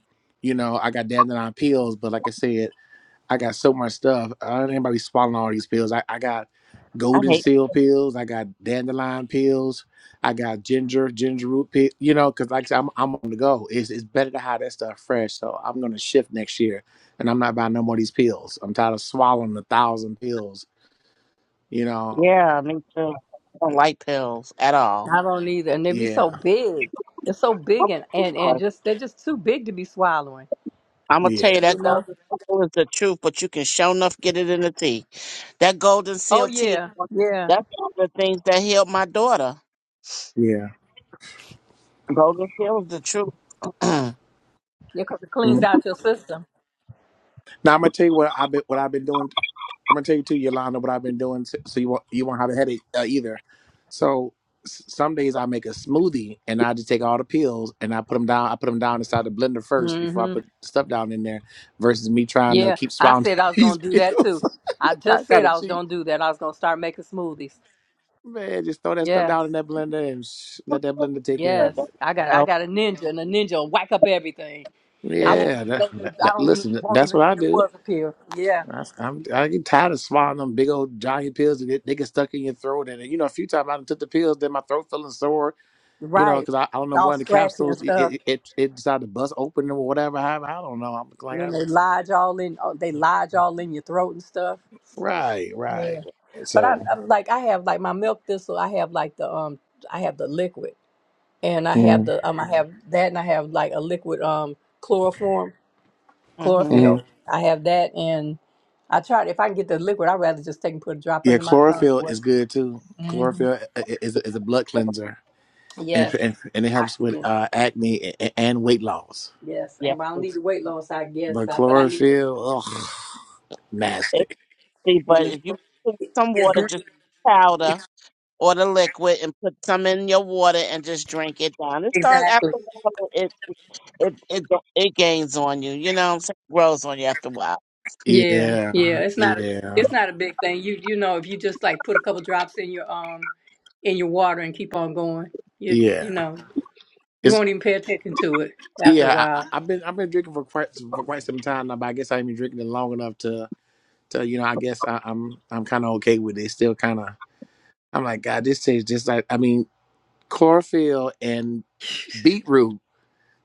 S3: You know, I got dandelion pills, but like I said. I got so much stuff. I don't anybody swallowing all these pills. I, I got
S10: I
S3: golden
S10: hate.
S3: seal pills. I got dandelion pills. I got ginger, ginger root pill. You know, because like I said, I'm, I'm on the go. It's, it's better to have that stuff fresh. So I'm going to shift next year and I'm not buying no more of these pills. I'm tired of swallowing a thousand pills. You know,
S10: Yeah, me too. I don't like pills at all.
S1: I don't either. And they be so
S3: yeah,
S1: big. They're so big and, and, and just they're just too big to be swallowing.
S10: I'm gonna tell
S3: yeah,
S10: you
S1: You
S10: that
S1: know?
S10: golden pill is the truth, but you can show enough get it in the tea. That golden
S1: Oh
S10: seal tea,
S1: yeah. Yeah.
S10: that's one of the things that healed my daughter.
S3: yeah.
S10: Golden seal is the truth. okay.
S1: Yeah, 'cause it cleans
S3: Mhm.
S1: out your system.
S3: Now I'm going to tell you what I've been, what I've been doing I'm gonna tell you too, Yolanda, what I've been doing, t- so you won't you won't have a headache uh, either. So s- some days I make a smoothie and I just take all the pills and I put them down. I put them down inside the blender first before I
S1: hmm
S3: put the stuff down in there. Versus me trying to
S1: Yeah.
S3: keep
S1: I
S3: swallowing
S1: said I was
S3: these
S1: gonna do that
S3: pills,
S1: too. I
S3: I
S1: just said
S3: gotta
S1: I was
S3: cheat,
S1: gonna do that. I was gonna start making smoothies.
S3: man. Just throw that stuff
S1: Yes.
S3: down in that blender and sh- let that blender take care of
S1: Yes.
S3: it.
S1: I got I got a ninja and a ninja will whack up everything. I won't
S3: Yeah,
S1: even
S3: that,
S1: know that.
S3: that,
S1: I
S3: that-
S1: don't even
S3: listen,
S1: won't
S3: that's
S1: even
S3: what
S1: know
S3: I
S1: there
S3: do.
S1: was a pill. Yeah,
S3: I, I'm I get tired of swallowing them big old giant pills that get, they get stuck in your throat, and you know a few times I done took the pills, then my throat feeling sore
S1: you're
S3: you know,
S1: right.
S3: because I, I don't
S1: It's
S3: know
S1: All
S3: one of the
S1: scratchy and
S3: capsules it
S1: stuff,
S3: it, it it decided to bust open or whatever. I, I don't know. I'm like,
S1: and then
S3: I-
S1: they lodge all in. oh, They lodge all in your throat and stuff.
S3: right, right.
S1: Yeah,
S3: And
S1: but I,
S3: so,
S1: I like I have like my milk thistle. I have like the um I have the liquid, and I have
S3: mhm,
S1: the um I have that, and I have like a liquid um chloroform
S10: Mm-hmm.
S1: chlorophyll.
S3: mhm.
S1: I have that, and I tried if I can get the liquid, I'd rather just take and put a drop
S3: yeah,
S1: under my tongue.
S3: chlorophyll is good too.
S1: Mm-hmm.
S3: Chlorophyll uh, i- i- is a, is a blood cleanser, and if,
S1: Yes.
S3: and, and it helps with uh, acne and, and weight loss.
S1: Yes,
S10: Yes.
S1: and I don't
S10: it's-
S1: need the weight loss, I guess,
S3: But
S1: I, but I need. To,
S3: chlorophyll, ugh,
S10: it's-
S3: nasty.
S10: See,
S1: well,
S10: but
S1: it's
S10: if you put some
S1: it's
S10: water, just
S1: green,
S10: powder or the liquid, and put some in your water and just drink it down. It starts
S1: exactly.
S10: after a while. It it it it gains on you. You know, what I'm saying grows on you after a while.
S1: Yeah, yeah.
S3: Yeah,
S1: It's not a, it's
S3: yeah,
S1: not a big thing. You you know, if you just like put a couple drops in your um in your water and keep on going, you you
S3: yeah.
S1: know, you
S3: It's
S1: won't even pay attention to it after a
S3: yeah. I,
S1: while.
S3: I- I've been I've been drinking for quite for quite some time now, but I guess I have been drinking it long enough to. So you know, I guess I, I'm I'm kind of okay with it. Still kind of I'm like, God, this tastes just like I mean, chlorophyll and beetroot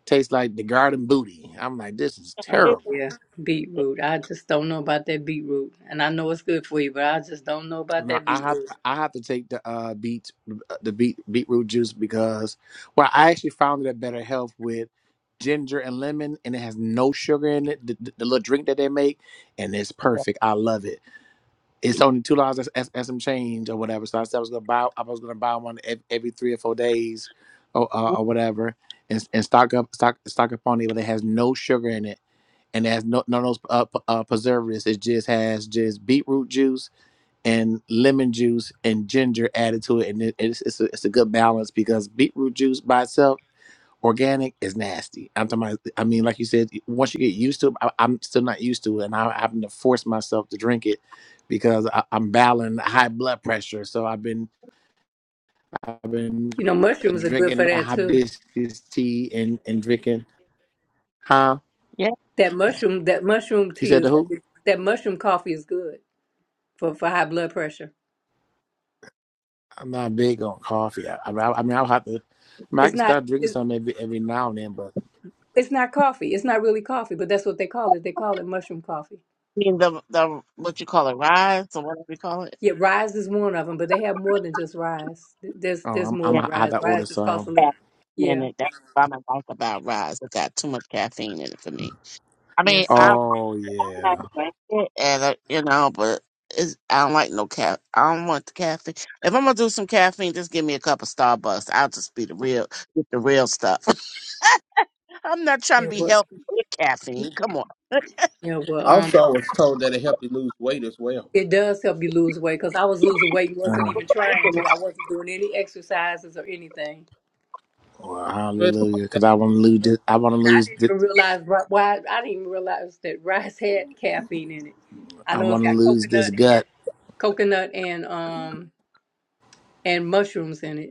S3: taste like the garden booty. I'm like, this is
S1: Oh
S3: terrible.
S1: yeah, beetroot. I just don't know about that beetroot, and I know it's good for you, but I just don't know about
S3: No,
S1: that
S3: I have
S1: beetroot.
S3: I have to take the uh beet the beet beetroot juice because well, I actually found it a better health with ginger and lemon, and it has no sugar in it. The, the, the little drink that they make, and it's perfect. I love it. it's only two dollars as, as, some change or whatever. So I said I was gonna buy I was gonna buy one ev- every three or four days or uh, or whatever, and, and stock up stock stock up on it, but it has no sugar in it and it has no none of those uh, p- uh, preservatives. It just has just beetroot juice and lemon juice and ginger added to it, and it, it's it's a, it's a good balance because beetroot juice by itself organic is nasty. I'm talking about, I mean, like you said, once you get used to it, I, I'm still not used to it, and I, I'm having to force myself to drink it because I, I'm battling high blood pressure. So I've been, I've been
S1: You know,
S3: uh,
S1: mushrooms are good
S3: drinking
S1: for
S3: the
S1: that too.
S3: hibiscus tea and and drinking. Huh?
S10: Yeah, I
S1: That mushroom, that mushroom
S3: You
S1: tea
S3: said
S1: is
S3: the who?
S1: that mushroom coffee is good. for, for high blood pressure.
S3: I'm not big on coffee. I, I, mean, I I mean, I'll have to. I, mean, I
S1: It's
S3: can
S1: not
S3: start drinking
S1: it's
S3: some every every now and then, but
S1: it's not coffee. It's not really coffee, but that's what they call it. They call it mushroom coffee.
S10: mean the the what you call it, rise or whatever you call it.
S1: Yeah, rise is one of them, but they have more than just rise. There's
S3: oh,
S1: there's
S3: I'm
S1: more
S3: I'm
S1: than
S3: gonna have
S1: rise.
S3: to order
S1: Rise just costs a
S3: some.
S1: little.
S10: caffeine in
S1: Yeah,
S10: it. That's what I don't like about Rise. It got too much caffeine in it for me. I mean,
S1: yes, yeah.
S10: I
S3: Oh
S10: I
S3: yeah.
S10: drink it, and uh, you know, but it's, I don't like no caffeine. I don't want the caffeine. If I'm gonna do some caffeine, just give me a cup of Starbucks. I'll just be the real, get the real stuff. I'm not trying to
S1: Yeah,
S10: be
S1: but
S10: healthy with caffeine. Come on,
S1: yeah, but
S2: I
S1: um,
S2: also was told that it helped you lose weight as well.
S1: it does help you lose weight because I was losing weight and wasn't
S3: Uh,
S1: even trying to. I wasn't doing any exercises or anything,
S3: well,
S2: Especially-
S3: hallelujah, because I want to lose. This, I want to
S1: and I
S3: lose.
S1: didn't
S3: th-
S1: even realize ri- why. I didn't even realize that rice had caffeine in it. I
S3: I
S1: know it's
S3: want to
S1: got
S3: lose this
S1: coconut and
S3: gut.
S1: coconut and um and mushrooms in it.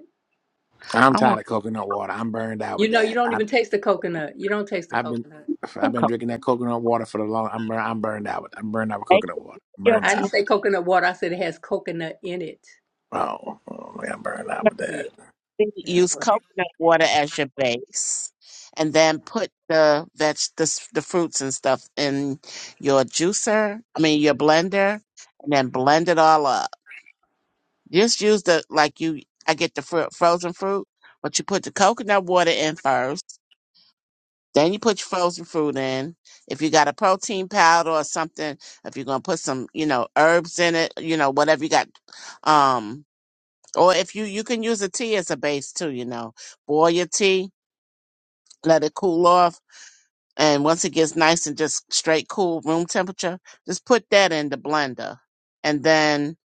S3: I'm
S10: I
S3: tired
S10: want
S3: of coconut water. I'm burned out
S1: You
S3: with
S1: know, you
S3: that.
S1: don't
S3: I,
S1: even taste the coconut. You don't taste the
S3: I've been
S1: coconut.
S3: I've
S10: some
S3: been
S10: cup.
S3: drinking that coconut water for the long. I'm bur- I'm burned out with. I'm burned out with
S10: Make
S3: coconut water.
S10: your
S3: burned
S1: I didn't
S10: smoothie.
S3: out.
S1: say coconut water. I said it has coconut in it.
S3: Oh, oh man, I'm burned out with
S1: Yeah,
S3: that.
S1: yeah.
S10: use
S1: Well,
S10: coconut water as your base, and then put the veg, the, s- the fruits and stuff in your juicer. I mean your blender, and then blend it all up. Just use the like you. I get the fruit, frozen fruit, but you put the coconut water in first. Then you put your frozen fruit in. If you got a protein powder or something, if you're gonna put some, you know, herbs in it, you know, whatever you got, um, or if you you can use a tea as a base too, you know, boil your tea let it cool off. And once it gets nice and just straight cool room temperature, just put that in the blender. And then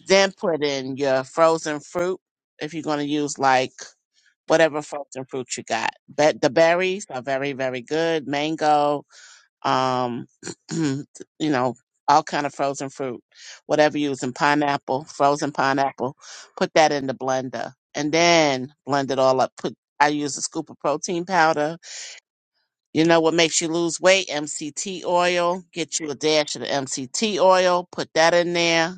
S10: then put in your frozen fruit if you're going to use like whatever frozen fruit you got. But the berries are very very good. Mango, um you know, all kind of frozen fruit. Whatever you're using, pineapple, frozen pineapple, put that in the blender. And then blend it all up. Put I use a scoop of protein powder you know what makes you lose weight? MCT oil. Get you a dash of the MCT oil, put that in there,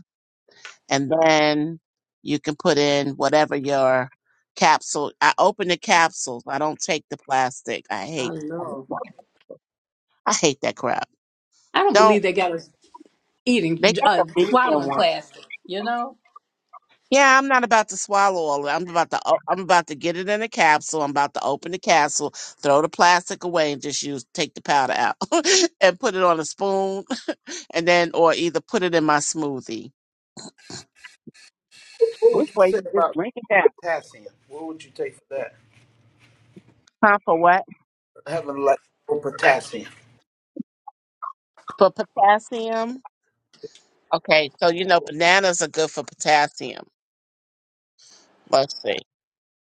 S10: and then you can put in whatever your capsule. I open the capsules. I don't take the plastic. I
S1: I
S10: hate
S1: know.
S10: I hate that crap.
S1: I don't believe
S10: Don't
S1: they got us
S10: they
S1: eating
S10: got
S1: uh,
S10: the vegan
S1: swallowing
S10: one.
S1: plastic. You know,
S10: Yeah, I'm not about to swallow all of it. I'm about to o- I'm about to get it in a capsule. I'm about to open the capsule, throw the plastic away and just use take the powder out and put it on a spoon and then or either put it in my smoothie.
S2: What what
S10: This
S2: would you
S10: way
S2: say
S10: you just
S2: about?
S10: drink it down.
S2: potassium. What would you take for that?
S10: Huh? For what?
S2: Having like low potassium.
S10: For potassium. Okay, so you know bananas are good for potassium. Let's see.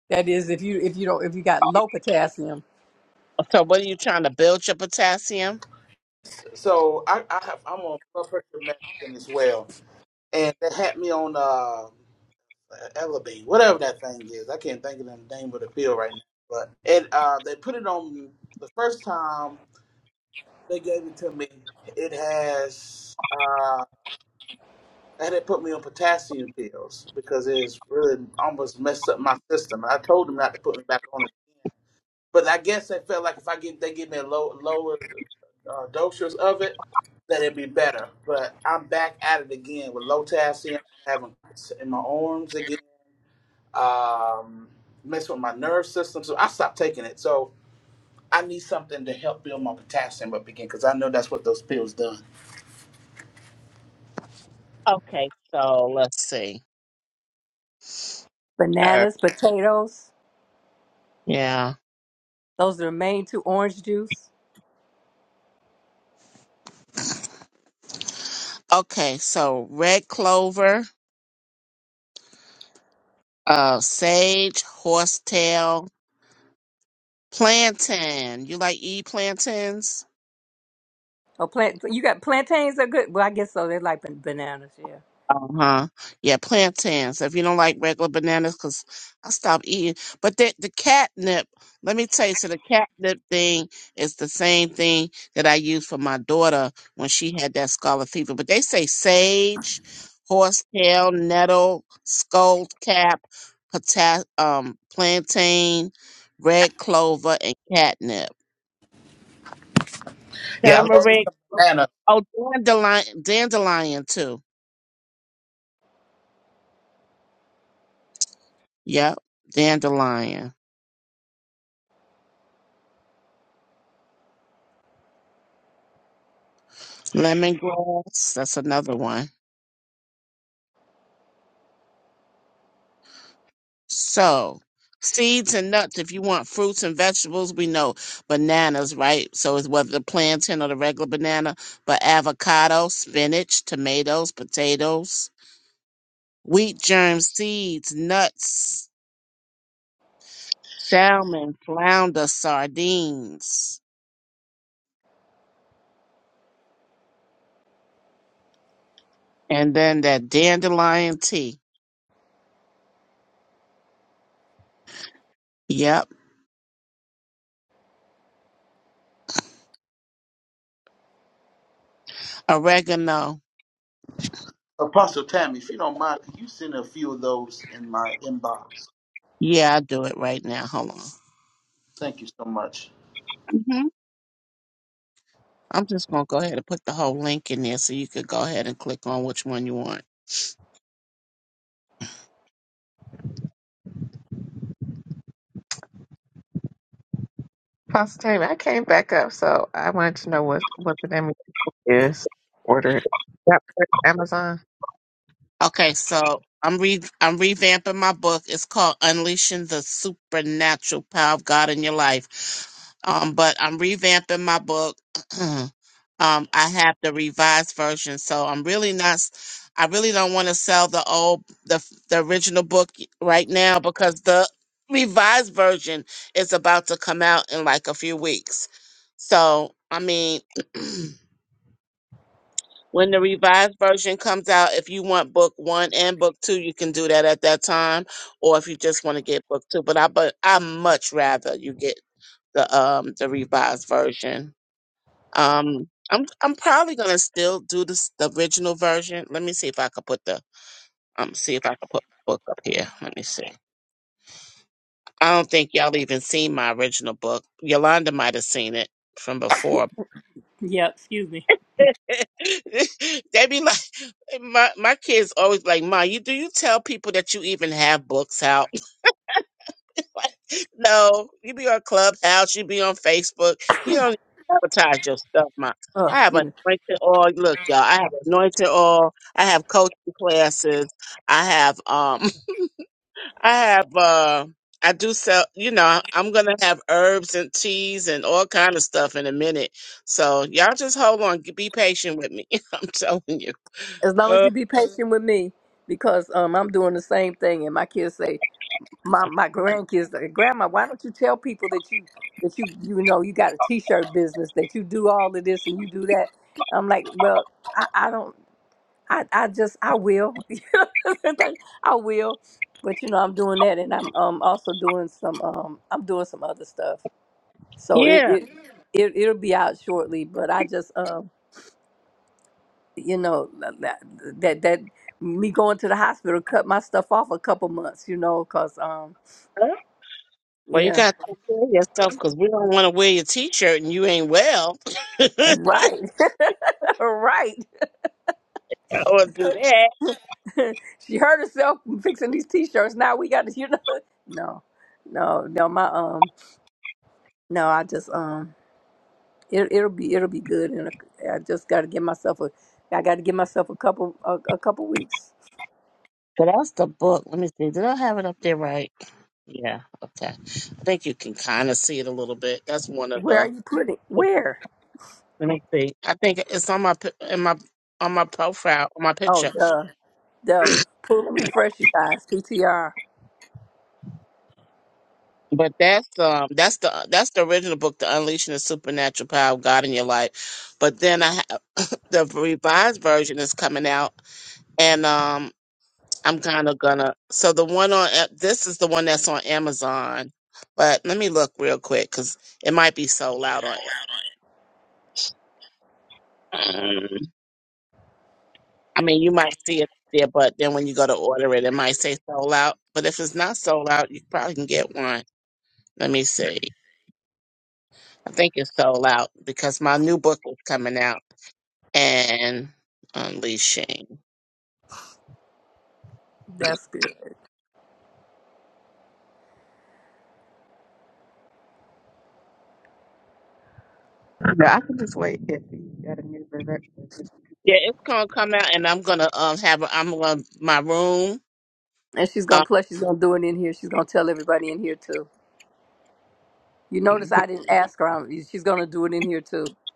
S1: that is if you if you don't if you got low potassium.
S10: So what are you trying to build your potassium?
S2: So I, I have, I'm on blood pressure medicine as well, and they had me on uh, Elevate, whatever that thing is. I can't think of the name of the pill right now, but it uh, they put it on me the first time they gave it to me. It has uh. They had put me on potassium pills because it's really almost messed up my system. I told them not to put me back on it But I guess they felt like if I get they give me a low, lower uh, doses of it, that it'd be better. But I'm back at it again with low potassium. I'm having cramps in my arms again. Um, mess with my nerve system. So I stopped taking it. So I need something to help build my potassium up again because I know that's what those pills done.
S10: Okay, so let's see. Er,
S1: Bananas, potatoes.
S10: Yeah.
S1: Those are the main two. Orange juice.
S10: Okay, so red clover, uh, sage, horsetail, Plantain. You like e plantains?
S1: Oh, plant. You got plantains are good. Well, I guess so. They're like ban- bananas. Yeah.
S10: Uh huh. Yeah, plantains. If you don't like regular bananas, because I stopped eating. But the, the catnip, let me tell you, so the catnip thing is the same thing that I used for my daughter when she had that scarlet fever. But they say sage, horsetail, nettle, skullcap, pota- um, plantain, red clover, and catnip.
S2: Yeah, I love me
S10: turmeric.
S2: some banana.
S10: Oh, dandelion, dandelion too. Yep, dandelion. Lemongrass, that's another one. So, seeds and nuts, if you want fruits and vegetables, we know bananas, right? So, it's whether the plantain or the regular banana, but avocado, spinach, tomatoes, potatoes, wheat germ seeds, nuts, salmon, flounder, sardines, and then that dandelion tea. Yep. Oregano.
S2: Apostle Tammy, if you don't mind, can you send a few of those in my inbox?
S10: Yeah, I'll do it right now. Hold on.
S2: Thank you so much.
S10: hmm I'm just going to go ahead and put the whole link in there so you could go ahead and click on which one you want.
S5: Pastor Tammy, I came back up, so I wanted to know what what the name of it is. Order it. Yep, Amazon.
S10: Okay, so I'm re- I'm revamping my book. It's called Unleashing the Supernatural Power of God in Your Life. Um, but I'm revamping my book. um, I have the revised version, so I'm really not. s- I really don't want to sell the old, the the original book right now because the revised version is about to come out in like a few weeks. So I mean, when the revised version comes out, if you want book one and book two, you can do that at that time, or if you just want to get book two. But I but I much rather you get the um the revised version. Um, I'm I'm probably gonna still do this the original version. Let me see if I could put the um see if I could put the book up here. Let me see. I don't think y'all even seen my original book. Yolanda might have seen it from before.
S1: Yeah. Excuse me.
S10: they be like, my my kids always like, Ma, you do you tell people that you even have books out? no, you be on Clubhouse, you be on Facebook. You don't advertise your stuff, ma.
S1: Oh,
S10: I have
S1: excuse me.
S10: anointed oil. Look, y'all, I have anointed oil. I have coaching classes. I have um, I have uh, I do sell. You know, I- am gonna have herbs and teas and all kind of stuff in a minute. So y'all just hold on. Be patient with me. I'm telling you.
S1: As long as
S10: Uh,
S1: you be patient with me, because um, I'm doing the same thing, and my kids say, my my grandkids, say, Grandma, why don't you tell people that you that you you know you got a T-shirt business, that you do all of this and you do that? I'm like, well, I, I don't, I, I just I will, I will, but you know I'm doing that, and I'm um also doing some um I'm doing some other stuff, so it
S10: yeah.
S1: it, it it'll be out shortly, but I just um you know that that, that me going to the hospital cut my stuff off a couple months you know because um
S10: huh? Well, you
S1: yeah
S10: got to take care of yourself because we don't want to wear your t-shirt and you ain't well
S1: right right
S10: or do that.
S1: she hurt herself fixing these t-shirts now we got to you know no no no my um no i just um it, it'll be it'll be good and i just got to give myself a i got to give myself a couple a, a couple weeks
S10: So that's the book. Let me see. Did I have it up there right? Yeah. Okay. I think you can kind of see it a little bit. That's one of
S1: where are
S10: the.
S1: you putting where
S10: Let me see. I think it's on my pi- in my on my profile on my
S1: oh
S10: picture.
S1: the the pool and refresh you guys ptr
S10: But that's um that's the that's the original book, The Unleashing the Supernatural Power of God in Your Life. But then I have the revised version is coming out, and um I'm kind of gonna. So the one on A- this is the one that's on Amazon. But let me look real quick because it might be sold out on Mm. I mean, you might see it there, but then when you go to order it, it might say sold out. But if it's not sold out, you probably can get one. Let me see. I think it's sold out because my new book is coming out and unleashing.
S1: that's good
S5: Yeah, I can just wait if you got a new version.
S10: Yeah, it's gonna come out, and I'm gonna um have a- I'm gonna my room.
S1: And she's gonna
S10: Um,
S1: plus she's gonna do it in here. She's gonna tell everybody in here too. You notice I didn't ask her. I'm, she's gonna do it in here too. So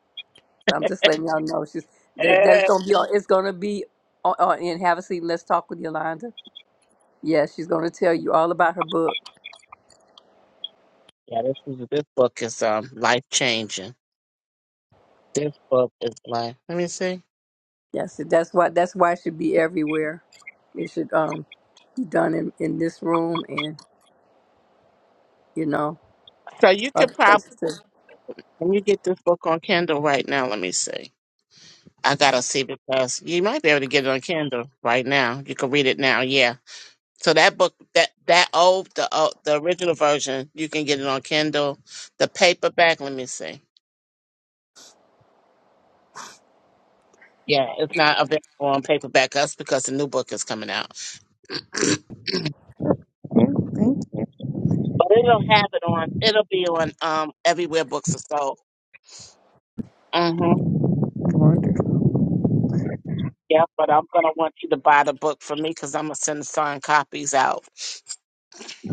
S1: I'm just letting y'all know she's that
S10: yeah,
S1: that's gonna be on. It's gonna be on, on in Have a Seat. and Let's talk with Yolanda. Yeah, she's gonna tell you all about her book.
S10: yeah, this is this book is um life changing. This book is life. Let me see.
S1: Yes, that's why that's why it should be everywhere. It should um be done in, in this room and you know
S10: So you could
S1: other
S10: probably
S1: places too.
S10: when you get this book on Kindle right now. Let me see. I gotta see because you might be able to get it on Kindle right now. You can read it now, yeah. So that book, that that old, the old, the original version, you can get it on Kindle. The paperback, let me see. Yeah, it's not available on paperback. That's because the new book is coming out.
S5: Yeah, thank you.
S10: But it'll have it on. It'll be on um everywhere books are sold. Mm-hmm.
S5: Wonderful.
S10: Yeah, but I'm gonna want you to buy the book for me because I'm gonna send signed copies out.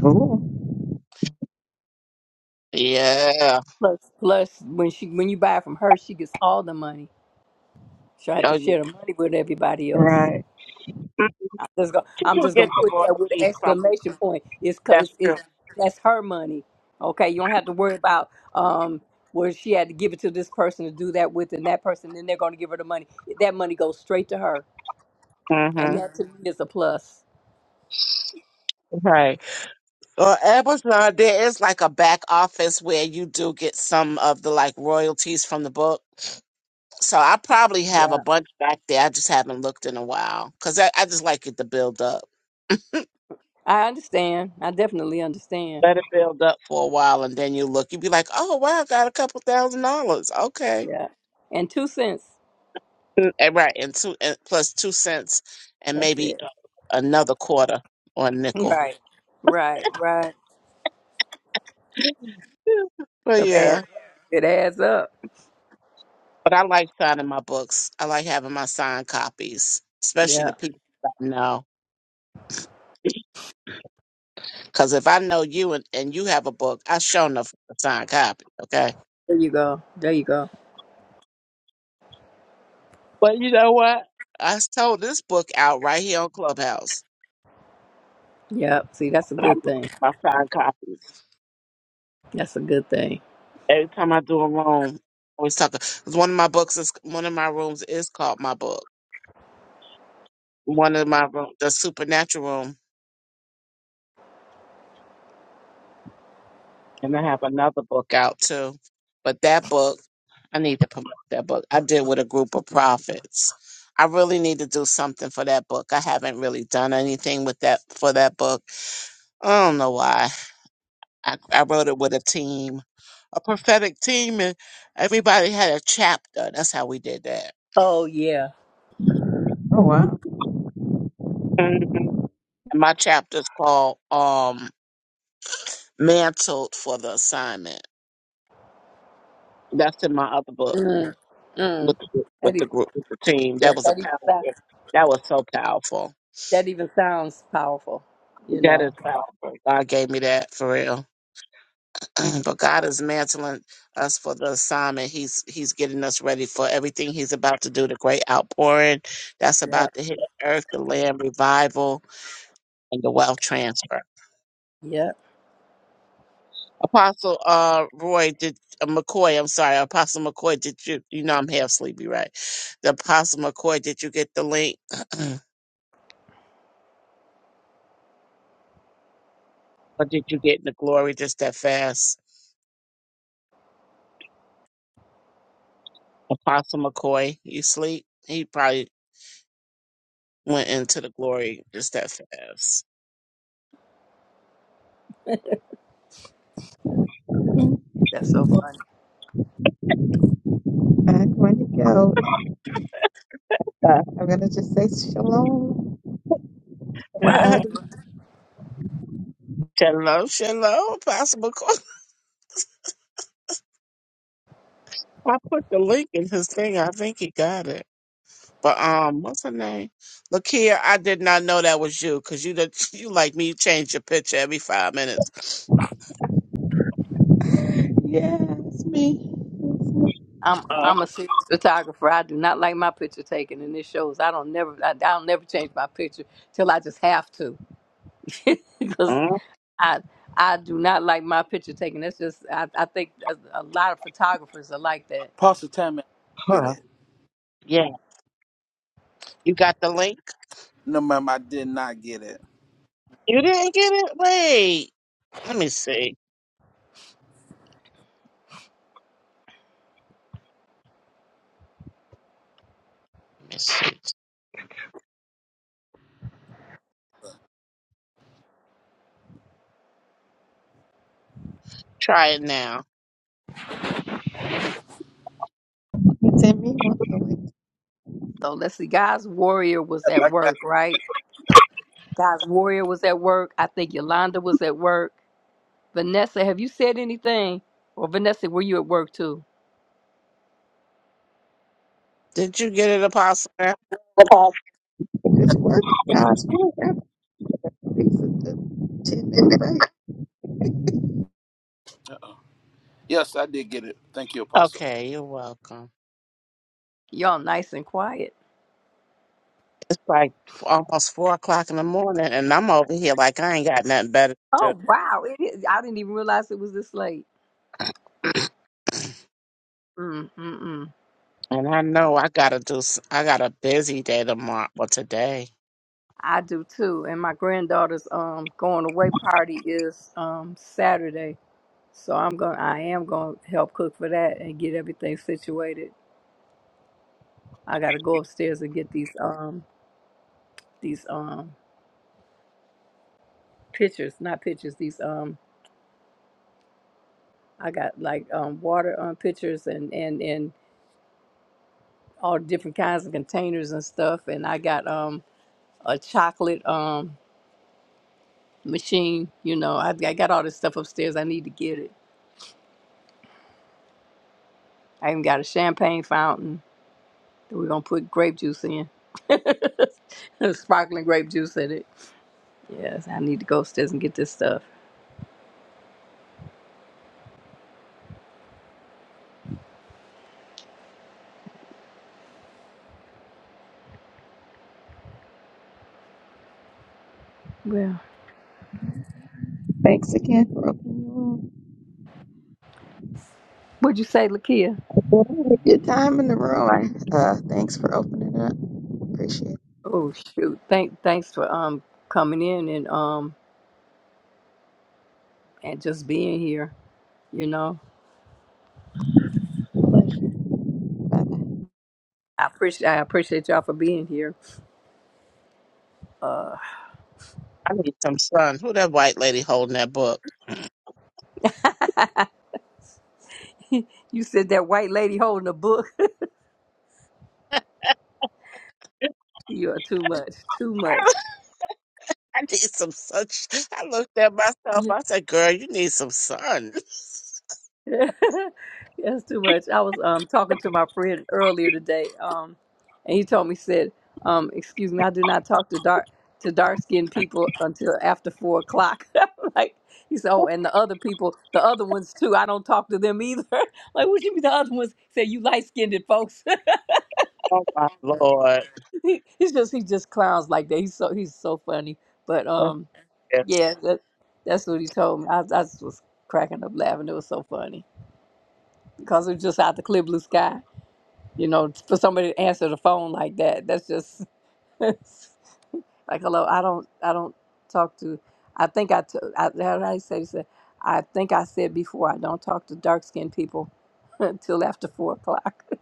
S5: Cool.
S10: Yeah.
S1: Plus, plus when she when you buy it from her, she gets all the money. She'll have
S10: Oh,
S1: to
S10: yeah.
S1: share the money with everybody else.
S5: Right.
S10: Mm,
S1: I'm just gonna,
S10: She
S1: I'm
S10: do
S1: just
S10: get
S1: gonna
S10: the
S1: put that with an
S10: royalties from.
S1: exclamation point. It's cause
S10: That's
S1: it's
S10: true.
S1: it's that's her money. Okay, you don't have to worry about um where she had to give it to this person to do that with, and that person, then they're gonna give her the money. That money goes straight to her, and
S10: hmm
S1: that to me is a plus.
S10: Right. Well, Amazon, there is like a back office where you do get some of the like royalties from the book. So I probably have a
S1: Yeah.
S10: bunch back there. I just haven't looked in a while because I, I just like it to build up.
S1: I understand. I definitely understand.
S10: Let it build up for a while, and then you look. You'd be like, "Oh wow, I got a couple thousand dollars. Okay,
S1: Yeah, and two cents.
S10: Mm, and right, and two and plus two cents, and
S1: That's
S10: maybe
S1: it.
S10: uh, another quarter or a nickel."
S1: Right, right, right.
S10: Yeah. But
S1: It
S10: yeah.
S1: adds, it adds up.
S10: But I like signing my books. I like having my signed copies, especially
S1: Yeah.
S10: the people that I know. Because if I know you and, and you have a book, I show enough a signed copy, okay?
S1: There you go. There you go.
S10: But you know what? I sold this book out right here on Clubhouse.
S1: Yeah. See, that's a good thing.
S10: My signed copies.
S1: That's a good thing.
S10: Every time I do a room, I always talk. 'cause One of my books is one of my rooms is called my book. One of my room, the supernatural room, and I have another book out too. But that book. I need to promote that book. I did with a group of prophets. I really need to do something for that book. I haven't really done anything with that for that book. I don't know why. I, I wrote it with a team, a prophetic team, and everybody had a chapter. That's how we did that.
S1: Oh yeah.
S5: Oh wow.
S10: Mhm. And my chapter's called um, "Mantled for the Assignment." That's in my other book
S1: Mm.
S10: with
S1: Mm.
S10: the,
S1: That
S10: with the
S1: even,
S10: group with the team.
S1: yeah,
S10: That was a
S1: that even
S10: powerful.
S1: sou-
S10: That was so powerful.
S1: that even sounds powerful, you
S10: That is
S1: know.
S10: powerful. God gave me that for real. but God is mantling us for the assignment. He's He's getting us ready for everything He's about to do. The great outpouring that's
S1: Yeah.
S10: about to hit the earth, the land revival, and the wealth transfer.
S1: Yeah.
S10: Apostle uh, Roy did uh, McCoy. I'm sorry, Apostle McCoy. Did you? You know I'm half sleepy, right? The Apostle McCoy. Did you get the link? or did you get in the glory just that fast? Apostle McCoy, you sleep? He probably went into the glory just that fast.
S5: Well,
S1: That's so funny.
S5: I'm going to go. Uh, I'm gonna just say shalom,
S1: Right.
S5: everybody.
S10: Hello, hello, Possible Court. I put the link in his thing. I think he got it. But um, what's her name? Lakia, I did not know that was you because you did, you like me. You change your picture every five minutes.
S5: Yeah, it's me. It's me.
S1: I'm
S10: Uh,
S1: I'm a serious photographer. I do not like my picture taken and this shows. I don't never I, I don't never change my picture till I just have to. Cuz I I do not like my picture taken. That's just I I think a, a lot of photographers are like that.
S2: Apostle Tammy, I didn't
S10: uh
S2: get it.
S10: Yeah, you got the link.
S2: No, ma'am, I did not get it.
S10: You didn't get it. Wait, let me see. Let me see. Try it now.
S5: It's in me wanting to wait.
S1: So let's see. God's warrior was at work, right? God's warrior was at work. I think Yolanda was at work Vanessa, have you said anything? Or Vanessa, were you at work too?
S10: Did you get it, Apostle?
S5: Just work, God's work. I'm of the ten minute break.
S2: Yes, I did get it. Thank you, Apostle.
S10: Okay, you're welcome.
S1: Y'all nice and quiet.
S10: like almost four o'clock in the morning, and I'm over here like I ain't got nothing better to do.
S1: Oh wow, it is. I didn't even realize it was this late. Mm mm mm.
S10: And I know I gotta do. s- I got a busy day tomorrow. Well, today
S1: I do too. And my granddaughter's um going away party is um Saturday, so I'm going. I am going to help cook for that and get everything situated. I got to go upstairs and get these um these um pictures, not pictures. These um I got like um water um pictures and and and all different kinds of containers and stuff. And I got um a chocolate um machine. You know, I, I got all this stuff upstairs. I need to get it. I even got a champagne fountain that we're gonna put grape juice in. Sparkling grape juice in it. Yes, I need to go upstairs and get this stuff. Well,
S5: Thanks again for opening the room.
S1: what'd you say, Lakia?
S5: Well, Your time in the room. I, uh, thanks for opening up. Appreciate
S1: Oh shoot! Thank thanks for um coming in and um and just being here. You know,
S5: it. Pleasure. Bye.
S1: I appreciate I appreciate y'all for being here. Uh,
S10: I need some sun. Who that white lady holding that book?
S1: you said that white lady holding a book. you are too much. Too much.
S10: I need some sun. I looked at myself.
S1: You-
S10: I said, "Girl, you need some sun."
S1: That's too much. I was um talking to my friend earlier today, um, and he told me said, um, "Excuse me, I do not talk to dark to dark skinned people until after four o'clock." like he said, "Oh, and the other people, the other ones too. I don't talk to them either." like, what you mean the other ones? Say you light skinned folks.
S10: oh my lord!
S1: he, he's just he just clowns like that. He's so he's so funny, but um. Yeah,
S10: Yes,
S1: that, that's what he told me. I, I just was cracking up laughing. It was so funny because it was just out the clear blue sky. You know, for somebody to answer the phone like that, that's just like hello. I don't, I don't talk to. I think I, t- I how did I say this? I think I said before I don't talk to dark skinned people until after four o'clock.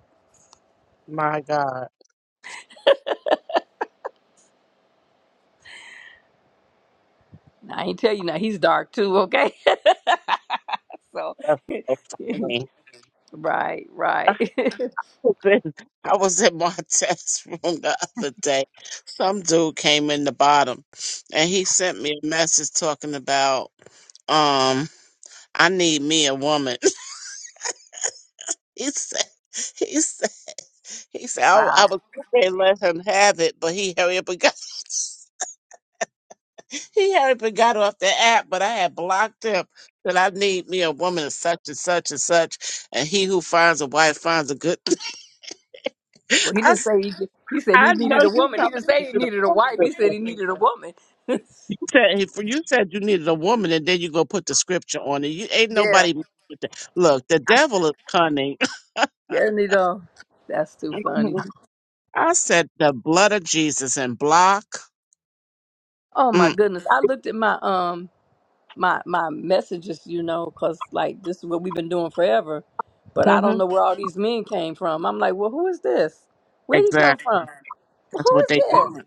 S10: my God.
S1: Now, I ain't tell you now. He's dark too. Okay, so
S10: That's so funny.
S1: right, right.
S10: open. I was in my test room the other day. Some dude came in the bottom and he sent me a message talking about um I need me a woman. He said he said he said I, I
S1: wow.
S10: was going to let him have it, but he hurry up and got he hurry up and got off the app, but I had blocked him that I need me a woman of such and such and such and he who finds a wife finds a good
S1: Well, he
S10: I,
S1: didn't
S10: s-
S1: say he, he said he
S10: I know
S1: needed a
S10: you
S1: woman.
S10: coming
S1: He didn't say he
S10: into the
S1: needed a wife. He
S10: phone.
S1: said he needed a woman. yeah,
S10: said if you said you needed a woman, and then you go put the scripture on it. You ain't nobody. messing with that. Look, the devil is cunning.
S1: yeah, Nito. That's too funny.
S10: I said the blood of Jesus and block.
S1: Oh my
S10: Mm,
S1: goodness! I looked at my um my my messages, you know, because like this is what we've been doing forever, but I don't
S10: hmm
S1: know where all these men came from. I'm like, well, who is this? Where he come
S10: exactly.
S1: from? Who
S10: That's what
S1: is
S10: they
S1: this?
S10: doing.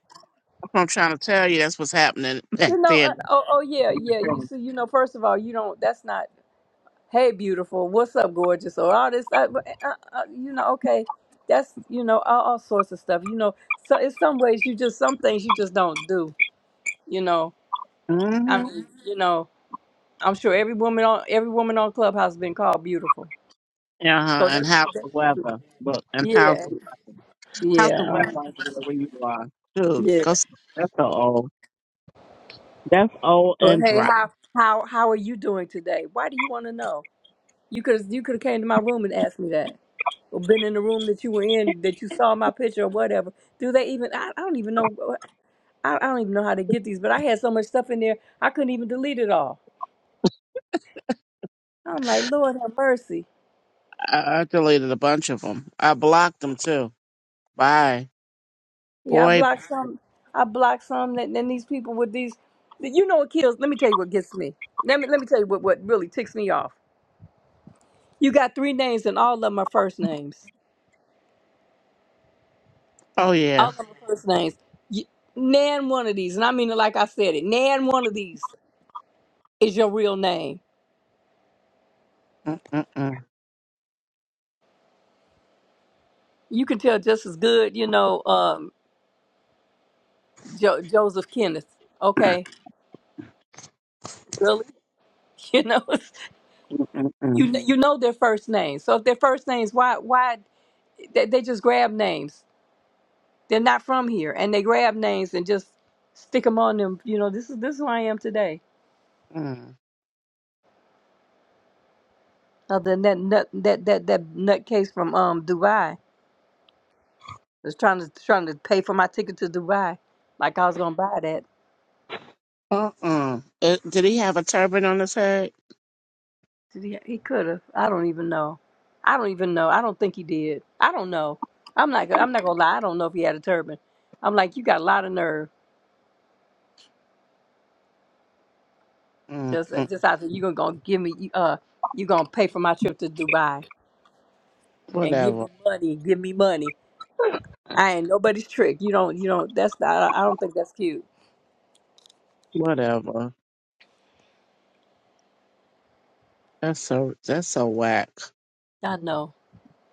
S10: That's what I'm trying to tell you. That's what's happening back
S1: You know? Uh,
S10: then.
S1: oh, oh yeah, yeah. You see, you know, first of all, you don't. That's not. Hey, beautiful. What's up, gorgeous? Or all this, I, but, uh, uh, you know, okay. That's, you know, all, all sorts of stuff. You know, so in some ways, you just, some things you just don't do, you know. I
S10: Mm-hmm.
S1: mean, Mhm. you know, I'm sure every woman on, every woman on Clubhouse been called beautiful.
S10: Uh-huh.
S1: So they,
S10: And how's
S1: Mhm.
S10: the weather? Look, and how's
S1: yeah,
S10: the how's the
S1: yeah,
S10: weather
S1: uh,
S10: over there where you are? Dude,
S1: yeah.
S10: go. s- That's so old. That's old
S1: Or
S10: and
S1: hey,
S10: dry.
S1: how, how, how are you doing today? Why do you want to know? You could, you could have came to my room and asked me that. Or been in the room that you were in, that you saw my picture or whatever. Do they even? I, I don't even know. I, I don't even know how to get these, but I had so much stuff in there, I couldn't even delete it all. I'm like, Lord have mercy.
S10: I, I deleted a bunch of them. I blocked them too. Bye.
S1: Yeah, I
S10: Boy,
S1: blocked some. I blocked some. That then these people with these, you know what kills? Let me tell you what gets me. Let me let me tell you what what really ticks me off. You got three names and all of them are first names.
S10: oh yeah.
S1: All of them are first names. You, nan one of these, and I mean it like I said it. Nan one of these is your real name.
S10: Mm-mm-mm,
S1: You can tell just as good, you know, um, jo- Joseph Kenneth. Okay, really, you know.
S10: mm-mm,
S1: You kn- you know their first names. So if their first names, why why they, they just grab names? They're not from here, and they grab names and just stick them on them. You know, this is this is who I am today.
S10: mm.
S1: Other than that nut that that that nutcase from um Dubai was trying to trying to pay for my ticket to Dubai, like I was gonna buy that.
S10: Uh-uh. Uh, did he have a turban on his head?
S1: Did he? He could have. I don't even know. I don't even know. I don't think he did. I don't know. I'm not. I'm not gonna lie. I don't know if he had a turban. I'm like, you got a lot of nerve. Just,
S10: Mm-mm.
S1: just I said, you're gonna give me, uh, you gonna pay for my trip to Dubai and give
S10: Whatever.
S1: me money, give me money. I ain't nobody's trick. You don't, you don't. That's not. I don't think that's cute.
S10: Whatever. That's so, that's so whack.
S1: I know.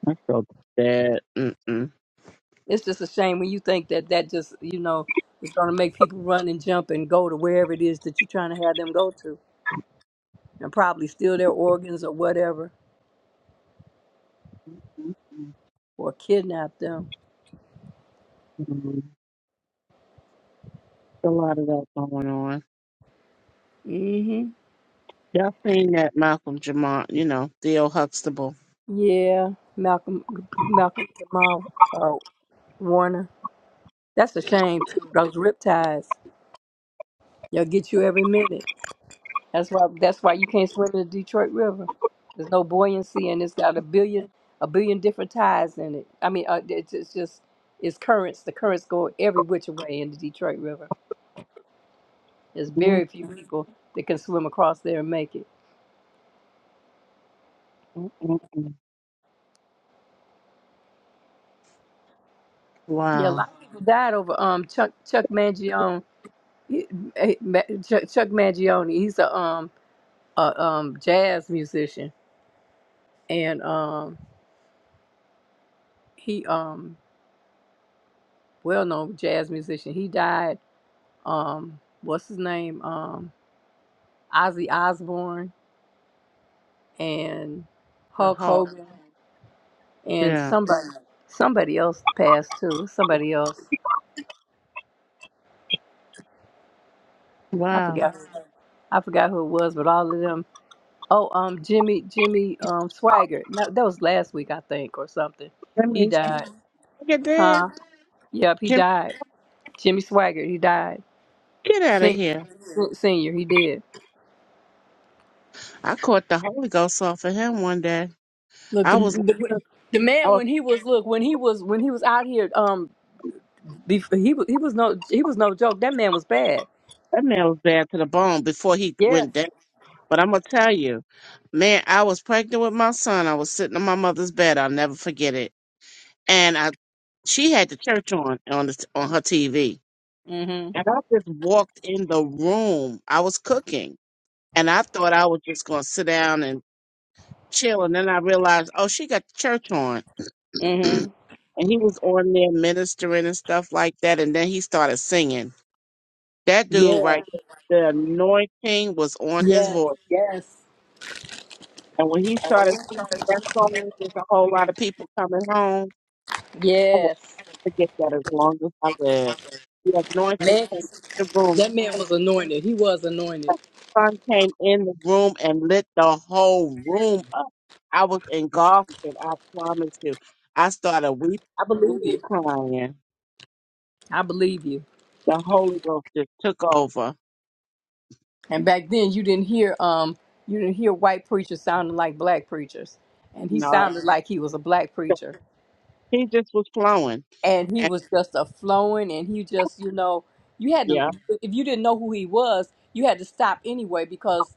S10: That's so bad. Mm-mm.
S1: It's just a shame when you think that that just, you know, is gonna make people run and jump and go to wherever it is that you're trying to have them go to, and probably steal their organs or whatever, or kidnap them.
S10: Mm-mm. A lot of that going on.
S1: hmm
S10: Y'all seen that Malcolm Jamont, you know, Theo Huxtable.
S1: Yeah, Malcolm, Malcolm Jamal uh, Warner. That's a shame too. Those riptides. They'll get you every minute. That's why that's why you can't swim in the Detroit River. There's no buoyancy and it's got a billion a billion different tides in it. I mean, uh, it's, it's just it's currents. The currents go every which way in the Detroit River. There's very few people that can swim across there and make it.
S10: Mm-mm-mm-mm.
S1: Yeah, a
S10: Wow.
S1: lot of people died over um Chuck Chuck Mangione. He- eh, Ma- Chuck, Chuck Mangione. He's a um a um jazz musician and um he um well known jazz musician. He died um, what's his name, um, Ozzy Osbourne and
S10: The
S1: Hulk
S10: Hulk.
S1: Hogan and
S10: Yeah.
S1: somebody somebody else passed too. Somebody else, I
S10: Wow.
S1: forgot, I forgot who it was, but all of them. Oh, um, Jimmy Jimmy um Swagger. No, that was last week I think or something.
S10: Let
S1: He
S10: me
S1: died,
S10: look at that.
S1: huh? Yep, he
S10: Jim,
S1: died. Jimmy Swagger, he died.
S10: get out of
S1: Senior,
S10: here.
S1: senior, he did.
S10: I caught the Holy Ghost off of him one day.
S1: Look,
S10: I
S1: the,
S10: was
S1: the the
S10: I
S1: man
S10: was
S1: when he was look when he was when he was out here. Um, Bef- he wa- he was no he was no joke. That man was bad.
S10: that man was bad to the bone before he
S1: Yes.
S10: went down. But I'm gonna tell you, man, I was pregnant with my son. I was sitting on my mother's bed. I'll never forget it. And I, she had the church on on the, on her TV,
S1: Mhm.
S10: and I just walked in the room. I was cooking, and I thought I was just gonna sit down and chill. And then I realized, oh, she got the church on, and
S1: Mhm.
S10: he was on there ministering and stuff like that. And then he started singing. That dude,
S1: Yeah.
S10: right? The anointing was on his
S1: Yes.
S10: voice.
S1: Yes.
S10: And when he started singing that song with a whole lot of people coming home, I will not
S1: Yes.
S10: forget that as long as I live. The anointing
S1: Man,
S10: came in the room.
S1: that man was
S10: The
S1: anointed. He was anointed.
S10: sun came in the room and lit the whole room up. I was engulfed, and I promise you, I started weeping,
S1: I believe you.
S10: crying.
S1: I believe you.
S10: The Holy Ghost just took over.
S1: And back then, you didn't hear um you didn't hear white preachers sounding like black preachers, and he
S10: No,
S1: sounded like he was a black preacher,
S10: he just was flowing.
S1: and he
S10: And
S1: was just a flowing, and he just you know you had to
S10: yeah,
S1: if you didn't know who he was, you had to stop anyway because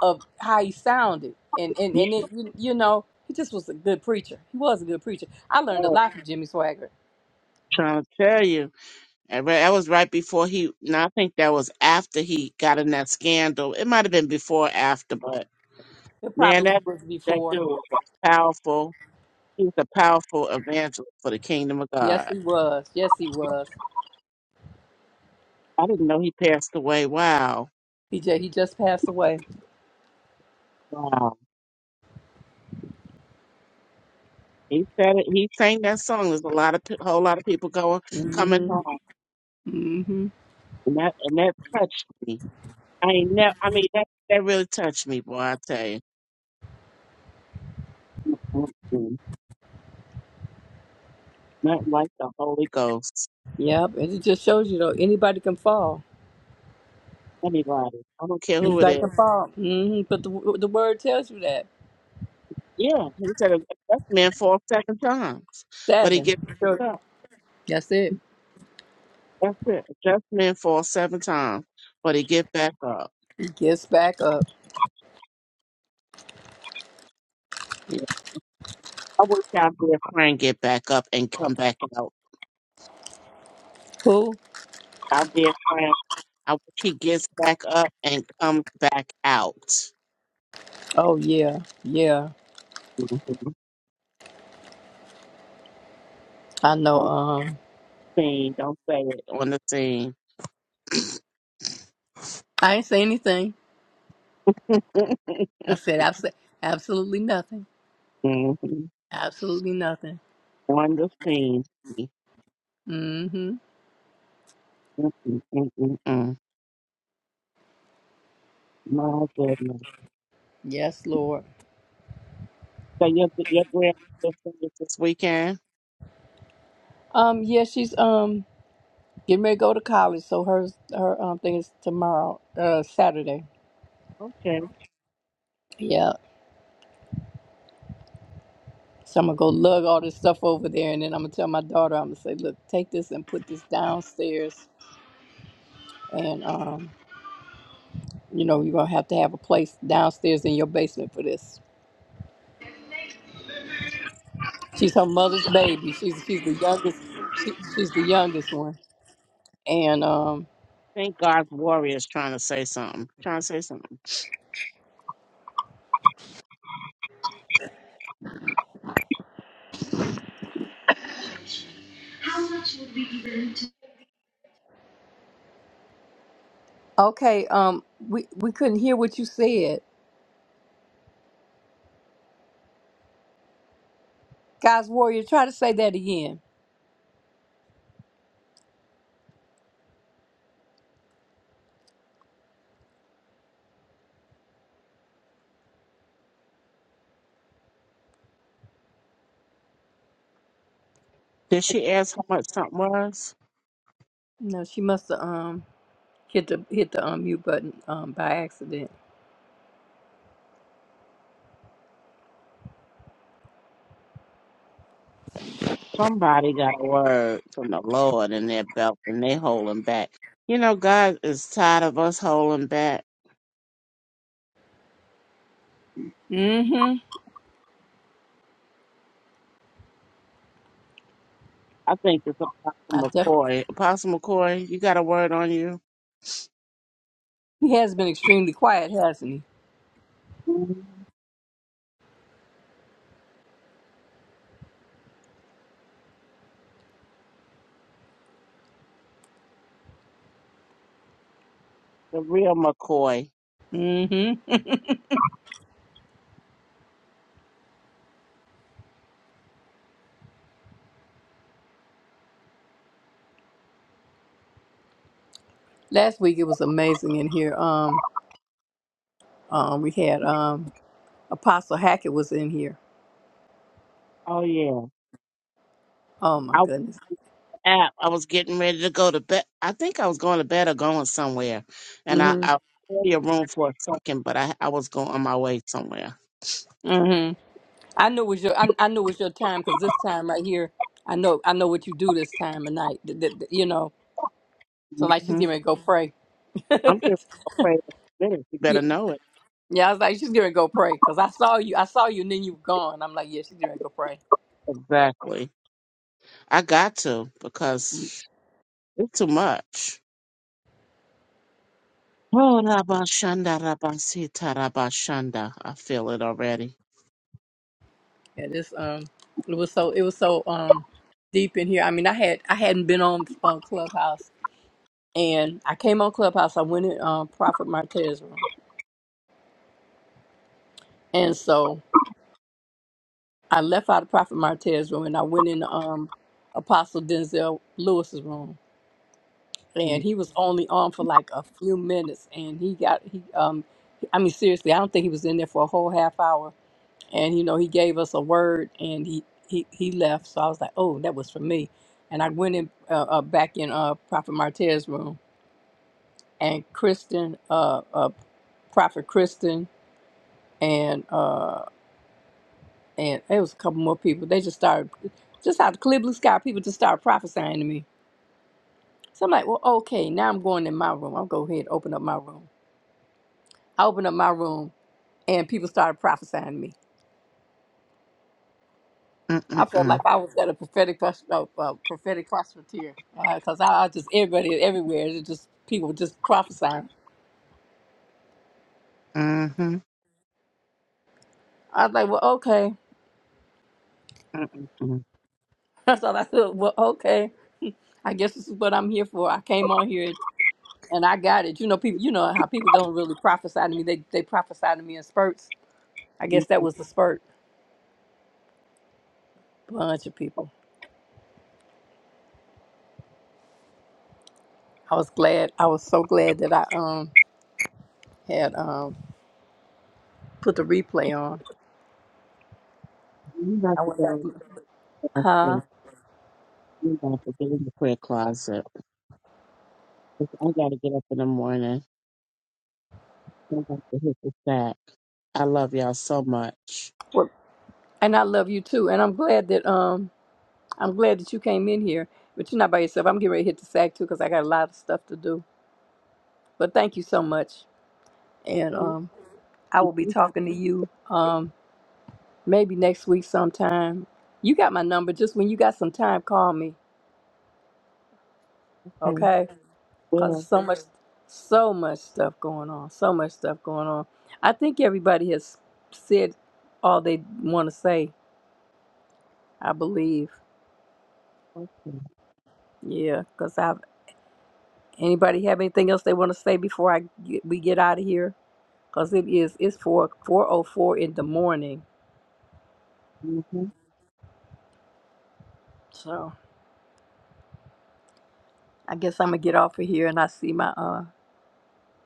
S1: of how he sounded and and
S10: yeah,
S1: and it, you you know he just was a good preacher he was a good preacher i learned a lot from jimmy swagger
S10: trying to tell you. I re- That was right before he. No, I think that was after he got in that scandal. It might have been before, or after, but
S1: it
S10: man,
S1: probably
S10: that
S1: was
S10: that
S1: before
S10: dude was powerful. He was a powerful evangelist for the kingdom of
S1: yes
S10: God.
S1: he was yes he was
S10: I didn't know he passed away. Wow,
S1: he just, he just passed away
S10: wow. He said it. He sang that song. There's a lot of pe- whole lot of people going coming
S1: hmm
S10: home,
S1: hmm
S10: and that and that touched me. I ain't never. I mean, that that really touched me, boy. I tell you, Mm-mm. not like the Holy Ghost.
S1: yep and it just shows you though anybody can fall
S10: Anybody, I don't care who it
S1: anybody
S10: is.
S1: can fall hmm but the, the word tells you that
S10: Yeah, he said adjustment falls seven times, but he
S1: seven
S10: get
S1: sure.
S10: back up.
S1: that's it
S10: That's it. Adjustment falls seven times, but he get back up.
S1: he gets back up
S10: Yeah. I wish our dear friend get back up and come back out.
S1: who
S10: Our dear friend, I wish he gets back up and comes back out.
S1: oh yeah yeah
S10: Mhm.
S1: i know
S10: On
S1: um
S10: the scene, don't say it on the scene.
S1: i ain't say anything I said abs- absolutely nothing.
S10: Mhm.
S1: Absolutely nothing.
S10: On the scene.
S1: Mm-hmm.
S10: Mm-mm, mm, mm, mm. My goodness.
S1: Yes, Lord.
S10: So your your grandmother this weekend?
S1: Um, yeah, she's um getting ready to go to college, so her her um thing is tomorrow, uh Saturday. Yeah. So I'm gonna go lug all this stuff over there and then I'm gonna tell my daughter, I'm gonna say, look, take this and put this downstairs and um, you know, you're gonna have to have a place downstairs in your basement for this. She's her mother's baby. She's she's the youngest she, she's the youngest one. And um
S10: think God's warrior is trying to say something. Trying to say something.
S1: Okay, um, we, we couldn't hear what you said. God's warrior, try to say that again.
S10: Did she ask how much something was?
S1: No, she must have um hit the hit the um mute button um by accident.
S10: Somebody got a word from the Lord in their belt and they holding back. You know, God is tired of us holding back.
S1: Mm-hmm.
S10: I think it's
S1: I
S10: Apostle
S1: def-
S10: McCoy. Apostle McCoy, you got a word on you?
S1: he has been extremely quiet, hasn't
S10: Mhm. The real McCoy.
S1: he? Mm-hmm. Last week it was amazing in here. Um, um, we had um Apostle Hackett was in here.
S10: Oh yeah.
S1: Oh my
S10: I was
S1: goodness.
S10: out. I was getting ready to go to bed. I think I was going to bed or going somewhere. And I,
S1: Mm-hmm.
S10: I saw your room for a second, but I, I was going on my way somewhere.
S1: I know it's your I, I know it's your time because this time right here, I know I know what you do this time of night. th- th- th- you know, so like she's gonna go pray.
S10: I'm just afraid of this. You
S1: yeah,
S10: better know it.
S1: yeah, I was like she's gonna go pray because I saw you, I saw you, and then you were gone. I'm like, yeah, she's gonna go pray.
S10: Exactly. I got to because it's too much. Oh, rabashanda, rabasita, rabashanda. I feel it already.
S1: Yeah, this um, it was so it was so um deep in here. I mean, I had I hadn't been on uh, Clubhouse, and I came on Clubhouse. I went in um Prophet Martez room, and so I left out of Prophet Martez room, and I went in um Apostle Denzel Lewis's room
S10: Mm,
S1: and he was only on for like a few minutes and he got he um i mean seriously i don't think he was in there for a whole half hour and you know he gave us a word and he he, he left so i was like oh that was for me and i went in uh, uh, back in uh prophet martez's room and kristen uh, uh prophet kristen and uh and it was a couple more people they just started just out of the clear blue sky people just started prophesying to me so i'm like well okay now i'm going in my room i'll go ahead and open up my room I opened up my room and people started prophesying to me.
S10: mm,
S1: I
S10: mm,
S1: felt
S10: mm.
S1: like I was at a prophetic pros- uh, uh, prophetic prospecteer because I, I just everybody everywhere it just people just prophesying.
S10: Mhm,
S1: I was like, well, okay.
S10: mm, mm, mm.
S1: That's all I said. Well, okay. I guess this is what I'm here for. I came on here and I got it. You know, people. You know how people don't really prophesy to me. They they prophesy to me in spurts. I
S10: You
S1: guess that was the spurt. Bunch of people. I was glad. I was so glad that I um had um put the replay on.
S10: you about
S1: I
S10: to
S1: went back.
S10: go
S1: Huh?
S10: upstairs. You about to get in the prayer closet. 'Cause I got to get up in the morning. I got to hit the sack. I love y'all so much.
S1: And I love you too. And I'm glad that um I'm glad that you came in here. But you're not by yourself. I'm getting ready to hit the sack too because I got a lot of stuff to do. But thank you so much. And
S10: Okay.
S1: um I will be talking to you um maybe next week sometime. You got my number. Just when you got some time, call me.
S10: Okay.
S1: Okay? Cause
S10: Well,
S1: so much so much stuff going on. So much stuff going on. I think everybody has said all they want to say, I believe.
S10: okay.
S1: Yeah, 'cause Anybody have anything else they want to say before I get, we get out of here? Cause it is it's four four oh four in the morning.
S10: Mm-hmm.
S1: So I guess I'm gonna get off of here and I see my uh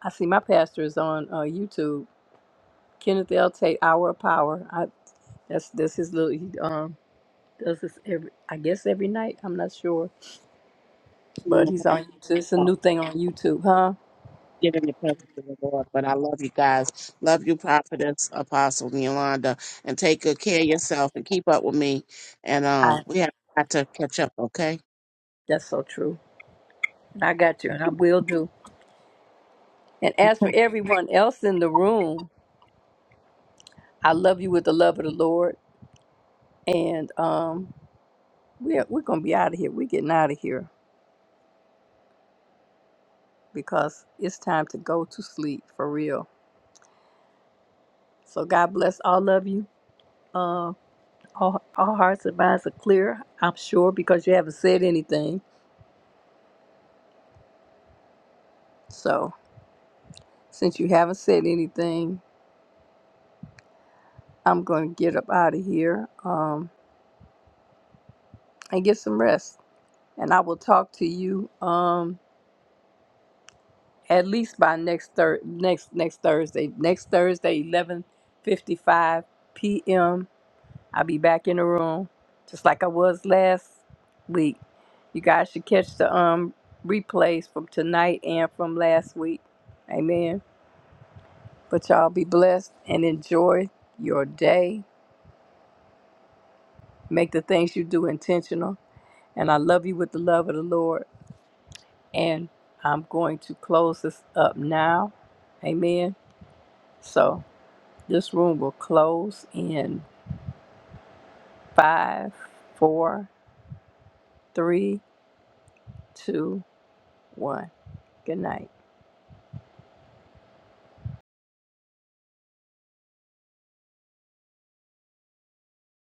S1: I see my pastor is on uh YouTube. Kenneth L. Tate Hour of Power. I that's that's his little he um does this every I guess every night. I'm not sure, but he's on YouTube. It's a new thing on YouTube, huh?
S10: get in the presence of the Lord. But I love you guys. Love you, Prophetess Apostle Yolanda. And take good care of yourself and keep up with me. And uh,
S1: I
S10: we have got to catch up, okay?
S1: that's so true. And I got you, and I will do. And as for everyone else in the room, I love you with the love of the Lord. and um, we're we're gonna be out of here. We're getting out of here because it's time to go to sleep for real. So God bless all of you. Uh, all, all hearts and minds are clear, I'm sure, because you haven't said anything. So since you haven't said anything, I'm gonna get up out of here um, and get some rest. And I will talk to you um, at least by next thir- next next Thursday. Next Thursday, 11:55 p.m. I'll be back in the room just like I was last week. You guys should catch the um replays from tonight and from last week. Amen. But y'all be blessed and enjoy your day. Make the things you do intentional. And I love you with the love of the Lord. And I'm going to close this up now. Amen. So this room will close in five, four, three, two, one. Good night.